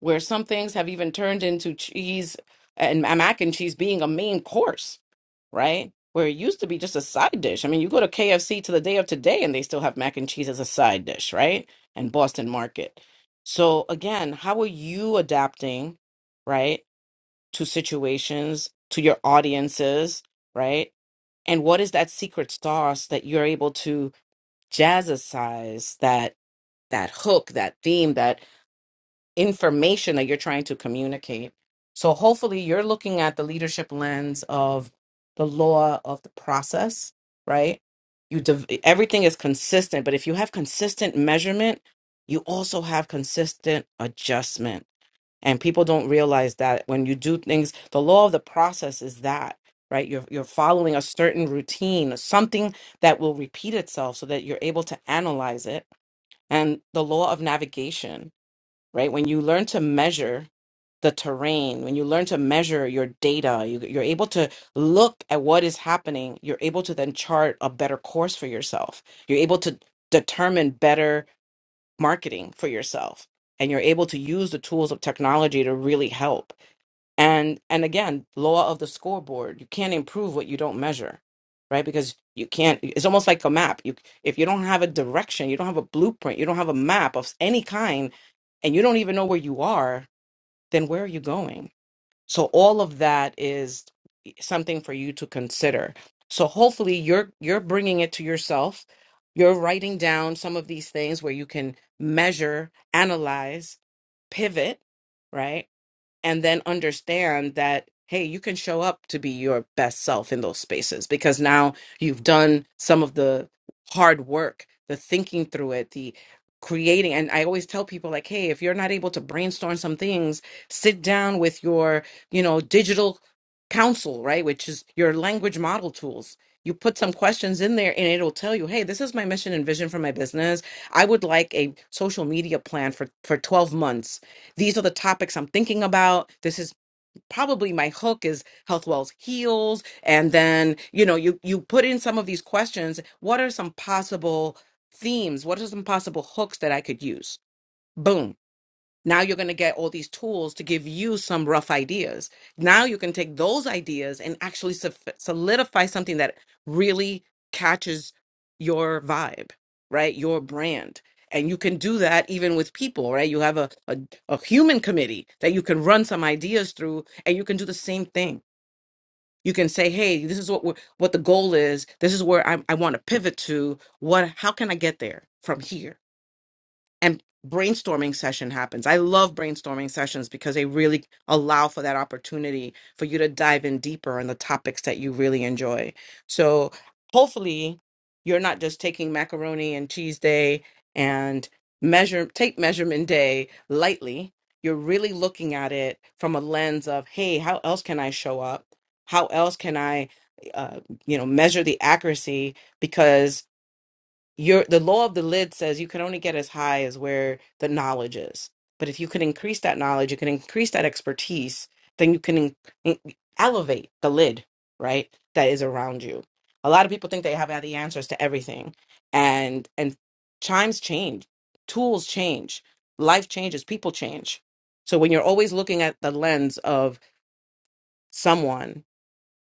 [SPEAKER 25] where some things have even turned into cheese and and mac and cheese being a main course right where it used to be just a side dish i mean you go to kfc to the day of today and they still have mac and cheese as a side dish right and boston market so again how are you adapting right to situations, to your audiences, right? And what is that secret sauce that you're able to jazzercise that that hook, that theme, that information that you're trying to communicate? So hopefully you're looking at the leadership lens of the law of the process, right? You div- everything is consistent, but if you have consistent measurement, you also have consistent adjustment and people don't realize that when you do things the law of the process is that right you're you're following a certain routine something that will repeat itself so that you're able to analyze it and the law of navigation right when you learn to measure the terrain when you learn to measure your data you, you're able to look at what is happening you're able to then chart a better course for yourself you're able to determine better marketing for yourself and you're able to use the tools of technology to really help and and again law of the scoreboard you can't improve what you don't measure right because you can't it's almost like a map you if you don't have a direction you don't have a blueprint you don't have a map of any kind and you don't even know where you are then where are you going so all of that is something for you to consider. So hopefully you're you're bringing it to yourself. You're writing down some of these things where you can measure, analyze, pivot, right? and then understand that hey you can show up to be your best self in those spaces because now you've done some of the hard work the thinking through it the creating and i always tell people like hey if you're not able to brainstorm some things sit down with your you know digital counsel right which is your language model tools you put some questions in there and it'll tell you hey this is my mission and vision for my business i would like a social media plan for for 12 months these are the topics I'm thinking about. This is probably my hook is Health Wells Heals. And then, you know, you you put in some of these questions. What are some possible themes? What are some possible hooks that I could use? Boom now you're going to get all these tools to give you some rough ideas. Now you can take those ideas and actually sof- solidify something that really catches your vibe, right? Your brand. And you can do that even with people, right? You have a, a, a human committee that you can run some ideas through, and you can do the same thing. You can say, "Hey, this is what we're, what the goal is. This is where I, I want to pivot to. What? How can I get there from here?" and brainstorming session happens. I love brainstorming sessions because they really allow for that opportunity for you to dive in deeper on the topics that you really enjoy. So hopefully you're not just taking macaroni and cheese day and measure take measurement day lightly. You're really looking at it from a lens of, hey, how else can I show up? How else can I uh, you know measure the accuracy Because your the law of the lid says you can only get as high as where the knowledge is but if you can increase that knowledge you can increase that expertise then you can in, in- elevate the lid right that is around you a lot of people think they have all the answers to everything and and times change tools change life changes people change so when you're always looking at the lens of someone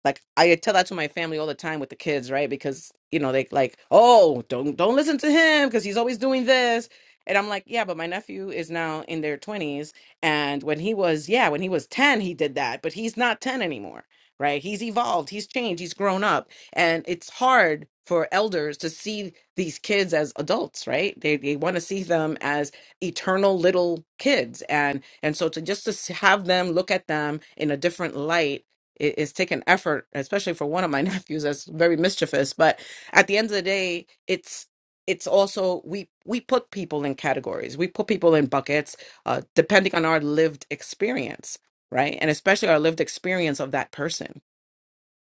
[SPEAKER 25] like I tell that to my family all the time with the kids, right? Because you know they like, oh, don't don't listen to him because he's always doing this. And I'm like, yeah, but my nephew is now in their 20s, and when he was, yeah, when he was 10, he did that, but he's not 10 anymore, right? He's evolved, he's changed, he's grown up, and it's hard for elders to see these kids as adults, right? They they want to see them as eternal little kids, and and so to just to s- have them look at them in a different light it, it's taken effort, especially for one of my nephews that's very mischievous. But at the end of the day, it's it's also we we put people in categories, we put people in buckets, uh, depending on our lived experience, right? And especially our lived experience of that person.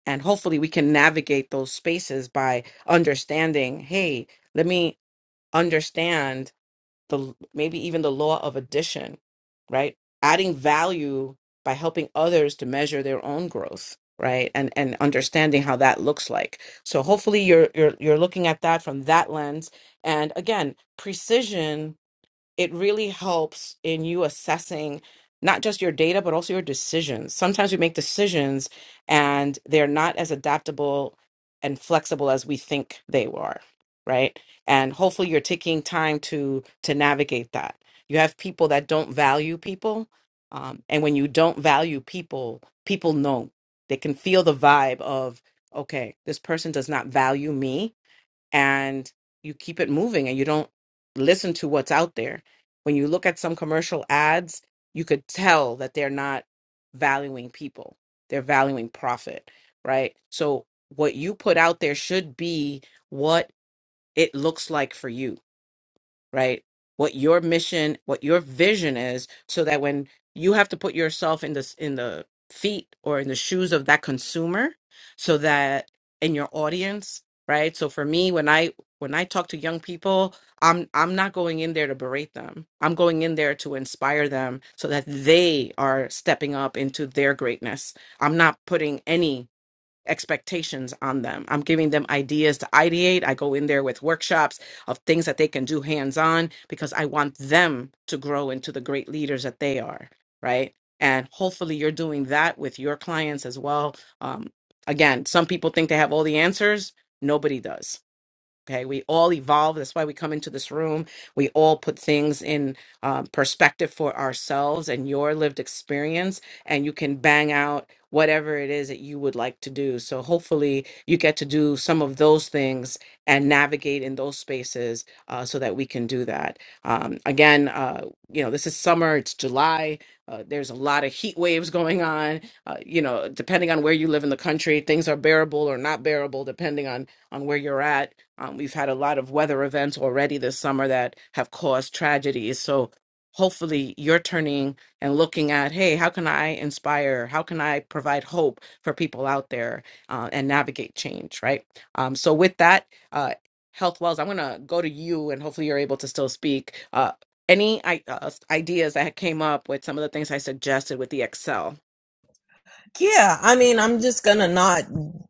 [SPEAKER 25] And hopefully, we can navigate those spaces by understanding. Hey, let me understand the maybe even the law of addition, right? Adding value by helping others to measure their own growth, right? And and understanding how that looks like. So hopefully you're you're you're looking at that from that lens. And again, precision it really helps in you assessing not just your data but also your decisions sometimes we make decisions and they're not as adaptable and flexible as we think they were right and hopefully you're taking time to to navigate that you have people that don't value people um, and when you don't value people people know they can feel the vibe of okay this person does not value me and you keep it moving and you don't listen to what's out there. When you look at some commercial ads, you could tell that they're not valuing people, they're valuing profit, right? So, what you put out there should be what it looks like for you right? What your mission, what your vision is, so that when you have to put yourself in this in the feet or in the shoes of that consumer, so that in your audience, right? So for me, when I when I talk to young people, I'm I'm not going in there to berate them. I'm going in there to inspire them so that they are stepping up into their greatness. I'm not putting any expectations on them. I'm giving them ideas to ideate. I go in there with workshops of things that they can do hands on because I want them to grow into the great leaders that they are, right? And hopefully you're doing that with your clients as well. Um, again, some people think they have all the answers, nobody does Okay, we all evolve. That's why we come into this room. We all put things in um, perspective for ourselves and your lived experience, and you can bang out whatever it is that you would like to do. So, hopefully, you get to do some of those things and navigate in those spaces uh, so that we can do that. Um, again, uh, you know, this is summer, it's July. Uh, there's a lot of heat waves going on. Uh, you know, depending on where you live in the country, things are bearable or not bearable, depending on on where you're at um, we've had a lot of weather events already this summer that have caused tragedies. So hopefully you're turning and looking at, hey, how can I inspire? How can I provide hope for people out there uh, and navigate change, right? Um, so with that, uh, Health Wells, I'm going to go to you and hopefully you're able to still speak. Uh, any i- uh, ideas that came up with some of the things I suggested with the Excel?
[SPEAKER 20] Yeah, I mean, I'm just gonna not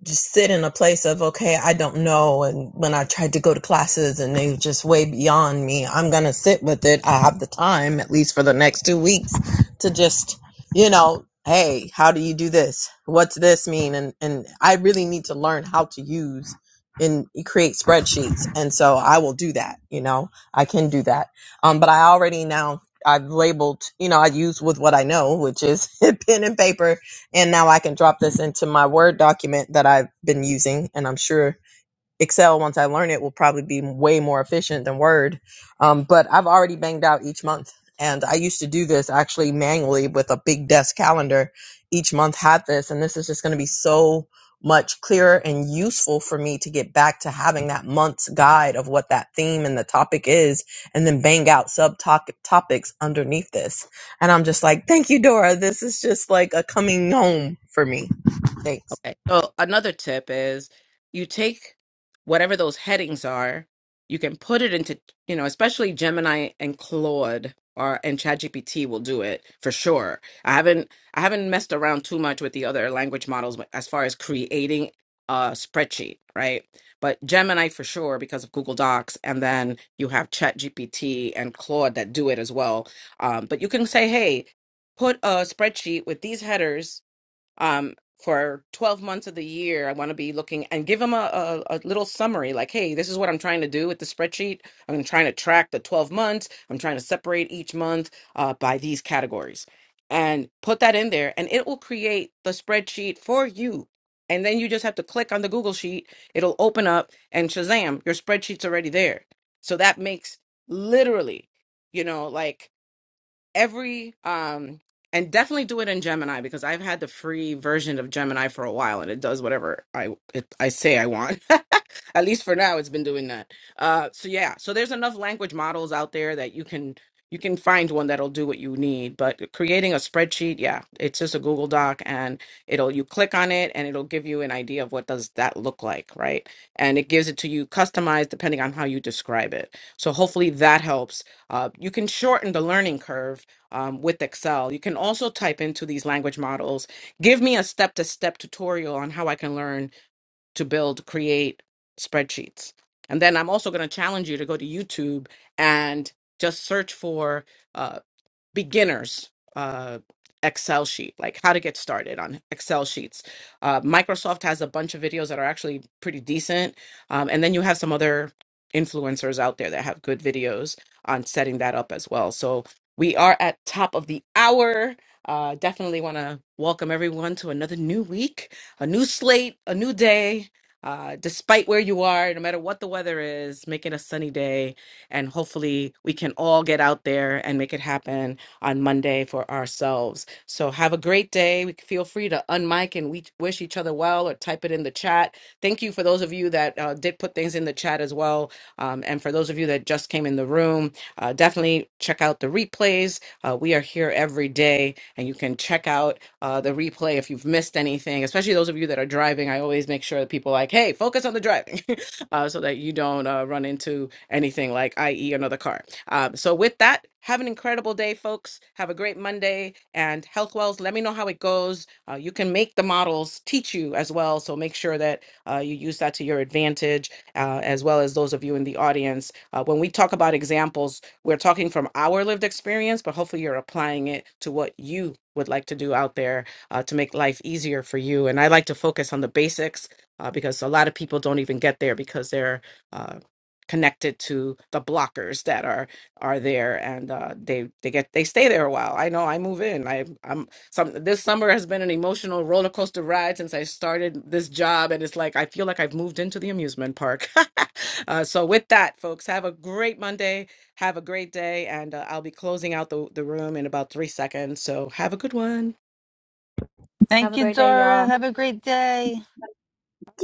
[SPEAKER 20] just sit in a place of, okay, I don't know. And when I tried to go to classes and they were just way beyond me, I'm gonna sit with it. I have the time, at least for the next two weeks, to just, you know, hey, how do you do this? What's this mean? And and I really need to learn how to use and create spreadsheets. And so I will do that, you know, I can do that. Um, but I already now I've labeled, you know, I use with what I know, which is pen and paper and now I can drop this into my Word document that I've been using. And I'm sure Excel once I learn it will probably be way more efficient than Word. Um, but I've already banged out each month. And I used to do this actually manually with a big desk calendar. Each month had this, and this is just going to be so much clearer and useful for me to get back to having that month's guide of what that theme and the topic is, and then bang out sub topics underneath this. And I'm just like, thank you, Dora. This is just like a coming home for me. Thanks.
[SPEAKER 25] Okay. So another tip is you take whatever those headings are, you can put it into, you know, especially Gemini and Claude or and ChatGPT will do it for sure. I haven't I haven't messed around too much with the other language models as far as creating a spreadsheet, right? But Gemini for sure because of Google Docs, and then you have ChatGPT and Claude that do it as well. Um, but you can say, hey, put a spreadsheet with these headers um, for 12 months of the year, I want to be looking and give them a, a, a little summary like, hey, this is what I'm trying to do with the spreadsheet. I'm trying to track the 12 months. I'm trying to separate each month uh, by these categories and put that in there, and it will create the spreadsheet for you. And then you just have to click on the Google Sheet, it'll open up, and shazam, your spreadsheet's already there. So that makes literally, you know, like every um and definitely do it in Gemini because I've had the free version of Gemini for a while and it does whatever I it, I say I want. At least for now it's been doing that. Uh so yeah, so there's enough language models out there that you can you can find one that'll do what you need, but creating a spreadsheet, yeah, it's just a Google Doc and it'll you click on it and it'll give you an idea of what does that look like, right? And it gives it to you customized depending on how you describe it. So hopefully that helps uh, you can shorten the learning curve um, with Excel. You can also type into these language models. Give me a step to step tutorial on how I can learn to build, create spreadsheets. And then I'm also going to challenge you to go to YouTube and just search for. uh, beginners uh, Excel sheet, like how to get started on Excel sheets. Uh, Microsoft has a bunch of videos that are actually pretty decent. Um, and then you have some other influencers out there that have good videos on setting that up as well. So we are at top of the hour. Uh, definitely want to welcome everyone to another new week, a new slate, a new day. Uh, despite where you are, no matter what the weather is, make it a sunny day, and hopefully we can all get out there and make it happen on Monday for ourselves. So have a great day. We- Feel free to unmic and we wish each other well or type it in the chat. Thank you for those of you that uh, did put things in the chat as well. Um, and for those of you that just came in the room, uh, definitely check out the replays. Uh, we are here every day and you can check out uh, the replay if you've missed anything, especially those of you that are driving. I always make sure that people are like, hey, focus on the driving uh, so that you don't uh, run into anything like, i.e., another car. Um, so with that, have an incredible day, folks. Have a great Monday and Health Wells. Let me know how it goes. Uh, you can make the models teach you as well. So make sure that uh, you use that to your advantage, uh, as well as those of you in the audience. Uh, when we talk about examples, we're talking from our lived experience, but hopefully you're applying it to what you would like to do out there uh, to make life easier for you. And I like to focus on the basics uh, because a lot of people don't even get there because they're uh, connected to the blockers that are are there and uh they they get they stay there a while i know i move in i i'm some this summer has been an emotional roller coaster ride since i started this job and it's like i feel like i've moved into the amusement park uh, so with that folks have a great monday have a great day and uh, i'll be closing out the, the room in about three seconds so have a good one
[SPEAKER 15] Have
[SPEAKER 14] Thank
[SPEAKER 15] a
[SPEAKER 14] you,
[SPEAKER 15] great day,
[SPEAKER 14] Dora.
[SPEAKER 15] y'all.
[SPEAKER 14] Have a great day.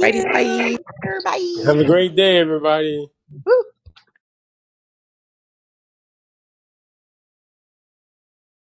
[SPEAKER 25] righty bye
[SPEAKER 26] Have a
[SPEAKER 20] Bye.
[SPEAKER 26] great day, everybody.